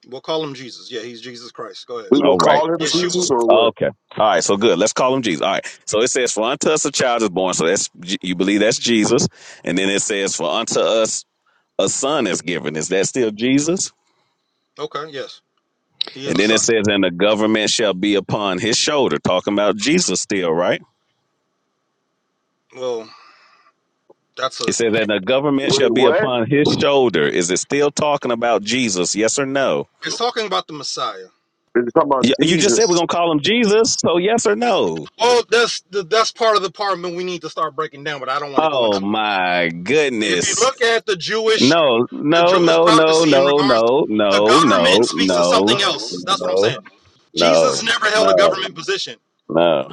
Speaker 12: We'll call him Jesus. Yeah, he's Jesus Christ. Go ahead.
Speaker 11: We will
Speaker 1: All right.
Speaker 11: call him Jesus
Speaker 12: Yeshua.
Speaker 11: or what?
Speaker 1: Okay. All right. So good. Let's call him Jesus. All right. So it says, For unto us a child is born. So that's, you believe that's Jesus. And then it says, For unto us a son is given. Is that still Jesus?
Speaker 12: Okay. Yes, he is
Speaker 1: And
Speaker 12: the
Speaker 1: then it
Speaker 12: son.
Speaker 1: says, and the government shall be upon his shoulder, talking about Jesus still, right?
Speaker 12: Well, that's
Speaker 1: It
Speaker 12: a.
Speaker 1: says, and the government shall
Speaker 11: Wait,
Speaker 1: be
Speaker 11: what?
Speaker 1: upon his shoulder. Is it still talking about Jesus? Yes or no?
Speaker 12: It's talking about the Messiah.
Speaker 11: They're talking about
Speaker 1: Y- You just said we're
Speaker 11: Jesus.
Speaker 1: going to call him Jesus. So, yes or no?
Speaker 12: Well, that's the, that's part of the part that we need to start breaking down, but I don't want to go
Speaker 1: Oh,
Speaker 12: into. it.
Speaker 1: my
Speaker 12: If you
Speaker 1: goodness.
Speaker 12: look at the Jewish
Speaker 1: No,
Speaker 12: the
Speaker 1: no,
Speaker 12: Jewish
Speaker 1: no, no,
Speaker 12: prophecy in
Speaker 1: no,
Speaker 12: regards to
Speaker 1: no,
Speaker 12: the
Speaker 1: no,
Speaker 12: government
Speaker 1: no,
Speaker 12: speaks to
Speaker 1: no,
Speaker 12: something else. That's what I'm
Speaker 1: no, no,
Speaker 12: saying. Jesus
Speaker 1: no,
Speaker 12: never held a
Speaker 1: no.
Speaker 12: government position.
Speaker 1: no.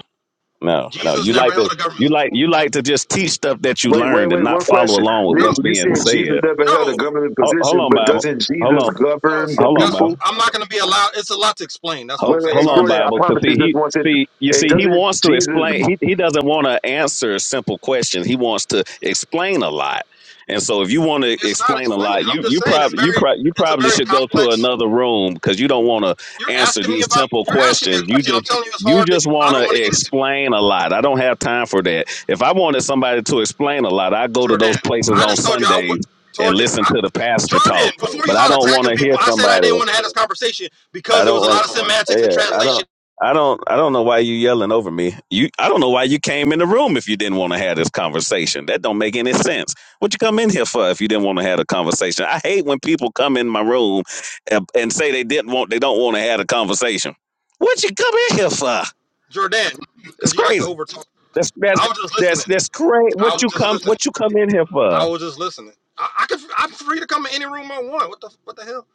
Speaker 1: No, no.
Speaker 12: Jesus
Speaker 1: You
Speaker 12: never
Speaker 1: like
Speaker 12: held
Speaker 1: to
Speaker 12: a government
Speaker 1: you
Speaker 12: position.
Speaker 1: like you like to just teach stuff that you
Speaker 11: Wait, wait,
Speaker 1: learned and
Speaker 11: wait.
Speaker 1: not
Speaker 11: One
Speaker 1: follow
Speaker 11: question,
Speaker 1: along with
Speaker 12: No,
Speaker 1: what's
Speaker 11: Ninja. You
Speaker 1: being
Speaker 11: said Jesus
Speaker 1: said.
Speaker 11: never
Speaker 12: no,
Speaker 11: held a government
Speaker 1: Hold, hold
Speaker 11: position,
Speaker 1: on,
Speaker 11: but
Speaker 1: Bible.
Speaker 11: doesn't
Speaker 1: Hold
Speaker 11: Jesus
Speaker 1: on.
Speaker 12: no.
Speaker 11: govern the
Speaker 1: Hold on,
Speaker 12: That's
Speaker 1: Bible.
Speaker 11: people?
Speaker 12: I'm not going to be allowed. It's a lot to explain. That's what
Speaker 1: Hold,
Speaker 12: I'm
Speaker 11: Wait, wait,
Speaker 12: saying.
Speaker 11: hey,
Speaker 12: It's
Speaker 1: hold
Speaker 12: hard
Speaker 1: on,
Speaker 11: Jordan,
Speaker 12: to.
Speaker 11: I
Speaker 1: Bible, because
Speaker 11: promise
Speaker 1: see,
Speaker 11: you this
Speaker 1: he
Speaker 11: one sentence.
Speaker 1: see you
Speaker 11: Hey,
Speaker 1: see he
Speaker 11: doesn't
Speaker 1: wants to
Speaker 11: Jesus,
Speaker 1: explain. He he doesn't want to answer simple questions. He wants to explain a lot. And so, if you want to
Speaker 12: It's not
Speaker 1: explain a
Speaker 12: explaining.
Speaker 1: lot, you
Speaker 12: I'm just
Speaker 1: you
Speaker 12: saying it's
Speaker 1: probably you
Speaker 12: very.
Speaker 1: probably you
Speaker 12: It's a
Speaker 1: probably
Speaker 12: very
Speaker 1: should go to
Speaker 12: complex.
Speaker 1: another room because you don't want to
Speaker 12: You're
Speaker 1: answer
Speaker 12: asking me
Speaker 1: these
Speaker 12: about.
Speaker 1: simple
Speaker 12: You're asking me a
Speaker 1: questions. You
Speaker 12: question. I'm
Speaker 1: just
Speaker 12: telling you it's
Speaker 1: you
Speaker 12: hard to.
Speaker 1: just
Speaker 12: I
Speaker 1: want
Speaker 12: don't want to
Speaker 1: to
Speaker 12: get into
Speaker 1: explain a lot. I don't have time for that. If I wanted somebody to explain a lot, I go to
Speaker 12: Jordan.
Speaker 1: those places
Speaker 12: I
Speaker 1: on
Speaker 12: just told you I would.
Speaker 1: Sundays and
Speaker 12: Told you.
Speaker 1: listen
Speaker 12: I,
Speaker 1: to the pastor
Speaker 12: Jordan,
Speaker 1: talk.
Speaker 12: before you
Speaker 1: But I
Speaker 12: start
Speaker 1: don't want
Speaker 12: attacking
Speaker 1: to hear
Speaker 12: people, I said I
Speaker 1: somebody.
Speaker 12: didn't want to have this conversation
Speaker 1: I
Speaker 12: because there
Speaker 1: don't
Speaker 12: was a
Speaker 1: want.
Speaker 12: lot of semantics and
Speaker 1: Yeah, I
Speaker 12: translation
Speaker 1: don't. I don't. I don't know why you yelling over me. You. I don't know why you came in the room if you didn't want to have this conversation. That don't make any sense. What you come in here for if you didn't want to have a conversation? I hate when people come in my room and, and say they didn't want. They don't want to have a conversation. What you come in here for?
Speaker 12: Jordan,
Speaker 1: It's
Speaker 12: because you like to
Speaker 1: crazy.
Speaker 12: overtalk.
Speaker 1: That's that's
Speaker 12: I was just
Speaker 1: that's
Speaker 12: listening.
Speaker 1: that's crazy. What
Speaker 12: I was
Speaker 1: you
Speaker 12: just
Speaker 1: come?
Speaker 12: listening.
Speaker 1: What you come in here
Speaker 12: I
Speaker 1: for?
Speaker 12: was just listening. I, I could. I'm free to come in any room I want. What the What the hell?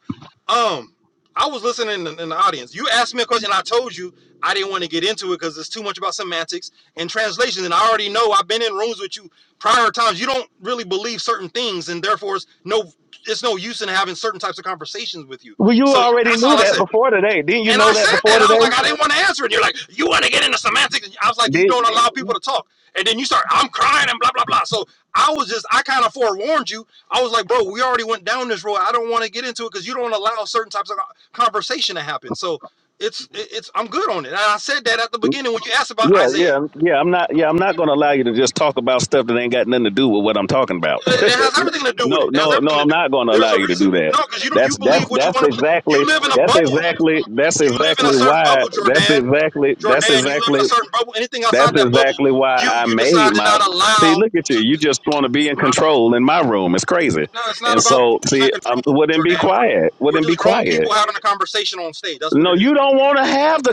Speaker 12: Um, I was listening in, in the audience. You asked me a question. I told you I didn't want to get into it because it's too much about semantics and translation. And I already know. I've been in rooms with you prior times. You don't really believe certain things, and therefore it's no. It's no use in having certain types of conversations with you.
Speaker 1: Well, you
Speaker 12: So
Speaker 1: already
Speaker 12: that's
Speaker 1: knew
Speaker 12: all I
Speaker 1: that
Speaker 12: said.
Speaker 1: before today. Didn't you
Speaker 12: And I
Speaker 1: know that
Speaker 12: said
Speaker 1: before
Speaker 12: that. I was like, I
Speaker 1: today?
Speaker 12: didn't want to answer it. You're like, you want to get into semantics. I was like, you don't allow people to talk. And then you start, I'm crying and blah, blah, blah. So I was just, I kind of forewarned you. I was like, bro, we already went down this road. I don't want to get into it because you don't allow certain types of conversation to happen. So it's, it's, I'm good on it. And I said that at the beginning when you asked about
Speaker 1: Yeah, yeah,
Speaker 12: Isaiah.
Speaker 1: yeah. I'm not. Yeah, I'm not going to allow you to just talk about stuff that ain't got nothing to do with what I'm talking about.
Speaker 12: It it has everything to do with
Speaker 1: no,
Speaker 12: it. It has
Speaker 1: no, no.
Speaker 12: everything to
Speaker 1: I'm
Speaker 12: do. with it.
Speaker 1: not going to allow
Speaker 12: There's a
Speaker 1: you to
Speaker 12: reason.
Speaker 1: do that.
Speaker 12: No, because you don't, you
Speaker 1: That's that's
Speaker 12: believe what you
Speaker 1: that's
Speaker 12: want to believe. You
Speaker 1: exactly
Speaker 12: live in a
Speaker 1: that's
Speaker 12: bubble.
Speaker 1: exactly that's
Speaker 12: You live in a
Speaker 1: exactly
Speaker 12: certain
Speaker 1: why
Speaker 12: bubble,
Speaker 1: that's
Speaker 12: Jordan.
Speaker 1: exactly that's
Speaker 12: Jordan, you live in
Speaker 1: exactly
Speaker 12: a certain bubble. Anything
Speaker 1: that's
Speaker 12: outside that bubble,
Speaker 1: exactly why
Speaker 12: you
Speaker 1: I
Speaker 12: you
Speaker 1: made
Speaker 12: decide to
Speaker 1: my.
Speaker 12: not
Speaker 1: See,
Speaker 12: allow.
Speaker 1: look at you.
Speaker 12: To,
Speaker 1: You
Speaker 12: to-
Speaker 1: just want to be in control in my room. It's crazy.
Speaker 12: no, it's not
Speaker 1: And
Speaker 12: about
Speaker 1: so,
Speaker 12: who's
Speaker 1: see,
Speaker 12: in
Speaker 1: um,
Speaker 12: control,
Speaker 1: wouldn't be
Speaker 12: Jordan.
Speaker 1: quiet.
Speaker 12: We're we're
Speaker 1: Wouldn't be
Speaker 12: just grown
Speaker 1: quiet.
Speaker 12: people having a conversation on stage. That's what
Speaker 1: No,
Speaker 12: it is.
Speaker 1: you don't want to have the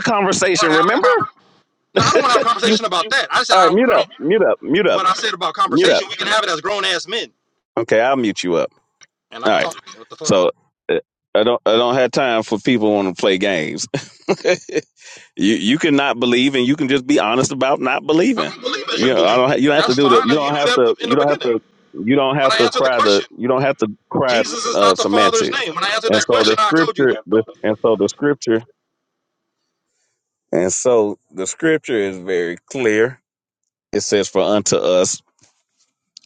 Speaker 12: We're
Speaker 1: conversation.
Speaker 12: having a
Speaker 1: Remember,
Speaker 12: conversation. No, I don't want to have a
Speaker 1: you.
Speaker 12: conversation about that. I said
Speaker 1: All
Speaker 12: I
Speaker 1: right,
Speaker 12: don't.
Speaker 1: mute
Speaker 12: I
Speaker 1: up.
Speaker 12: don't.
Speaker 1: Mute up. Mute up.
Speaker 12: But I said about
Speaker 1: Mute up.
Speaker 12: conversation, we can have it as grown ass men,
Speaker 1: Okay, I'll mute you up.
Speaker 12: and I
Speaker 1: All
Speaker 12: can
Speaker 1: right.
Speaker 12: talk. What the fuck?
Speaker 1: So uh, I don't I don't have time for people want to play games. you you can not believe and you can just be honest about not
Speaker 12: I
Speaker 1: believing.
Speaker 12: don't believe as
Speaker 1: You
Speaker 12: you
Speaker 1: know, I
Speaker 12: believe.
Speaker 1: don't ha- you don't have to
Speaker 12: That's
Speaker 1: do the
Speaker 12: fine.
Speaker 1: you
Speaker 12: You
Speaker 1: don't
Speaker 12: knew
Speaker 1: have
Speaker 12: that
Speaker 1: to
Speaker 12: in
Speaker 1: you
Speaker 12: the
Speaker 1: don't have
Speaker 12: beginning
Speaker 1: to you don't
Speaker 12: when
Speaker 1: have
Speaker 12: I
Speaker 1: to
Speaker 12: answered the
Speaker 1: cry the
Speaker 12: question.
Speaker 1: you don't have to cry
Speaker 12: Jesus is
Speaker 1: uh,
Speaker 12: not the Father's
Speaker 1: semantics.
Speaker 12: name. When I answered
Speaker 1: And
Speaker 12: that
Speaker 1: so
Speaker 12: question,
Speaker 1: the
Speaker 12: I told you
Speaker 1: scripture
Speaker 12: that.
Speaker 1: the, and so the scripture and so the scripture is very clear. It says for unto us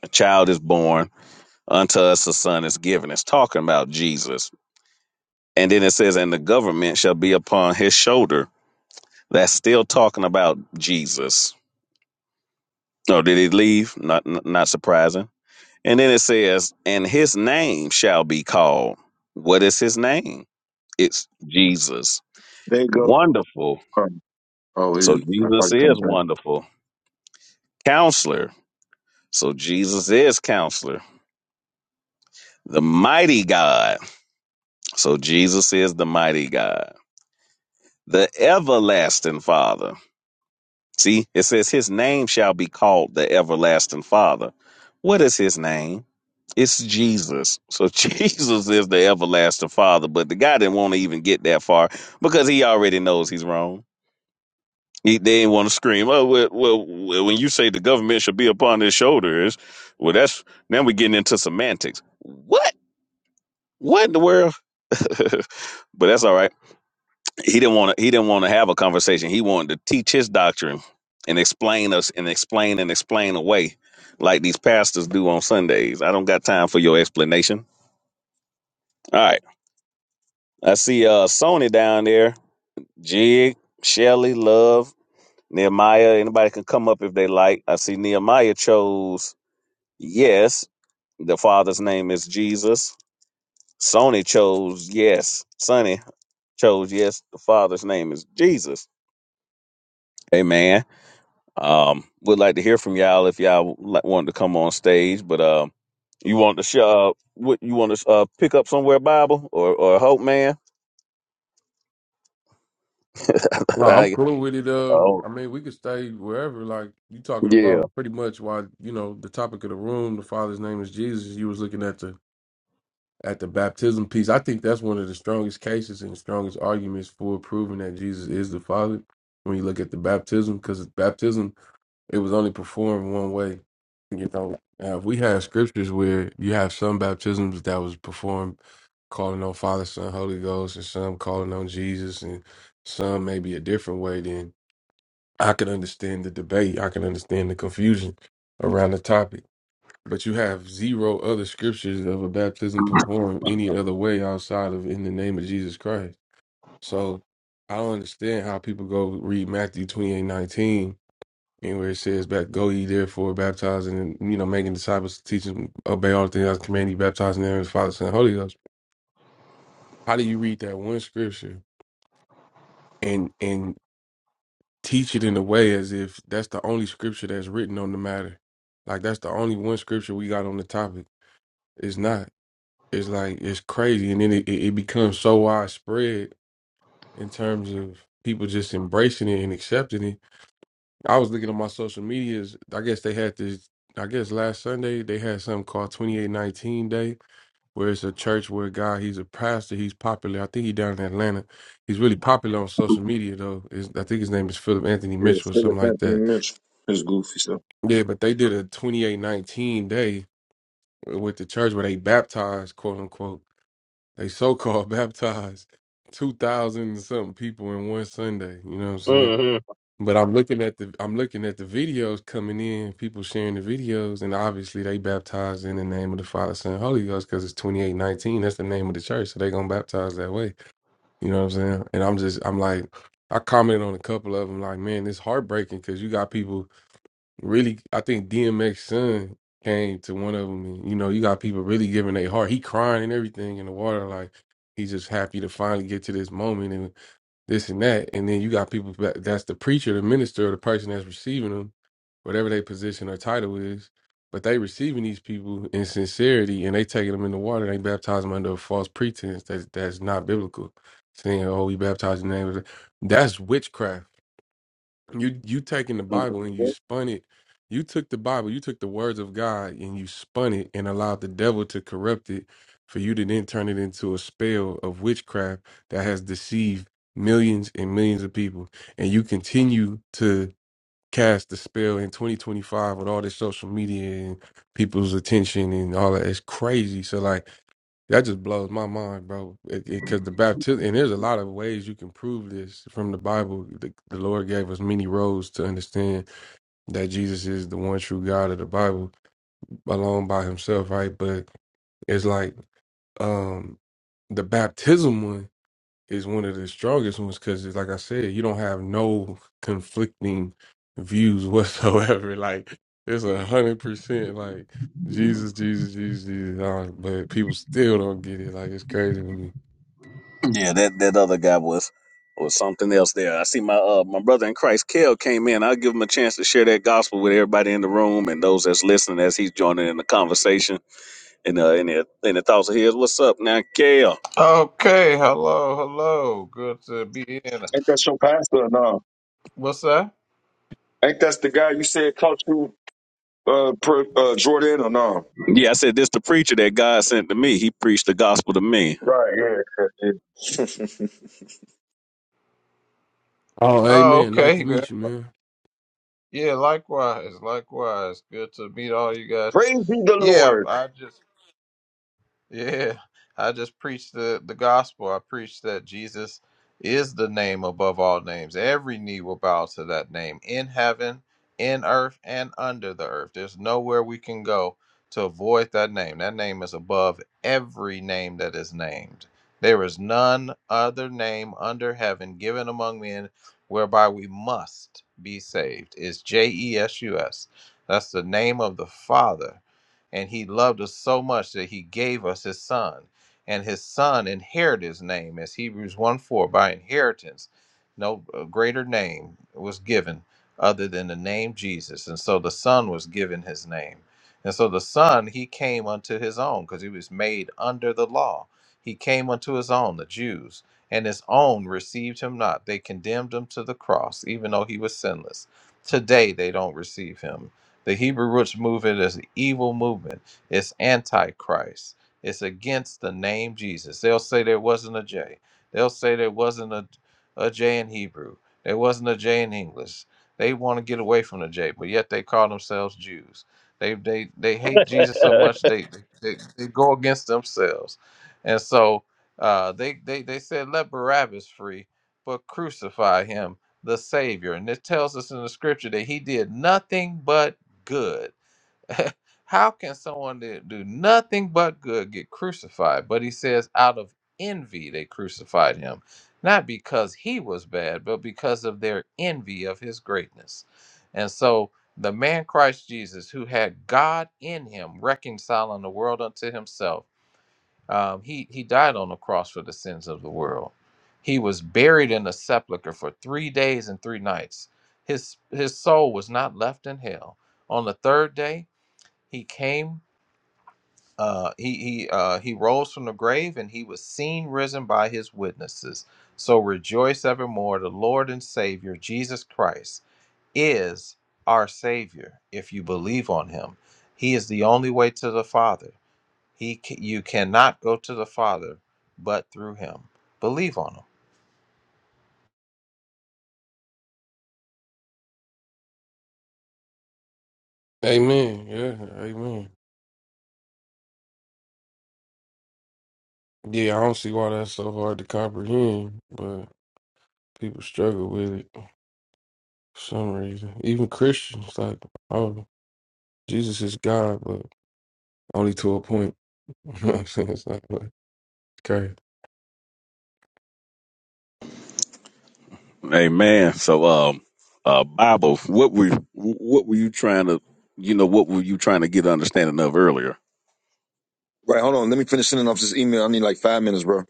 Speaker 1: a child is born, unto us a son is given. It's talking about Jesus And then it says, and the government shall be upon his shoulder. That's still talking about Jesus. Oh, did he leave? Not, not surprising. And then it says, and his name shall be called. What is his name? It's Jesus.
Speaker 11: there you go.
Speaker 1: Wonderful.
Speaker 11: Um, oh,
Speaker 1: So
Speaker 11: he, I
Speaker 1: Jesus
Speaker 11: probably
Speaker 1: is
Speaker 11: can't think.
Speaker 1: wonderful. Counselor. So Jesus is counselor. The mighty God. So Jesus is the mighty God. The everlasting Father. See, it says his name shall be called the everlasting father. What is his name? It's Jesus. So Jesus is the everlasting father, but the guy didn't want to even get that far because he already knows he's wrong. He, they didn't want to scream, oh, well, well, well, when you say the government should be upon his shoulders, well, that's, now we're getting into semantics. What? What in the world? but that's all right he didn't want to he didn't want to have a conversation he wanted to teach his doctrine and explain us and explain and explain away like these pastors do on sundays i don't got time for your explanation all right i see uh sony down there jig shelly love nehemiah anybody can come up if they like i see nehemiah chose yes the father's name is jesus sony chose yes sonny chose yes the father's name is jesus amen Um, would like to hear from y'all if y'all li- wanted to come on stage, but um, you want to sh- uh, what you want to uh, pick up somewhere Bible or or Hope Man?
Speaker 13: No, I'm
Speaker 1: I-
Speaker 13: cool with it. Um,
Speaker 1: oh
Speaker 13: I mean, we could stay wherever. Like you talking
Speaker 1: yeah,
Speaker 13: about, pretty much why you know the topic of the room. The Father's name is Jesus. You was looking at the at the baptism piece. I think that's one of the strongest cases and the strongest arguments for proving that Jesus is the Father. When you look at the baptism, because baptism it was only performed one way. You know, now, if we have scriptures where you have some baptisms that was performed calling on Father, Son, Holy Ghost, and some calling on Jesus, and some maybe a different way. Then I can understand the debate. I can understand the confusion around the topic. But you have zero other scriptures of a baptism performed any other way outside of in the name of Jesus Christ. So I don't understand how people go read Matthew twenty eight nineteen and where it says, "Back go ye therefore, baptizing and you know making disciples, teaching, obey all the things I command you, baptizing them in the name of the Father, Son, and Holy Ghost." How do you read that one scripture and and teach it in a way as if that's the only scripture that's written on the matter. Like that's the only one scripture we got on the topic. It's not. It's like it's crazy, and then it, it it becomes so widespread in terms of people just embracing it and accepting it. I was looking on my social medias. I guess they had this. I guess last Sunday they had something called Twenty Eight Nineteen Day, where it's a church where a guy he's a pastor. He's popular. I think he down in Atlanta. He's really popular on social media though. Is I think his name is Philip Anthony
Speaker 11: Yeah,
Speaker 13: Mitchell or
Speaker 11: Philip
Speaker 13: something like
Speaker 11: Anthony
Speaker 13: that
Speaker 11: Mitchell, his goofy stuff.
Speaker 13: Yeah, but they did a 2819 day with the church where they baptized, quote unquote. They so called baptized 2,000 and something people in one Sunday. You know what I'm saying?
Speaker 1: hmm
Speaker 13: But I'm looking at the I'm looking at the videos coming in, people sharing the videos, and obviously they baptized in the name of the Father, Son, Holy Ghost, because it's 2819. That's the name of the church, so they gonna baptize that way. You know what I'm saying? And I'm just I'm like, I commented on a couple of them, like, man, it's heartbreaking because you got people really I think DMX son came to one of them and you know you got people really giving their heart he crying and everything in the water like he's just happy to finally get to this moment and this and that and then you got people that, that's the preacher the minister or the person that's receiving them whatever their position or title is but they receiving these people in sincerity and they taking them in the water they baptize them under a false pretense that that's not biblical saying oh we baptize in the name of the-" that's witchcraft you you taking the
Speaker 11: Mm.
Speaker 13: Bible and you spun it. You took the Bible, you took the words of God and you spun it and allowed the devil to corrupt it for you to then turn it into a spell of witchcraft that has deceived millions and millions of people. And you continue to cast the spell in 2025 with all this social media and people's attention and all that. It's crazy. So like that just blows my mind, bro. Because the baptism, and there's a lot of ways you can prove this from the Bible. The, the Lord gave us many roads to understand that Jesus is the one true God of the Bible alone by himself, right? But it's like um the baptism one is one of the strongest ones because, like I said, you don't have no conflicting views whatsoever. Like, it's a hundred percent like Jesus, Jesus, Jesus, Jesus. uh, But people still don't get it. Like, it's crazy to me.
Speaker 1: yeah. That that other guy was was something else there. I see my uh my brother in Christ Kel came in. I'll give him a chance to share that gospel with everybody in the room and those that's listening as he's joining in the conversation and uh in the in the thoughts of his. What's up now, Kel?
Speaker 14: Okay, hello, hello. Good to be in.
Speaker 11: Ain't that your pastor or no?
Speaker 14: What's that?
Speaker 11: Ain't that's the guy you said caught you, uh, per, uh, Jordan or no?
Speaker 1: Yeah, I said this the preacher that God sent to me. He preached the gospel to me.
Speaker 11: Right, yeah, yeah, yeah.
Speaker 13: Oh,
Speaker 14: Oh,
Speaker 13: amen. Nice
Speaker 14: okay.
Speaker 13: to
Speaker 14: Yeah,
Speaker 13: meet you, man.
Speaker 14: yeah, likewise, likewise. Good to meet all you guys.
Speaker 11: Praise be the
Speaker 14: Yeah,
Speaker 11: Lord.
Speaker 14: I just Yeah, I just preached the, the gospel. I preached that Jesus is the name above all names. Every knee will bow to that name in heaven, in earth, and under the earth. There's nowhere we can go to avoid that name. That name is above every name that is named. There is none other name under heaven given among men whereby we must be saved. It's J E S U S. That's the name of the Father. And he loved us so much that he gave us his son. And his son inherited his name, as Hebrews 1 4, by inheritance. No uh, greater name was given other than the name Jesus. And so the son was given his name. And so the son, he came unto his own because he was made under the law. He came unto his own, the Jews, and his own received him not. They condemned him to the cross, even though he was sinless. Today they don't receive him the Hebrew roots movement is an evil movement. It's antichrist. It's against the name Jesus. They'll say there wasn't a J. They'll say there wasn't a, a J in Hebrew. There wasn't a J in English. They want to get away from the J, but yet they call themselves Jews. They they they hate Jesus so much they they, they go against themselves, and so uh, they they they said let Barabbas free, but crucify him, the Savior. And it tells us in the Scripture that he did nothing but good. How can someone that do nothing but good get crucified? But he says, out of envy, they crucified him, not because he was bad, but because of their envy of his greatness. And so the man Christ Jesus, who had God in him, reconciling the world unto himself um, he he died on the cross for the sins of the world. He was buried in a sepulcher for three days and three nights. His his soul was not left in hell. On the third day, he came. Uh, he he uh, he rose from the grave, and he was seen risen by his witnesses. So rejoice evermore. The Lord and Savior Jesus Christ is our Savior. If you believe on Him, He is the only way to the Father. He ca you cannot go to the Father but through him. Believe on him.
Speaker 13: Amen. Yeah, amen. Yeah, I don't see why that's so hard to comprehend, but people struggle with it for some reason. Even Christians, like, oh, Jesus is God, but only to a point. You know what I'm saying? It's like, what? okay.
Speaker 1: Amen. So, um, uh, Bible, what were what were you trying to, you know, what were you trying to get understanding of earlier?
Speaker 11: Right, hold on. Let me finish sending off this email. I need like five minutes, bro.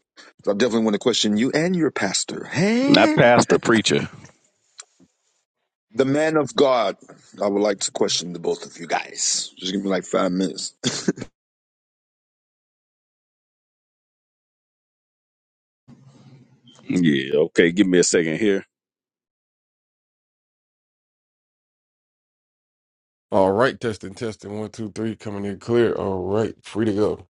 Speaker 11: I definitely want to question you and your pastor.
Speaker 1: Not
Speaker 11: Hey?
Speaker 1: pastor, preacher.
Speaker 11: The man of God. I would like to question the both of you guys. Just give me like five minutes.
Speaker 1: Yeah. Okay. Give me a second here.
Speaker 13: All right, testing, testing. One, two, three, coming in clear. All right, free to go.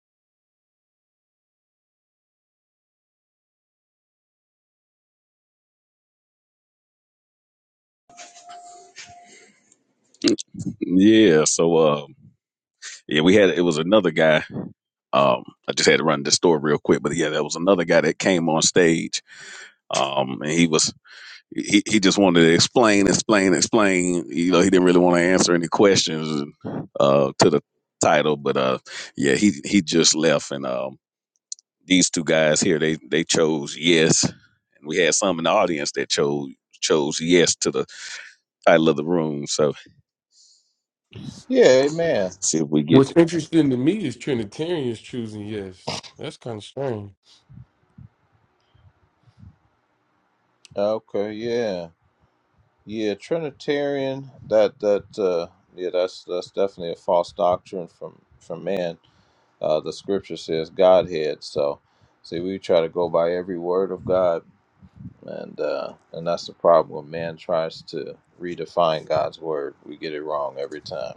Speaker 1: Yeah. So, um, yeah, we had it was another guy. Um, I just had to run this store real quick, but yeah, there was another guy that came on stage. Um, and he was He he just wanted to explain, explain, explain. You know, he didn't really want to answer any questions uh, to the title, but uh, yeah, he he just left, and um, these two guys here, they they chose yes, and we had some in the audience that chose chose yes to the title of the room. So
Speaker 14: Yeah, amen.
Speaker 1: see if we get
Speaker 13: What's interesting to me is Trinitarians choosing yes. That's kind of strange.
Speaker 14: Okay, yeah. Yeah, Trinitarian that that uh yeah, that's that's definitely a false doctrine from from man. Uh the scripture says Godhead, so see we try to go by every word of God and uh and that's the problem when man tries to redefine God's word. We get it wrong every time.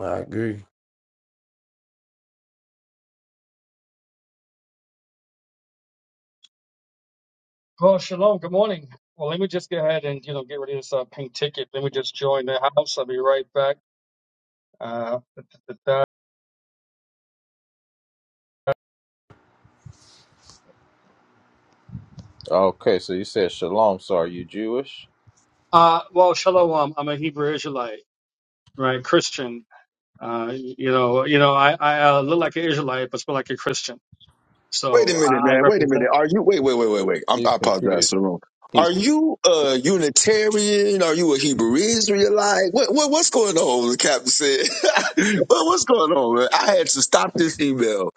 Speaker 13: I agree.
Speaker 15: Well, shalom. Good morning. Well, let me just go ahead and you know get rid of this uh, pink ticket. Let me just join the house. I'll be right back. Uh, da- da- da- da.
Speaker 14: Okay, so you said shalom, so are you Jewish?
Speaker 15: uh well, shalom. I'm a Hebrew Israelite, right? Christian. Uh, you know, you know, I I uh, look like an Israelite, but speak like a Christian.
Speaker 11: Wait a
Speaker 15: So
Speaker 11: minute,
Speaker 15: I, I
Speaker 11: man. Wait a
Speaker 15: represent.
Speaker 11: minute. Are you? Wait, wait, wait, wait, wait. I'm,
Speaker 14: He's
Speaker 11: I apologize
Speaker 14: confused.
Speaker 11: for the wrong.
Speaker 14: He's
Speaker 11: Are you a Unitarian? Are you a Hebrew Israelite? What, what what's going on? The captain said. what, what's going on, man? I had to stop this email,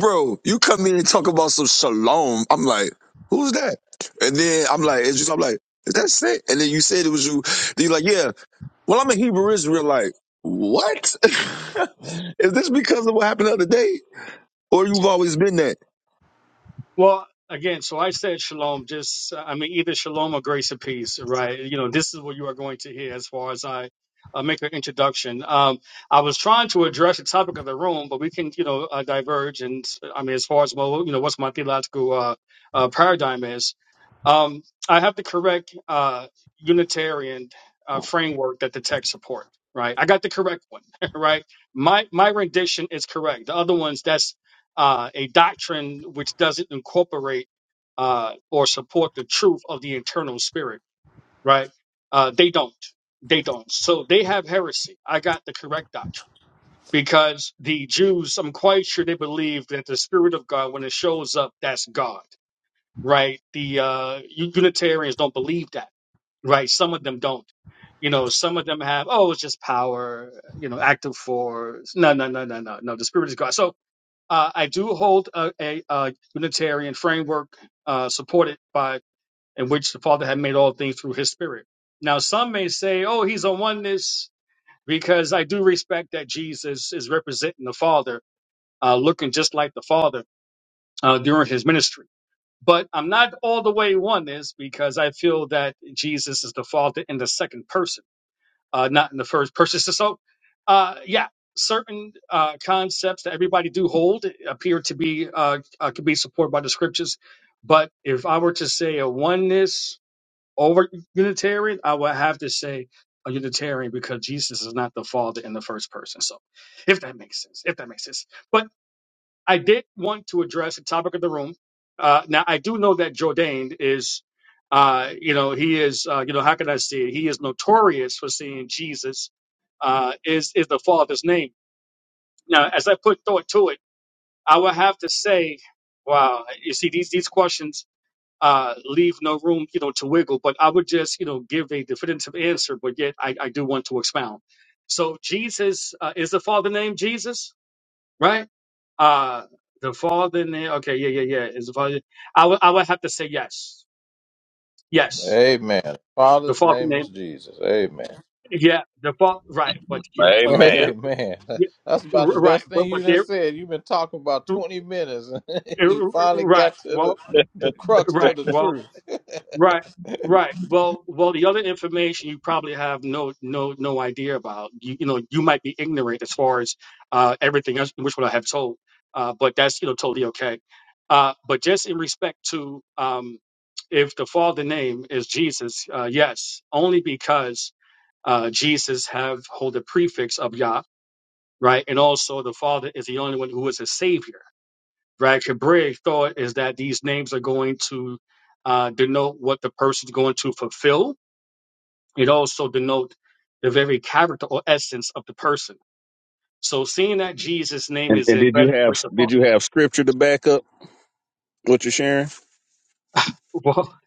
Speaker 11: bro. You come in and talk about some shalom. I'm like, who's that? And then I'm like, it's just, I'm like, is that sick? And then you said it was you. Then you're like, yeah. Well, I'm a Hebrew Israelite. What? Is this because of what happened the other day? Or you've always been that?
Speaker 15: Well, again, so I said shalom, just, I mean, either shalom or grace and peace, right? You know, this is what you are going to hear as far as I uh, make an introduction. Um, I was trying to address the topic of the room, but we can, you know, uh, diverge. And I mean, as far as, well, you know, what's my theological uh, uh, paradigm is, um, I have the correct uh, Unitarian uh, framework that the text support, right? I got the correct one, right? My my rendition is correct. The other ones, that's uh, a doctrine which doesn't incorporate uh, or support the truth of the internal spirit, right? Uh, they don't. They don't. So they have heresy. I got the correct doctrine because the Jews, I'm quite sure they believe that the spirit of God, when it shows up, that's God, right? The uh, Unitarians don't believe that, right? Some of them don't. You know, some of them have, oh, it's just power, you know, active force. No, no, no, no, no, no. The spirit is God. So uh, I do hold a, a, uh Unitarian framework uh, supported by in which the Father had made all things through His Spirit. Now, some may say, "Oh, he's a oneness," because I do respect that Jesus is representing the Father, uh, looking just like the Father uh, during His ministry. But I'm not all the way oneness because I feel that Jesus is the Father in the second person uh, not in the first person. So, so, uh, yeah, certain uh, concepts that everybody do hold appear to be uh, uh, can be supported by the scriptures. But if I were to say a oneness over Unitarian, I would have to say a Unitarian because Jesus is not the Father in the first person. So, if that makes sense, if that makes sense. But I did want to address the topic of the room. Uh, now, I do know that Jourdain is, uh, you know, he is, uh, you know, how can I say it? He is notorious for saying Jesus uh, is is the Father's name. Now, as I put thought to it, I would have to say, wow, you see, these these questions uh, leave no room, you know, to wiggle. But I would just, you know, give a definitive answer, but yet I, I do want to expound. So, Jesus uh, is the Father name Jesus? right? Uh, the Father name. Okay, yeah, yeah, yeah. Is the Father? I would, I would have to say yes, yes.
Speaker 14: Amen.
Speaker 15: The
Speaker 14: Father's
Speaker 15: Father
Speaker 14: name
Speaker 15: name.
Speaker 14: is Jesus. Amen.
Speaker 15: Yeah, the Father. Right, but you, but but
Speaker 1: amen.
Speaker 15: there,
Speaker 14: Amen.
Speaker 15: yeah,
Speaker 14: That's about the
Speaker 15: right,
Speaker 14: best
Speaker 15: but
Speaker 14: thing you
Speaker 15: but
Speaker 14: done
Speaker 15: there,
Speaker 14: said. You've been talking about
Speaker 15: r-
Speaker 14: 20 minutes.
Speaker 15: r-
Speaker 14: you finally
Speaker 15: right.
Speaker 14: got to the,
Speaker 15: Well,
Speaker 14: the crux
Speaker 15: right.
Speaker 14: of the
Speaker 15: well,
Speaker 14: truth.
Speaker 15: Right, right. Well, well, the other information you probably have no, no, no idea about. You, you know, you might be ignorant as far as uh, everything else, which what I have told. Uh, but that's you know totally okay. Uh, but just in respect to um, if the father name is Jesus, uh, yes, only because uh, Jesus have hold the prefix of Yah, right? And also the Father is the only one who is a savior right? Hebraic thought is that these names are going to uh, denote what the person's going to fulfill. It also denote the very character or essence of the person. So seeing that Jesus' name
Speaker 1: And
Speaker 15: is
Speaker 1: and did you
Speaker 15: embedded
Speaker 1: have
Speaker 15: with the fa-
Speaker 1: did you have scripture to back up what you're sharing?
Speaker 15: well,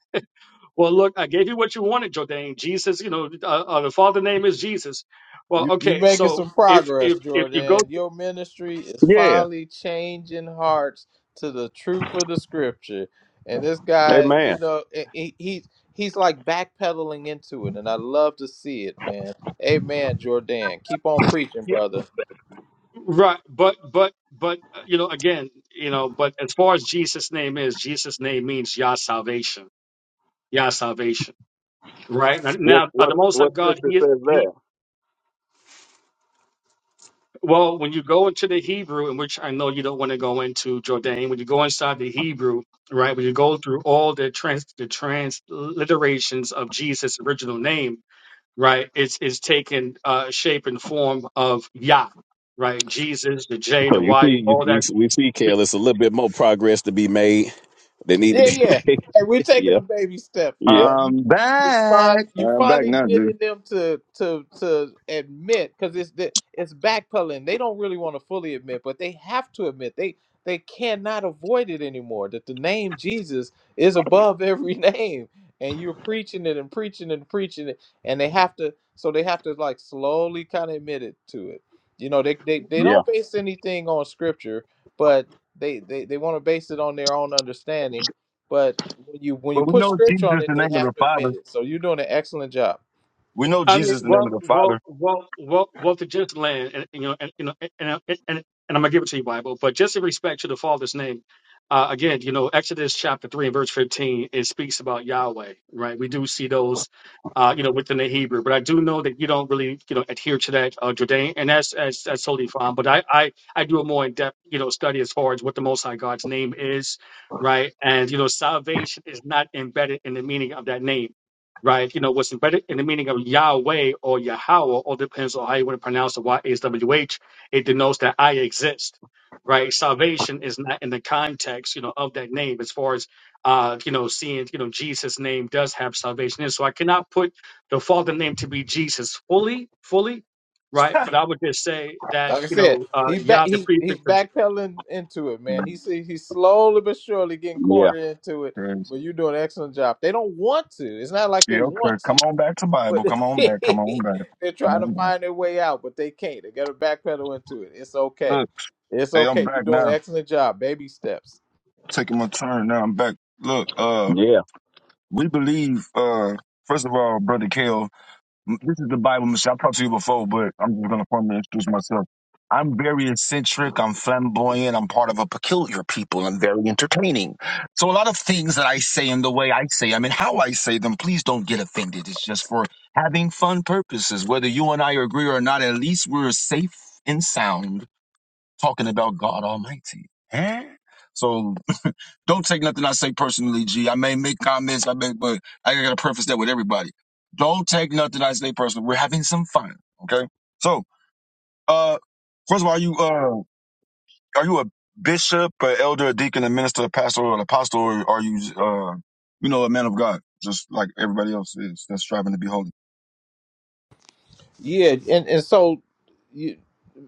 Speaker 15: well, look, I gave you what you wanted, Jordan. Jesus, you know, uh, uh, the Father name is Jesus. Well,
Speaker 14: you you
Speaker 15: okay,
Speaker 14: making
Speaker 15: so
Speaker 14: some
Speaker 15: if
Speaker 14: progress,
Speaker 15: if if you
Speaker 14: Jordan.
Speaker 15: go
Speaker 14: Your ministry is
Speaker 1: Yeah,
Speaker 14: finally changing hearts to the truth of the scripture. And this guy,
Speaker 1: amen.
Speaker 14: you know, he, he he's like backpedaling into it, and I love to see it, man. Amen, Jordan. Keep on preaching,
Speaker 1: Yeah.
Speaker 14: brother.
Speaker 15: right, but but but uh, you know, again, you know, but as far as Jesus' name is, Jesus' name means Yah salvation, Yah salvation. Right now, uh, the Most High God, He is He. Well, when you go into the Hebrew, in which I know you don't want to go into Jordan, when you go inside the Hebrew, right? When you go through all the trans the transliterations of Jesus' original name, right? It's it's taken uh, shape and form of Yah, right? Jesus, the J,
Speaker 1: So
Speaker 15: the
Speaker 1: you
Speaker 15: Y,
Speaker 1: see, you,
Speaker 15: all
Speaker 1: we
Speaker 15: that.
Speaker 1: we see, Kel, it's a little bit more progress to be made. They need to
Speaker 14: Yeah,
Speaker 1: be
Speaker 14: yeah.
Speaker 1: made.
Speaker 14: Hey, we're taking
Speaker 1: Yeah.
Speaker 14: the baby steps,
Speaker 1: Yep.
Speaker 14: man. You,
Speaker 11: I'm
Speaker 14: you find
Speaker 11: back.
Speaker 14: you
Speaker 11: I'm back
Speaker 14: finally
Speaker 11: now, dude.
Speaker 14: getting them to to to admit because it's the, it's backpedaling. They don't really want to fully admit, but they have to admit they they cannot avoid it anymore. That the name Jesus is above every name, and you're preaching it and preaching and preaching it, and they have to. So they have to like slowly kind of admit it to it. You know, they they they
Speaker 1: Yeah.
Speaker 14: don't base anything on scripture, but they they, they want to base it on their own understanding but when you when you
Speaker 11: But we
Speaker 14: put
Speaker 11: know Jesus
Speaker 14: scripture on
Speaker 11: is
Speaker 14: it,
Speaker 11: the
Speaker 14: they
Speaker 11: name of the
Speaker 14: have to admit
Speaker 11: Father.
Speaker 14: it. So you're doing an excellent job.
Speaker 11: We know
Speaker 15: I mean,
Speaker 11: Jesus is the name of
Speaker 15: well,
Speaker 11: the
Speaker 15: well,
Speaker 11: Father.
Speaker 15: well, well, well, to just land, and you know, and you know, and and and, and I'm gonna give it to you, Bible. But just in respect to the Father's name, uh, again, you know, Exodus chapter three and verse 15, it speaks about Yahweh, right? We do see those, uh, you know, within the Hebrew. But I do know that you don't really, you know, adhere to that, uh, Jordan, and that's that's, that's totally fine. But I, I I do a more in depth, you know, study as far as what the Most High God's name is, right? And you know, salvation is not embedded in the meaning of that name right? You know, what's embedded in the meaning of Yahweh or Yahweh, all depends on how you want to pronounce the Y-H-W-H. It denotes that I exist, right? Salvation is not in the context, you know, of that name as far as, uh, you know, seeing, you know, Jesus' name does have salvation in. it. So I cannot put the Father name to be Jesus fully, fully. Right, but I would just say that
Speaker 14: Like I
Speaker 15: you
Speaker 14: said,
Speaker 15: know, uh,
Speaker 14: he's back
Speaker 15: Yah, the
Speaker 14: he's he's
Speaker 15: prefix of, Je-
Speaker 14: backpedaling into it, man. He's he's slowly but surely getting
Speaker 1: Yeah.
Speaker 14: cornered into it. But you're doing an excellent job. They don't want to. It's not like they want to, but they're trying to find their way out, but they can't. They gotta backpedal into it. It's okay. It's okay. You're doing an excellent job. Baby steps.
Speaker 11: Taking my turn now. I'm back. Look, uh,
Speaker 1: Yeah.
Speaker 11: we believe, uh, first of all, Brother Kale. M- This is the Bible machine. I've talked to you before, but I'm just gonna formally introduce myself. I'm very eccentric. I'm flamboyant. I'm part of a peculiar people. I'm very entertaining. So a lot of things that I say and the way I say them and how I say them, please don't get offended. It's just for having fun purposes. Whether you and I agree or not, at least we're safe and sound talking about God Almighty. Eh? So don't take nothing I say personally, G. I may make comments, I may, but I gotta preface that with everybody. Don't take nothing I say personally. We're having some fun, okay? So, uh, first of all, are you uh, are you a bishop, an elder, a deacon, a minister, a pastor, or an apostle, or are you uh, you know, a man of God, just like everybody else is that's striving to be holy?
Speaker 14: Yeah, and, and so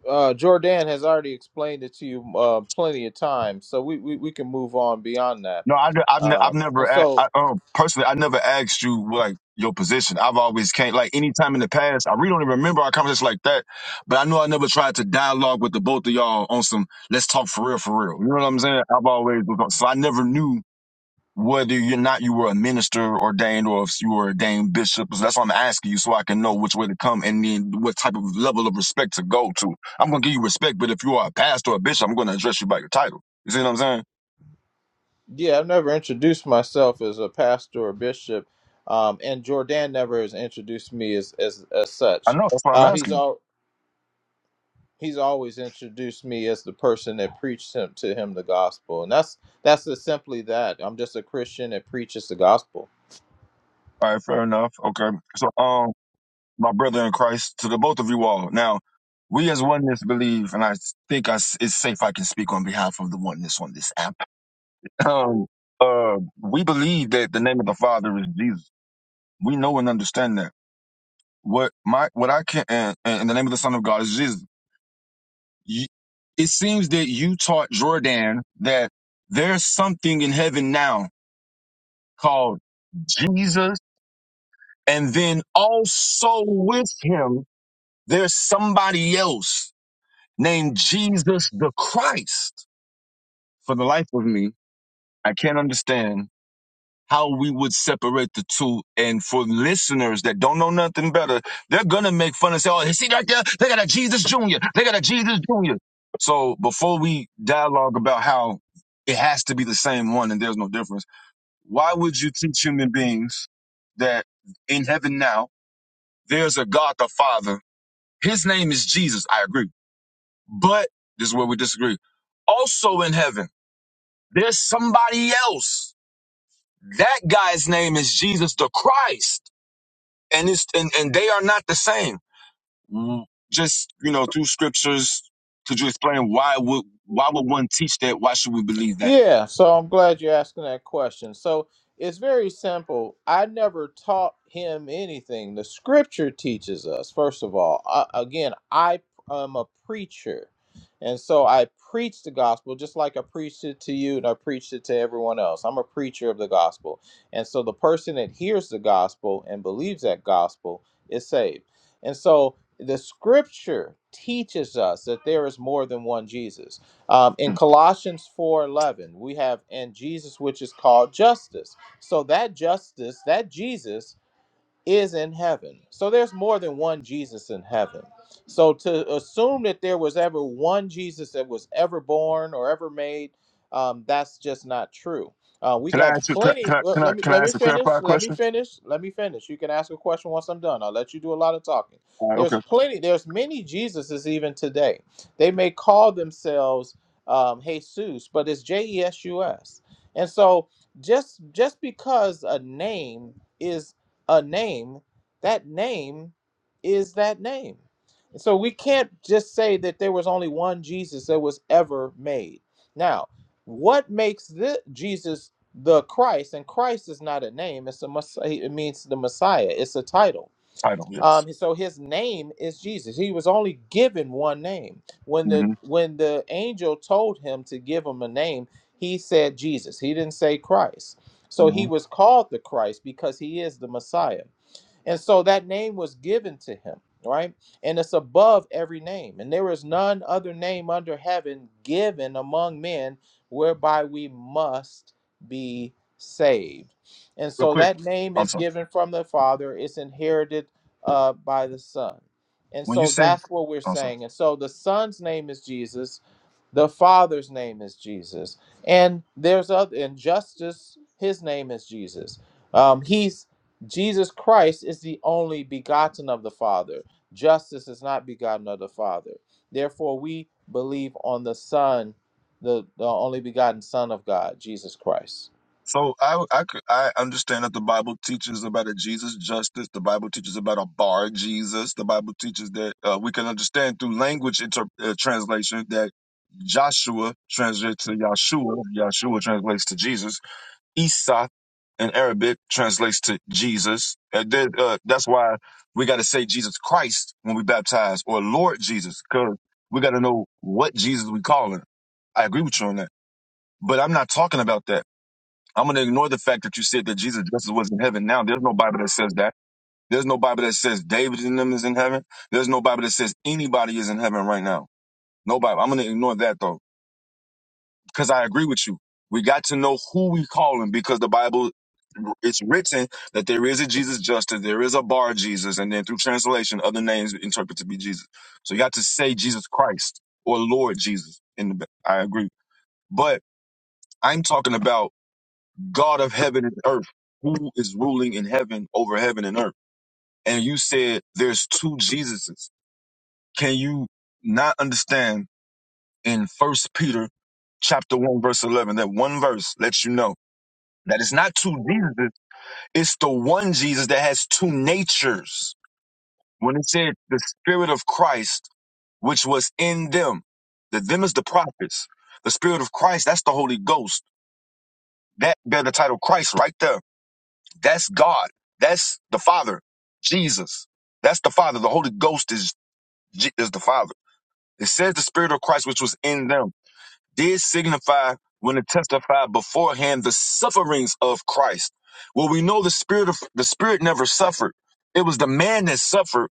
Speaker 14: Uh, Jordan has already explained it to you uh, plenty of times, so we, we, we can move on beyond that.
Speaker 11: No, I, have I've
Speaker 14: Um,
Speaker 11: never,
Speaker 14: and
Speaker 11: a-
Speaker 14: so,
Speaker 11: I, um, personally, I never asked you like your position. I've always came like anytime in the past. I really don't even remember our conversation like that, but I know I never tried to dialogue with the both of y'all on some let's talk for real, for real. You know what I'm saying? I've always was on- so I never knew whether you're not you were a minister ordained or if you were ordained bishop. So that's why I'm asking you so I can know which way to come and then what type of level of respect to go to. I'm gonna give you respect, but if you are a pastor or a bishop, I'm gonna address you by your title. You see what I'm saying?
Speaker 14: yeah, I've never introduced myself as a pastor or bishop, um, and Jordan never has introduced me as as, as
Speaker 11: I
Speaker 14: such.
Speaker 11: know that's why I'm
Speaker 14: Uh,
Speaker 11: asking. you.
Speaker 14: he's all he's always introduced me as the person that preached him to him the gospel, and that's that's just simply that. I'm just a Christian that preaches the gospel.
Speaker 11: All right, fair enough. Okay. So, um, my brother in Christ, to the both of you all. Now, we as oneness believe, and I think I s it's safe I can speak on behalf of the oneness on this app. Um, uh, we believe that the name of the Father is Jesus. We know and understand that. What my what I can and, and the name of the Son of God is Jesus. You, it seems that you taught Jordan that there's something in heaven now called Jesus, and then also with him There's somebody else named Jesus the Christ. For the life of me, I can't understand how we would separate the two. And for listeners that don't know nothing better, they're going to make fun and say, oh, you see right there? They got a Jesus Jr. They got a Jesus Jr. So before we dialogue about how it has to be the same one and there's no difference, why would you teach human beings that in heaven now, there's a God the Father? His name is Jesus. I agree But this is where we disagree. Also in heaven, there's somebody else. That guy's name is Jesus the Christ. And it's and, and they are not the same. Mm, Just, you know, through scriptures, could you explain why would why would one teach that? Why should we believe that?
Speaker 14: Yeah, so I'm glad you're asking that question. So it's very simple. I never taught him anything. The scripture teaches us, first of all. Uh, again, I am a preacher. And so I preach the gospel just like I preached it to you and I preached it to everyone else. I'm a preacher of the gospel. And so the person that hears the gospel and believes that gospel is saved. And so the scripture teaches us that there is more than one Jesus. Um, in
Speaker 11: Hmm.
Speaker 14: Colossians 4:11, we have and Jesus which is called justice. So that justice, that Jesus is in heaven. So there's more than one Jesus in heaven. So to assume that there was ever one Jesus that was ever born or ever made, um, that's just not true. Uh, we
Speaker 11: Can I
Speaker 14: got
Speaker 11: ask you can I
Speaker 14: plenty. Well,
Speaker 11: can I,
Speaker 14: let me
Speaker 11: can I
Speaker 14: let me
Speaker 11: ask a
Speaker 14: finish.
Speaker 11: clarified
Speaker 14: Let me
Speaker 11: question?
Speaker 14: finish. Let me finish. You can ask a question once I'm done. I'll let you do a lot of talking.
Speaker 11: All right,
Speaker 14: There's
Speaker 11: okay.
Speaker 14: plenty. There's many Jesuses even today. They may call themselves um, Jesus, but it's J E S U S. And so just just because a name is a name, that name is that name. And so we can't just say that there was only one Jesus that was ever made. Now, what makes the Jesus the Christ? And Christ is not a name; it's a mess- it means the Messiah. It's a title.
Speaker 11: Title, yes.
Speaker 14: Um, so his name is Jesus. He was only given one name. When the
Speaker 11: Mm-hmm.
Speaker 14: when the angel told him to give him a name, he said Jesus. He didn't say Christ. So
Speaker 11: Mm-hmm.
Speaker 14: he was called the Christ because he is the Messiah. And so that name was given to him, right? And it's above every name. And there is none other name under heaven given among men whereby we must be saved. And
Speaker 11: Real
Speaker 14: so
Speaker 11: quick.
Speaker 14: that name
Speaker 11: I'm
Speaker 14: is
Speaker 11: sorry.
Speaker 14: given from the Father, it's inherited uh, by the Son. And
Speaker 11: When you
Speaker 14: so
Speaker 11: say
Speaker 14: that's what we're
Speaker 11: I'm sorry.
Speaker 14: saying. And so the Son's name is Jesus the Father's name is Jesus, and there's other and justice. His name is Jesus. Um, he's Jesus Christ is the only begotten of the Father. Justice is not begotten of the Father. Therefore, we believe on the Son, the, the only begotten Son of God, Jesus Christ.
Speaker 11: So I I c- I understand that the Bible teaches about a Jesus justice. The Bible teaches about a bar Jesus. The Bible teaches that uh, we can understand through language inter- uh, translation that Joshua translates to Yahshua. Yahshua translates to Jesus. Isa in Arabic translates to Jesus. And then, uh, that's why we got to say Jesus Christ when we baptize or Lord Jesus because we got to know what Jesus we calling. I agree with you on that. But I'm not talking about that. I'm going to ignore the fact that you said that Jesus just was in heaven now. There's no Bible that says that. There's no Bible that says David and them is in heaven. There's no Bible that says anybody is in heaven right now. No Bible. I'm going to ignore that though, because I agree with you. We got to know who we calling because the Bible, it's written that there is a Jesus Justice, there is a Bar Jesus, and then through translation, other names interpret to be Jesus. So you got to say Jesus Christ or Lord Jesus. In the, I agree, but I'm talking about God of heaven and earth, who is ruling in heaven over heaven and earth. And you said there's two Jesuses. Can you not understand in First Peter chapter one verse eleven that one verse lets you know that it's not two Jesuses, it's the one Jesus that has two natures. When it said the Spirit of Christ, which was in them, the them is the prophets. The Spirit of Christ, that's the Holy Ghost. That bear the title Christ right there That's God. That's the Father, Jesus. That's the Father. The Holy Ghost is J- is the Father. It says the Spirit of Christ, which was in them, did signify when it testified beforehand the sufferings of Christ. Well, we know the Spirit of the Spirit never suffered. It was the man that suffered.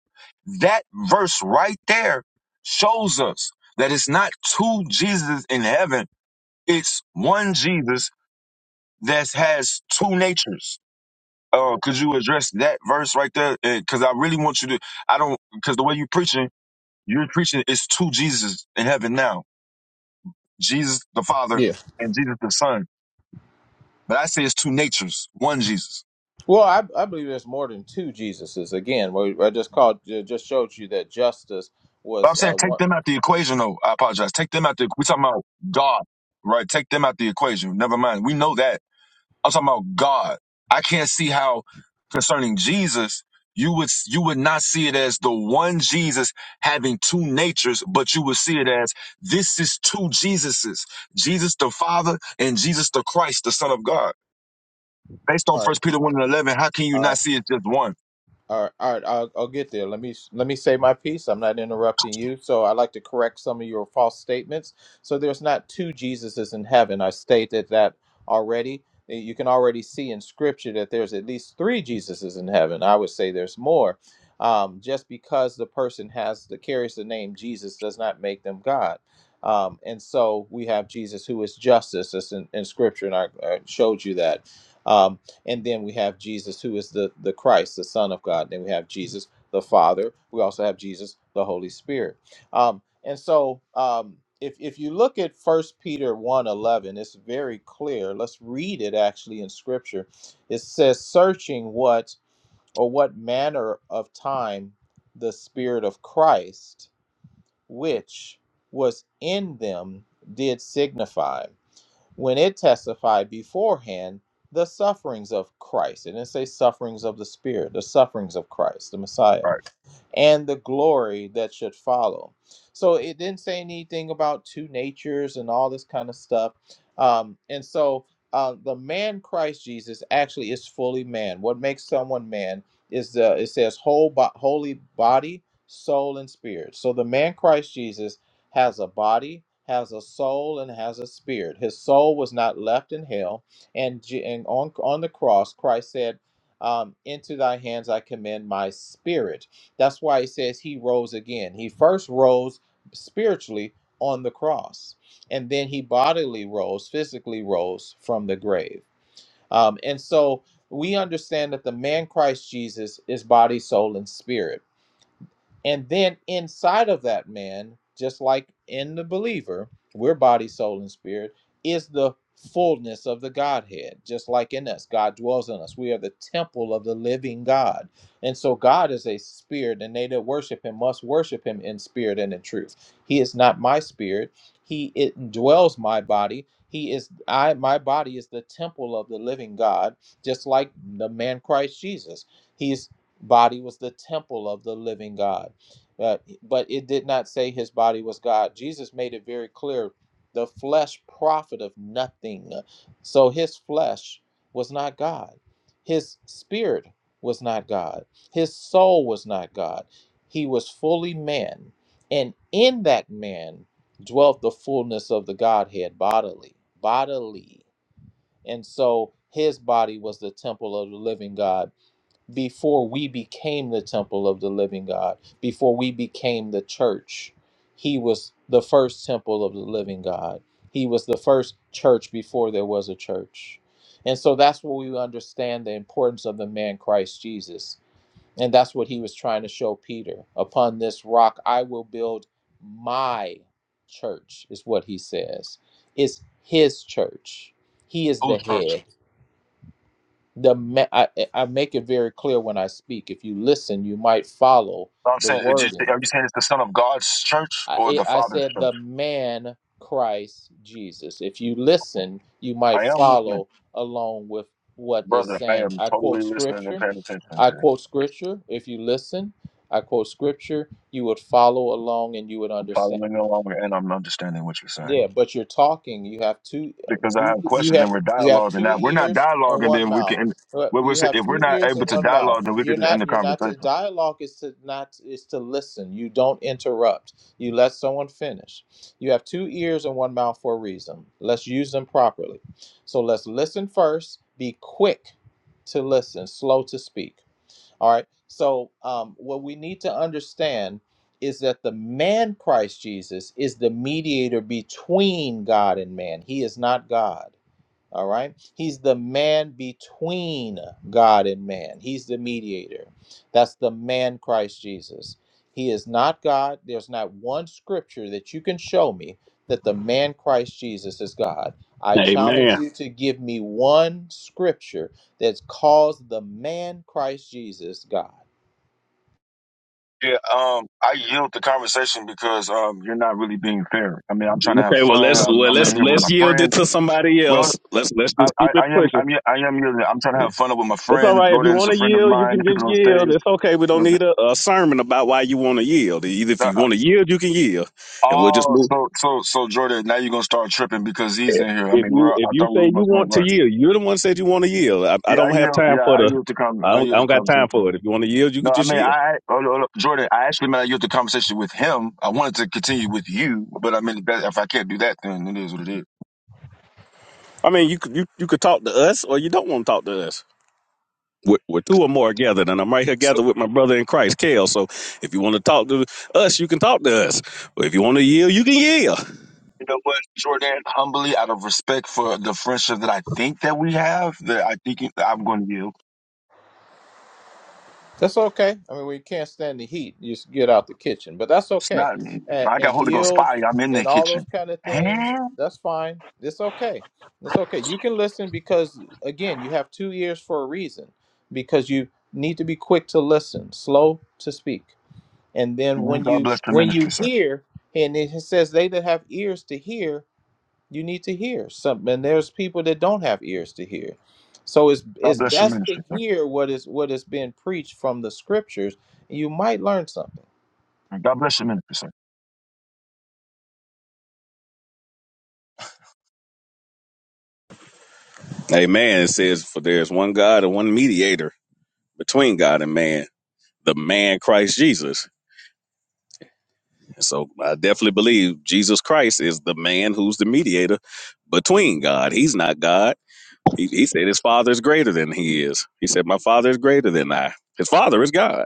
Speaker 11: That verse right there shows us that it's not two Jesus in heaven. It's one Jesus that has two natures uh, could you address that verse right there? Because I really want you to. I don't because the way you preaching, you're preaching it's two Jesus in heaven now: Jesus the Father
Speaker 14: Yeah.
Speaker 11: and Jesus the Son. But I say it's two natures, one Jesus.
Speaker 14: Well, I, I believe there's more than two Jesuses. Again, we, I just called, just showed you that justice
Speaker 11: But I'm
Speaker 14: was
Speaker 11: saying
Speaker 14: uh,
Speaker 11: take
Speaker 14: one.
Speaker 11: them out the equation, though. I apologize. Take them out the. We talking about God, right? Take them out the equation. Never mind. We know that I'm talking about God. I can't see how concerning Jesus, you would you would not see it as the one Jesus having two natures, but you would see it as this is two Jesuses. Jesus the Father and Jesus the Christ, the Son of God. Based on
Speaker 14: All right,
Speaker 11: First Peter 1 and 11, how can you
Speaker 14: all right.
Speaker 11: not see it's just one?
Speaker 14: All right, all right, I'll, I'll get there. Let me let me say my piece. I'm not interrupting you, so I like to correct some of your false statements. So there's not two Jesuses in heaven. I stated that already. Eh, You can already see in Scripture that there's at least three Jesuses in heaven. I would say there's more. Um, just because the person has the carries the name Jesus does not make them God. Um, and so we have Jesus who is justice, as in, in Scripture, and I, I showed you that. Um, and then we have Jesus, who is the the Christ, the Son of God. Then we have Jesus, the Father. We also have Jesus, the Holy Spirit. Um, and so, um, if if you look at First Peter one eleven, it's very clear. Let's read it actually in Scripture. It says, "Searching what or what manner of time the Spirit of Christ, which was in them, did signify." when it testified beforehand the sufferings of Christ. It didn't say sufferings of the Spirit, the sufferings of Christ, the Messiah
Speaker 11: Right.
Speaker 14: and the glory that should follow. So it didn't say anything about two natures and all this kind of stuff. Um, and so uh, the man Christ Jesus actually is fully man. What makes someone man is the it says whole bo- holy body, soul, and spirit. So the man Christ Jesus has a body, has a soul, and has a spirit. His soul was not left in hell, and Je- and on on the cross, Christ said um, into thy hands I commend my spirit. That's why it says he rose again. He first rose spiritually on the cross, and then he bodily rose, physically rose from the grave. Um, and so we understand that the man Christ Jesus is body, soul, and spirit and then inside of that man, just like in the believer, we're body, soul, and spirit, is the fullness of the Godhead, just like in us. God dwells in us. We are the temple of the living God. And so God is a spirit, and they that worship him must worship him in spirit and in truth. He is not my spirit. He it dwells my body. He is I my body is the temple of the living God, just like the man Christ Jesus. His body was the temple of the living God but, but it did not say his body was God. Jesus made it very clear the flesh profiteth nothing. So his flesh was not God. His spirit was not God. His soul was not God. He was fully man. And in that man dwelt the fullness of the Godhead bodily, bodily. And so his body was the temple of the living God before we became the temple of the living God, before we became the church, he was the first temple of the living God. He was the first church before there was a church. And so that's where we understand the importance of the man Christ Jesus. And that's what he was trying to show Peter. Upon this rock, I will build my church, is what he says. It's his church. He is the
Speaker 11: Whose church?
Speaker 14: head the ma- I, I make it very clear when I speak. If you listen, you might follow
Speaker 11: No, I'm
Speaker 14: the
Speaker 11: saying, are you are
Speaker 14: wording.
Speaker 11: you saying it's the Son of God's church
Speaker 14: I,
Speaker 11: or
Speaker 14: it,
Speaker 11: the
Speaker 14: I
Speaker 11: Father's
Speaker 14: said
Speaker 11: church?
Speaker 14: the man Christ Jesus. If you listen, you
Speaker 11: I
Speaker 14: might
Speaker 11: am listening.
Speaker 14: follow along with what is
Speaker 11: Brother, I
Speaker 14: saying.
Speaker 11: am
Speaker 14: I
Speaker 11: totally
Speaker 14: quote
Speaker 11: listening and
Speaker 14: scripture.
Speaker 11: paying attention
Speaker 14: I
Speaker 11: to you.
Speaker 14: quote scripture. If you listen, I quote scripture. You would follow along and you would
Speaker 11: I'm
Speaker 14: understand.
Speaker 11: following along and I'm understanding what you're saying.
Speaker 14: Yeah, but you're talking. You have two,
Speaker 11: because I
Speaker 14: two.
Speaker 11: have
Speaker 14: You
Speaker 11: questions and
Speaker 14: have
Speaker 11: we're
Speaker 14: you have
Speaker 11: dialoguing.
Speaker 14: two
Speaker 11: Now, if we're not
Speaker 14: ears and
Speaker 11: dialoguing,
Speaker 14: one
Speaker 11: then we
Speaker 14: mouth.
Speaker 11: can.
Speaker 14: Uh,
Speaker 11: What we're
Speaker 14: You
Speaker 11: saying,
Speaker 14: have
Speaker 11: if we're
Speaker 14: two
Speaker 11: not
Speaker 14: ears and
Speaker 11: able to
Speaker 14: one
Speaker 11: dialogue,
Speaker 14: mouth.
Speaker 11: then we can
Speaker 14: You're
Speaker 11: just end the
Speaker 14: not. You're not. To,
Speaker 11: conversation.
Speaker 14: dialogue is to not is to listen. You don't interrupt. You let someone finish. You have two ears and one mouth for a reason. Let's use them properly. So let's listen first. Be quick to listen, slow to speak. All right. So, um, what we need to understand is that the man Christ Jesus is the mediator between God and man. He is not God. All right. He's the man between God and man. He's the mediator. That's the man Christ Jesus. He is not God. There's not one scripture that you can show me that the man Christ Jesus is God. I challenge
Speaker 1: Amen.
Speaker 14: you to give me one scripture that calls the man Christ Jesus God.
Speaker 11: Yeah, um, I yield the conversation because um, you're not really being fair. I mean, I'm trying to
Speaker 1: Okay.
Speaker 11: have
Speaker 1: Well,
Speaker 11: fun.
Speaker 1: let's
Speaker 11: I'm,
Speaker 1: well
Speaker 11: I'm in
Speaker 1: let's
Speaker 11: here with my
Speaker 1: let's yield it
Speaker 11: friend.
Speaker 1: to somebody
Speaker 11: Well,
Speaker 1: else. Let's let's
Speaker 11: I,
Speaker 1: just
Speaker 11: I,
Speaker 1: keep
Speaker 11: I
Speaker 1: it
Speaker 11: am.
Speaker 1: pushing.
Speaker 11: I'm. ye- I am. yielding. I'm trying to have fun with my
Speaker 1: It's all
Speaker 11: friend.
Speaker 1: right if you
Speaker 11: Jordan's
Speaker 1: want
Speaker 11: a
Speaker 1: to
Speaker 11: friend of
Speaker 1: yield, you
Speaker 11: mine.
Speaker 1: can
Speaker 11: The people
Speaker 1: just
Speaker 11: on
Speaker 1: yield.
Speaker 11: stage.
Speaker 1: It's okay. We don't need a, a sermon about why you want to yield. Either if you want to yield, you can yield, and we'll just
Speaker 11: Oh,
Speaker 1: move.
Speaker 11: so so so Jordan. Now you're gonna start tripping because he's in here. I
Speaker 1: If
Speaker 11: mean,
Speaker 1: you
Speaker 11: we're.
Speaker 1: if
Speaker 11: I
Speaker 1: you
Speaker 11: thought we
Speaker 1: say
Speaker 11: were
Speaker 1: you
Speaker 11: my friend,
Speaker 1: want to
Speaker 11: right?
Speaker 1: yield, you're the one said you want to yield. I, I
Speaker 11: Yeah, I
Speaker 1: don't have
Speaker 11: yield.
Speaker 1: time
Speaker 11: Yeah,
Speaker 1: for
Speaker 11: I
Speaker 1: the.
Speaker 11: yield the com.
Speaker 1: I
Speaker 11: I
Speaker 1: don't, I
Speaker 11: yield the
Speaker 1: don't got time
Speaker 11: conversation.
Speaker 1: for it. If you want to yield, you
Speaker 11: No,
Speaker 1: could
Speaker 11: I
Speaker 1: just
Speaker 11: mean,
Speaker 1: yield.
Speaker 11: I, oh, no, no, Jordan, I actually meant I used the conversation with him. I wanted to continue with you, but I mean, that- if I can't do that, then it is what it is.
Speaker 1: I mean, you could you, you could talk to us, or you don't want to talk to us. with, with two or more gathered, and I'm right here
Speaker 11: So,
Speaker 1: gathered with my brother in Christ, Kale. So if you want to talk to us, you can talk to us. But if you want to yield, you can yield.
Speaker 11: you know what, Jordan, humbly, out of respect for the friendship that I think that we have, that I think it- I'm going to yield.
Speaker 14: That's okay. I mean, we can't stand the heat. You just get out the kitchen, but that's
Speaker 11: It's
Speaker 14: okay.
Speaker 11: not,
Speaker 14: And,
Speaker 11: I got
Speaker 14: and
Speaker 11: Holy Ghost
Speaker 14: yield
Speaker 11: fire. I'm in the
Speaker 14: and all
Speaker 11: kitchen.
Speaker 14: those kind of things.
Speaker 11: And
Speaker 14: That's fine. It's okay. It's okay. You can listen because again, you have two ears for a reason. Because you need to be quick to listen, slow to speak, and then when
Speaker 11: God
Speaker 14: you
Speaker 11: bless your
Speaker 14: when
Speaker 11: ministry,
Speaker 14: you
Speaker 11: sir.
Speaker 14: hear, and it says they that have ears to hear, you need to hear something and there's people that don't have ears to hear so it's
Speaker 11: God
Speaker 14: it's
Speaker 11: bless your
Speaker 14: best to
Speaker 11: ministry, sir.
Speaker 14: hear what is what is being preached from the scriptures you might learn something
Speaker 11: God bless your ministry, sir.
Speaker 1: Amen. It says, For there is one God and one mediator between God and man, the man Christ Jesus. And so I definitely believe Jesus Christ is the man who's the mediator between God. He's not God. He, he said his father is greater than he is. He said, My father is greater than I. His father is God.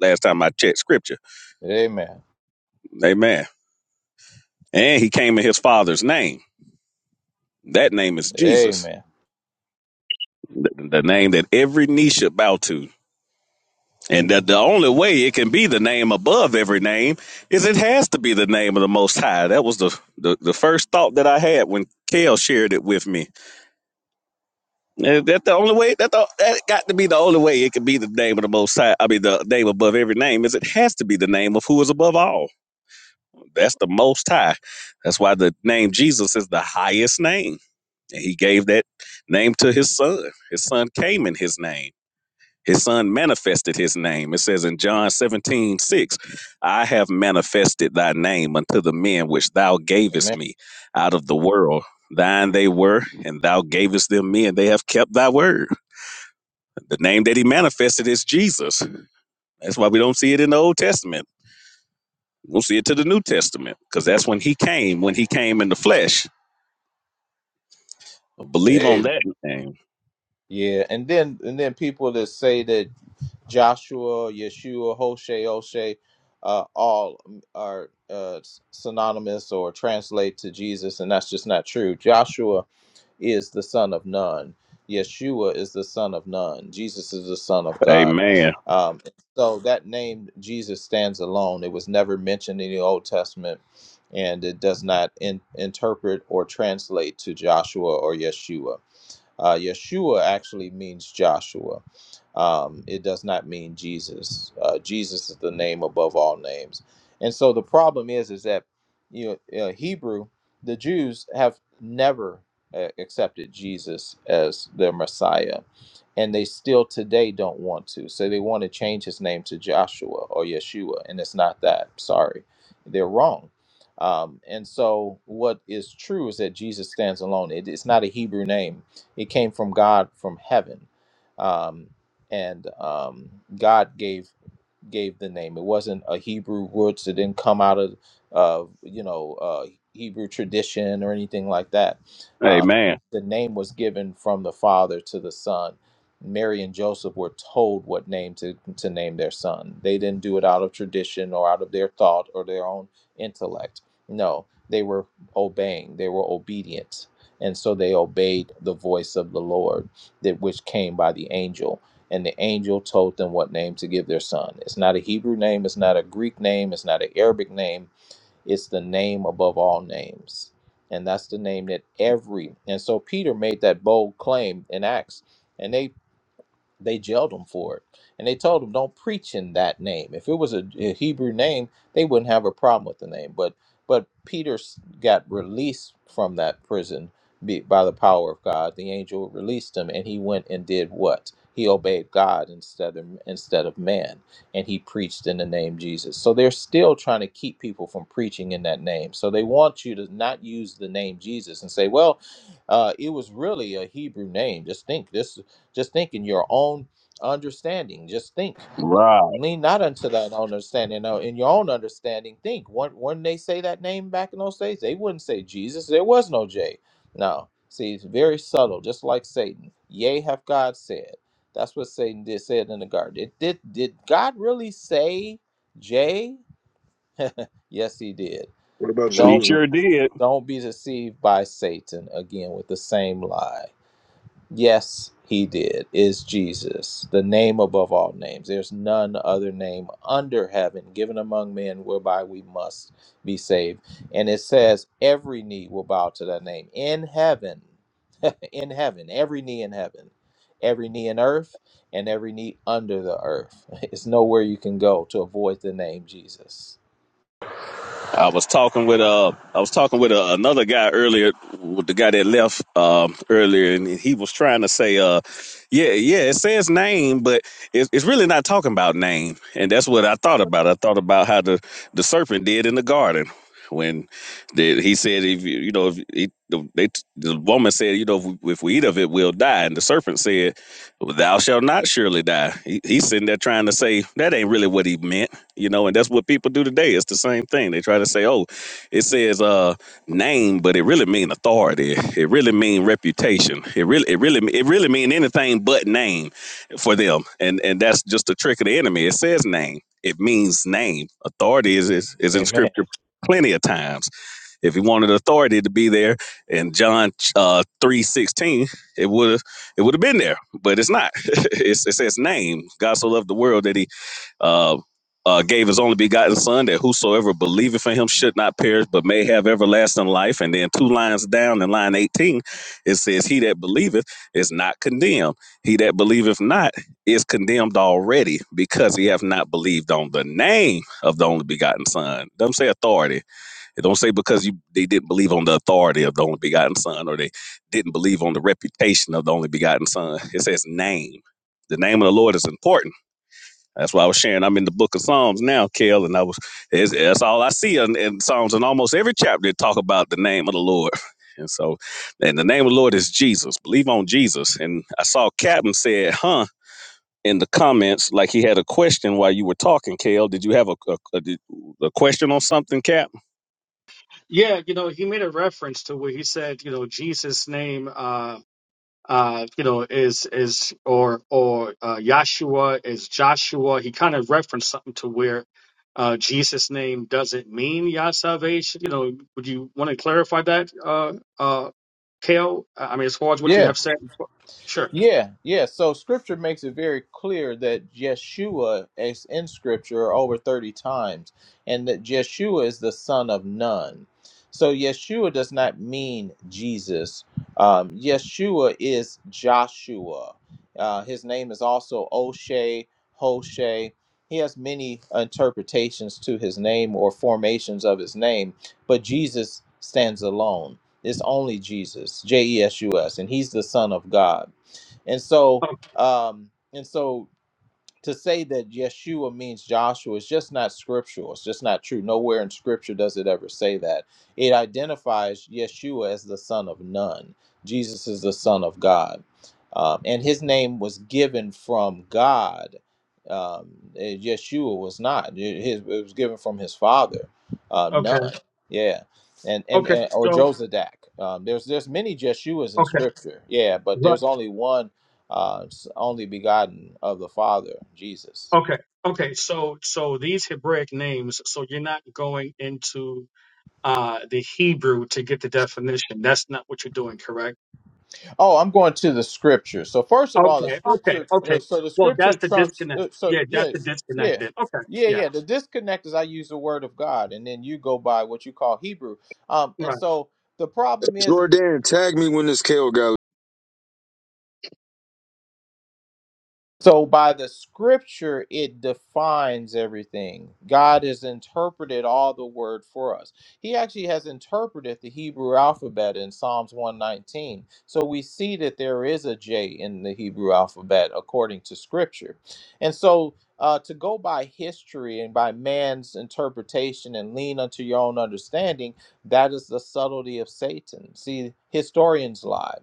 Speaker 1: Last time I checked scripture.
Speaker 14: amen
Speaker 1: Amen. And he came in his father's name. That name is Jesus,
Speaker 14: amen
Speaker 1: the, the name that every knee should bow to. And that the only way it can be the name above every name is it has to be the name of the Most High. That was the, the, the first thought that I had when Kale shared it with me. And That the only way that the, that got to be the only way it can be the name of the Most High. I mean, the name above every name is it has to be the name of who is above all. That's the Most High. That's why the name Jesus is the highest name, and He gave that name to His Son. His Son came in His name. His son manifested his name. It says in John 17 6, I have manifested thy name unto the men which thou gavest
Speaker 14: amen
Speaker 1: me out of the world. Thine they were, and thou gavest them me, and they have kept thy word. The name that he manifested is Jesus. That's why we don't see it in the Old Testament. We'll see it to the New Testament, because that's when he came, when he came in the flesh. Believe on
Speaker 14: amen
Speaker 1: that name.
Speaker 14: yeah and then and then people that say that joshua yeshua hoshe Oshay, uh, all are uh, synonymous or translate to jesus and that's just not true joshua is the son of none. Yeshua is the son of none. Jesus is the son of God.
Speaker 1: Amen.
Speaker 14: Um, so that name Jesus stands alone. It was never mentioned in the Old Testament, and it does not in, interpret or translate to Joshua or Yeshua. Uh, Yeshua actually means Joshua. Um, it does not mean Jesus. Uh, Jesus is the name above all names. And so the problem is, is that you know, uh, Hebrew, the Jews have never uh, accepted Jesus as their Messiah, and they still today don't want to. So they want to change his name to Joshua or Yeshua, and it's not that. Sorry, they're wrong. Um, and so, what is true is that Jesus stands alone. It, it's not a Hebrew name. It came from God from heaven, um, and um, God gave gave the name. It wasn't a Hebrew roots. It didn't come out of, uh, you know, uh, Hebrew tradition or anything like that. Um,
Speaker 1: Amen.
Speaker 14: the name was given from the father to the son. Mary and Joseph were told what name to, to name their son. They didn't do it out of tradition or out of their thought or their own intellect. No, they were obeying. They were obedient. And so they obeyed the voice of the Lord, that which came by the angel and the angel told them what name to give their son. It's not a Hebrew name, it's not a Greek name, it's not an Arabic name, it's the name above all names. And that's the name that every and so Peter made that bold claim in Acts. And they they jailed him for it. And they told him, don't preach in that name. If it was a, a Hebrew name, they wouldn't have a problem with the name. But but Peter s- got released from that prison be- by the power of God. The angel released him, and he went and did what? He obeyed God instead of instead of man, and he preached in the name Jesus. So they're still trying to keep people from preaching in that name. So they want you to not use the name Jesus and say, "Well, uh, it was really a Hebrew name. Just think, this just think in your own understanding. Just think.
Speaker 1: Right.
Speaker 14: Lean not unto thine own understanding. No, in your own understanding, think. When, when they say that name back in those days, they wouldn't say Jesus. There was no J. No. See, it's very subtle, just like Satan. Yea, have God said. That's what Satan did said in the garden. It did did God really say J? Yes, he did.
Speaker 11: What about
Speaker 1: He
Speaker 14: Don't
Speaker 11: Jerusalem?
Speaker 1: sure did.
Speaker 14: don't be deceived by Satan again with the same lie. Yes, he did, is Jesus, the name above all names. There's none other name under heaven given among men whereby we must be saved. And it says, every knee will bow to that name in heaven, in heaven, every knee in heaven, every knee in earth, and every knee under the earth. It's nowhere you can go to avoid the name Jesus.
Speaker 1: I was talking with uh, I was talking with uh, another guy earlier, with the guy that left um earlier, and he was trying to say uh, yeah, yeah, it says name, but it's it's really not talking about name, and that's what I thought about. I thought about how the the serpent did in the garden when the, he said if you you know if he, the, they, the woman said you know if we, if we eat of it we'll die, and the serpent said, "Thou shalt not surely die." He, he's sitting there trying to say that ain't really what he meant you know and that's what people do today it's the same thing they try to say oh it says uh name but it really mean authority it really mean reputation it really it really it really mean anything but name for them and and that's just a trick of the enemy it says name it means name authority is is, is in
Speaker 14: Amen.
Speaker 1: scripture plenty of times if he wanted authority to be there in John uh, three sixteen, it would have it would have been there, but it's not. it's, it says name. God so loved the world that he uh, uh, gave his only begotten son that whosoever believeth in him should not perish but may have everlasting life and then two lines down in line 18 it says he that believeth is not condemned he that believeth not is condemned already because he hath not believed on the name of the only begotten son don't say authority it don't say because you they didn't believe on the authority of the only begotten son or they didn't believe on the reputation of the only begotten son it says name the name of the lord is important that's why I was sharing. I'm in the book of Psalms now, Kel, and I was it's, that's all I see in, in Psalms. In almost every chapter it talk about the name of the Lord. And so, and the name of the Lord is Jesus. Believe on Jesus. And I saw Captain said, "Huh." in the comments like he had a question while you were talking, Kale. Did you have a a, a, did- a question on something, Cap?
Speaker 15: yeah, you know, he made a reference to where he said, you know, Jesus' name, uh, uh, you know, is is or or uh, Yahshua is Joshua. He kind of referenced something to where uh, Jesus' name doesn't mean Yah salvation. You know, would you want to clarify that, uh, uh, Kale? I mean, as far as what you
Speaker 14: Yeah.
Speaker 15: have said. Sure.
Speaker 14: Yeah, yeah. So scripture makes it very clear that Yeshua is in scripture over 30 times and that Yeshua is the son of none. So Yeshua does not mean Jesus. Um, Yeshua is Joshua. Uh, his name is also Oshay, Hoshe. He has many interpretations to his name or formations of his name, but Jesus stands alone. It's only Jesus, J E S U S, and he's the son of God. And so,
Speaker 15: Oh,
Speaker 14: um, and so to say that Yeshua means Joshua is just not scriptural. It's just not true. Nowhere in scripture does it ever say that. It identifies Yeshua as the son of none. Jesus is the son of God. Um, and his name was given from God. Um, eh, Yeshua was not. It, his, it was given from his father, uh,
Speaker 15: okay.
Speaker 14: none. Yeah. And, and,
Speaker 15: Okay.
Speaker 14: and or
Speaker 15: So
Speaker 14: Josadak. Um, there's there's many Jeshuas in
Speaker 15: okay.
Speaker 14: scripture. Yeah, but
Speaker 15: Right.
Speaker 14: there's only one uh, only begotten of the Father, Jesus.
Speaker 15: Okay. Okay. So so these Hebraic names. So you're not going into uh, the Hebrew to get the definition. That's not what you're doing, correct?
Speaker 14: Oh, I'm going to the scripture. So first of all, the
Speaker 15: Okay, okay,
Speaker 14: scripture. Uh,
Speaker 15: okay.
Speaker 14: so the
Speaker 15: Well, that's
Speaker 14: scripture
Speaker 15: the
Speaker 14: trumps.
Speaker 15: disconnect.
Speaker 14: Uh, so
Speaker 15: Yeah, that's
Speaker 14: yeah,
Speaker 15: the disconnect.
Speaker 14: yeah,
Speaker 15: Then. Okay,
Speaker 14: yeah,
Speaker 15: yeah,
Speaker 14: yeah. The disconnect is I use the word of God, and then you go by what you call Hebrew. Um, and
Speaker 15: right.
Speaker 14: so the problem is.
Speaker 11: Jordan, tag me when this KO guy
Speaker 14: So by the scripture, it defines everything. God has interpreted all the word for us. He actually has interpreted the Hebrew alphabet in Psalms 119. So we see that there is a J in the Hebrew alphabet according to scripture. And so uh, to go by history and by man's interpretation and lean unto your own understanding, that is the subtlety of Satan. See, historians lie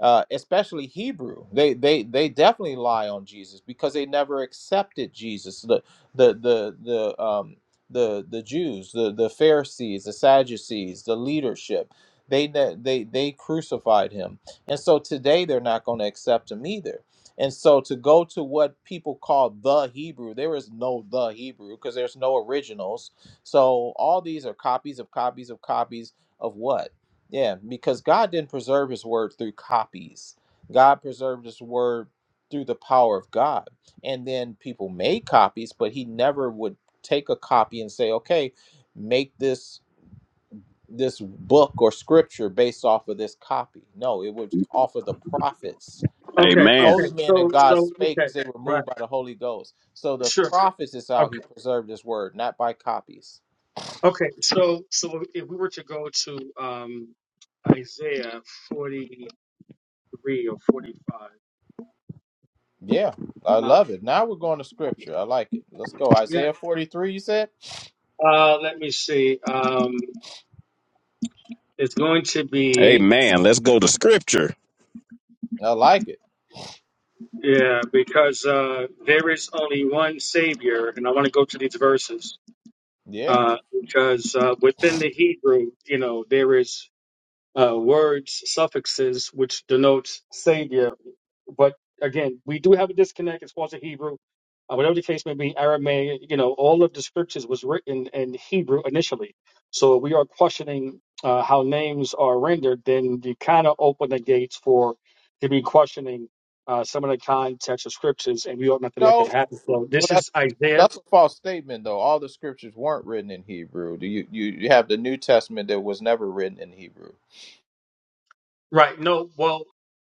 Speaker 14: uh, especially Hebrew. They they they definitely lie on Jesus because they never accepted Jesus. The the the the um the the Jews, the the Pharisees, the Sadducees, the leadership, they ne- they they crucified him, and so today they're not going to accept him either. And so to go to what people call the Hebrew, there is no the Hebrew because there's no originals. So all these are copies of copies of copies of what? Yeah, because God didn't preserve his word through copies. God preserved his word through the power of God. And then people made copies, but he never would take a copy and say, "Okay, make this this book or scripture based off of this copy." No, it was off of the prophets.
Speaker 15: Okay,
Speaker 1: Amen.
Speaker 15: okay.
Speaker 14: Holy men of
Speaker 15: So,
Speaker 14: God
Speaker 15: so
Speaker 14: spake
Speaker 15: okay,
Speaker 14: as they were
Speaker 15: right.
Speaker 14: moved by the Holy Ghost. So the
Speaker 15: Sure.
Speaker 14: prophets is how he
Speaker 15: Okay,
Speaker 14: preserved his word, not by copies.
Speaker 15: okay. So, so if we were to go to um, Isaiah forty-three or forty-five,
Speaker 14: Yeah, I
Speaker 15: uh,
Speaker 14: love it. Now we're going to scripture. I like it. Let's go.
Speaker 15: yeah.
Speaker 14: Isaiah 43, you said?
Speaker 15: Uh, let me see. Um, it's going to be
Speaker 1: Amen. Let's go to scripture.
Speaker 14: I like it.
Speaker 15: yeah, because uh, there is only one Savior, and I want to go to these verses.
Speaker 14: Yeah.
Speaker 15: uh, because uh, within the Hebrew, you know, there is uh, words, suffixes which denotes savior. But again, we do have a disconnect as far as the Hebrew. Uh, whatever the case may be, Aramaic, you know, all of the scriptures was written in Hebrew initially. So we are questioning uh, how names are rendered. Then you kind of open the gates for to be questioning uh, some of the context of scriptures, and we ought not to let that
Speaker 14: No,
Speaker 15: happen. So
Speaker 14: but
Speaker 15: this
Speaker 14: that,
Speaker 15: is Isaiah
Speaker 14: that's a false statement, though. All the scriptures weren't written in Hebrew. Do you, you you have the New Testament that was never written in Hebrew?
Speaker 15: Right. No, well,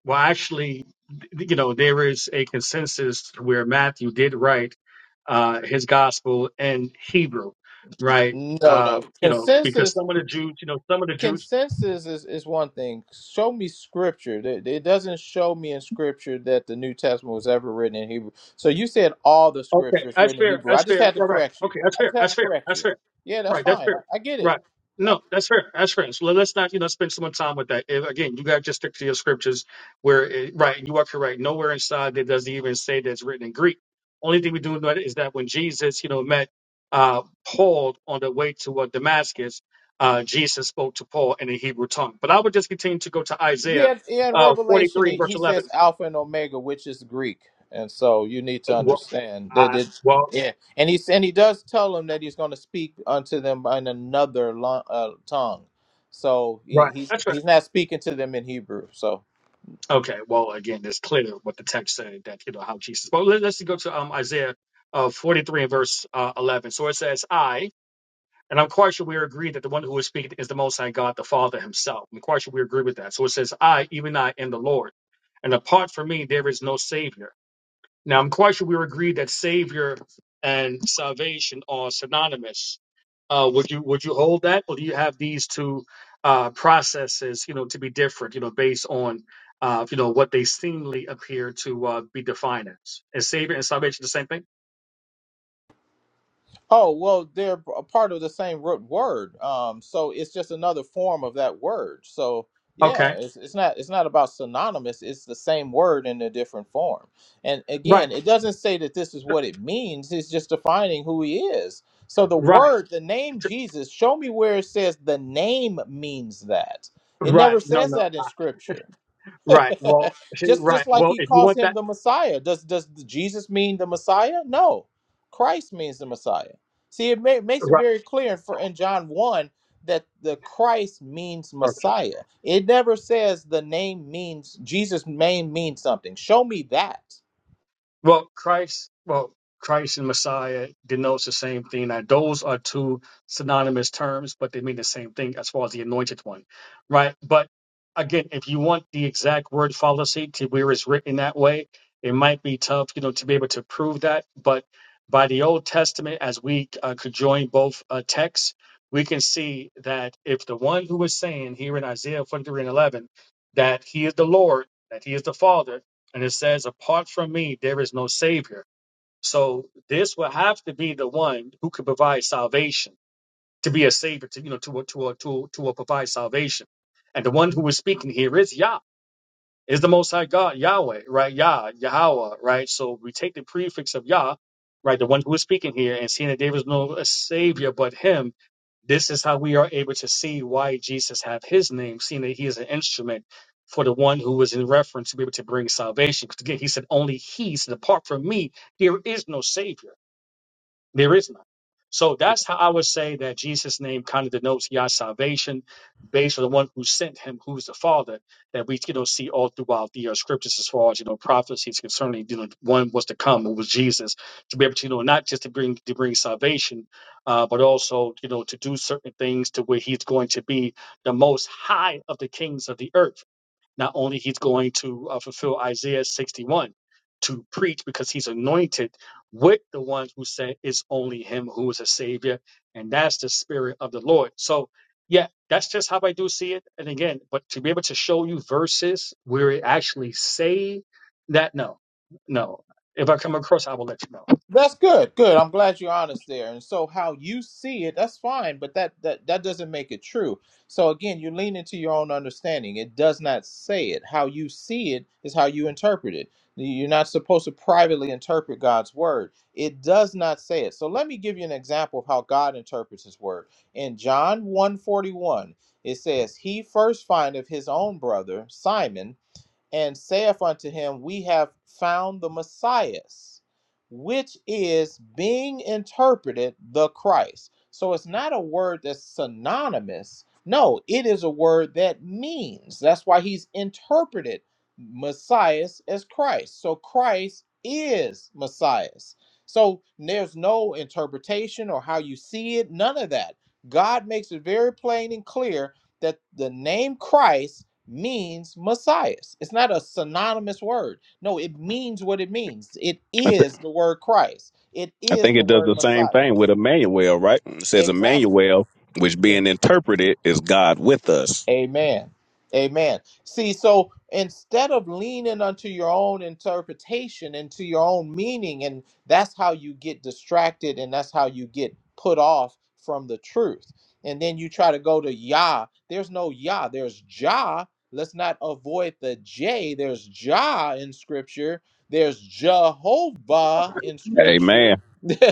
Speaker 15: well, actually, th- you know, there is a consensus where Matthew did write uh, his gospel in Hebrew, right?
Speaker 14: No,
Speaker 15: Uh,
Speaker 14: no.
Speaker 15: you know, because
Speaker 14: Consensus
Speaker 15: some of the Jews, you know, some of the Jews.
Speaker 14: consensus is, is one thing. Show me scripture. It, it doesn't show me in scripture that the New Testament was ever written in Hebrew. So you said all the
Speaker 15: Okay,
Speaker 14: scriptures
Speaker 15: that's
Speaker 14: written in
Speaker 15: fair.
Speaker 14: Hebrew. I
Speaker 15: That's
Speaker 14: just
Speaker 15: fair.
Speaker 14: had to
Speaker 15: Right, right.
Speaker 14: correct you.
Speaker 15: Okay, that's
Speaker 14: I
Speaker 15: fair.
Speaker 14: just had
Speaker 15: That's
Speaker 14: to
Speaker 15: fair.
Speaker 14: correct
Speaker 15: That's
Speaker 14: you.
Speaker 15: fair.
Speaker 14: Yeah, that's
Speaker 15: Right, that's
Speaker 14: fine. I,
Speaker 15: fair.
Speaker 14: I get
Speaker 15: Right.
Speaker 14: it.
Speaker 15: No, that's fair. That's fair. So let- let's not, you know, spend so much time with that. If, again, you got to just stick to your scriptures where, it, right, you are correct. Nowhere inside there doesn't even say that's written in Greek. Only thing we do know is that when Jesus, you know, met uh, Paul on the way to uh, Damascus, uh, Jesus spoke to Paul in the Hebrew tongue. But I would just continue to go to Isaiah
Speaker 14: Yeah, in
Speaker 15: uh,
Speaker 14: Revelation,
Speaker 15: 43,
Speaker 14: he,
Speaker 15: verse
Speaker 14: he says
Speaker 15: 11.
Speaker 14: Alpha and Omega, which is Greek, and so you need to
Speaker 15: Well,
Speaker 14: understand that
Speaker 15: I,
Speaker 14: it.
Speaker 15: well
Speaker 14: Yeah, and he and he does tell them that he's going to speak unto them in another lo- uh, tongue, so he,
Speaker 15: right.
Speaker 14: he's
Speaker 15: That's right.
Speaker 14: he's not speaking to them in Hebrew. So
Speaker 15: Okay, well, again, it's clear what the text said that you know how Jesus. Well, let, let's go to um, Isaiah uh, 43 and verse uh, 11. So it says, "I," and I'm quite sure we agree that the one who is speaking is the Most High God, the Father Himself. I'm quite sure we agree with that. So it says, "I, even I, am the Lord, and apart from me there is no Savior." Now, I'm quite sure we were agreed that Savior and salvation are synonymous. Uh, would you would you hold that, or do you have these two uh, processes, you know, to be different, you know, based on uh, you know what they seemingly appear to uh, be defined as? Is Savior and salvation the same thing?
Speaker 14: Oh, well, they're a part of the same root word. Um, so it's just another form of that word. So
Speaker 15: Okay,
Speaker 14: yeah, it's, it's not it's not about synonymous. It's the same word in a different form. And
Speaker 15: right,
Speaker 14: again, it doesn't say that this is what it means. It's just defining who he is. So the
Speaker 15: right,
Speaker 14: word, the name Jesus, show me where it says the name means that. It
Speaker 15: right.
Speaker 14: never
Speaker 15: No,
Speaker 14: says
Speaker 15: no,
Speaker 14: that in scripture.
Speaker 15: right. Well,
Speaker 14: just
Speaker 15: right.
Speaker 14: just like
Speaker 15: Well,
Speaker 14: he
Speaker 15: if you
Speaker 14: calls
Speaker 15: want
Speaker 14: him
Speaker 15: that,
Speaker 14: the Messiah. Does does Jesus mean the Messiah? No, Christ means the Messiah. See, it, ma- makes it very clear for in John one that the Christ means
Speaker 15: right.
Speaker 14: Messiah. It never says the name means Jesus' name means something. Show me that.
Speaker 15: Well, Christ, well, Christ and Messiah denotes the same thing. Now, those are two synonymous terms, but they mean the same thing as far as the anointed one, right? But again, if you want the exact word fallacy to where it's written that way, it might be tough, you know, to be able to prove that. But by the Old Testament, as we uh, could join both uh, texts, we can see that if the one who is saying here in Isaiah 43 and 11 that he is the Lord, that he is the Father, and it says, apart from me, there is no savior. So this will have to be the one who could provide salvation to be a savior to, you know, to, to, to, to, to provide salvation. And the one who is speaking here is Yah is the Most High God, Yahweh, right? Yah, Yahweh, right? So we take the prefix of Yah, right, the one who is speaking here, and seeing that there is no Savior but Him. This is how we are able to see why Jesus have His name, seeing that He is an instrument for the one who was in reference to be able to bring salvation. Because again, He said, "Only He said, apart from Me, there is no Savior." There is none. So that's how I would say that Jesus' name kind of denotes Yah's salvation based on the one who sent him, who's the Father, that we you know see all throughout the uh, scriptures as far as you know prophecies concerning you know one was to come, who was Jesus, to be able to you know not just to bring to bring salvation, uh, but also you know to do certain things to where he's going to be the most high of the kings of the earth not only he's going to uh, fulfill Isaiah 61 to preach because he's anointed with the ones who said it's only him who is a savior, and that's the spirit of the Lord. So, yeah, that's just how I do see it. And again, but to be able to show you verses where it actually say that, no, no. If I come across, I will let you know.
Speaker 14: That's good. Good. I'm glad you're honest there. And so how you see it, that's fine, but that that that doesn't make it true. So again, you lean into your own understanding. It does not say it. How you see it is how you interpret it. You're not supposed to privately interpret God's word. It does not say it. So let me give you an example of how God interprets his word. In John one forty-one. it says, "He first findeth his own brother, Simon, and saith unto him, We have found the Messiah, which is being interpreted the Christ. So it's not a word that's synonymous. No, it is a word that means. That's why he's interpreted Messiah as Christ. So Christ is Messiah. So there's no interpretation or how you see it, none of that. God makes it very plain and clear that the name Christ means Messiah. It's not a synonymous word. No, it means what it means. It
Speaker 1: I, th-
Speaker 14: is the word Christ. It
Speaker 1: I
Speaker 14: is
Speaker 1: think
Speaker 14: the
Speaker 1: it does
Speaker 14: word
Speaker 1: the same
Speaker 14: Messiah.
Speaker 1: thing with Emmanuel, right? It says
Speaker 14: Exactly.
Speaker 1: Emmanuel, which being interpreted is God with us.
Speaker 14: Amen. Amen. See, so instead of leaning unto your own interpretation and to your own meaning, and that's how you get distracted and that's how you get put off from the truth. And then you try to go to Yah. There's no Yah, there's Jah. Let's not avoid the J. There's Jah in scripture, there's Jehovah in
Speaker 1: Amen.
Speaker 14: scripture,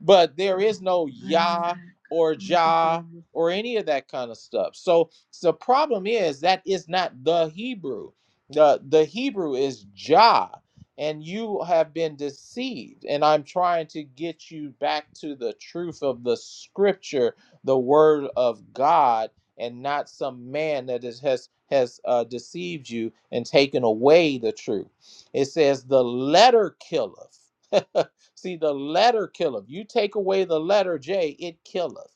Speaker 14: but there is no Yah or Jah or any of that kind of stuff. So, so the problem is that is not the Hebrew. The the Hebrew is Jah, and you have been deceived. And I'm trying to get you back to the truth of the scripture, the word of God, and not some man that is, has has uh, deceived you and taken away the truth. It says the letter killeth. See, the letter killeth. You take away the letter J, it killeth.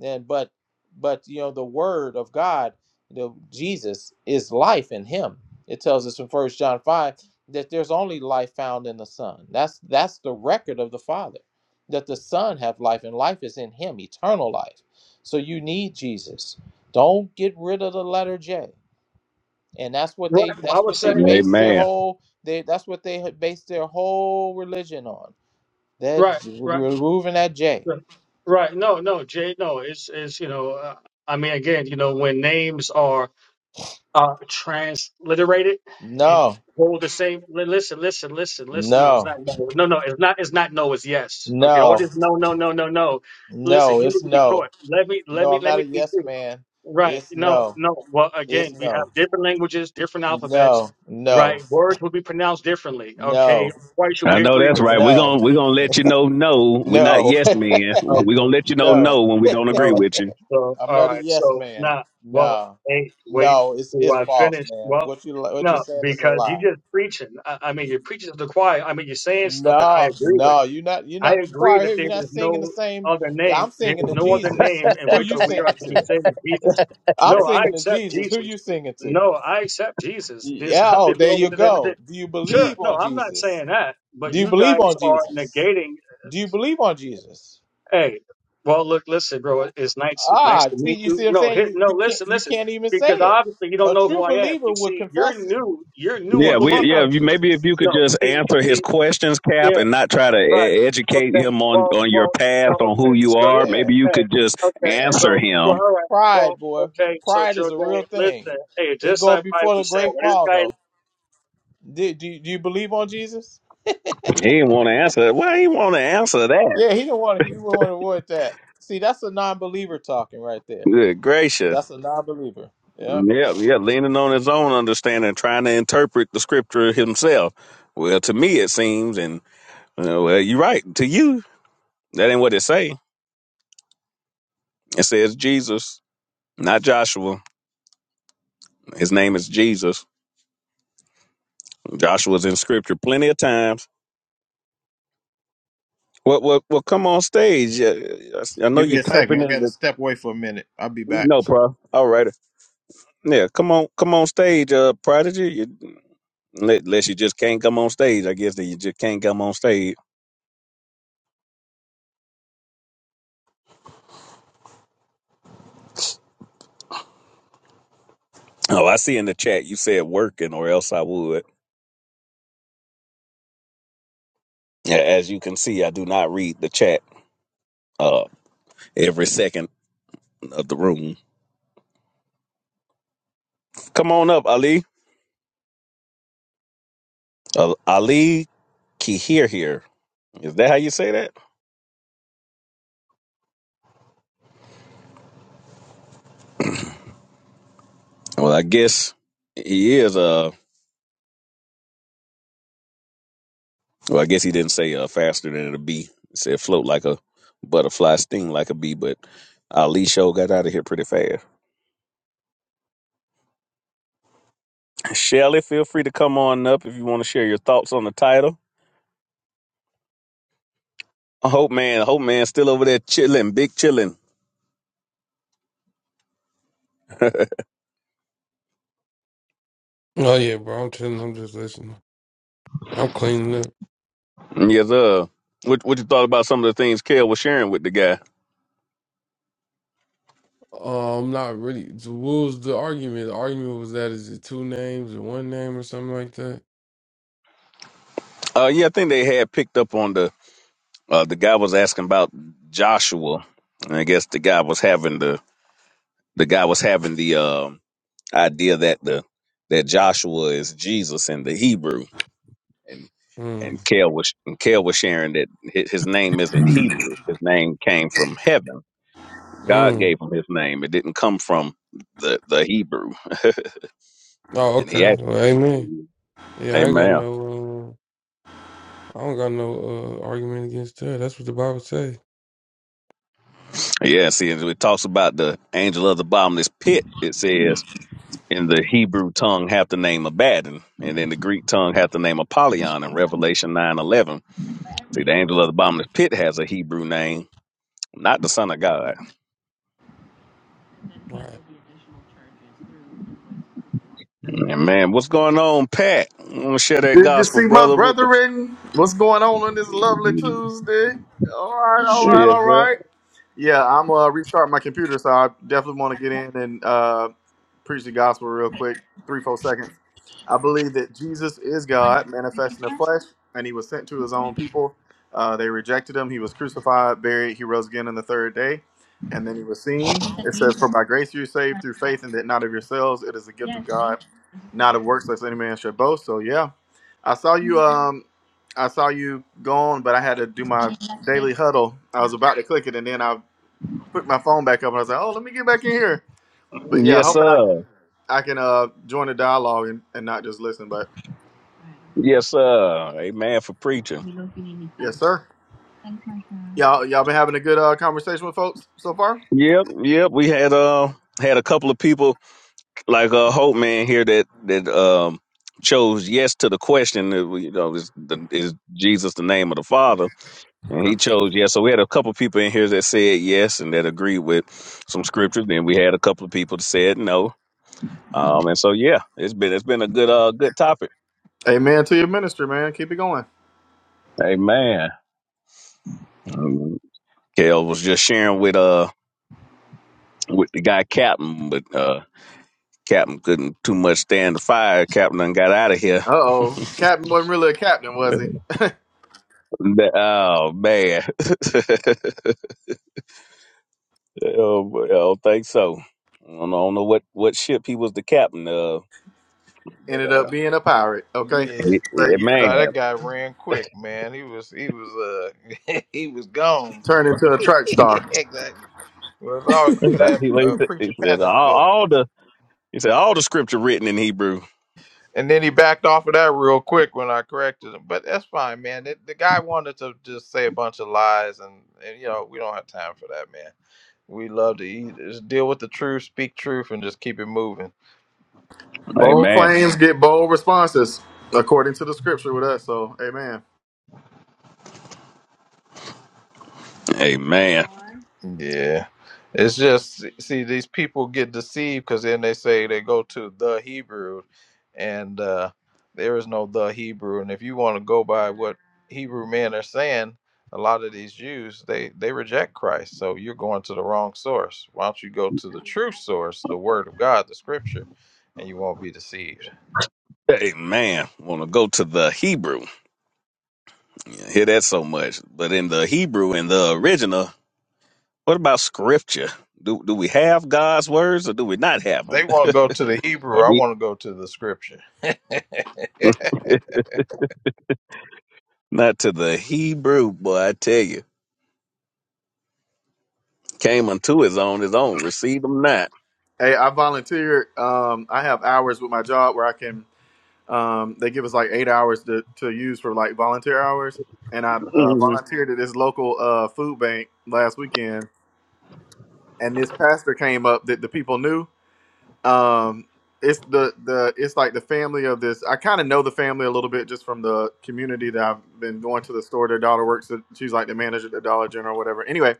Speaker 14: And but but you know the word of God, you know, Jesus is life in him. It tells us in first John five that there's only life found in the Son. That's that's the record of the Father. That the Son have life and life is in him, eternal life. So you need Jesus. Don't get rid of the letter J. And that's what they
Speaker 15: Right. Well, I
Speaker 14: that's
Speaker 15: would
Speaker 14: what
Speaker 15: say,
Speaker 14: they base their
Speaker 1: Amen.
Speaker 14: whole they that's what they had based their whole religion on that
Speaker 15: right,
Speaker 14: J-
Speaker 15: right,
Speaker 14: removing that J.
Speaker 15: right. right. No, no, Jay, no. It's, it's you know, uh, I mean, again, you know, when names are uh transliterated it
Speaker 14: No,
Speaker 15: hold the same li- listen listen listen listen no it's
Speaker 14: no,
Speaker 15: not no no no it's not it's not no it's yes okay all
Speaker 14: no,
Speaker 15: this no no no no no listen
Speaker 14: no.
Speaker 15: you need
Speaker 14: It's
Speaker 15: to be
Speaker 14: no,
Speaker 15: taught let me let
Speaker 14: no.
Speaker 15: me
Speaker 14: I'm
Speaker 15: let
Speaker 14: not
Speaker 15: me
Speaker 14: a
Speaker 15: teach
Speaker 14: yes
Speaker 15: you
Speaker 14: man.
Speaker 15: right
Speaker 14: It's
Speaker 15: no
Speaker 14: no.
Speaker 15: no well
Speaker 14: It's
Speaker 15: again we have
Speaker 14: no,
Speaker 15: different languages different alphabets
Speaker 14: no, no,
Speaker 15: right words will be pronounced differently okay
Speaker 14: no,
Speaker 15: I'm quite sure
Speaker 1: I
Speaker 15: we
Speaker 1: know
Speaker 15: agree
Speaker 1: that's
Speaker 15: with
Speaker 1: right.
Speaker 15: that
Speaker 1: We're
Speaker 14: no,
Speaker 1: gonna we're gonna let you know no. We're not
Speaker 14: no,
Speaker 1: yes men. We're gonna
Speaker 15: okay
Speaker 1: let you know
Speaker 15: so
Speaker 14: no.
Speaker 1: no when we don't
Speaker 15: All
Speaker 1: agree
Speaker 15: right.
Speaker 1: with you.
Speaker 15: So,
Speaker 14: I'm
Speaker 15: all
Speaker 14: not a
Speaker 15: right.
Speaker 14: yes
Speaker 15: So
Speaker 14: man.
Speaker 15: now, well,
Speaker 14: No,
Speaker 15: hey, wait
Speaker 14: no. It's
Speaker 15: till
Speaker 14: it's
Speaker 15: I
Speaker 14: false,
Speaker 15: finish.
Speaker 14: man.
Speaker 15: Well,
Speaker 14: What you what you're
Speaker 15: no,
Speaker 14: saying is a
Speaker 15: because you
Speaker 14: lie.
Speaker 15: just preaching. I, I mean, you're preaching to the choir. I mean, you're saying stuff that I
Speaker 14: No,
Speaker 15: agree with.
Speaker 14: no. You're not you're
Speaker 15: I
Speaker 14: not the
Speaker 15: agree
Speaker 14: choir
Speaker 15: that
Speaker 14: here.
Speaker 15: there
Speaker 14: You're not
Speaker 15: is
Speaker 14: singing the
Speaker 15: no
Speaker 14: same.
Speaker 15: other name.
Speaker 14: I'm
Speaker 15: There
Speaker 14: singing
Speaker 15: is
Speaker 14: to
Speaker 15: no other
Speaker 14: Jesus.
Speaker 15: name in
Speaker 14: Who
Speaker 15: which
Speaker 14: you
Speaker 15: we are
Speaker 14: singing
Speaker 15: to be
Speaker 14: to?
Speaker 15: saved. Jesus.
Speaker 14: I'm
Speaker 15: No, I
Speaker 14: singing to
Speaker 15: accept
Speaker 14: Jesus. Who
Speaker 15: Jesus.
Speaker 14: you singing to?
Speaker 15: No, I accept Jesus. There's
Speaker 14: Yeah, oh,
Speaker 15: nothing
Speaker 14: there
Speaker 15: wrong
Speaker 14: you
Speaker 15: with it. Everything.
Speaker 14: go. Do you
Speaker 15: Sure.
Speaker 14: believe
Speaker 15: No,
Speaker 14: on
Speaker 15: I'm not
Speaker 14: Jesus?
Speaker 15: saying that. But
Speaker 14: Do you
Speaker 15: you
Speaker 14: believe
Speaker 15: guys
Speaker 14: on
Speaker 15: are
Speaker 14: Jesus?
Speaker 15: negating
Speaker 14: Do you believe on Jesus?
Speaker 15: Hey, well, look, listen, bro. It's nice, nice
Speaker 14: Ah,
Speaker 15: to
Speaker 14: see,
Speaker 15: meet
Speaker 14: you see
Speaker 15: you.
Speaker 14: what I'm
Speaker 15: No,
Speaker 14: saying?
Speaker 15: hit,
Speaker 14: You
Speaker 15: no,
Speaker 14: you can't
Speaker 15: listen,
Speaker 14: you
Speaker 15: listen,
Speaker 14: can't even say
Speaker 15: because
Speaker 14: it.
Speaker 15: obviously you
Speaker 14: A
Speaker 15: don't know who
Speaker 14: true
Speaker 15: I am.
Speaker 14: believer
Speaker 15: You
Speaker 14: would
Speaker 15: see, you're
Speaker 14: confess it.
Speaker 15: new. You're new
Speaker 14: Do you
Speaker 1: Yeah,
Speaker 15: on
Speaker 1: we
Speaker 14: believe
Speaker 15: Clubhouse.
Speaker 1: yeah.
Speaker 14: on
Speaker 1: If you, maybe if
Speaker 14: Jesus?
Speaker 1: you could
Speaker 15: No,
Speaker 1: just
Speaker 15: see,
Speaker 1: answer his
Speaker 15: see,
Speaker 1: questions, Cap,
Speaker 15: yeah,
Speaker 1: and not try to
Speaker 15: right.
Speaker 1: e- educate
Speaker 15: Okay,
Speaker 1: him on
Speaker 15: well,
Speaker 1: on your
Speaker 15: well, no,
Speaker 1: path on who
Speaker 15: okay,
Speaker 1: you
Speaker 15: so,
Speaker 1: are.
Speaker 14: Yeah,
Speaker 1: Maybe you
Speaker 15: hey,
Speaker 1: could just
Speaker 15: okay,
Speaker 14: yeah.
Speaker 1: answer
Speaker 15: so,
Speaker 1: him
Speaker 15: well, all right, well,
Speaker 14: Pride, boy.
Speaker 15: okay, so
Speaker 14: Pride is
Speaker 15: Jordan,
Speaker 14: a real thing.
Speaker 15: listen, hey,
Speaker 14: It
Speaker 15: just
Speaker 14: go
Speaker 15: like Piper
Speaker 14: before the
Speaker 15: said,
Speaker 14: great
Speaker 15: when this
Speaker 14: fall
Speaker 15: guy
Speaker 14: though. Do, do, do you believe on Jesus?
Speaker 1: He didn't want to answer that. Why he want to answer that?
Speaker 14: Yeah, he don't want to he don't want to avoid that. See, that's a non believer talking right there.
Speaker 1: Good gracious.
Speaker 14: That's a non-believer. Yeah.
Speaker 1: Yeah, yeah, leaning on his own understanding, trying to interpret the scripture himself. Well, to me it seems, and you know, well, you're right. To you, that ain't what it say. It says Jesus, not Joshua. His name is Jesus. Joshua's in scripture plenty of times. Well, well, well come on stage. Uh, I know
Speaker 14: Give
Speaker 1: you're
Speaker 14: me a
Speaker 1: typing
Speaker 14: second. I
Speaker 1: in
Speaker 14: gotta
Speaker 1: the.
Speaker 14: step away for a minute. I'll be back.
Speaker 1: No, bro. All right. Yeah, come on, come on stage, uh, Prodigy. You, unless you just can't come on stage, I guess that you just can't come on stage. Oh, I see in the chat you said working, or else I would. Yeah, As you can see, I do not read the chat uh, every second of the room. Come on up, Ali. Uh, Ali Kihir here. Is that how you say that? Well, I guess he is. Uh, well, I guess he didn't say uh, faster than a bee. He said float like a butterfly, sting like a bee. But Ali show got out of here pretty fast. Shelly, feel free to come on up if you want to share your thoughts on the title. Hope man, hope man, still over there chilling, big chilling.
Speaker 13: Oh, yeah, bro. I'm telling I'm just listening. I'm cleaning up.
Speaker 1: Yes, sir. What what you thought about some of the things Kale was sharing with the guy?
Speaker 13: Um, not really. So What was the argument? The argument was that is it two names or one name or something like that?
Speaker 1: Uh, yeah, I think they had picked up on the uh, the guy was asking about Joshua, and I guess the guy was having the the guy was having the um, idea that the that Joshua is Jesus in the Hebrew, and and
Speaker 13: Mm.
Speaker 1: Kale was and Kale was sharing that hi- his name isn't Hebrew, his name came from heaven God
Speaker 13: Mm.
Speaker 1: gave him his name. It didn't come from the, the Hebrew.
Speaker 13: Oh,
Speaker 1: and he
Speaker 13: okay. Well, amen.
Speaker 1: actually,
Speaker 13: Yeah, I ain't got
Speaker 1: amen.
Speaker 13: no. Uh, I don't got no uh, argument against that. That's what the Bible say.
Speaker 1: Yeah, see, and it talks about the angel of the bottomless pit. It says in the Hebrew tongue have the name Abaddon, and in the Greek tongue have the name Apollyon in Revelation nine eleven. See, the angel of the bottomless pit has a Hebrew name, not the Son of God.
Speaker 13: Right.
Speaker 1: And man, what's going on, Pat? I'm gonna share that
Speaker 16: Good to
Speaker 1: gospel,
Speaker 16: see my
Speaker 1: brother, with the
Speaker 16: brethren. What's going on on this lovely Tuesday? All right, all
Speaker 14: Shoot.
Speaker 16: right,
Speaker 1: Yes,
Speaker 16: all
Speaker 1: sir.
Speaker 16: right. Yeah, I'm gonna restart my computer, so I definitely want to get in and uh preach the gospel real quick, three, four seconds. I believe that Jesus is God, manifest in the flesh, and he was sent to his own people. Uh, they rejected him. He was crucified, buried. He rose again on the third day, and then he was seen. It says, For by grace you're saved through faith, and that not of yourselves. It is a gift
Speaker 14: Yeah.
Speaker 16: of God, not of works, lest any man should boast. So, yeah. I saw you. Um, I saw you gone, but I had to do my daily huddle. I was about to click it, and then I put my phone back up, and I was like, "Oh, let me get back in here." But yeah,
Speaker 1: Yes,
Speaker 16: hoping
Speaker 1: sir.
Speaker 16: I can uh join the dialogue and, and not just listen. But
Speaker 1: Yes, sir. Amen for preaching.
Speaker 16: yes, sir. Y'all y'all been having a good uh conversation with folks so far.
Speaker 1: Yep, yep. We had uh had a couple of people like uh Hope Man here that that um chose yes to the question that we- you know is the, is Jesus the name of the Father and he
Speaker 16: Okay.
Speaker 1: chose yes. So we had a couple of people in here that said yes and that agreed with some scriptures. Then we had a couple of people that said no. Um and so yeah, it's been it's been a good uh good topic.
Speaker 16: Amen to your ministry, man. Keep it going.
Speaker 1: Amen. Um, Kel was just sharing with uh with the guy Captain, but uh Captain couldn't too much stand the fire. Captain done got out of here.
Speaker 16: Uh oh, Captain wasn't really a captain, was he?
Speaker 1: oh man. oh, boy, I don't think so. I don't, know- I don't know what, what ship he was the captain of, but
Speaker 16: Ended up
Speaker 1: uh,
Speaker 16: being a pirate. Okay.
Speaker 1: it,
Speaker 16: But
Speaker 1: it-
Speaker 16: yeah,
Speaker 1: man,
Speaker 14: No, that guy ran quick, man. He was he was uh he was gone.
Speaker 16: turned into a track
Speaker 14: yeah,
Speaker 16: star.
Speaker 14: exactly. Well, it's always
Speaker 1: he,
Speaker 14: good to have
Speaker 1: he
Speaker 14: a
Speaker 1: said,
Speaker 14: preacher
Speaker 1: he
Speaker 14: Pat
Speaker 1: said all,
Speaker 14: in the building.
Speaker 1: all the he said all the scripture written in Hebrew.
Speaker 14: And then he backed off of that real quick when I corrected him. But that's fine, man. The, the guy wanted to just say a bunch of lies, and, and you know we don't have time for that, man. We love to eat, just deal with the truth, speak truth, and just keep it moving.
Speaker 16: Bold
Speaker 1: Amen.
Speaker 16: claims get bold responses, according to the scripture with us. So, amen.
Speaker 1: Amen.
Speaker 14: Yeah. It's just see these people get deceived because then they say they go to the Hebrew, and uh, there is no the Hebrew. And if you want to go by what Hebrew men are saying, a lot of these Jews they they reject Christ. So you're going to the wrong source. Why don't you go to the true source, the Word of God, the Scripture, and you won't be deceived.
Speaker 1: Amen. Want to go to the Hebrew? You hear that so much, but in the Hebrew, in the original. What about scripture? Do do we have God's words or do we not have
Speaker 14: They
Speaker 1: them?
Speaker 14: want to go to the Hebrew.
Speaker 1: Or
Speaker 14: I
Speaker 1: do-
Speaker 14: want to go to the Scripture.
Speaker 1: not to the Hebrew boy, I tell you. Came unto his own, his own Receive them not.
Speaker 16: Hey, I volunteered. Um, I have hours with my job where I can. Um, they give us like eight hours to, to use for like volunteer hours, and I uh,
Speaker 1: hmm
Speaker 16: volunteered at this local uh, food bank last weekend. And this pastor came up that the people knew. Um, it's the the it's like the family of this. I kind of know the family a little bit just from the community that I've been going to the store. Their daughter works. At, she's like the manager at the Dollar General or whatever. Anyway,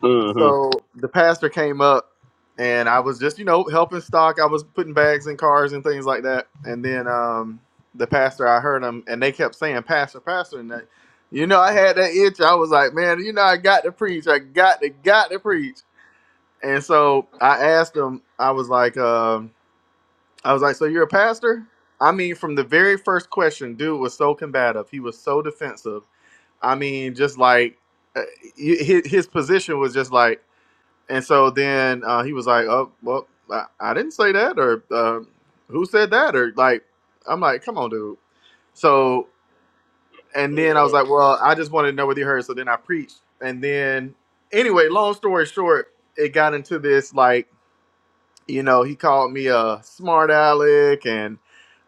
Speaker 1: hmm hmm
Speaker 16: so the pastor came up and I was just, you know, helping stock. I was putting bags in cars and things like that. And then um the pastor, I heard him and they kept saying, Pastor, Pastor. And that, you know, I had that itch. I was like, man, you know, I got to preach. I got to, got to preach. And so I asked him, I was like, um, I was like, so you're a pastor? I mean, from the very first question, dude was so combative. He was so defensive. I mean, just like uh, hi- his his position was just like, and so then uh, he was like, "Oh, well, I, I didn't say that, or uh, who said that, or like." I'm like, "Come on, dude." So, and then I was like, "Well, I just wanted to know whether you heard." So then I preached, and then anyway, long story short, it got into this like, you know, he called me a smart aleck, and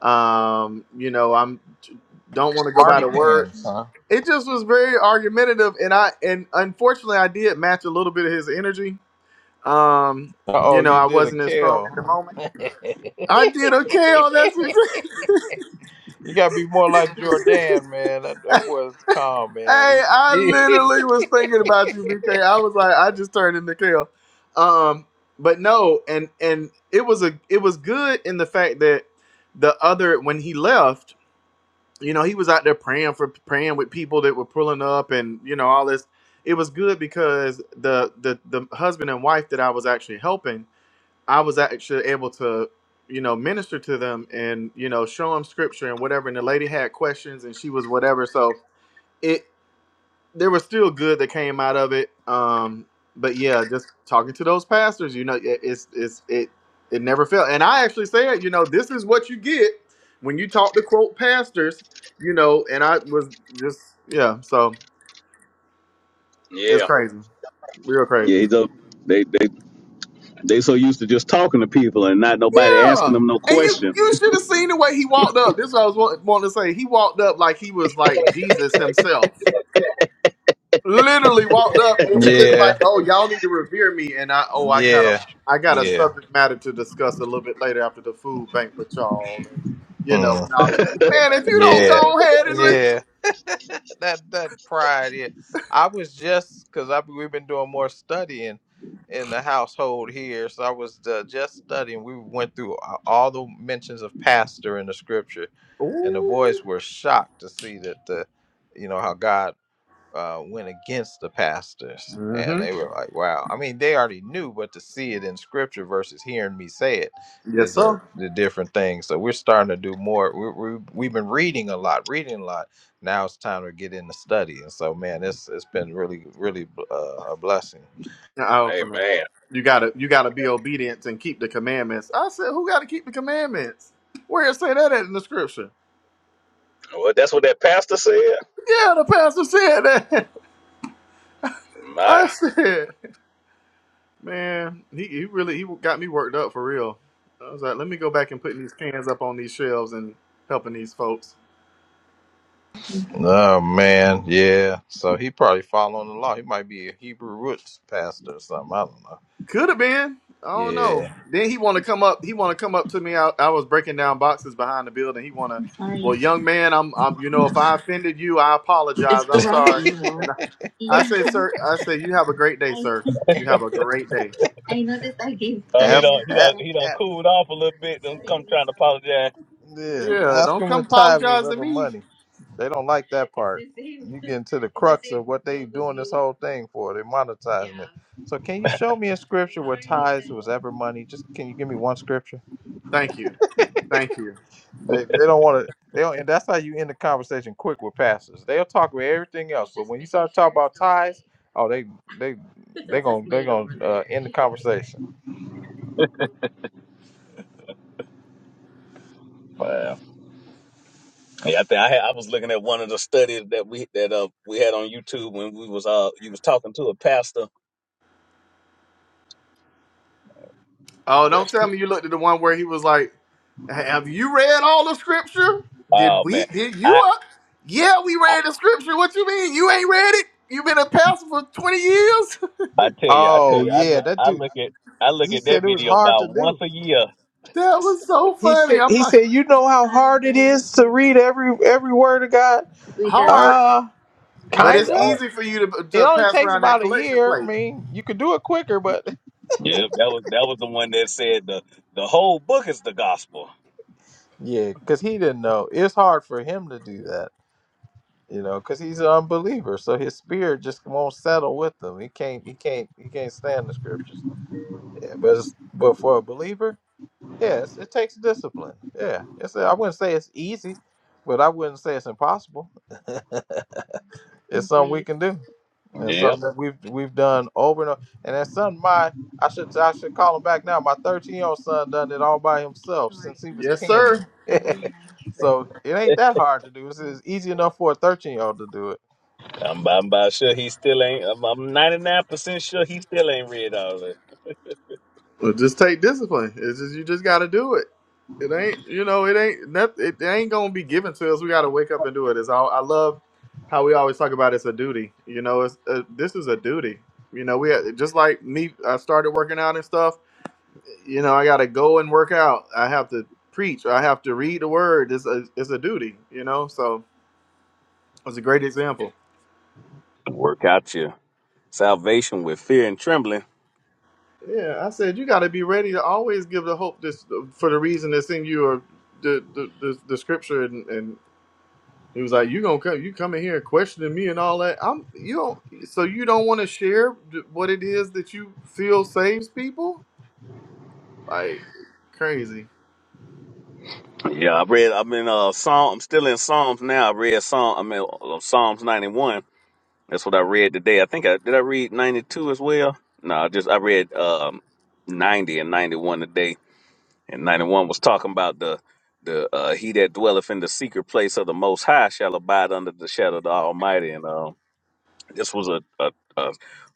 Speaker 16: um, you know, I'm don't want to go by
Speaker 14: Smarty
Speaker 16: the word.
Speaker 14: pants, huh?
Speaker 16: It just was very argumentative, and I and unfortunately, I did match a little bit of his energy um,
Speaker 14: oh,
Speaker 16: you know,
Speaker 14: you
Speaker 16: I
Speaker 14: did a
Speaker 16: wasn't as strong in the
Speaker 14: kale.
Speaker 16: moment. I did okay on that.
Speaker 14: you gotta be more like Jordan, man. That, that boy's calm,
Speaker 16: hey,
Speaker 14: man.
Speaker 16: I
Speaker 14: He,
Speaker 16: literally was thinking about you, BK. I was like, I just turned into Kale. Um, but no, and and it was a it was good in the fact that the other when he left, you know, he was out there praying for praying with people that were pulling up and you know all this. It was good because the the the husband and wife that I was actually helping I was actually able to, you know, minister to them and you know show them scripture and whatever. And the lady had questions and she was whatever. So it there was still good that came out of it. Um, but yeah, just talking to those pastors, you know, it, it's it's it it never failed. And I actually said, you know, this is what you get when you talk to quote pastors, you know. And I was just yeah, so it's
Speaker 1: Yeah,
Speaker 16: crazy, real
Speaker 1: yeah.
Speaker 16: crazy.
Speaker 1: He's a, they they they so used to just talking to people and not nobody asking
Speaker 16: Yeah.
Speaker 1: them no
Speaker 16: And you
Speaker 1: question.
Speaker 16: you should have seen the way he walked up. This is what I was wa- wanting to say. He walked up like he was like Jesus himself. Literally walked up and he just like,
Speaker 14: Yeah,
Speaker 16: oh, y'all need to revere me. And I oh I got a
Speaker 14: yeah,
Speaker 16: I got a
Speaker 14: yeah,
Speaker 16: subject matter to discuss a little bit later after the food bank with y'all. And you know,
Speaker 14: mm,
Speaker 16: and
Speaker 1: hey
Speaker 16: I, man, if you don't
Speaker 14: yeah,
Speaker 16: go ahead and with
Speaker 14: yeah, that that pride. Yeah, I was just because I we've been doing more studying in the household here, so I was uh, just studying. We went through a- all the mentions of pastor in the scripture, and the
Speaker 16: Ooh.
Speaker 14: boys were shocked to see that the, you know, how God uh, went against the pastors, and they
Speaker 16: Mm-hmm.
Speaker 14: were like, "Wow!" I mean, they already knew, but to see it in scripture versus hearing me say it
Speaker 16: Yes,
Speaker 14: is a,
Speaker 16: sir.
Speaker 14: the different thing. So we're starting to do more. We, we we've been reading a lot, reading a lot. Now it's time to get into study, and so man, it's it's been really really uh, a blessing.
Speaker 16: I open her.
Speaker 1: man,
Speaker 16: You gotta you gotta be obedient and keep the commandments. I said, who gotta keep the commandments? Where it say that at in the scripture?
Speaker 1: well that's what that pastor said.
Speaker 16: Yeah, the pastor said that.
Speaker 1: My,
Speaker 16: I said, man, he, he really he got me worked up for real. I was like, let me go back and putting these cans up on these shelves and helping these folks.
Speaker 14: Oh man, yeah. So he probably following the law. He might be a Hebrew roots pastor or something. I don't know.
Speaker 16: Could have been. I don't know.
Speaker 14: Yeah.
Speaker 16: Then he want to come up. He want to come up to me. I, I was breaking down boxes behind the building. He want to.
Speaker 14: I'm
Speaker 16: Well,
Speaker 14: sorry.
Speaker 16: young man, I'm, I'm. You know, if I offended you, I apologize.
Speaker 14: It's the
Speaker 16: I'm
Speaker 14: wrong
Speaker 16: sorry.
Speaker 14: evil.
Speaker 16: And I, I say, sir. I say, you have a great day,
Speaker 14: Yeah.
Speaker 16: sir. You have a great day.
Speaker 14: I noticed I gave Ask, third. a- a- Sorry. yeah,
Speaker 16: Yeah.
Speaker 14: ask
Speaker 16: Don't
Speaker 14: them when
Speaker 16: come
Speaker 14: tithes was
Speaker 16: apologize to
Speaker 14: ever
Speaker 16: me.
Speaker 14: money. They don't like that It's part. the same. You get into the It's the crux same of what they doing this whole thing for. They monetizing it. Yeah. So can you show me a scripture where tithes was ever money? Just can you give me one scripture?
Speaker 16: Thank you. Thank you.
Speaker 14: They they don't want to. They don't, and that's how you end the conversation quick with pastors. They'll talk with everything else, but when you start talking nature about tithes, oh they they they gonna they gonna uh, end the conversation.
Speaker 1: Wow. Yeah, I think I, had, I was looking at one of the studies that we that uh we had on YouTube when we was uh you was talking to a pastor.
Speaker 16: Oh, don't
Speaker 1: Yes.
Speaker 16: tell me you looked at the one where he was like, "Have you read all the scripture? Did
Speaker 1: Oh man,
Speaker 16: we? Did you?
Speaker 1: I,
Speaker 16: Uh, yeah, we
Speaker 1: I
Speaker 16: read the scripture. What you mean? You ain't read it? you been a pastor for twenty years?
Speaker 1: I tell you, I tell
Speaker 14: Oh
Speaker 1: you, I
Speaker 14: yeah,
Speaker 1: look
Speaker 14: that
Speaker 1: I
Speaker 14: dude.
Speaker 1: look at I look
Speaker 14: he
Speaker 1: at that
Speaker 14: said it was
Speaker 1: video
Speaker 14: hard to
Speaker 1: about once
Speaker 14: do.
Speaker 1: a year.
Speaker 16: That was so
Speaker 14: He
Speaker 16: funny.
Speaker 14: said
Speaker 16: I'm
Speaker 14: he
Speaker 16: like,
Speaker 14: said you know how hard it is to read every every word of God.
Speaker 16: hard,
Speaker 14: Uh,
Speaker 16: but it's
Speaker 14: kinda.
Speaker 1: Oh,
Speaker 16: easy for you to
Speaker 14: It
Speaker 16: to
Speaker 14: only
Speaker 16: pass
Speaker 14: takes
Speaker 16: around that
Speaker 14: about a
Speaker 16: collection
Speaker 14: year. I
Speaker 16: plate.
Speaker 14: mean, you could do it quicker, but
Speaker 1: Yep, that was that was the one that said the the whole book is the gospel.
Speaker 14: yeah, because he didn't know. It's hard for him to do that, you know, because he's an unbeliever. So his spirit just won't settle with him. He can't. He can't. He can't stand the scriptures. Yeah, but it's, but for a believer, yes, it takes discipline. Yeah, it's. I wouldn't say it's easy, but I wouldn't say it's impossible. It's something we can do. and
Speaker 1: Yep,
Speaker 14: something that we've we've done over and over. And that's something my I should I should call him back now. My 13 year old son done it all by himself since he was
Speaker 16: Yes, sir.
Speaker 14: 10. so it ain't that hard to do. It's, it's easy enough for a 13 year old to do it.
Speaker 1: I'm I'm about sure he still ain't. I'm, I'm 99% sure he still ain't read all of it.
Speaker 16: Well, just take discipline. It's just you just got to do it. It ain't you know it ain't noth- it ain't gonna be given to us. We got to wake up and do it. It's all I love how we always talk about it's a duty. You know, it's uh this is a duty. You know, we uh, just like me. I started working out and stuff. You know, I got to go and work out. I have to preach. I have to read the word. It's a it's a duty. You know, so it's a great example.
Speaker 1: Work out your salvation with fear and trembling.
Speaker 16: Yeah, I said you got to be ready to always give the hope this for the reason that's in you or the the, the, the scripture and, and He was like, "You gonna come? You coming here questioning me and all that? I'm you don't. So you don't want to share th- what it is that you feel saves people? Like crazy.
Speaker 1: Yeah, I read. I'm in uh Psalm. I'm still in Psalms now. I read Psalm. I'm in uh, Psalms 91. That's what I read today. I think I did. I read 92 as well. No, I just I read um 90 and 91 today. And 91 was talking about the the uh he that dwelleth in the secret place of the Most High shall abide under the shadow of the Almighty. And um, this was a a, a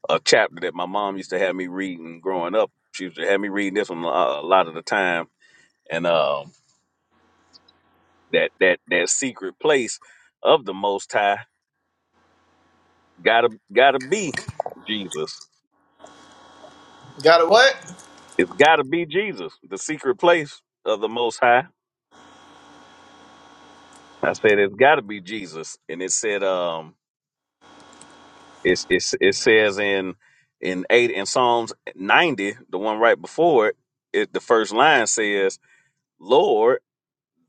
Speaker 1: a chapter that my mom used to have me reading growing up. She used to have me reading this one a a lot of the time. And um, That that that secret place of the Most High gotta gotta be Jesus.
Speaker 16: Got it? What?
Speaker 1: It's gotta be Jesus. The secret place of the Most High. I said it's gotta be Jesus. And it said um it's it's it says in in eight in Psalms ninety, the one right before it, it the first line says, Lord,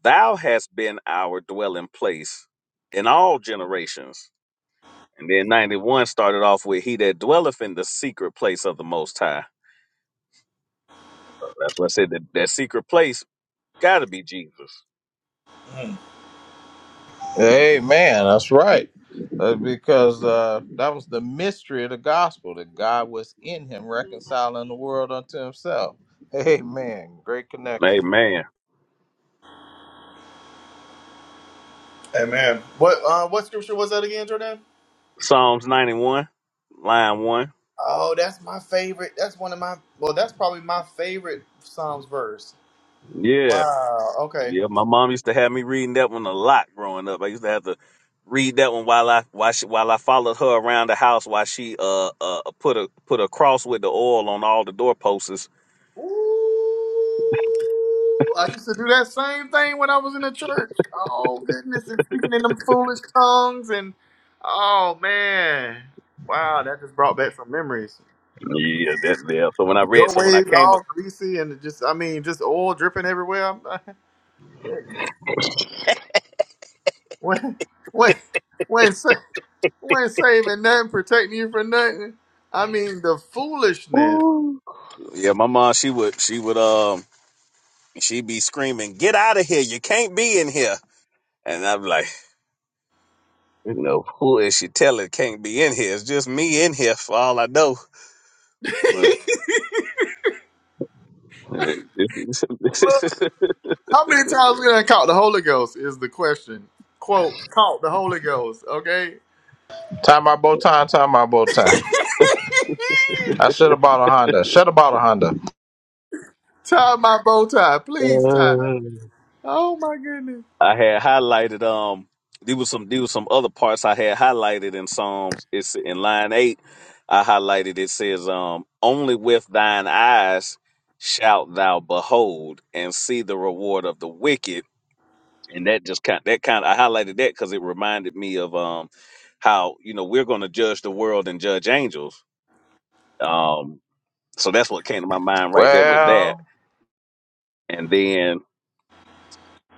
Speaker 1: thou hast been our dwelling place in all generations. And then 91 started off with, He that dwelleth in the secret place of the Most High That's why I said that that secret place got to be Jesus.
Speaker 16: Hmm.
Speaker 14: Hey man, that's right. Uh, because uh, that was the mystery of the gospel that God was in him reconciling the world unto himself. Amen. Great connection.
Speaker 1: Amen.
Speaker 16: Amen. What? Uh, what scripture was that again, Jordan?
Speaker 1: Psalms 91, line one.
Speaker 16: Oh, that's my favorite. That's one of my. Well, that's probably my favorite Psalms verse.
Speaker 1: Yeah,
Speaker 16: Wow. Okay.
Speaker 1: yeah. My mom used to have me reading that one a lot growing up. I used to have to read that one while I while she, while I followed her around the house while she uh uh put a put a cross with the oil on all the doorposts.
Speaker 16: Ooh, I used to do that same thing when I was in the church. Oh goodness, and speaking in them foolish tongues and oh man. Wow, that just brought back some memories.
Speaker 1: Yeah, that yeah. So when I read, so when I
Speaker 16: Doorways
Speaker 1: came, up,
Speaker 16: all greasy and just I mean just oil dripping everywhere. Goodness. when when when sa- when saving nothing, protecting you from nothing. I mean the foolishness.
Speaker 1: Ooh. yeah, my mom she would she would um she'd be screaming, "Get out of here! You can't be in here!" And I'm like. You know, who is she telling can't be in here? It's just me in here for all I know. But I
Speaker 16: How many times did I caught the Holy Ghost? Is the question. Quote, caught the Holy Ghost, okay?
Speaker 14: Tie my bow tie, tie my bow tie. I should have bought a Honda. Should have bought a Honda.
Speaker 16: Tie my bow tie, please tie. Oh my goodness.
Speaker 1: had highlighted um there was some there was some other parts I had highlighted in Psalms. It's in line eight. I highlighted it says um only with thine eyes shalt thou behold and see the reward of the wicked. And that just kind that kind I highlighted that because it reminded me of um how you know we're going to judge the world and judge angels Um, so that's what came to my mind right there with that.
Speaker 14: Well,
Speaker 1: And then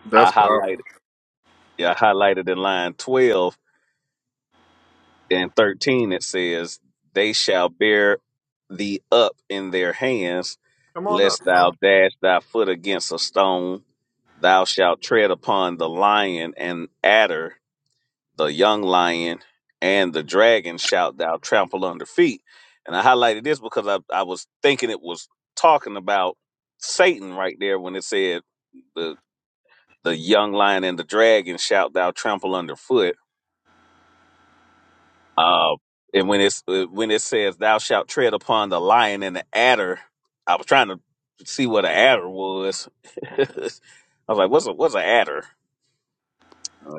Speaker 16: That's
Speaker 1: I
Speaker 16: powerful.
Speaker 1: highlighted, yeah, I highlighted in line 12 and 13, it says, They shall bear thee up in their hands,
Speaker 16: Come on up.
Speaker 1: lest thou
Speaker 16: Tyler.
Speaker 1: dash thy foot against a stone. Thou shalt tread upon the lion and adder. the young lion and the dragon shout thou trample under feet and i highlighted this because I, I was thinking it was talking about satan right there when it said the the young lion and the dragon shout thou trample underfoot uh, and when it's uh, when it says thou shalt tread upon the lion and the adder i was trying to see what an adder was i was like what's a what's an adder Uh,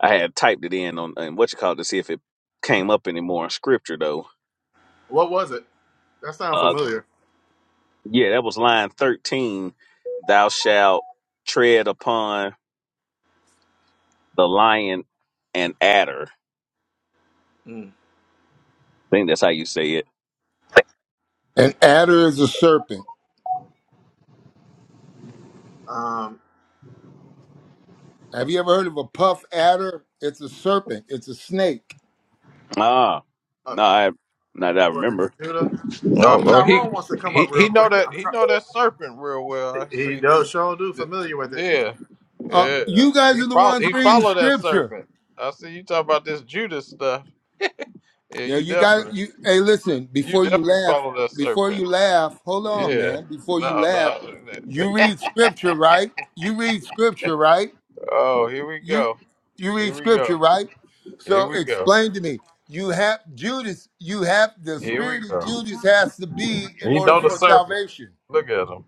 Speaker 1: i had typed it in on and what you call it to see if it came up anymore in scripture though
Speaker 16: What was it? That sounds
Speaker 1: Uh,
Speaker 16: familiar.
Speaker 1: yeah, that was line 13. Thou shalt tread upon the lion and adder. I
Speaker 16: Mm.
Speaker 1: think that's how you say it.
Speaker 17: An adder is a serpent.
Speaker 16: Um,
Speaker 17: Have you ever heard of a puff adder? It's a serpent. It's a snake.
Speaker 1: Ah,
Speaker 16: uh,
Speaker 1: no, I, not that I
Speaker 16: according to
Speaker 1: remember.
Speaker 16: Judah.
Speaker 14: no,
Speaker 16: Um,
Speaker 14: oh, he
Speaker 16: Tyrone wants to come
Speaker 14: he
Speaker 16: up real
Speaker 14: he know
Speaker 16: quick.
Speaker 14: that
Speaker 16: I'm
Speaker 14: he
Speaker 16: trying.
Speaker 14: know that serpent real well. I
Speaker 16: He
Speaker 14: see.
Speaker 16: does sure do
Speaker 14: Th-
Speaker 16: familiar with it.
Speaker 14: Yeah,
Speaker 17: Uh,
Speaker 14: yeah.
Speaker 17: you guys
Speaker 14: He
Speaker 17: are the
Speaker 14: follow
Speaker 17: ones
Speaker 14: he
Speaker 17: reading
Speaker 14: follow that
Speaker 17: scripture.
Speaker 14: serpent. I see you talk about this Judas stuff. Yeah,
Speaker 17: Yeah,
Speaker 14: you
Speaker 17: you got
Speaker 14: definitely
Speaker 17: you. Hey, listen.
Speaker 14: you
Speaker 17: Before you
Speaker 14: definitely
Speaker 17: laugh,
Speaker 14: follow that
Speaker 17: before
Speaker 14: serpent.
Speaker 17: you laugh, hold on,
Speaker 14: Yeah.
Speaker 17: man. Before you
Speaker 14: No,
Speaker 17: laugh,
Speaker 14: no.
Speaker 17: you read scripture, right? You read scripture, right?
Speaker 14: oh, here we
Speaker 17: You
Speaker 14: go.
Speaker 17: you
Speaker 14: Here
Speaker 17: read
Speaker 14: we
Speaker 17: scripture,
Speaker 14: go.
Speaker 17: right?
Speaker 14: Here
Speaker 17: So
Speaker 14: we go.
Speaker 17: explain to me. You have Judas. You have the
Speaker 14: Here we
Speaker 17: spirit of
Speaker 14: go.
Speaker 17: Judas has to be in
Speaker 14: He
Speaker 17: order
Speaker 14: know the
Speaker 17: for
Speaker 14: serpent.
Speaker 17: salvation.
Speaker 14: Look at him.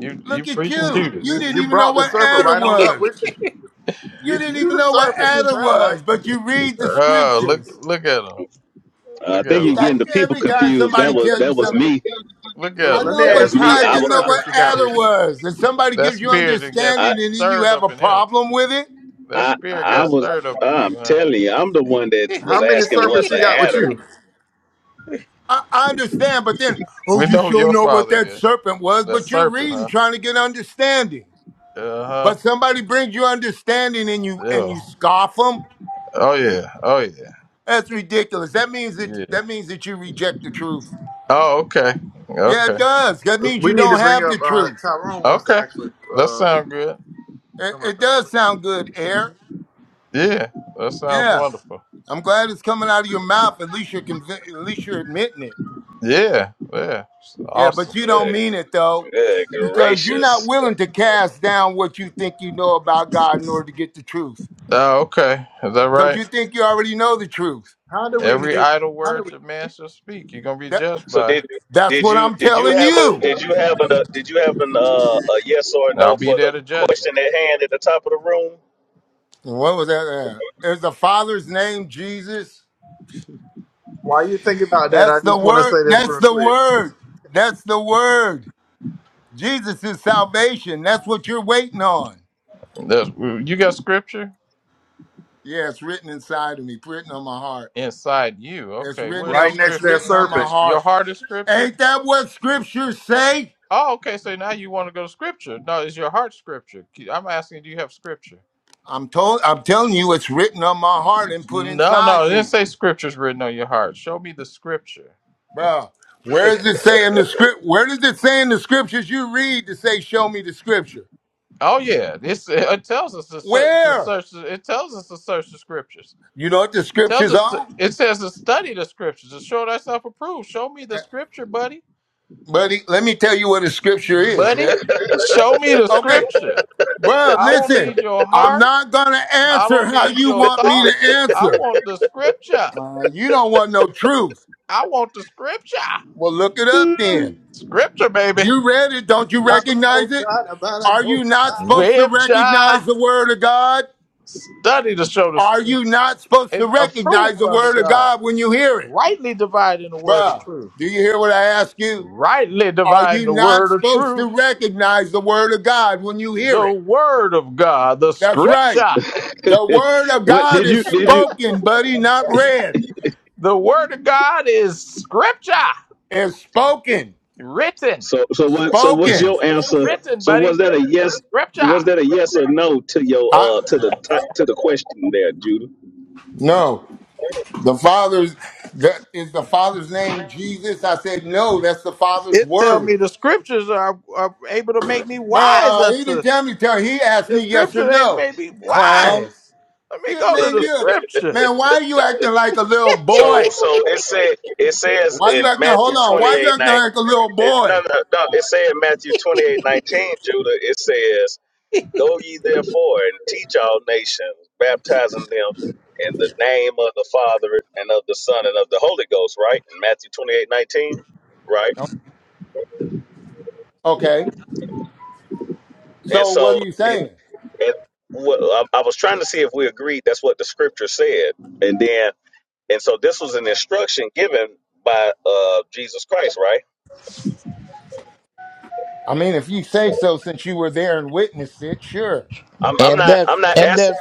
Speaker 14: You you
Speaker 17: Look at
Speaker 14: preaching
Speaker 17: you. You
Speaker 16: You
Speaker 14: Judas.
Speaker 17: didn't
Speaker 16: you
Speaker 17: even know
Speaker 16: brought the
Speaker 17: what
Speaker 16: serpent
Speaker 17: adder
Speaker 16: right on up
Speaker 17: was.
Speaker 16: with you. You
Speaker 17: You didn't
Speaker 16: you
Speaker 17: even
Speaker 16: the
Speaker 17: know what
Speaker 16: serpent.
Speaker 17: adder
Speaker 16: Sound
Speaker 17: was,
Speaker 16: like.
Speaker 17: but you read the
Speaker 14: Oh, look
Speaker 17: scriptures.
Speaker 14: look at him.
Speaker 1: Uh, I
Speaker 14: Look
Speaker 1: think
Speaker 17: You
Speaker 1: you're
Speaker 14: at him.
Speaker 17: got
Speaker 1: getting the people
Speaker 17: every time
Speaker 1: confused. That
Speaker 17: somebody
Speaker 1: was
Speaker 17: tells you
Speaker 1: that was
Speaker 17: something, you
Speaker 1: me.
Speaker 14: Look at
Speaker 17: I
Speaker 16: Look,
Speaker 14: him.
Speaker 16: let me
Speaker 17: know,
Speaker 1: That
Speaker 17: but
Speaker 1: was
Speaker 16: ask,
Speaker 17: you
Speaker 16: how
Speaker 1: me.
Speaker 17: guys
Speaker 16: many
Speaker 1: I
Speaker 17: didn't know
Speaker 1: wa-
Speaker 17: what
Speaker 16: serpents you got
Speaker 17: adder
Speaker 16: with you?
Speaker 17: was. And somebody
Speaker 14: That
Speaker 17: gives you
Speaker 14: spirit that got
Speaker 1: I
Speaker 17: understanding and then you
Speaker 14: stirred
Speaker 17: have
Speaker 14: up
Speaker 17: a
Speaker 14: in him.
Speaker 17: problem with it.
Speaker 14: That
Speaker 1: I,
Speaker 14: spirit
Speaker 1: I
Speaker 14: got
Speaker 1: was.
Speaker 14: stirred up in you,
Speaker 1: I'm
Speaker 14: huh?
Speaker 1: telling you, I'm the one that was
Speaker 16: How many
Speaker 1: asking
Speaker 16: serpents
Speaker 1: what's
Speaker 16: you
Speaker 1: an
Speaker 16: got with
Speaker 1: adder.
Speaker 16: you?
Speaker 17: I, I understand, but then, oh,
Speaker 14: We
Speaker 17: you
Speaker 14: know who
Speaker 17: sure
Speaker 14: your
Speaker 17: know what
Speaker 14: father
Speaker 17: that
Speaker 14: is.
Speaker 17: serpent was,
Speaker 14: The
Speaker 17: but you're
Speaker 14: serpent,
Speaker 17: reading
Speaker 14: huh?
Speaker 17: trying to get understanding.
Speaker 14: Uh huh.
Speaker 17: But somebody brings you understanding and you and
Speaker 14: Yeah.
Speaker 17: you scoff them.
Speaker 14: Oh yeah. Oh yeah.
Speaker 17: That's ridiculous. That means that
Speaker 14: Yeah.
Speaker 17: that means that you reject the truth.
Speaker 14: Oh okay.
Speaker 17: Yeah, it
Speaker 14: Okay.
Speaker 17: does. That means
Speaker 16: We
Speaker 17: you
Speaker 16: need to
Speaker 17: don't
Speaker 16: bring
Speaker 17: have
Speaker 16: up.
Speaker 17: the
Speaker 16: Uh,
Speaker 17: truth.
Speaker 16: Tyrone wants to
Speaker 14: Okay.
Speaker 16: actually
Speaker 14: That
Speaker 16: uh,
Speaker 14: sounds good.
Speaker 17: It,
Speaker 16: come up
Speaker 17: it
Speaker 16: and
Speaker 17: does
Speaker 16: speak.
Speaker 17: sound good, Air.
Speaker 14: Yeah. That sounds
Speaker 17: Yeah,
Speaker 14: wonderful.
Speaker 17: I'm glad it's coming out of your mouth. At least you're convi- at least you're admitting it.
Speaker 14: Yeah. Yeah.
Speaker 17: Yeah, but
Speaker 14: Awesome.
Speaker 17: you don't
Speaker 1: Good,
Speaker 17: mean it though,
Speaker 1: good
Speaker 17: because you're
Speaker 1: gracious.
Speaker 17: not willing to cast down what you think you know about God in order to get the truth.
Speaker 14: Uh, okay. Is that
Speaker 17: Because
Speaker 14: right?
Speaker 17: you think you already know the truth.
Speaker 16: How do we
Speaker 14: Every
Speaker 16: mute?
Speaker 14: idle
Speaker 16: How do
Speaker 14: word
Speaker 16: we?
Speaker 14: that man
Speaker 16: Mute?
Speaker 14: shall speak, you're gonna be
Speaker 17: That
Speaker 14: judged
Speaker 1: So
Speaker 14: by.
Speaker 1: did
Speaker 17: that's
Speaker 1: did
Speaker 17: what
Speaker 1: you
Speaker 17: I'm
Speaker 1: did you
Speaker 17: telling
Speaker 1: have a
Speaker 17: you.
Speaker 1: did you have an uh, did you have an uh, a yes or a
Speaker 14: I'll
Speaker 1: no
Speaker 14: be
Speaker 1: for the
Speaker 14: there to judge
Speaker 1: question at hand at the top of
Speaker 17: What was that? Uh, is the Father's name Jesus?
Speaker 16: While you think about that,
Speaker 17: That's
Speaker 16: I
Speaker 17: the
Speaker 16: just want to
Speaker 17: word.
Speaker 16: say this
Speaker 17: That's
Speaker 16: real
Speaker 17: the
Speaker 16: quick.
Speaker 17: word. That's the word. Jesus is salvation. That's what you're waiting on.
Speaker 14: you. That's, you got scripture?
Speaker 17: Yeah, it's written inside of me, written on my heart.
Speaker 14: Inside you.
Speaker 17: It's
Speaker 14: Okay,
Speaker 17: written
Speaker 14: where's the
Speaker 16: Right
Speaker 17: on,
Speaker 16: next to
Speaker 17: it's
Speaker 16: that
Speaker 14: scripture?
Speaker 17: written on my
Speaker 16: serpent.
Speaker 14: Your
Speaker 17: heart.
Speaker 14: heart is scripture?
Speaker 17: Ain't that what scriptures say?
Speaker 14: Oh, okay, so now you want to go to scripture. No, is your heart scripture? I'm asking, do you have scripture?
Speaker 17: I'm told I'm telling you it's written on my heart and put
Speaker 14: No, no,
Speaker 17: inside
Speaker 14: it didn't
Speaker 17: me.
Speaker 14: say scripture's written on your heart. Show me the scripture.
Speaker 17: Bro, where does it say in the script where does it say in the scriptures you read to say show me the scripture?
Speaker 14: Oh yeah, it's, it tells us to search, to
Speaker 17: Where?
Speaker 14: search. It tells us to search the scriptures.
Speaker 17: You know what the
Speaker 14: tells
Speaker 17: scriptures
Speaker 14: us to,
Speaker 17: are?
Speaker 14: it says to study the scriptures to show thyself approved. Show me the
Speaker 17: Uh,
Speaker 14: scripture, buddy,
Speaker 17: Buddy, let me tell you what a scripture is,
Speaker 14: buddy.
Speaker 17: ready?
Speaker 1: the
Speaker 14: Show me the
Speaker 17: Okay,
Speaker 14: scripture.
Speaker 17: Well,
Speaker 14: I don't
Speaker 17: listen,
Speaker 14: need your
Speaker 17: I'm
Speaker 14: heart.
Speaker 17: not going to
Speaker 14: I
Speaker 17: answer
Speaker 14: don't
Speaker 17: how
Speaker 14: need
Speaker 17: you
Speaker 14: your
Speaker 17: want me
Speaker 14: thought.
Speaker 17: to
Speaker 14: I
Speaker 17: answer.
Speaker 14: want the scripture.
Speaker 17: Uh, you don't want no truth.
Speaker 14: I want the scripture.
Speaker 17: Well, look it up then.
Speaker 14: Scripture, baby.
Speaker 17: You read it. Don't you recognize it? Are you not supposed to
Speaker 14: Scripture.
Speaker 17: recognize the word of God?
Speaker 14: Study to show the
Speaker 17: Are
Speaker 14: str-
Speaker 17: you not supposed to
Speaker 14: it
Speaker 17: recognize
Speaker 14: approved
Speaker 17: the
Speaker 14: unto
Speaker 17: word of
Speaker 14: God.
Speaker 17: God when you hear it?
Speaker 14: Rightly dividing the word of
Speaker 17: Bruh,
Speaker 14: truth.
Speaker 17: do you hear what I ask you?
Speaker 14: Rightly
Speaker 17: Are
Speaker 14: dividing
Speaker 17: you
Speaker 14: the
Speaker 17: not
Speaker 14: word of
Speaker 17: supposed to
Speaker 14: truth.
Speaker 17: recognize the word of God when you hear
Speaker 14: The
Speaker 17: it?
Speaker 14: word of God. The
Speaker 17: That's right.
Speaker 14: scripture.
Speaker 17: The
Speaker 1: room?
Speaker 17: word of
Speaker 1: what
Speaker 17: God
Speaker 1: did
Speaker 17: is
Speaker 1: you did you
Speaker 17: spoken, buddy, not read.
Speaker 14: The word of God is scripture.
Speaker 17: It's spoken.
Speaker 14: Written.
Speaker 1: so so what so what's
Speaker 17: Spoken.
Speaker 1: your answer?
Speaker 14: Written,
Speaker 1: So was
Speaker 14: buddy.
Speaker 1: that a yes
Speaker 14: Scripture.
Speaker 1: was that a yes or no to
Speaker 17: I
Speaker 1: your uh to the top to the question there, Judah?
Speaker 17: no. The father's that is the father's name Jesus. I said no, that's the father's
Speaker 14: It tell me
Speaker 17: word.
Speaker 14: the scriptures are, are able to make me wise
Speaker 17: Bro, he
Speaker 14: unto
Speaker 17: didn't tell me tell he asked
Speaker 14: the
Speaker 17: me yes
Speaker 14: scripture
Speaker 17: or
Speaker 14: they
Speaker 17: no.
Speaker 14: may be
Speaker 17: Clown.
Speaker 14: wise. Let me
Speaker 17: You
Speaker 14: go to
Speaker 17: man,
Speaker 14: the
Speaker 17: you
Speaker 14: scripture.
Speaker 17: man, why are you acting like a little
Speaker 1: So
Speaker 17: boy?
Speaker 1: so it said it says
Speaker 17: Why you
Speaker 1: in
Speaker 17: acting
Speaker 1: Matthew
Speaker 17: hold on,
Speaker 1: twenty
Speaker 17: why you
Speaker 1: eight
Speaker 17: acting
Speaker 1: nine.
Speaker 17: like a little
Speaker 1: It, no,
Speaker 17: boy?
Speaker 1: no, no. It said in Matthew twenty eight nineteen, Judah. It says Go ye therefore and teach all nations, baptizing them in the name of the Father and of the Son and of the Holy Ghost, right? In Matthew 28, 19. right?
Speaker 17: Okay.
Speaker 1: And
Speaker 17: So what
Speaker 1: so,
Speaker 17: are you
Speaker 1: did
Speaker 17: saying?
Speaker 1: and what, I, I was trying to see if we agreed that's what the scripture said. And then, and so this was an instruction given by uh, Jesus Christ, right?
Speaker 17: I mean, if you say so since you were there and witnessed it, sure.
Speaker 1: I'm, I'm
Speaker 14: and
Speaker 1: not
Speaker 14: that
Speaker 1: I'm not
Speaker 14: and
Speaker 1: asking.
Speaker 14: that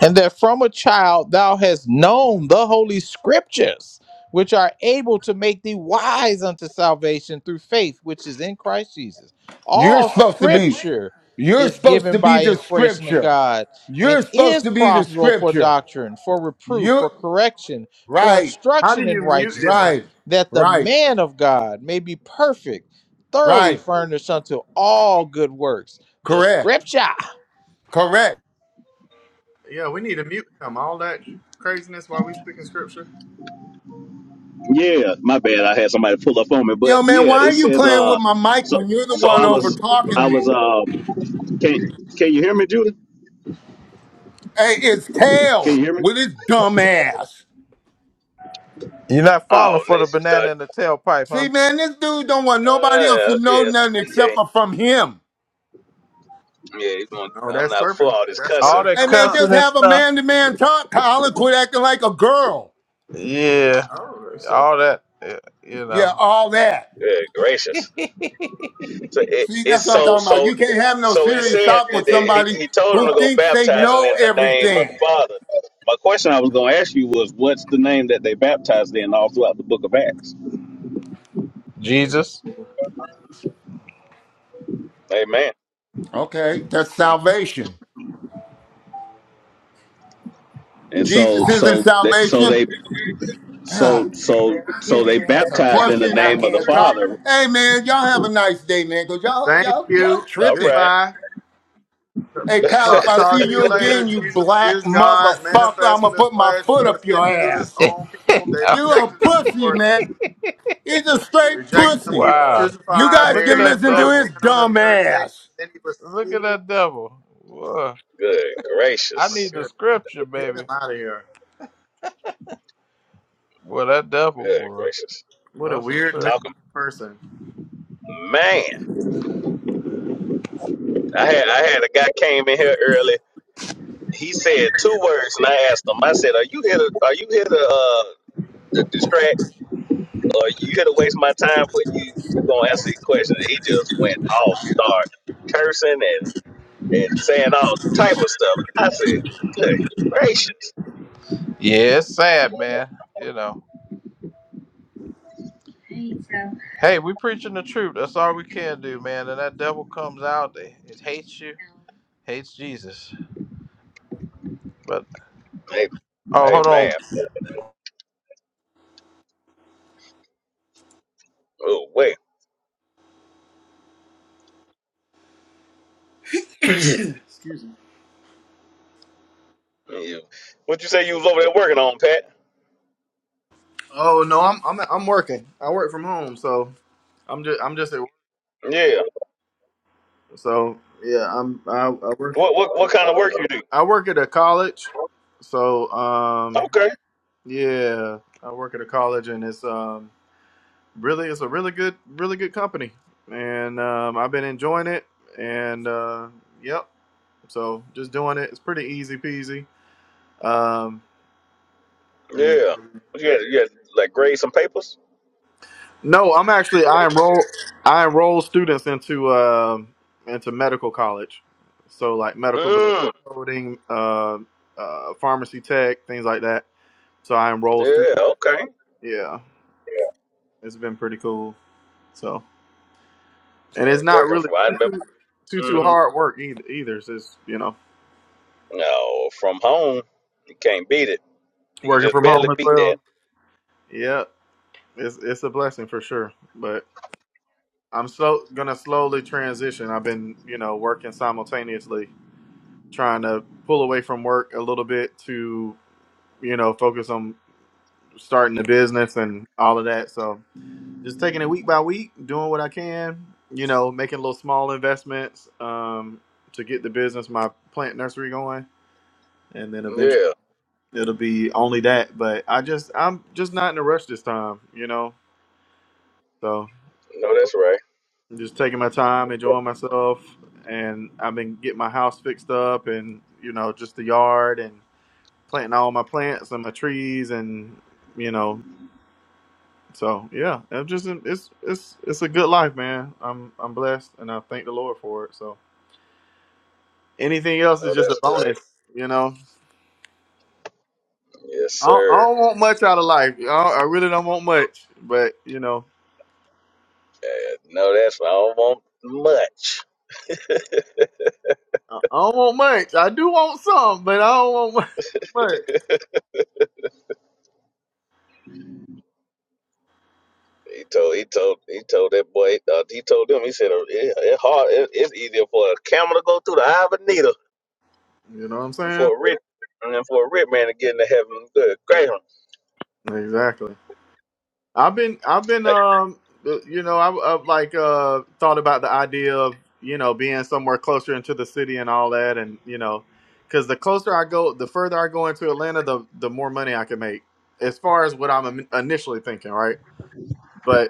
Speaker 14: and that from a child thou hast known the holy scriptures which are able to make thee wise unto salvation through faith which is in christ jesus
Speaker 17: You're
Speaker 14: all
Speaker 17: supposed to be.
Speaker 14: scripture
Speaker 17: You're
Speaker 14: is
Speaker 17: supposed
Speaker 14: given
Speaker 17: to be
Speaker 14: by
Speaker 17: the
Speaker 14: inspiration of
Speaker 17: scripture.
Speaker 14: god and
Speaker 17: You're supposed
Speaker 14: is
Speaker 17: to be the
Speaker 14: profitable for
Speaker 17: scripture.
Speaker 14: doctrine for reproof
Speaker 17: You
Speaker 14: for correction for
Speaker 17: right,
Speaker 16: How do
Speaker 14: instruction in
Speaker 16: you mute this man?
Speaker 14: righteousness
Speaker 17: right,
Speaker 14: that the
Speaker 17: right,
Speaker 14: man of god may be perfect thoroughly
Speaker 17: right.
Speaker 14: furnished unto all good works the
Speaker 17: Correct,
Speaker 14: scripture
Speaker 17: correct.
Speaker 16: Yeah, we need to mute him. All that craziness while we speaking scripture.
Speaker 17: Yo, man, why are you playing
Speaker 1: Uh,
Speaker 17: with my mic when you're the one over talking me? Hey, it's Tail with his dumb ass.
Speaker 14: You're not
Speaker 1: oh,
Speaker 14: falling for
Speaker 1: and they
Speaker 14: the
Speaker 1: start.
Speaker 14: banana in the tailpipe,
Speaker 17: See,
Speaker 14: huh?
Speaker 17: man, this dude don't want nobody else
Speaker 1: Uh,
Speaker 17: to know nothing except
Speaker 1: okay,
Speaker 17: for from him.
Speaker 1: yeah, you gonna-
Speaker 16: Oh,
Speaker 1: I'm
Speaker 16: that
Speaker 1: not
Speaker 16: serpent. That
Speaker 1: fussing
Speaker 14: All
Speaker 16: serpent
Speaker 14: that
Speaker 17: Hey,
Speaker 16: coming
Speaker 17: man,
Speaker 16: up.
Speaker 14: cussing
Speaker 17: just
Speaker 14: and
Speaker 17: have a
Speaker 14: stuff.
Speaker 17: man-to-man talk, Colin. Quit acting like a girl.
Speaker 14: Yeah,
Speaker 16: Oh, that serpent.
Speaker 14: all that. eh, You
Speaker 17: Yeah,
Speaker 14: know,
Speaker 17: all that.
Speaker 1: this. So, it,
Speaker 17: See, that's what I'm talking about.
Speaker 1: so,
Speaker 17: You can't have no
Speaker 1: so
Speaker 17: serious talk with
Speaker 1: he,
Speaker 17: somebody
Speaker 1: he told him
Speaker 17: who
Speaker 1: to go
Speaker 17: thinks they
Speaker 1: baptizing
Speaker 17: know
Speaker 1: in the name
Speaker 17: everything.
Speaker 1: Father. My question I was going to ask you was, what's the name that they baptized in all throughout the Book of Acts?
Speaker 14: Jesus.
Speaker 1: Amen.
Speaker 17: Okay, that's salvation.
Speaker 1: And so,
Speaker 17: Jesus isn't
Speaker 1: so, they, so
Speaker 17: salvation.
Speaker 1: they,
Speaker 17: God
Speaker 1: so,
Speaker 17: damn,
Speaker 1: so,
Speaker 17: man, I
Speaker 1: so
Speaker 17: can't
Speaker 1: they
Speaker 17: even ask a
Speaker 1: baptized in the
Speaker 17: question. I
Speaker 1: name of the
Speaker 17: can't talk.
Speaker 1: Father.
Speaker 17: Hey, man, y'all have a nice day, man, because y'all,
Speaker 16: Thank
Speaker 17: y'all, y'all
Speaker 16: you.
Speaker 1: All
Speaker 17: tripping.
Speaker 1: right.
Speaker 16: Goodbye.
Speaker 17: Hey, Kyle, if
Speaker 16: Talk,
Speaker 17: I
Speaker 16: talk
Speaker 17: see
Speaker 16: to you
Speaker 17: you again,
Speaker 16: later.
Speaker 17: you
Speaker 16: Jesus
Speaker 17: black
Speaker 16: is God
Speaker 17: motherfucker, I'm
Speaker 16: manifest in
Speaker 17: going to
Speaker 16: this
Speaker 17: put my
Speaker 16: flesh. He
Speaker 17: foot
Speaker 16: was
Speaker 17: up
Speaker 16: sent
Speaker 17: your
Speaker 16: to his
Speaker 17: ass.
Speaker 16: own people. They
Speaker 17: You a
Speaker 16: rejected him
Speaker 17: pussy,
Speaker 16: for
Speaker 17: man. He's a
Speaker 16: they
Speaker 17: straight
Speaker 16: rejected him. He
Speaker 17: pussy.
Speaker 16: was
Speaker 1: Uh,
Speaker 14: wow.
Speaker 17: You
Speaker 16: crucified,
Speaker 17: guys
Speaker 14: Look at
Speaker 17: can
Speaker 16: buried. He
Speaker 14: that
Speaker 17: listen to
Speaker 16: rose
Speaker 17: his
Speaker 16: again
Speaker 14: devil.
Speaker 16: on the
Speaker 17: dumb
Speaker 16: third day.
Speaker 17: ass.
Speaker 16: Then he was
Speaker 14: Look at
Speaker 16: seen.
Speaker 14: that devil. Whoa.
Speaker 1: good
Speaker 14: I
Speaker 16: Oh my
Speaker 1: gracious.
Speaker 14: need the
Speaker 16: goodness.
Speaker 14: scripture,
Speaker 16: Get him
Speaker 14: baby.
Speaker 16: out of here.
Speaker 14: Well, that devil
Speaker 1: Good
Speaker 14: was.
Speaker 1: gracious.
Speaker 16: What a
Speaker 14: That's a
Speaker 16: weird,
Speaker 14: trip.
Speaker 16: miserable
Speaker 1: Talking
Speaker 16: person.
Speaker 1: man. I had I had a guy came in here early. He said two words, and I asked him. I said, "Are you here to Are you here to, uh, to distract?" Lord, you could to waste my time, but you you're gonna answer these questions. And he just went off, start cursing and and saying all type of stuff. I said, good gracious,
Speaker 14: Yeah, it's sad, man. You know. Hey, we preaching the truth. That's all we can do, man. And that devil comes out. It, it hates you. Hates Jesus. But
Speaker 1: hey,
Speaker 14: oh,
Speaker 1: hey
Speaker 14: hold
Speaker 1: man,
Speaker 14: on.
Speaker 1: oh wait,
Speaker 16: Excuse me.
Speaker 1: you, what you say you was over there working on, Pat?
Speaker 16: Oh no, I'm I'm I'm working. I work from home, so I'm just I'm just at work.
Speaker 1: Yeah.
Speaker 16: So yeah, I'm I, I work
Speaker 1: What what what kind of work you do?
Speaker 16: I work at a college. So um
Speaker 1: Okay.
Speaker 16: Yeah, I work at a college, and it's um really it's a really good really good company, and um, I've been enjoying it. And uh, yep, so just doing it. It's pretty easy peasy. Um, and-
Speaker 1: Yeah. What You had you had like grade some papers.
Speaker 16: no, I'm actually I enroll I enroll students into um into medical college, so like medical building
Speaker 1: Mm.
Speaker 16: coding, uh, uh, pharmacy tech, things like that. So I enroll
Speaker 1: Yeah.
Speaker 16: students.
Speaker 1: Okay.
Speaker 16: Yeah, it's been pretty cool. so. and it's
Speaker 1: Hey,
Speaker 16: not
Speaker 1: Working
Speaker 16: really
Speaker 1: from I
Speaker 16: too
Speaker 1: remember.
Speaker 16: too too too
Speaker 1: hmm
Speaker 16: hard work either. Either it's just you know
Speaker 1: No, from home, you can't beat it. You can
Speaker 16: working
Speaker 1: just
Speaker 16: from
Speaker 1: barely
Speaker 16: home as
Speaker 1: beat that.
Speaker 16: well. Yeah, it's it's a blessing for sure. But I'm so gonna slowly transition. I've been you know working simultaneously, trying to pull away from work a little bit to you know focus on starting the business and all of that. So just taking it week by week, doing what I can. You know, making little small investments um, to get the business, my plant nursery going, and then eventually.
Speaker 1: Yeah.
Speaker 16: it'll be only that. But I just I'm just not in a rush this time, you know. So
Speaker 1: No, that's right.
Speaker 16: I'm just taking my time, enjoying myself, and I've been getting my house fixed up, and you know, just the yard and planting all my plants and my trees, and you know, so yeah, I'm just it's it's it's a good life, man. I'm I'm blessed, and I thank the Lord for it. So anything else
Speaker 1: No,
Speaker 16: is just a
Speaker 1: that's right.
Speaker 16: bonus, you know.
Speaker 1: Yes,
Speaker 16: I don't, I
Speaker 1: sir.
Speaker 16: don't want much out of life. I, don't- I really don't want much, but you know.
Speaker 1: Uh, no, that's right. I don't want much.
Speaker 16: I don't want much. I do want some, but I don't want much. much.
Speaker 1: He told he told he told that boy. Uh, he told them. He said uh, it, it hard. It, it's easier for a camel to go through the eye of a needle
Speaker 16: You know what I'm
Speaker 1: than
Speaker 16: saying?
Speaker 1: for a rich and for a rich man to get into heaven. Good, great.
Speaker 16: Exactly. I've been, I've been, um, you know, I've, I've like uh thought about the idea of you know being somewhere closer into the city and all that, and you know, because the closer I go, the further I go into Atlanta, the the more money I can make, as far as what I'm initially thinking, right? But.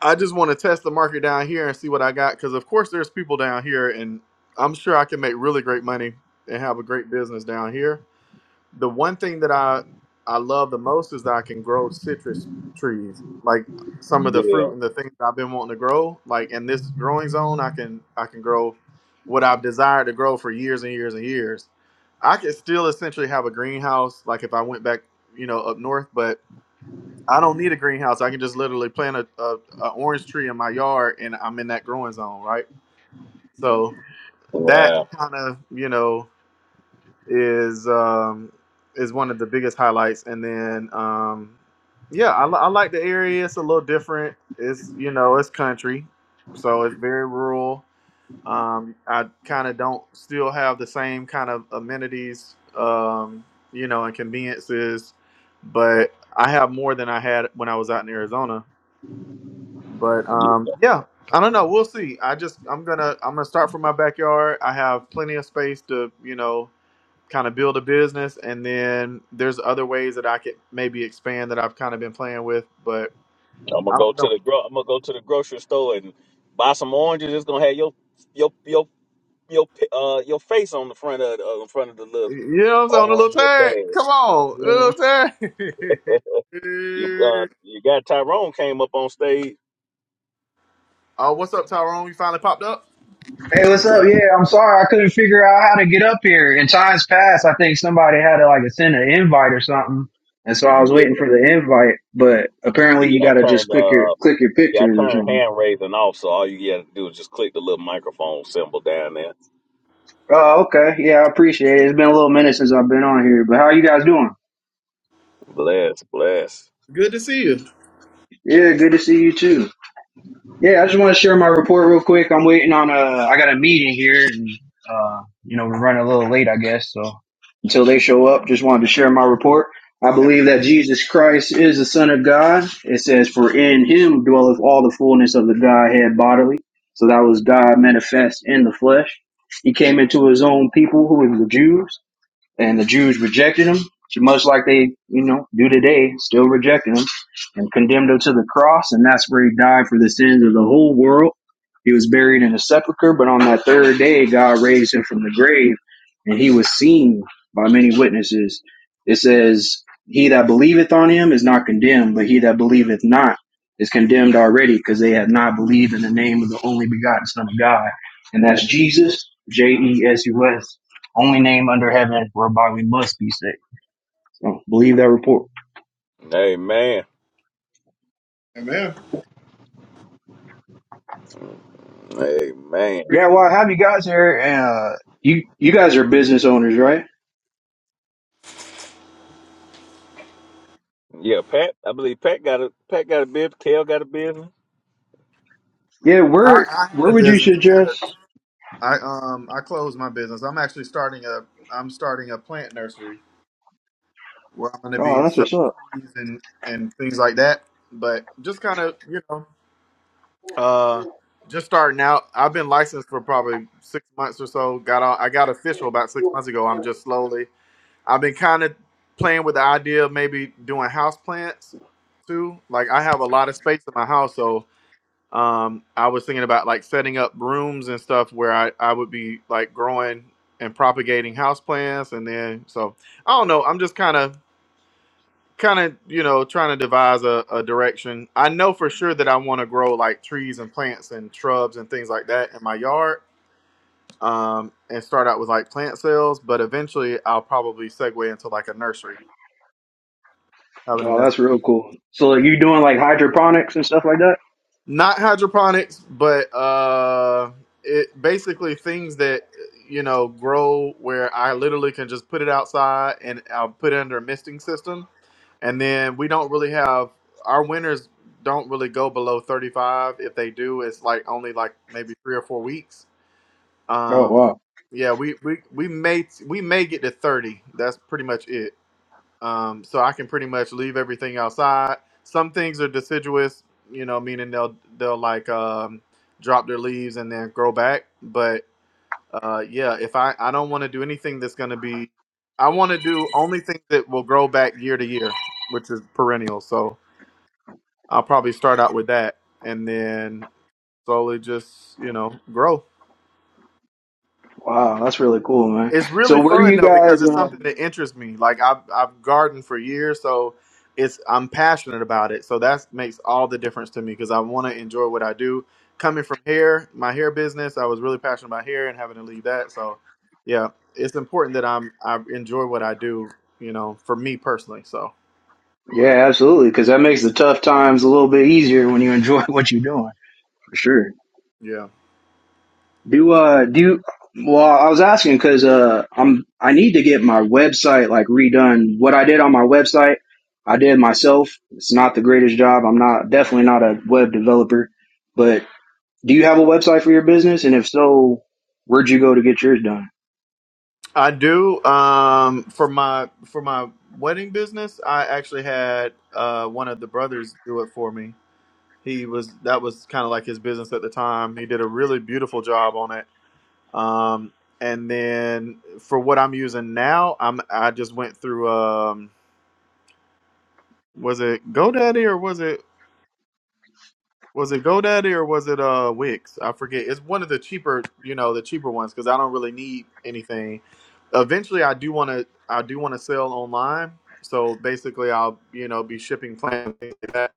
Speaker 16: I just want to test the market down here and see what I got because, of course, there's people down here, and I'm sure I can make really great money and have a great business down here. The one thing that I I love the most is that I can grow citrus trees, like some of the
Speaker 1: Yeah.
Speaker 16: fruit and the things that I've been wanting to grow. Like in this growing zone, I can I can grow what I've desired to grow for years and years and years. I could still essentially have a greenhouse, like if I went back, you know, up north, but. I don't need a greenhouse. I can just literally plant a, a, a orange tree in my yard and I'm in that growing zone, right? So that
Speaker 1: Wow.
Speaker 16: kind of, you know, is um, is one of the biggest highlights. And then, um, yeah, I, li- I like the area. It's a little different. It's, you know, it's country. So it's very rural. Um, I kind of don't still have the same kind of amenities, um, you know, and conveniences, but I have more than I had when I was out in Arizona but um, yeah, I don't know. We'll see. I just I'm gonna I'm gonna start from my backyard. I have plenty of space to you know kind of build a business, and then there's other ways that I could maybe expand that I've kind of been playing with. But
Speaker 1: I'm gonna
Speaker 16: I
Speaker 1: go
Speaker 16: don't
Speaker 1: to
Speaker 16: know.
Speaker 1: the gro- I'm gonna go to the grocery store and buy some oranges. It's gonna have your your your your pi- uh your face on the front of the, uh, in front of the little
Speaker 16: You know what I'm saying? A
Speaker 1: orange
Speaker 16: little
Speaker 1: little
Speaker 16: tired.
Speaker 1: bag.
Speaker 16: Come on, a little
Speaker 1: You uh,
Speaker 16: tired.
Speaker 1: you got Tyrone came up on stage.
Speaker 16: Oh, what's up, Tyrone? You finally popped up.
Speaker 18: Hey, what's up? Yeah, I'm sorry I couldn't figure out how to get up here. In times past, I think somebody had to like send an invite or something, and so I was
Speaker 1: Yeah,
Speaker 18: waiting for the invite. But apparently, you
Speaker 1: yeah,
Speaker 18: got to just click your
Speaker 1: uh,
Speaker 18: click your
Speaker 1: yeah,
Speaker 18: pictures or something.
Speaker 1: yeah, down there.
Speaker 18: Oh, okay. Yeah, I appreciate it. It's been a little minute since I've been on here, but how you guys doing?
Speaker 1: Bless, bless.
Speaker 16: Good to see you.
Speaker 18: Yeah, good to see you too. Yeah, I just want to share my report real quick. I'm waiting on a. I got a meeting here, and uh, you know we're running a little late, I guess. So until they show up, just wanted to share my report. I
Speaker 16: Hey,
Speaker 18: believe that Jesus Christ is the Son of God. It says, "For in Him dwelleth all the fullness of the Godhead bodily." So that was God manifest in the flesh. He came into His own people, who were the Jews and the Jews rejected him, much like they, you know, do today, still rejected him and condemned him to the cross. And that's where he died for the sins of the whole world. He was buried in a sepulcher, but on that third day, God raised him from the grave and he was seen by many witnesses. It says, He that believeth on him is not condemned, but he that believeth not is condemned already because they have not believed in the name of the only begotten Son of God. And that's Jesus, J E S U S only name under heaven whereby we must be saved. So believe that report.
Speaker 1: Amen,
Speaker 16: man.
Speaker 1: amen.
Speaker 16: I,
Speaker 18: Yeah, well, I have you guys here. Uh, you you guys are business owners, right?
Speaker 1: Yeah, Pat. I believe Pat got a Pat got a business. Kale got a business.
Speaker 18: Yeah, where
Speaker 16: I had
Speaker 18: where
Speaker 16: a
Speaker 18: would you
Speaker 16: business.
Speaker 18: suggest?
Speaker 16: I um I closed my business. I'm actually starting a I'm starting a plant nursery where I'm going to
Speaker 18: Oh,
Speaker 16: be
Speaker 18: that's
Speaker 16: selling
Speaker 18: what's up.
Speaker 16: trees and and things like that. But just kind of you know uh just starting out. I've been licensed for probably six months or so. Got all I got official about six months ago. I'm just slowly. I've been kind of playing with the idea of maybe doing house plants too. Like I have a lot of space in my house, so um, I was thinking about like setting up rooms and stuff where I, I would be like growing and propagating houseplants and then so I don't know. I'm just kind of kind of you know trying to devise a, a direction. I know for sure that I want to grow like trees and plants and shrubs and things like that in my yard. Um, and start out with like plant sales, but eventually I'll probably segue into like a nursery, having a
Speaker 18: Oh,
Speaker 16: nursery.
Speaker 18: that's real cool. So like, you doing like hydroponics and stuff like that?
Speaker 16: not hydroponics, but uh, it basically things that you know grow where I literally can just put it outside and I'll put it under a misting system, and then we don't really have our winters don't really go below 35 if they do it's like only like maybe three or four weeks
Speaker 18: Oh
Speaker 16: um
Speaker 18: wow,
Speaker 16: yeah we we, we may we may get to 30 that's pretty much it um, so I can pretty much leave everything outside. Some things are deciduous, you know, meaning they'll they'll like um, drop their leaves and then grow back. But uh, yeah, if I I don't want to do anything that's going to be, I want to do only things that will grow back year to year, which is perennial. So I'll probably start out with that and then slowly just you know grow.
Speaker 18: wow, that's really cool, man.
Speaker 16: It's
Speaker 18: So
Speaker 16: really
Speaker 18: where do
Speaker 16: fun
Speaker 18: you
Speaker 16: though because
Speaker 18: guys?
Speaker 16: it's
Speaker 18: Uh,
Speaker 16: something that interests me. Like I've I've gardened for years, so it's I'm passionate about it. So that makes all the difference to me because I want to enjoy what I do. Coming from hair, my hair business, I was really passionate about hair and having to leave that. So yeah, it's important that I'm I enjoy what I do. You know, for me personally. So
Speaker 18: yeah, absolutely, because that makes the tough times a little bit easier when you enjoy what you're doing. For sure.
Speaker 16: yeah,
Speaker 18: Do uh do you, well I was asking because uh I'm I need to get my website like redone. What I did on my website, I did myself. It's not the greatest job. I'm not definitely not a web developer. But do you have a website for your business? And if so, where'd you go to get yours done?
Speaker 16: I do. Um, for my for my wedding business, I actually had uh one of the brothers do it for me he was that was kind of like his business at the time. He did a really beautiful job on it. Um, and then for what I'm using now, I'm I just went through um was it GoDaddy or was it was it GoDaddy or was it uh Wix? I forget. It's one of the cheaper, you know, the cheaper ones because I don't really need anything. Eventually, I do want to I do want to sell online. So basically, I'll you know be shipping plans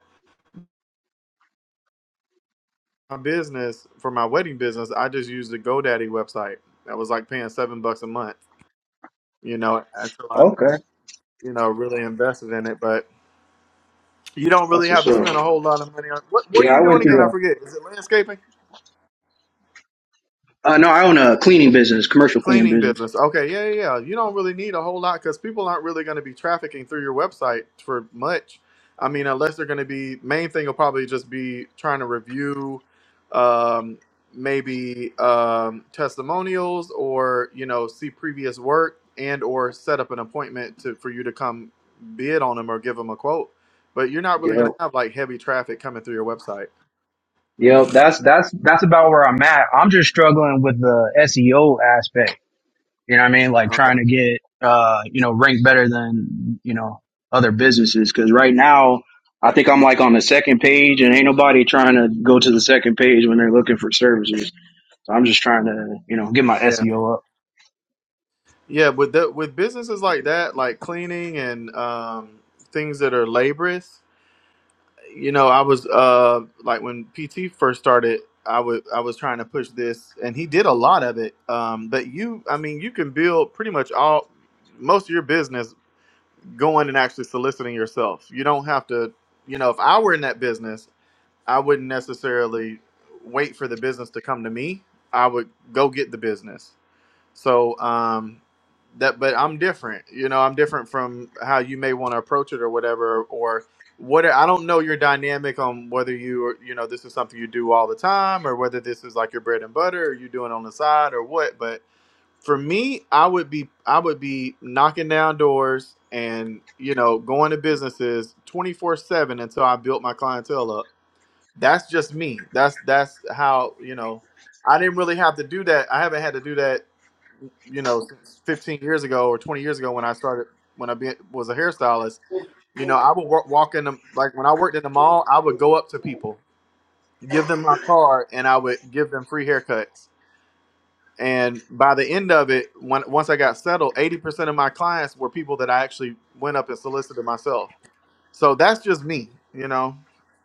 Speaker 16: my business for my wedding business, I just used the GoDaddy website. That was like paying seven bucks a month, you know, until I,
Speaker 18: Okay,
Speaker 16: you know, really invested in it. But you don't really
Speaker 18: that's
Speaker 16: have
Speaker 18: what's
Speaker 16: to
Speaker 18: up.
Speaker 16: spend a whole lot of money on what what
Speaker 18: Yeah,
Speaker 16: are
Speaker 18: I
Speaker 16: you
Speaker 18: went
Speaker 16: doing again?
Speaker 18: through
Speaker 16: I forget. Is it landscaping?
Speaker 18: a. Uh, no, I own a cleaning business, commercial cleaning
Speaker 16: Cleaning
Speaker 18: business.
Speaker 16: business. Okay, yeah, yeah, yeah. You don't really need a whole lot because people aren't really going to be trafficking through your website for much. I mean, unless they're going to be main thing will probably just be trying to review, um, maybe um, testimonials or you know see previous work and or set up an appointment to for you to come bid on them or give them a quote. But you're not really going
Speaker 18: Yep.
Speaker 16: to have like heavy traffic coming through your website.
Speaker 18: Yep. That's that's that's about where I'm at. I'm just struggling with the SEO aspect. You know what I mean? Like trying
Speaker 16: Okay.
Speaker 18: to get, uh, you know, ranked better than, you know, other businesses. Cause right now, I think I'm like on the second page and ain't nobody trying to go to the second page when they're looking for services. So I'm just trying to, you know, get my
Speaker 16: Yeah.
Speaker 18: SEO up.
Speaker 16: Yeah, with the, with businesses like that, like cleaning and um, things that are laborious, you know, I was uh, like when PT first started, I would I was trying to push this, and he did a lot of it. Um, but you, I mean, you can build pretty much all most of your business going and actually soliciting yourself. You don't have to, you know, if I were in that business, I wouldn't necessarily wait for the business to come to me. I would go get the business so um, that, but I'm different. You know, I'm different from how you may want to approach it or whatever. Or what I don't know your dynamic on whether you you know this is something you do all the time or whether this is like your bread and butter or you doing on the side or what. But for me, I would be I would be knocking down doors and you know going to businesses 24 seven until I built my clientele up that's just me. That's that's how you know. I didn't really have to do that. I haven't had to do that, you know, since 15 years ago or 20 years ago when I started when I be, was a hairstylist. You know, I would wa- walk in the like when I worked in the mall. I would go up to people, give them my card, and I would give them free haircuts. And by the end of it, when, once I got settled, 80% of my clients were people that I actually went up and solicited myself. So that's just me, you know.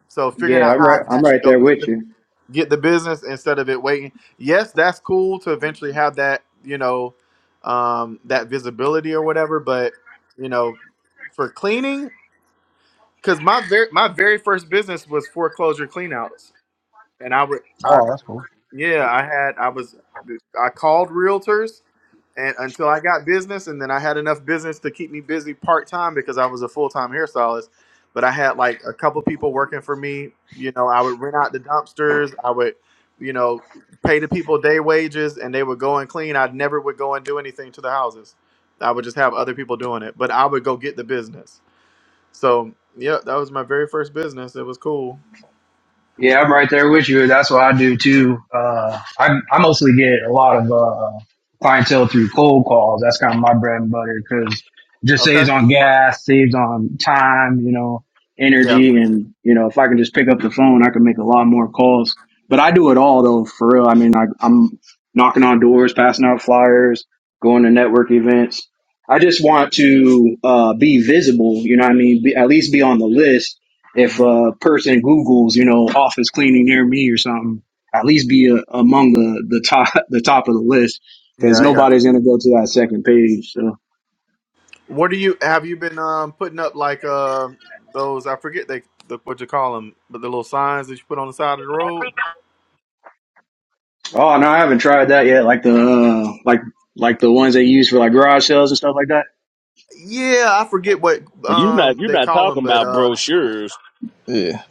Speaker 16: So figuring
Speaker 18: Yeah,
Speaker 16: out
Speaker 18: I'm
Speaker 16: how I
Speaker 18: right.
Speaker 16: can
Speaker 18: I'm
Speaker 16: actually
Speaker 18: right
Speaker 16: go
Speaker 18: there with you.
Speaker 16: get the business instead of it waiting. Yes, that's cool to eventually have that, you know, um, that visibility or whatever. But you know, for cleaning, because my very my very first business was foreclosure cleanouts, and I would I
Speaker 18: Oh, that's cool.
Speaker 16: yeah, I had I was I called realtors and until I got business and then I had enough business to keep me busy part-time because I was a full-time hairstylist, but I had like a couple people working for me, you know, I would rent out the dumpsters, I would, you know, pay the people day wages and they would go and clean. I never would go and do anything to the houses. I would just have other people doing it, but I would go get the business. So, yeah, that was my very first business. It was cool.
Speaker 18: Yeah, I'm right there with you. That's what I do too. Uh, I, I mostly get a lot of, uh, clientele through cold calls. That's kind of my bread and butter because just
Speaker 16: Okay.
Speaker 18: saves on gas, saves on time, you know,
Speaker 16: Yeah.
Speaker 18: energy. And, you know, if I can just pick up the phone, I can make a lot more calls, but I do it all though, for real. I mean, I, I'm knocking on doors, passing out flyers, going to network events. I just want to, uh, be visible, you know what I mean? Be, at least be on the list if
Speaker 16: hmm
Speaker 18: a person Google's, you know, office cleaning near me or something, at least be a, among the, the top the top of the list because
Speaker 16: Yeah, I got you.
Speaker 18: nobody's gonna go to that second page. So,
Speaker 16: What do you have you been um putting up like uh those I forget they the, what you call them but the little signs that you put on the side of the road?
Speaker 18: oh no, I haven't tried that yet. Like the uh, like like the ones they use for like garage sales and stuff like that.
Speaker 16: Yeah, I forget what
Speaker 1: You're not
Speaker 16: um
Speaker 1: you're
Speaker 16: they
Speaker 1: not
Speaker 16: call them,
Speaker 1: talking
Speaker 16: but
Speaker 1: about
Speaker 16: uh
Speaker 1: brochures.
Speaker 14: Yeah.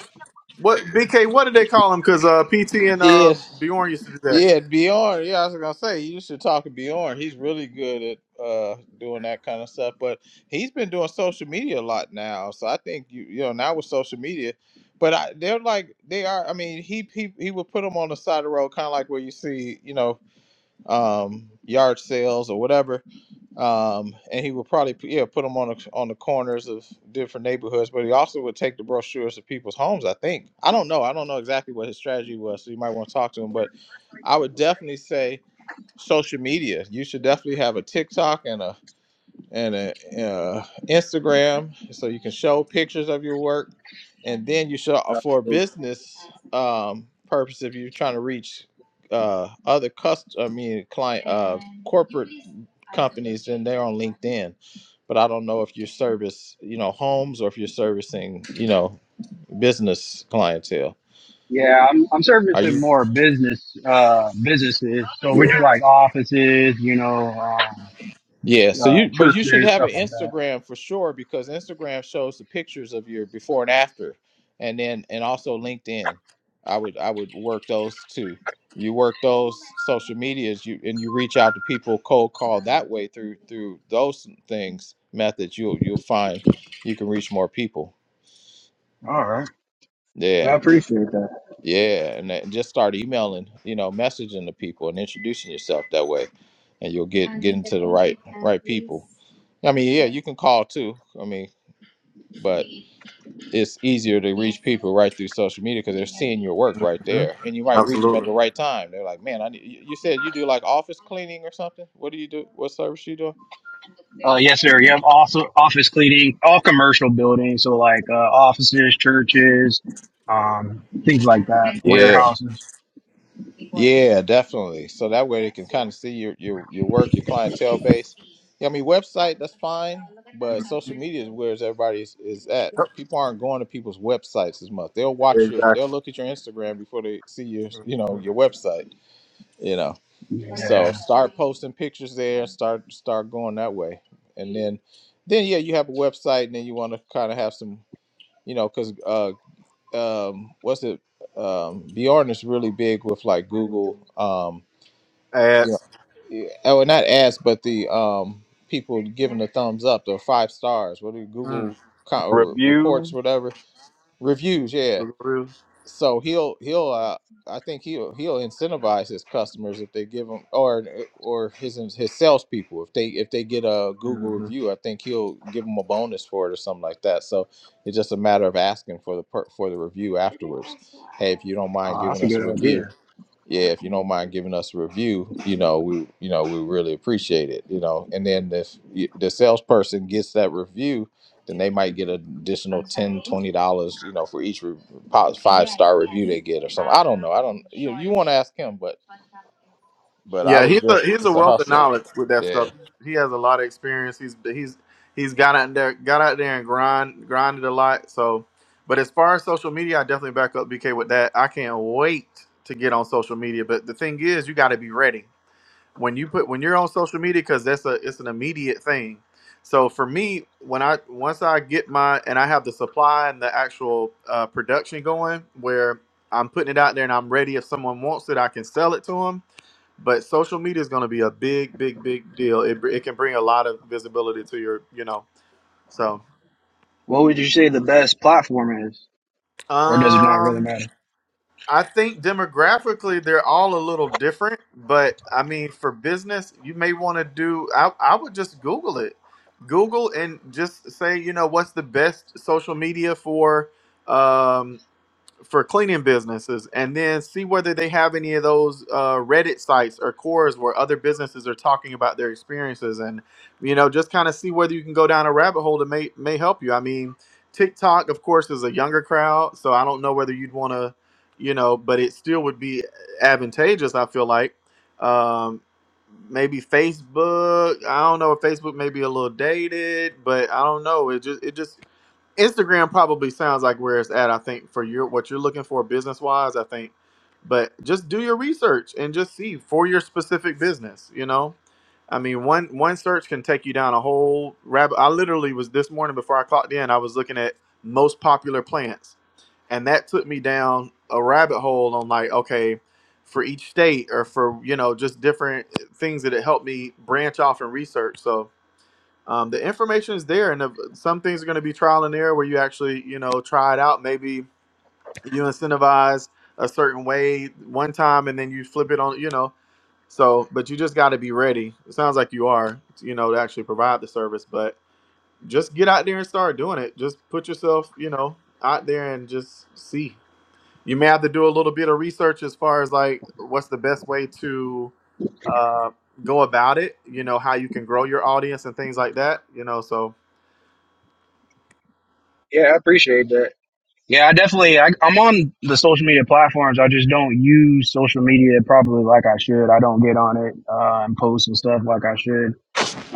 Speaker 16: what BK what did they call them? Because uh PT and uh
Speaker 14: Yeah.
Speaker 16: Bjorn used to do
Speaker 14: Yeah, Bjorn. Yeah, I was gonna say you should talk to Bjorn. He's really good at uh doing that kind of stuff. But he's been doing social media a lot now. So I think you you know, now with social media. But I, they're like they are I mean, he he he would put them on the side of the road, kinda like where you see, you know, um yard sales or whatever. um, and he would probably yeah put them on the, on the corners of different neighborhoods. But he also would take the brochures to people's homes. I think I don't know. I don't know exactly what his strategy was. So you might want to talk to him. But I would definitely say social media. You should definitely have a TikTok and a and a, uh, Instagram, so you can show pictures of your work, and then you show uh, for
Speaker 16: that.
Speaker 14: business um, purpose if you're trying to reach uh, other cust I mean client uh, corporate companies, then they're on LinkedIn. But I don't know if you service you know homes or if you're servicing you know business clientele.
Speaker 18: Yeah, I'm I'm
Speaker 14: Are
Speaker 18: servicing
Speaker 14: you?
Speaker 18: more business uh businesses. So we do like offices, you know, uh,
Speaker 14: Yeah, so
Speaker 18: uh
Speaker 14: you but you should
Speaker 18: churches,
Speaker 14: have
Speaker 18: stuff
Speaker 14: an
Speaker 18: like that.
Speaker 14: Instagram for sure because Instagram shows the pictures of your before and after and then and also LinkedIn. I would I would work those two. You work those social medias you and you reach out to people cold call that way through through those things methods you'll you'll find you can reach more people.
Speaker 18: All right, I
Speaker 14: Yeah.
Speaker 18: appreciate that.
Speaker 14: Yeah, and that- just start emailing, you know, messaging the people and introducing yourself that way, and you'll get get into the right right people. I mean, yeah, you can call too. I mean, but it's easier to reach people right through social media because they're seeing your work right
Speaker 16: hmm
Speaker 14: there, and you might reach them at
Speaker 16: Absolutely,
Speaker 14: the right time. They're like, "Man, I need." You you said you do like office cleaning or something. What do you do? What service you doing?
Speaker 18: Uh, yes, sir. You have also office cleaning, all commercial buildings, so like uh, offices, churches, um, things like that,
Speaker 14: Yeah.
Speaker 18: warehouses.
Speaker 14: Yeah, definitely. So that way they can kind of see your your your work, your clientele base. Yeah, I mean website that's fine, but social media is where everybody is, is at. People aren't going to people's websites as much. They'll watch your they'll
Speaker 16: exactly.
Speaker 14: look at your Instagram before they see your you know your website. You know, so start posting pictures there. Start start going that way, and then then yeah, you have a website, and then you want to kind of have some you know because um what's it um Bjorn is really big with like Google um yeah
Speaker 16: Ads.
Speaker 14: yeah, oh not ads but the um people giving the thumbs up the five stars what are
Speaker 16: Mm.
Speaker 14: Google co- uh, re- reports
Speaker 1: Reviews.
Speaker 14: whatever reviews yeah so he'll he'll uh, I think he'll he'll incentivize his customers if they give him or eh, or his his salespeople if they if they get a Google review I think he'll give them a bonus for it or something like that. So it's just a matter of asking for the per, for the review afterwards. Hey, if you don't mind giving us a review, yeah, if you don't mind giving us a review, you know, we you know, we really appreciate it, you know. And then if you, the salesperson gets that review, then they might get an additional 10, 20 dollars, you know, for each re- five star review they get or something. I don't know. I don't you you want to ask him, but but I
Speaker 16: Yeah,
Speaker 14: would
Speaker 16: he's a
Speaker 14: just
Speaker 16: he's a
Speaker 14: it's a
Speaker 16: wealth of
Speaker 14: hustle.
Speaker 16: knowledge with that stuff.
Speaker 14: Yeah.
Speaker 16: He has a lot of experience. He's he's he's got out there got out there and grind grinded a lot. So, but as far as social media, I definitely back up BK with that. I can't wait to get on social media. But the thing is, you got to be ready when you put when you're on social media because that's a it's an immediate thing. So for me, when I once I get my and I have the supply and the actual uh, production going, where I'm putting it out there and I'm ready. If someone wants it, I can sell it to them but social media is going to be a big big big deal it, br- it can bring a lot of visibility to your you know so
Speaker 18: What would you say the best platform is, or does it not really
Speaker 16: um
Speaker 18: matter?
Speaker 16: i think demographically they're all a little different but i mean for business you may want to do I, I would just google it google and just say you know what's the best social media for um, for cleaning businesses and then see whether they have any of those uh, reddit sites or cores where other businesses are talking about their experiences and you know just kind of see whether you can go down a rabbit hole that may may help you i mean tiktok of course is a younger crowd so i don't know whether you'd want to you know but it still would be advantageous i feel like um, maybe facebook i don't know if facebook may be a little dated but i don't know it just it just Instagram probably sounds like where it's at. I think for your what you're looking for business wise, I think, but just do your research and just see for your specific business. You know, I mean one one search can take you down a whole rabbit. I literally was this morning before I clocked in. I was looking at most popular plants, and that took me down a rabbit hole on like okay, for each state or for you know just different things that it helped me branch off and research. So um, the information is there, and if, some things are going to be trial and error where you actually, you know, try it out. Maybe you incentivize a certain way one time, and then you flip it on, you know. So, but you just got to be ready. It sounds like you are, you know, to actually provide the service. But just get out there and start doing it. Just put yourself, you know, out there and just see. You may have to do a little bit of research as far as like what's the best way to uh, go about it. You know, how you can grow your audience and things like that. You know, so
Speaker 18: Yeah, I appreciate that. Yeah, I definitely. I, I'm on the social media platforms. I just don't use social media properly like I should. I don't get on it uh, and post and stuff like I should.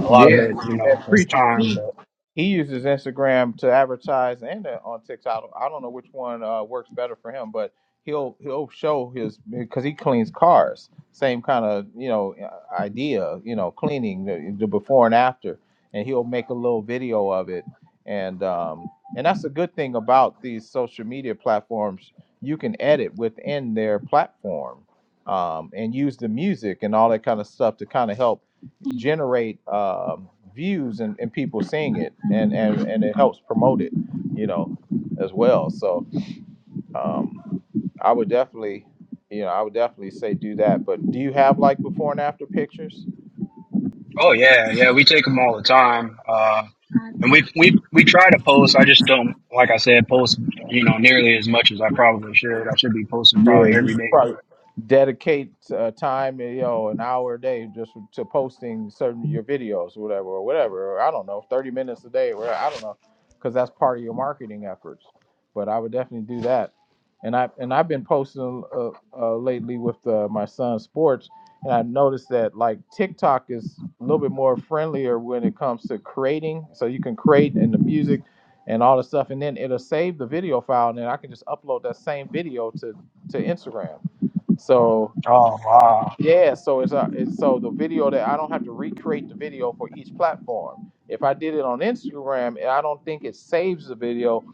Speaker 18: A lot of
Speaker 14: Yeah,
Speaker 18: it, you know,
Speaker 14: and
Speaker 18: it's
Speaker 14: preacher
Speaker 18: time.
Speaker 14: T
Speaker 18: But
Speaker 14: He uses Instagram to advertise and uh, on TikTok. I don't, I don't know which one uh, works better for him, but he'll he'll show his because he cleans cars. Same kind of you know uh, idea, you know, cleaning the, the before and after, and he'll make a little video of it. And um, and that's a good thing about these social media platforms. You can edit within their platform um, and use the music and all that kind of stuff to kind of help generate um views and, and people seeing it and, and and it helps promote it you know as well so um i would definitely you know i would definitely say do that but do you have like before and after pictures
Speaker 18: oh yeah, yeah, we take them all the time. Uh. And we we we try to post. I just don't, like I said, post you know nearly as much as I probably should. I should be posting
Speaker 14: Yeah,
Speaker 18: probably
Speaker 14: you
Speaker 18: every
Speaker 14: should
Speaker 18: day.
Speaker 14: probably
Speaker 18: But
Speaker 14: dedicate uh, time, you know, an hour a day just to posting certain your videos, whatever, or whatever. Or I don't know, thirty minutes a day, or I don't know, because that's part of your marketing efforts. But I would definitely do that. And I and I've been posting uh, uh, lately with uh, my son's sports, and i noticed that like TikTok is a little bit more friendlier when it comes to creating. So you can create in the music and all the stuff, and then it'll save the video file, and then I can just upload that same video to to Instagram. So
Speaker 18: oh wow,
Speaker 14: yeah, so it's, a, it's so the video that I don't have to recreate the video for each platform. If I did it on Instagram and I don't think it saves the video,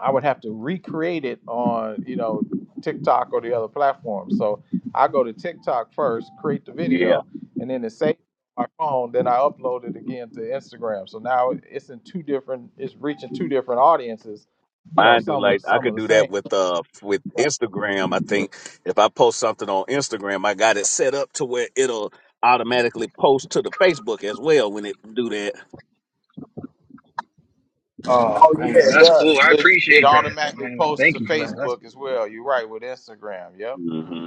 Speaker 14: I would have to recreate it on you know TikTok or the other platform. So I go to TikTok first, create the
Speaker 1: Yeah,
Speaker 14: video, and then it saves my phone. Then I upload it again to Instagram. So now it's in two different. It's reaching two different audiences. You know,
Speaker 1: mine do.
Speaker 14: some of
Speaker 1: Like I
Speaker 14: some of
Speaker 1: could
Speaker 14: the
Speaker 1: do that
Speaker 14: same.
Speaker 1: with uh with Instagram. I think if I post something on Instagram, I got it set up to where it'll automatically post to the Facebook as well when it do
Speaker 18: oh
Speaker 14: Oh yeah,
Speaker 18: man,
Speaker 14: it
Speaker 18: that's cool.
Speaker 14: does.
Speaker 18: I
Speaker 14: It it
Speaker 18: appreciate that.
Speaker 14: automatically
Speaker 18: Man,
Speaker 14: posts to
Speaker 18: that's
Speaker 14: Facebook as well. You're right with Instagram. Yep.
Speaker 1: that.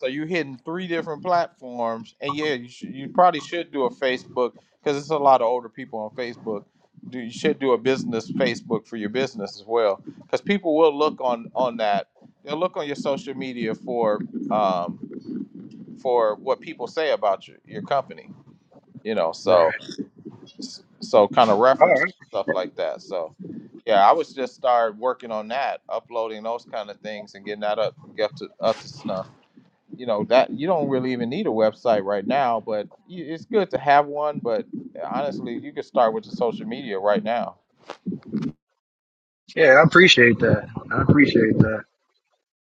Speaker 14: So you're hitting three different platforms, and yeah, you should, you probably should do a Facebook because it's a lot of older people on Facebook. Do you should do a business Facebook for your business as well because people will look on on that. They'll look on your social media for um for what people say about your your company. You know,
Speaker 18: right.
Speaker 14: so s- so kind of
Speaker 18: All
Speaker 14: reference
Speaker 18: right,
Speaker 14: stuff like that. So yeah, I was just start working on that, uploading those kind of things and getting that up get to up to snuff. You know that you don't really even need a website right now, but y- it's good to have one. But honestly, you could start with the social media right now.
Speaker 18: yeah, I appreciate that. I appreciate that.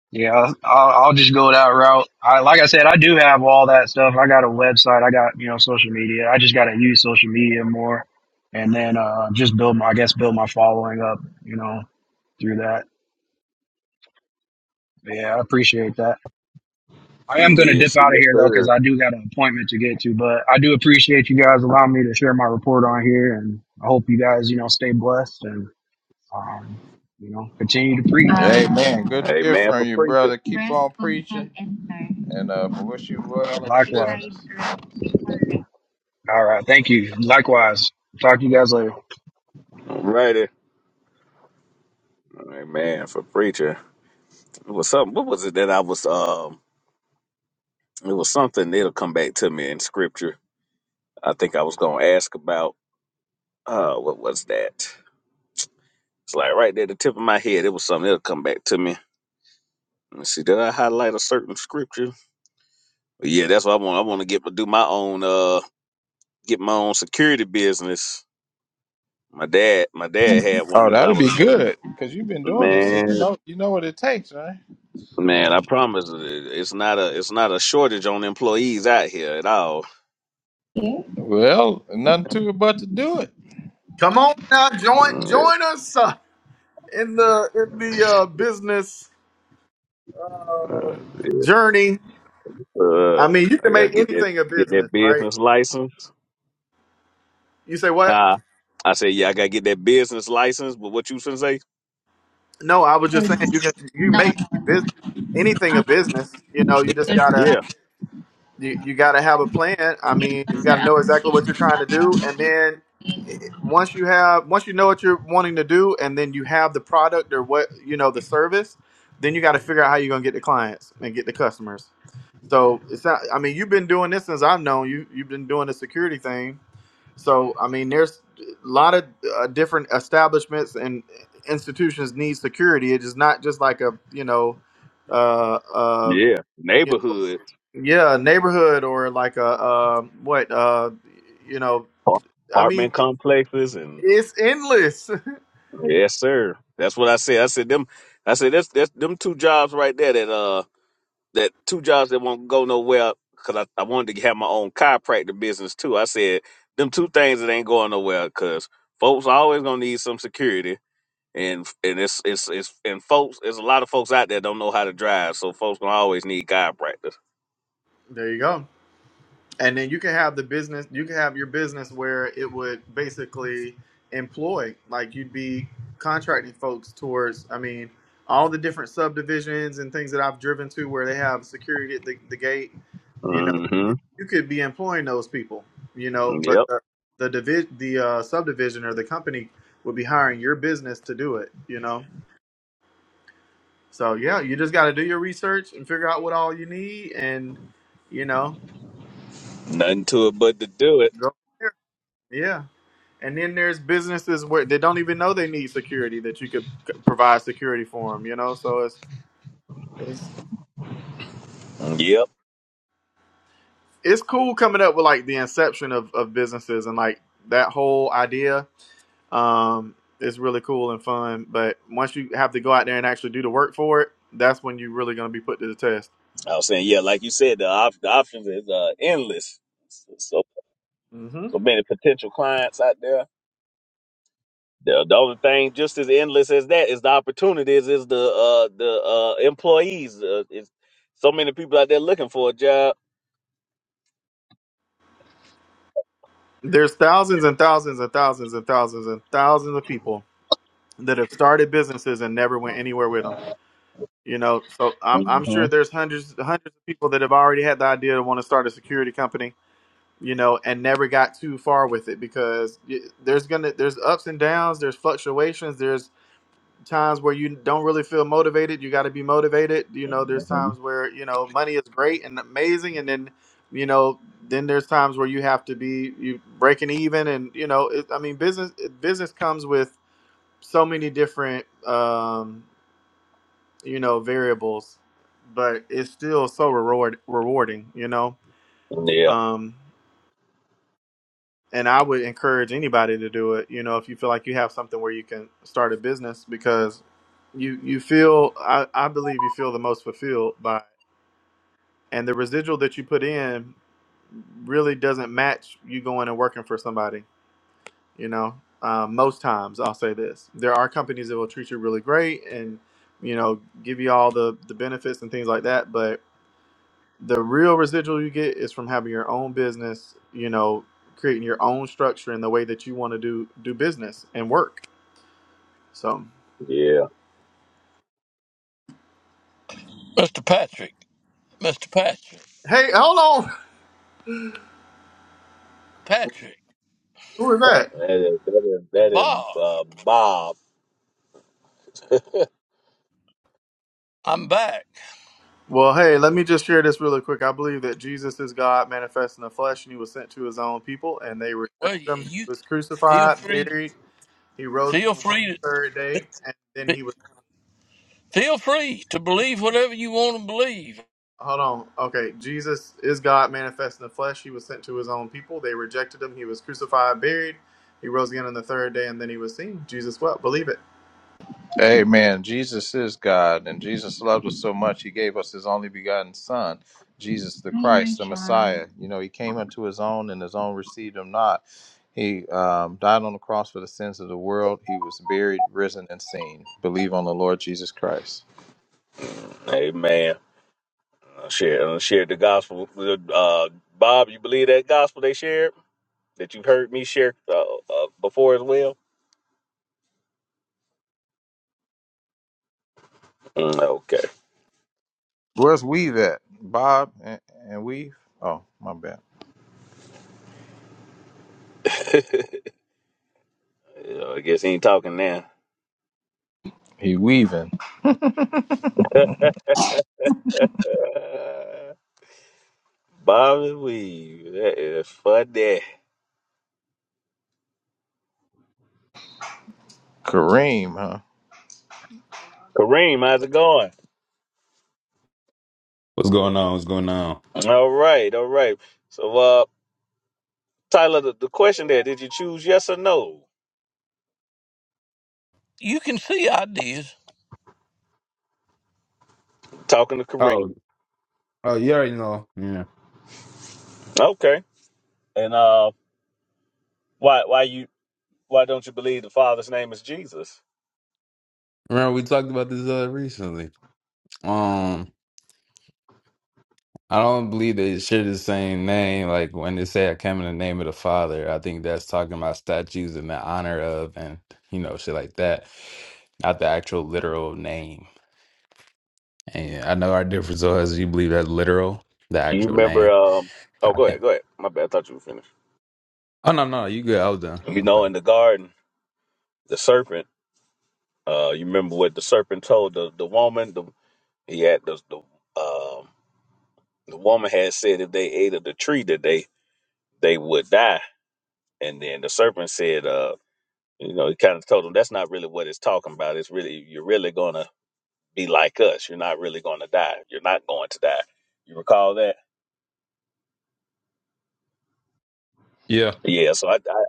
Speaker 18: Yeah, I'll, I'll I'll just go that route. I like I said, I do have all that stuff. I got a website. I got you know social media. I just got to use social media more, and then uh, just build my I guess build my following up. You know through that. Yeah, I appreciate that. I am going to dip
Speaker 1: Yes,
Speaker 18: out of
Speaker 1: yes,
Speaker 18: here though, because
Speaker 1: sir.
Speaker 18: I do got an appointment to get to. But I do appreciate you guys allowing me to share my report on here, and I hope you guys, you know, stay blessed and, um, you know, continue to preach.
Speaker 14: Hey man, good to hear
Speaker 1: Amen
Speaker 14: from
Speaker 1: for
Speaker 14: you,
Speaker 1: preacher.
Speaker 14: brother. Keep Press on preaching, and uh, we wish you well in your
Speaker 18: Likewise.
Speaker 14: business.
Speaker 18: All right. Thank you. Likewise. Talk to you guys later.
Speaker 1: Alrighty. Amen for preacher. It was something. What was it that I was? Um, it was something. It'll come back to me in scripture. I think I was gonna ask about. Uh, what was that? It's like right there, at the tip of my head. It was something. It'll come back to me. Let me see. Did I highlight a certain scripture? But yeah, that's what I want. I want to get do my own. Uh, get my own security business. My dad. My dad had one
Speaker 14: Oh,
Speaker 1: as I
Speaker 14: that'd
Speaker 1: was
Speaker 14: be
Speaker 1: growing.
Speaker 14: good because you've been doing this, so
Speaker 1: Man.
Speaker 14: you know you know what it takes, right?
Speaker 1: Man, I promise it- it's not a it's not a shortage on employees out here at all.
Speaker 14: Yeah. Well, nothing to it but to do it.
Speaker 16: Come on now, join
Speaker 1: Mm,
Speaker 16: join us uh, in the in the uh, business journey. I
Speaker 1: Uh,
Speaker 16: mean, you
Speaker 1: I
Speaker 16: can
Speaker 1: gotta
Speaker 16: make
Speaker 1: get that
Speaker 16: anything a
Speaker 1: get
Speaker 16: business,
Speaker 1: that
Speaker 16: right?
Speaker 1: business license.
Speaker 16: You say what?
Speaker 1: Huh? I said, yeah, I gotta get that business license. But what you finna say?
Speaker 16: No, I was
Speaker 14: No,
Speaker 16: just saying you can you can
Speaker 14: no,
Speaker 16: make bus-
Speaker 14: no.
Speaker 16: anything a
Speaker 14: Um,
Speaker 16: business. You know, you just
Speaker 14: there's,
Speaker 16: gotta
Speaker 14: uh,
Speaker 1: Yeah,
Speaker 16: you, you got to have a plan. I
Speaker 14: your
Speaker 16: mean, you got
Speaker 14: answer,
Speaker 16: to know
Speaker 14: um,
Speaker 16: exactly
Speaker 14: it's,
Speaker 16: what you're trying
Speaker 14: um,
Speaker 16: to do, and then
Speaker 14: you
Speaker 16: it- once you have, once you know what you're wanting to do, and then you have the product or what you know the service, then you got to figure out how you're gonna get the clients and get the customers. So it's not. I mean, you've been doing this since I've known you. You've been doing the security thing. So I mean, there's a lot of uh, different establishments and institutions need security. It is not just like a you know. uh Uh,
Speaker 1: yeah, neighborhood
Speaker 16: yeah, a neighborhood or like a uh, what uh, you know.
Speaker 1: par-
Speaker 16: I mean,
Speaker 1: apartment complexes and
Speaker 16: it's endless.
Speaker 1: yes, sir. That's what I said. I said them. I said that's that's them two jobs right there. That uh. that two jobs that won't go nowhere because I, I wanted to have my own chiropractor business too. I said them two things that ain't going nowhere because folks always gonna need some security and and it's it's it's and folks there's a lot of folks out there don't know how to drive, so folks gonna always need chiropractors.
Speaker 16: There you go. And then you can have the business. You can have your business where it would basically employ, like you'd be contracting folks towards. I mean, all the different subdivisions and things that I've driven to where they have security at the, the gate. You know,
Speaker 1: Mm-hmm.
Speaker 16: you could be employing those people. You know, but
Speaker 1: Yep.
Speaker 16: the the divi- the uh, subdivision or the company would be hiring your business to do it. You know. So yeah, you just got to do your research and figure out what all you need, and you know,
Speaker 1: Nothing to it but to do it.
Speaker 16: go from there. Yeah, and then there's businesses where they don't even know they need security that you could c- provide security for them. You know, so it's it's
Speaker 1: Yep.
Speaker 16: it's cool coming up with like the inception of of businesses and like that whole idea. Um, it's really cool and fun, but once you have to go out there and actually do the work for it, that's when you're really going to be put to the test.
Speaker 1: I was saying yeah, like you said, the, op- the options is uh, endless. So
Speaker 16: hmm
Speaker 1: so many potential clients out there The, the other thing, just as endless as that, is the opportunities, is the uh, the uh, employees. Uh, it's so many people out there looking for a job.
Speaker 16: There's thousands and thousands and thousands and thousands and thousands of people that have started businesses and never went anywhere with them. You know, so I'm, I'm
Speaker 1: hmm
Speaker 16: sure there's hundreds hundreds of people that have already had the idea to want to start a security company. You know, and never got too far with it because y- there's gonna there's ups and downs, there's fluctuations, there's times where you don't really feel motivated. You got to be motivated. You know, there's times where you know money is great and amazing, and then you know then there's times where you have to be you breaking even, and you know, it, I mean, business business comes with so many different. Um, you know variables but it's still so reward rewarding you know
Speaker 1: Yeah,
Speaker 16: um and i would encourage anybody to do it you know if you feel like you have something where you can start a business because you you feel i, I believe you feel the most fulfilled by it. and the residual that you put in really doesn't match you going and working for somebody you know um, most times i'll say this there are companies that will treat you really great and you know give you all the the benefits and things like that but. the real residual you get is from having your own business you know creating your own structure in the way that you want to do do business and work so
Speaker 1: yeah,
Speaker 2: Mr. Patrick. Mr. Patrick.
Speaker 16: hey hold on
Speaker 2: Patrick,
Speaker 16: who is that
Speaker 1: that is that is,
Speaker 2: it's
Speaker 1: that is
Speaker 2: Bob.
Speaker 1: uh, Bob.
Speaker 2: I'm back.
Speaker 16: well hey let me just share this really quick i believe that jesus is god manifest in the flesh and he was sent to his own people and they rejected
Speaker 2: Well,
Speaker 16: him
Speaker 2: y-
Speaker 16: he
Speaker 2: you
Speaker 16: was
Speaker 2: feel
Speaker 16: crucified
Speaker 2: free to
Speaker 16: buried he rose again
Speaker 2: feel
Speaker 16: on
Speaker 2: free
Speaker 16: the third day and then
Speaker 2: to
Speaker 16: he was
Speaker 2: feel free to believe whatever you want to believe.
Speaker 16: Hold on. Okay, Jesus is God manifest in the flesh. He was sent to his own people. They rejected him. He was crucified, buried. He rose again on the third day, and then he was seen. Jesus what? Believe it.
Speaker 14: Amen. Jesus is God, and Jesus loved us so much, he gave us his only begotten Son, Jesus the Christ, the Messiah. You know, he came unto his own, and his own received him not. He um, died on the cross for the sins of the world. He was buried, risen, and seen. Believe on the Lord Jesus Christ.
Speaker 1: Amen. I shared, I shared the gospel. Uh, Bob, you believe that gospel they shared that you've heard me share uh, uh, before as well? Mm, okay,
Speaker 14: Where's Weave at? Bob and, and Weave? Oh, my bad.
Speaker 1: Yeah, I guess he ain't talking now.
Speaker 14: He weaving.
Speaker 1: Uh, Bobby Weave, that is funny.
Speaker 14: Kareem, huh?
Speaker 1: Kareem, how's it going?
Speaker 19: What's going on? What's going on?
Speaker 1: All right, all right. So, uh, Tyler, the, the question there: Did you choose yes or no?
Speaker 2: You can see ideas.
Speaker 1: Talking to
Speaker 19: Oh,
Speaker 1: Kareem.
Speaker 19: oh, you already know. Yeah.
Speaker 1: Okay. And uh, why why you why don't you believe the Father's name is Jesus?
Speaker 19: Remember we talked about this uh recently. Um, I don't believe they share the same name. Like when they say I come in the name of the Father, I think that's talking about statues in the honor of and you know, shit like that. Not the actual literal name. And yeah, I know our difference though is you believe that's literal, the
Speaker 1: Can you
Speaker 19: actual
Speaker 1: remember?
Speaker 19: name.
Speaker 1: Um, oh,
Speaker 19: I
Speaker 1: go
Speaker 19: think.
Speaker 1: ahead, go ahead. My bad. I thought you were finished.
Speaker 19: Oh no, no, you good. I was done. I
Speaker 1: You
Speaker 19: was
Speaker 1: know,
Speaker 19: done.
Speaker 1: in the garden, the serpent. Uh, you remember what the serpent told the the woman? The he had the the um the woman had said if they ate of the tree that they they would die. And then the serpent said, uh, You know, he kind of told him that's not really what it's talking about. It's really you're really gonna be like us. You're not really gonna die. You're not going to die. You recall that?
Speaker 19: Yeah.
Speaker 1: Yeah. So I, I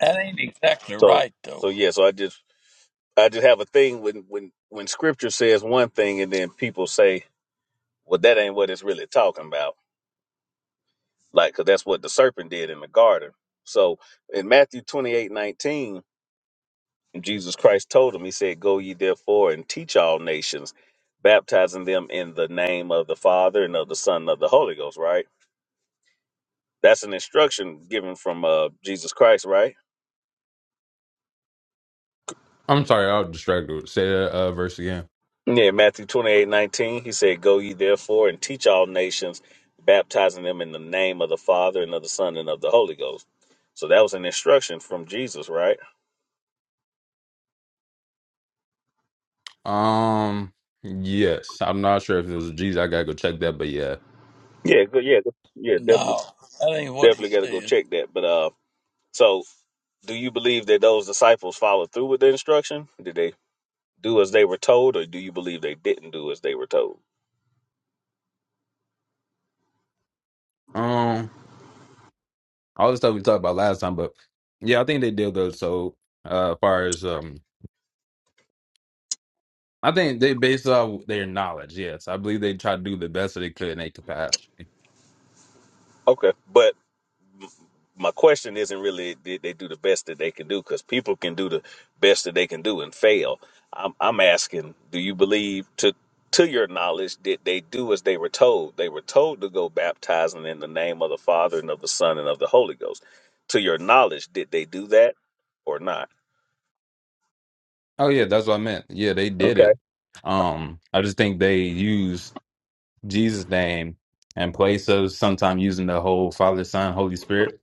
Speaker 2: That ain't exactly
Speaker 1: so
Speaker 2: right though.
Speaker 1: so yeah. So I just I just have a thing when when when Scripture says one thing and then people say, well, that ain't what it's really talking about. Like, 'cause that's what the serpent did in the garden. So in Matthew twenty eight nineteen. Jesus Christ told him, He said, Go ye therefore and teach all nations, baptizing them in the name of the Father and of the Son and of the Holy Ghost, right? That's an instruction given from uh, Jesus Christ, right?
Speaker 19: I'm sorry, I was distracted. Say that uh, verse again.
Speaker 1: Yeah, Matthew 28 19. he said, Go ye therefore and teach all nations, baptizing them in the name of the Father and of the Son and of the Holy Ghost. So that was an instruction from Jesus, right?
Speaker 19: Um, yes, I'm not sure if it was a G's. I gotta go check that, but yeah.
Speaker 1: Yeah, good. Yeah, good- yeah, definitely,
Speaker 2: No, that ain't what he
Speaker 1: definitely got to go
Speaker 2: said.
Speaker 1: check that. But uh, so do you believe that those disciples followed through with the instruction? Did they do as they were told, or do you believe they didn't do as they were told?
Speaker 19: Um, all the stuff we talked about last time, but yeah, I think they did good. So, uh, as far as um, I think they based off their knowledge. Yes, I believe they tried to do the best that they could in their capacity.
Speaker 1: Okay, but m- my question isn't really did they do the best that they can do because people can do the best that they can do and fail. I'm I'm asking, do you believe to to your knowledge did they do as they were told? They were told to go baptizing in the name of the Father and of the Son and of the Holy Ghost. To your knowledge, did they do that or not?
Speaker 19: Oh yeah, that's what I meant. Yeah, they did
Speaker 1: Okay,
Speaker 19: it. Um, I just think they used. Jesus' name in place of sometimes using the whole Father, Son, Holy Spirit,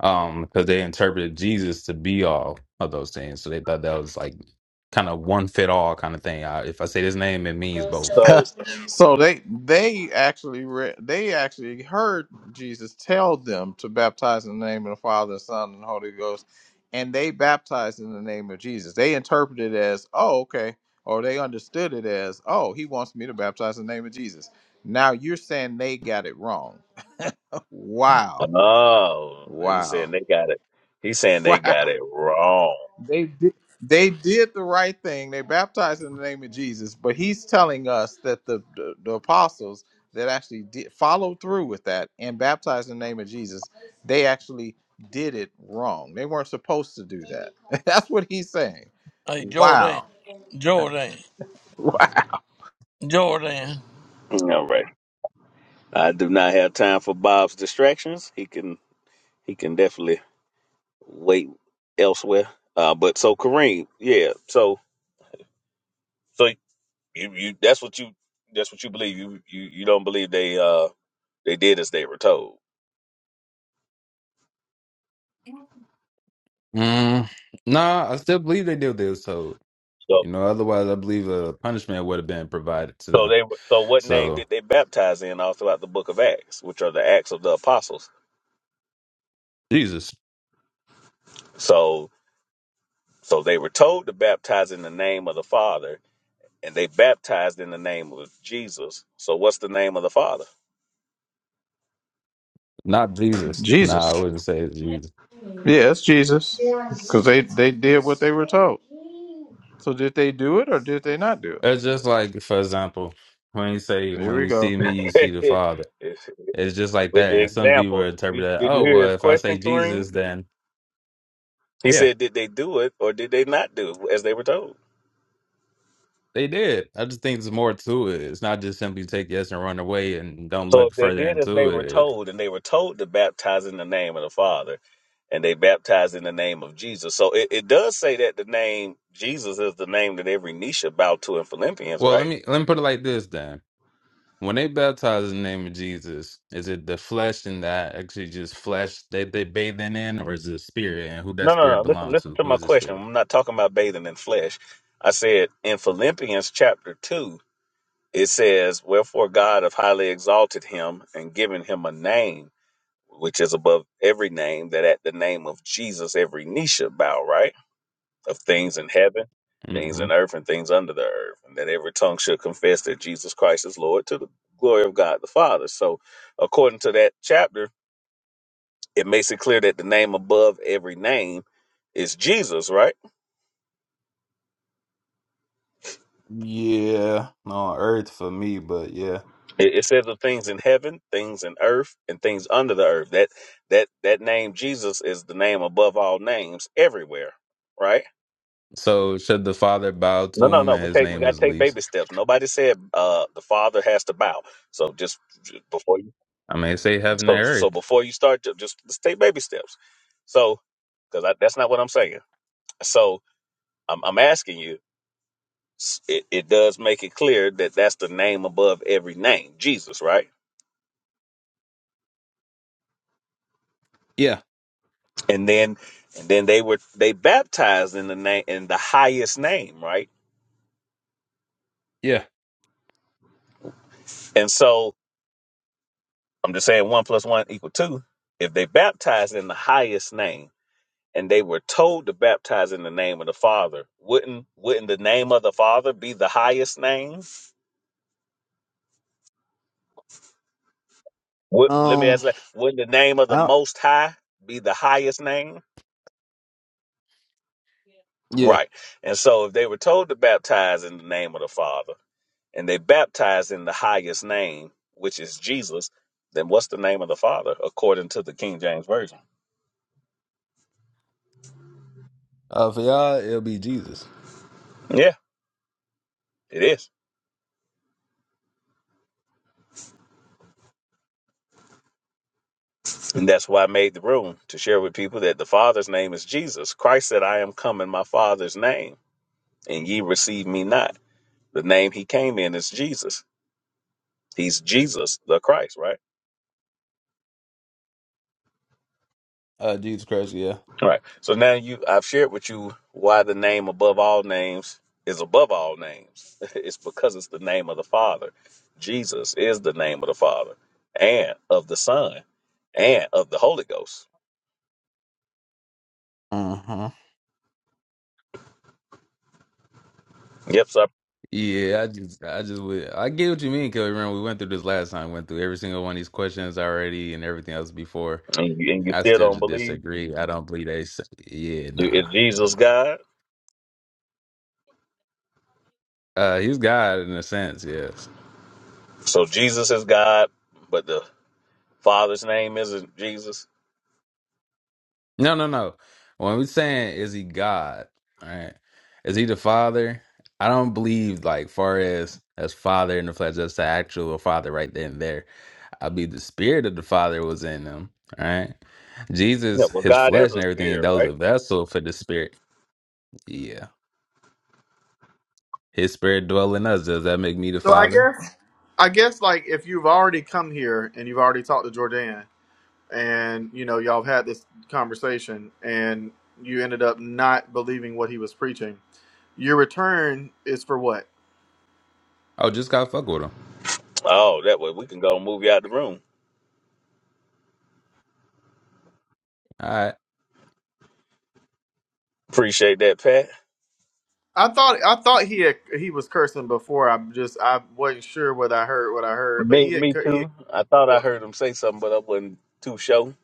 Speaker 19: um, because they interpreted Jesus to be all of those things. So they thought that was like kind of one fit all kind of thing. I, if I say this name, it means both.
Speaker 1: so
Speaker 14: so they they actually re- they actually heard Jesus tell them to baptize in the name of the Father, Son, and Holy Ghost, and they baptized in the name of Jesus. They interpreted it as, oh, okay, or they understood it as, oh, he wants me to baptize in the name of Jesus. Now you're saying they got it wrong. Wow,
Speaker 1: oh, he's saying
Speaker 14: wow,
Speaker 1: they got it. He's saying they
Speaker 14: wow.
Speaker 1: got it wrong.
Speaker 14: They did. They did the right thing. They baptized in the name of Jesus. But he's telling us that the the, the apostles that actually did follow through with that and baptized in the name of Jesus, they actually did it wrong. They weren't supposed to do that. That's what he's saying.
Speaker 2: Hey, Jordan,
Speaker 14: Wow.
Speaker 2: Jordan,
Speaker 14: Wow.
Speaker 2: Jordan.
Speaker 1: All Right. I do not have time for Bob's distractions. He can he can definitely wait elsewhere. Uh, but so Kareem, yeah. So so you, you that's what you that's what you believe. You you you don't believe they uh they did as they were told.
Speaker 19: Mm, nah, I still believe they did this. So
Speaker 1: So
Speaker 19: you know, otherwise, I believe a punishment would have been provided to
Speaker 1: so
Speaker 19: them.
Speaker 1: they were- so what name
Speaker 19: So
Speaker 1: did they baptize in all throughout the book of Acts, which are the Acts of the Apostles?
Speaker 19: Jesus,
Speaker 1: So so they were told to baptize in the name of the Father, and they baptized in the name of Jesus. So what's the name of the Father?
Speaker 19: not Jesus. Nah,
Speaker 14: Jesus.
Speaker 19: I wouldn't say it's Jesus.
Speaker 14: Yeah, it's Jesus. Because they, they did what they were told. So did they do it or did they not do it?
Speaker 19: It's just like, for example, when you say,
Speaker 14: Here
Speaker 19: "When
Speaker 14: we
Speaker 19: you
Speaker 14: go.
Speaker 19: see me, you see the Father." It's just like
Speaker 1: with
Speaker 19: that.
Speaker 1: the
Speaker 19: And some people
Speaker 1: example.
Speaker 19: interpret
Speaker 1: Did,
Speaker 19: that,
Speaker 1: did you
Speaker 19: oh,
Speaker 1: hear his
Speaker 19: well, if I say
Speaker 1: question, Kareem?
Speaker 19: Jesus, then
Speaker 1: He
Speaker 19: yeah,
Speaker 1: said, did they do it or did they not do it as they were told?
Speaker 19: they did. I just think there's more to it. It's not just simply take yes and run away and don't
Speaker 1: So
Speaker 19: look
Speaker 1: if they
Speaker 19: further
Speaker 1: did as they
Speaker 19: into
Speaker 1: were
Speaker 19: it.
Speaker 1: told, and they were told to baptize in the name of the Father, and they baptized in the name of Jesus. So it, it does say that the name Jesus is the name that every knee should bow to in Philippians,
Speaker 19: Well, let
Speaker 1: right?
Speaker 19: me let me put it like this then. When they baptize in the name of Jesus, is it the flesh and that actually just flesh that they bathing in, or is it spirit and who that
Speaker 1: No, no,
Speaker 19: spirit
Speaker 1: no. Listen,
Speaker 19: belong
Speaker 1: listen
Speaker 19: to?
Speaker 1: to
Speaker 19: Who
Speaker 1: my
Speaker 19: is the
Speaker 1: question.
Speaker 19: spirit?
Speaker 1: I'm not talking about bathing in flesh. I said in Philippians chapter two, it says, "Wherefore God have highly exalted him and given him a name." which is above every name, that at the name of Jesus every knee should bow, right? Of things in heaven, things
Speaker 19: hmm
Speaker 1: in earth, and things under the earth, and that every tongue should confess that Jesus Christ is Lord to the glory of God the Father. So, according to that chapter, it makes it clear that the name above every name is Jesus, right?
Speaker 19: Yeah, on earth for me, but yeah.
Speaker 1: It, it says of things in heaven, things in earth, and things under the earth. That that that name Jesus is the name above all names everywhere, right?
Speaker 19: So should the Father bow to
Speaker 1: No, no,
Speaker 19: him
Speaker 1: no.
Speaker 19: and
Speaker 1: We
Speaker 19: his
Speaker 1: take we
Speaker 19: name
Speaker 1: gotta
Speaker 19: is
Speaker 1: take
Speaker 19: least?
Speaker 1: baby steps. Nobody said uh the father has to bow. So just just before you
Speaker 19: I mean, say heaven
Speaker 1: so
Speaker 19: and
Speaker 1: so
Speaker 19: earth.
Speaker 1: before you start, ju- just just take baby steps. So because that's not what I'm saying. So I'm I'm asking you. s- It it does make it clear that that's the name above every name, Jesus, right?
Speaker 19: Yeah,
Speaker 1: And then and then they were they baptized in the name in the highest name, right?
Speaker 19: yeah.
Speaker 1: And so I'm just saying one plus one equal two. If they baptized in the highest name and they were told to baptize in the name of the Father, wouldn't wouldn't the name of the Father be the highest name? Would, let me
Speaker 19: Um,
Speaker 1: ask that. Wouldn't the name of the
Speaker 19: I,
Speaker 1: Most High be the highest name?
Speaker 19: yeah.
Speaker 1: Right. And so, if they were told to baptize in the name of the Father, and they baptized in the highest name, which is Jesus, then what's the name of the Father according to the King James version?
Speaker 19: Uh, for y'all, it'll be Jesus.
Speaker 1: Yeah. It is. And that's why I made the room to share with people that the Father's name is Jesus. Christ said, I am come in my Father's name. and ye receive me not. The name he came in is Jesus. He's Jesus the Christ, right?
Speaker 19: Uh, Jesus Christ. Yeah.
Speaker 1: Right. So now you I've shared with you why the name above all names is above all names. it's because it's the name of the Father. Jesus is the name of the Father and of the Son and of the Holy Ghost.
Speaker 19: Uh-huh.
Speaker 1: Yep, sir.
Speaker 19: Yeah, I just, I just would, I get what you mean, Kelly. Remember, we went through this last time. Went through every single one of these questions already and everything else before.
Speaker 1: And you, and you
Speaker 19: I
Speaker 1: still
Speaker 19: still
Speaker 1: don't
Speaker 19: just
Speaker 1: believe?
Speaker 19: disagree. I don't believe they. s- Yeah,
Speaker 1: Do-
Speaker 19: nah,
Speaker 1: Is
Speaker 19: nah.
Speaker 1: Jesus God?
Speaker 19: Uh, he's God in a sense, yes.
Speaker 1: So Jesus is God, but the Father's name isn't Jesus?
Speaker 19: No, no, no. When we're saying is he God, all right? Is he the Father? I don't believe like far as as Father in the flesh, that's the actual Father right then and there. I believe the Spirit of the Father was in them, all right?
Speaker 1: Yeah,
Speaker 19: Jesus,
Speaker 1: well,
Speaker 19: his
Speaker 1: God is
Speaker 19: flesh and
Speaker 1: a
Speaker 19: everything,
Speaker 1: spirit,
Speaker 19: that was
Speaker 1: right?
Speaker 19: a vessel for the Spirit. Yeah, his Spirit dwell in us. Does that make me the
Speaker 16: So I
Speaker 19: Father?
Speaker 16: guess I guess like if you've already come here and you've already talked to Jordan, and you know y'all have had this conversation, and you ended up not believing what he was preaching, your return is for what?
Speaker 19: Oh, just gotta fuck with him.
Speaker 1: Oh, that way we can go and move you out the room.
Speaker 19: all right.
Speaker 1: Appreciate that, Pat.
Speaker 16: I thought I thought he had, he was cursing before. I just I wasn't sure whether I heard what I heard, but
Speaker 1: Me,
Speaker 16: he had
Speaker 1: me
Speaker 16: cur- he had
Speaker 1: too.
Speaker 16: cursed
Speaker 1: I thought I
Speaker 16: before.
Speaker 1: heard him say something, but I wasn't too sure.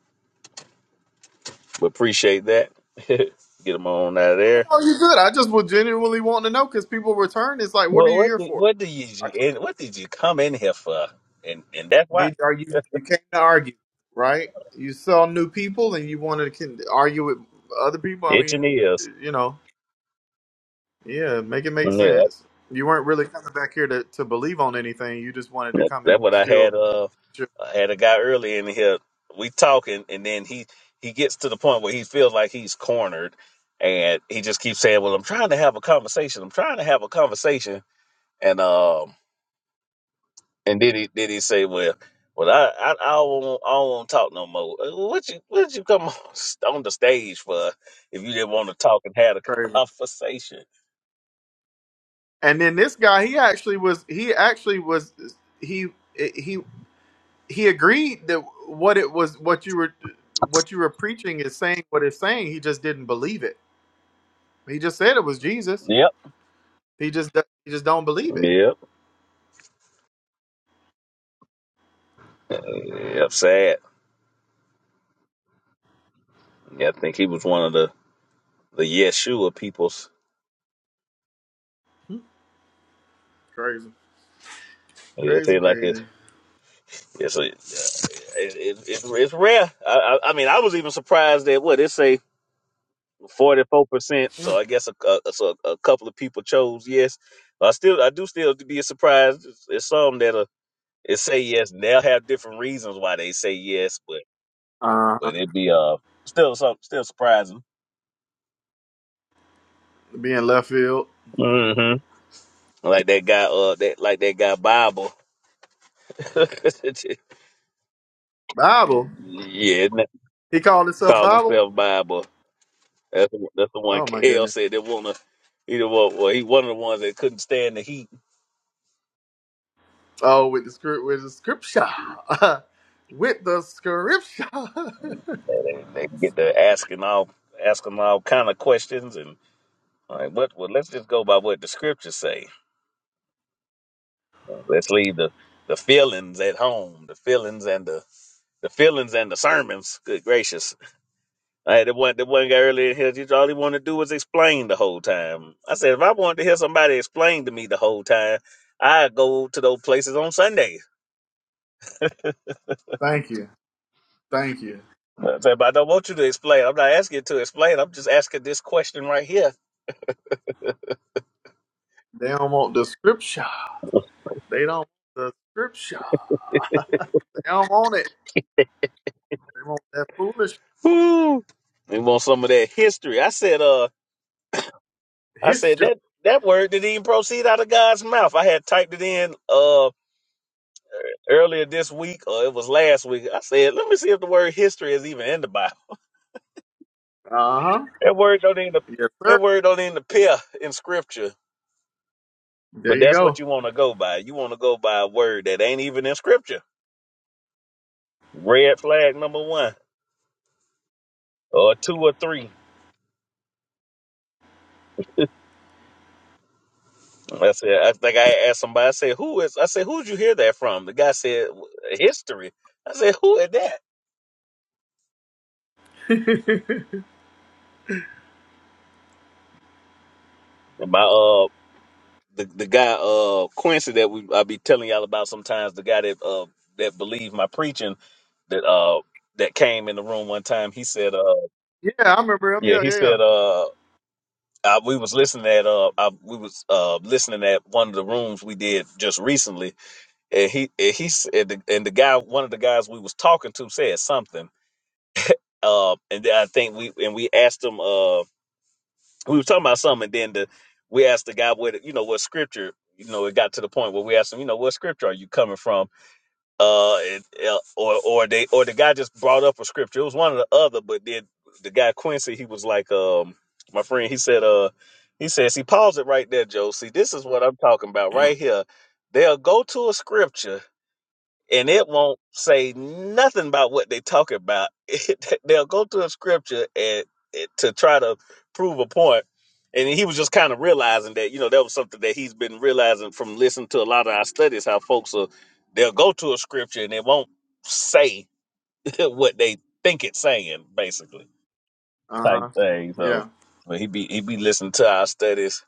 Speaker 1: But appreciate that. Get him on out of there.
Speaker 16: Oh, you're good. I just was genuinely wanting to know because people return. It's like, what are
Speaker 1: Well,
Speaker 16: you
Speaker 1: what
Speaker 16: here
Speaker 1: did,
Speaker 16: for?
Speaker 1: what did you
Speaker 16: Are,
Speaker 1: and what did you come in here for? And and that's why
Speaker 16: did are you you came to argue, right? You saw new people and you wanted to can, argue with other people. I
Speaker 1: itching
Speaker 16: mean,
Speaker 1: ears.
Speaker 16: you know, yeah, make it make
Speaker 1: Yeah,
Speaker 16: sense. You weren't really coming back here to, to believe on anything. You just wanted to
Speaker 1: that-
Speaker 16: come
Speaker 1: that's
Speaker 16: and
Speaker 1: what I
Speaker 16: still
Speaker 1: had. Uh, I had a guy early in here. We talking, and then he he gets to the point where he feels like he's cornered, and he just keeps saying, "Well, I'm trying to have a conversation. I'm trying to have a conversation." And um, and then he then he say, "Well, well, I I, I don't want I don't want to talk no more. Uh, What you what you come on, st- on the stage for if you didn't want to talk and had a
Speaker 16: crazy.
Speaker 1: conversation?"
Speaker 16: And then this guy, he actually was. He actually was. He he. he agreed that what it was what you were what you were preaching is saying what it's saying he just didn't believe it he just said it was jesus
Speaker 1: Yep,
Speaker 16: he just he just don't believe it
Speaker 1: yep, yep. Sad. Yeah, I think he was one of the the Yeshua peoples.
Speaker 16: Hmm, crazy
Speaker 1: Yeah,
Speaker 16: crazy
Speaker 1: they like it's
Speaker 16: crazy
Speaker 1: it's a, yeah, it, it, it's it's rare. I, I I mean, I was even surprised that what it say. Forty-four percent. So I guess a, a, so a couple of people chose yes. I still, I do still be surprised. There's some that are it say yes, and they'll have different reasons why they say yes, but
Speaker 16: uh
Speaker 1: but it'd be uh still some still surprising.
Speaker 16: being left field
Speaker 1: hmm Like that guy, uh, that like that guy Bible.
Speaker 16: bible
Speaker 1: yeah, n-
Speaker 16: he called himself
Speaker 1: call
Speaker 16: bible
Speaker 1: himself Bible. That's the, that's the one
Speaker 16: oh my
Speaker 1: Kale
Speaker 16: goodness
Speaker 1: said they wanna. He the one, well, he one of the ones that couldn't stand the heat.
Speaker 16: oh with the script with the scripture with the scripture
Speaker 1: They, they get to asking all asking all kind of questions and. All right, but well, let's just go by what the scriptures say. Uh, Let's leave the the feelings at home, the feelings and the the feelings and the sermons. Good gracious! I had the one the one guy earlier in here. just All he wanted to do was explain the whole time. I said, if I wanted to hear somebody explain to me the whole time, I'd go to those places on Sunday.
Speaker 16: thank you thank you
Speaker 1: I said, but I don't want you to explain. I'm not asking you to explain. I'm just asking this question right here.
Speaker 16: they don't want the scripture they don't want the scripture they don't want it they want that foolishness
Speaker 1: Woo! We want some of that history. I said, uh. I said
Speaker 16: History.
Speaker 1: that that word didn't even proceed out of God's mouth. I had typed it in uh earlier this week, or it was last week. I said, let me see if the word history is even in the Bible.
Speaker 16: Uh huh.
Speaker 1: That word don't even
Speaker 16: Yes,
Speaker 1: that
Speaker 16: sir.
Speaker 1: word don't even appear in Scripture.
Speaker 16: There
Speaker 1: But
Speaker 16: you
Speaker 1: that's
Speaker 16: go.
Speaker 1: what you want to go by. You want to go by a word that ain't even in Scripture. Red flag number one, or two, or three. I said, I think I asked somebody. I said, who is? I said, who'd you hear that from? The guy said, history. I said, who is that? And My uh, the the guy uh Quincy that we I be telling y'all about sometimes the guy that uh that believed my preaching that uh that came in the room one time he said uh
Speaker 16: Yeah, I remember him.
Speaker 1: yeah
Speaker 16: Yeah,
Speaker 1: he
Speaker 16: yeah, yeah.
Speaker 1: said uh I, we was listening at uh I, we was uh listening at one of the rooms we did just recently and he and he said the, and the guy one of the guys we was talking to said something uh and then I think we and we asked him uh, we were talking about something, and then the we asked the guy what you know what scripture. You know, it got to the point where we asked him, you know, what scripture are you coming from? Uh, and, uh, or or they or the guy just brought up a scripture. It was one or the other, but then the guy Quincy, he was like, um, my friend, he said, uh, he says, he paused it right there, Joe. See, this is what I'm talking about right here. They'll go to a scripture and it won't say nothing about what they talk about. It, they'll go to a scripture and, and to try to prove a point. And he was just kind of realizing that, you know, that was something that he's been realizing from listening to a lot of our studies, how folks are, they'll go to a scripture and it won't say what they think it's saying, basically,
Speaker 16: Uh
Speaker 1: type
Speaker 16: huh.
Speaker 1: thing. So
Speaker 16: Yeah.
Speaker 1: but he be he be listening to our studies.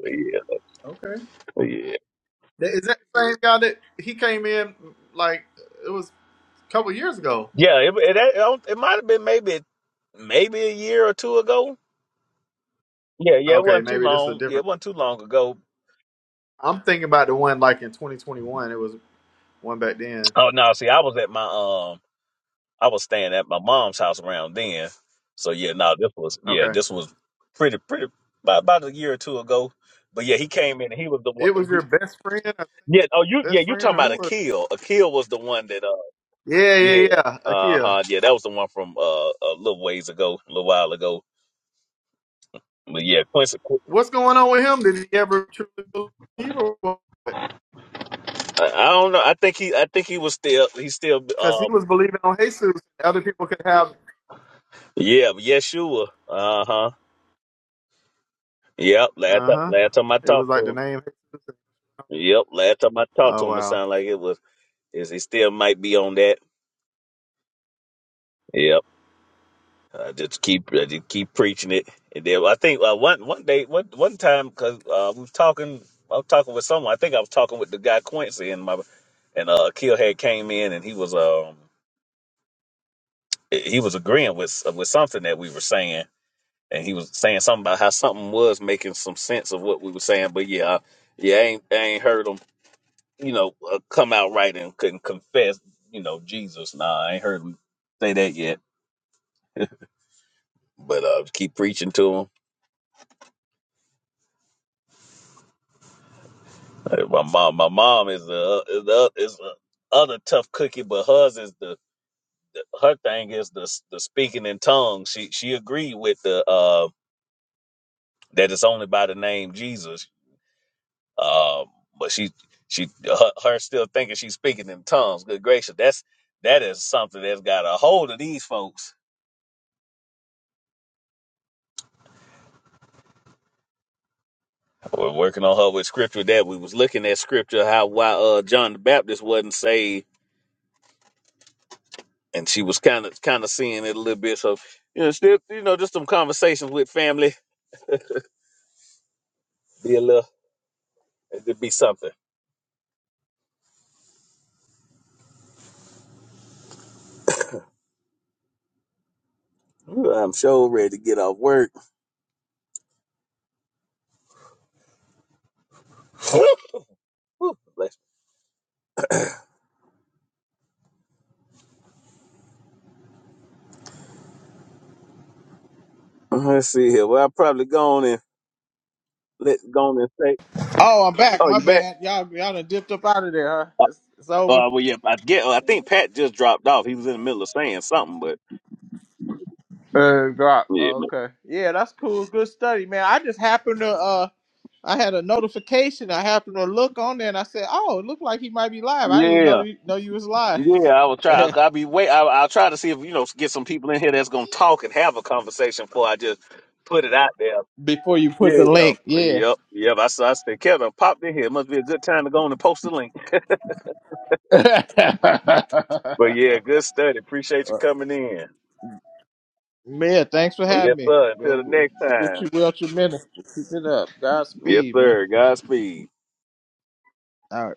Speaker 1: Yeah,
Speaker 16: Okay.
Speaker 1: yeah.
Speaker 16: Th- Is that the same guy that he came in like it was a couple years ago?
Speaker 1: Yeah, It, it, it it might have been maybe maybe a year or two ago Yeah, yeah, it
Speaker 16: Okay,
Speaker 1: wasn't too
Speaker 16: maybe this is a
Speaker 1: long. Yeah, it
Speaker 16: different.
Speaker 1: wasn't too long ago.
Speaker 16: I'm thinking about the one like in 2021. It was one back then.
Speaker 1: Oh no, see, I was at my um, I was staying at my mom's house around then. So yeah, no, this was yeah,
Speaker 16: Okay.
Speaker 1: this was pretty pretty about, about a year or two ago. But yeah, he came in and he was the one.
Speaker 16: It was your
Speaker 1: He,
Speaker 16: best friend, or
Speaker 1: yeah, oh you yeah,
Speaker 16: best
Speaker 1: you
Speaker 16: friend,
Speaker 1: talking
Speaker 16: or who
Speaker 1: about
Speaker 16: was? It?
Speaker 1: Akil? Akil was the one that uh
Speaker 16: Yeah, yeah,
Speaker 1: yeah
Speaker 16: yeah.
Speaker 1: uh
Speaker 16: Akia.
Speaker 1: huh yeah that was the one from uh a little ways ago, a little while ago. But yeah, Quincy.
Speaker 16: What's going on with him? Did he ever truly believe, or what?
Speaker 1: I, I don't know. I think he I think he was still he's still
Speaker 16: because he
Speaker 1: um
Speaker 16: was believing on Jesus, other people could have
Speaker 1: yeah Yeshua uh huh Yep, last
Speaker 16: Uh
Speaker 1: time,
Speaker 16: huh.
Speaker 1: last time I
Speaker 16: It was
Speaker 1: talked
Speaker 16: like
Speaker 1: to
Speaker 16: the
Speaker 1: him.
Speaker 16: name.
Speaker 1: Yep, last time I talked
Speaker 16: Oh
Speaker 1: to him, it
Speaker 16: wow.
Speaker 1: sounded like it was. Is he still might be on that? Yep. I just keep, I just keep preaching it, and then I think uh, one one day, one one time, because uh, we was talking, I was talking with someone. I think I was talking with the guy Quincy, and my and uh, Kill had came in, and he was um he was agreeing with with something that we were saying, and he was saying something about how something was making some sense of what we were saying. But yeah, I, yeah, I ain't I ain't heard him you know, uh, come out right and couldn't confess, you know, Jesus. Nah, I ain't heard him say that yet. But uh, keep preaching to him. Hey, My mom, my mom is the is the is the other tough cookie, but hers is the her thing is the the speaking in tongues. She she agreed with the uh that it's only by the name Jesus. Um, but she she her, her still thinking she's speaking in tongues. Good gracious, that's that is something that's got a hold of these folks We're working on her with scripture that we was looking at scripture how why uh John the Baptist wasn't saved, and she was kind of kind of seeing it a little bit. So you know, still you know, just some conversations with family, be a little, it'd be something. Ooh, I'm sure ready to get off work. Whew, bless me. Let's see here. Well, I'll probably go on and let go on and say,
Speaker 14: Oh, I'm back.
Speaker 1: "Oh,
Speaker 14: My
Speaker 1: you back?"
Speaker 14: bad. Y'all y'all done dipped up out of there,
Speaker 1: Uh,
Speaker 14: huh? It's, it's over.
Speaker 1: uh well, yeah, I get. I think Pat just dropped off. He was in the middle of saying something, but
Speaker 14: Uh, drop.
Speaker 1: yeah,
Speaker 14: Oh,
Speaker 1: man.
Speaker 14: okay. Yeah, that's cool. Good study, man. I just happened to uh, I had a notification. I happened to look on there, and I said, "Oh, it looked like he might be live." I didn't
Speaker 1: yeah.
Speaker 14: know know you was live
Speaker 1: Yeah, I will try. I'll be wait. I'll, I'll try to see if you know get some people in here that's gonna talk and have a conversation before I just put it out there.
Speaker 14: before you put the
Speaker 1: Yeah,
Speaker 14: link. Yeah.
Speaker 1: yep, yep. I saw. I said, Kevin popped in here. Must be a good time to go on and post the link. But yeah, good study. Appreciate you
Speaker 14: Uh,
Speaker 1: coming in.
Speaker 14: man, thanks for
Speaker 1: Yes,
Speaker 14: having me.
Speaker 1: sir. Until the
Speaker 14: Well,
Speaker 1: next
Speaker 14: Wish
Speaker 1: time.
Speaker 14: you well tremendous. Keep it up.
Speaker 1: Yes,
Speaker 14: Godspeed, man.
Speaker 1: sir. Godspeed.
Speaker 14: All right.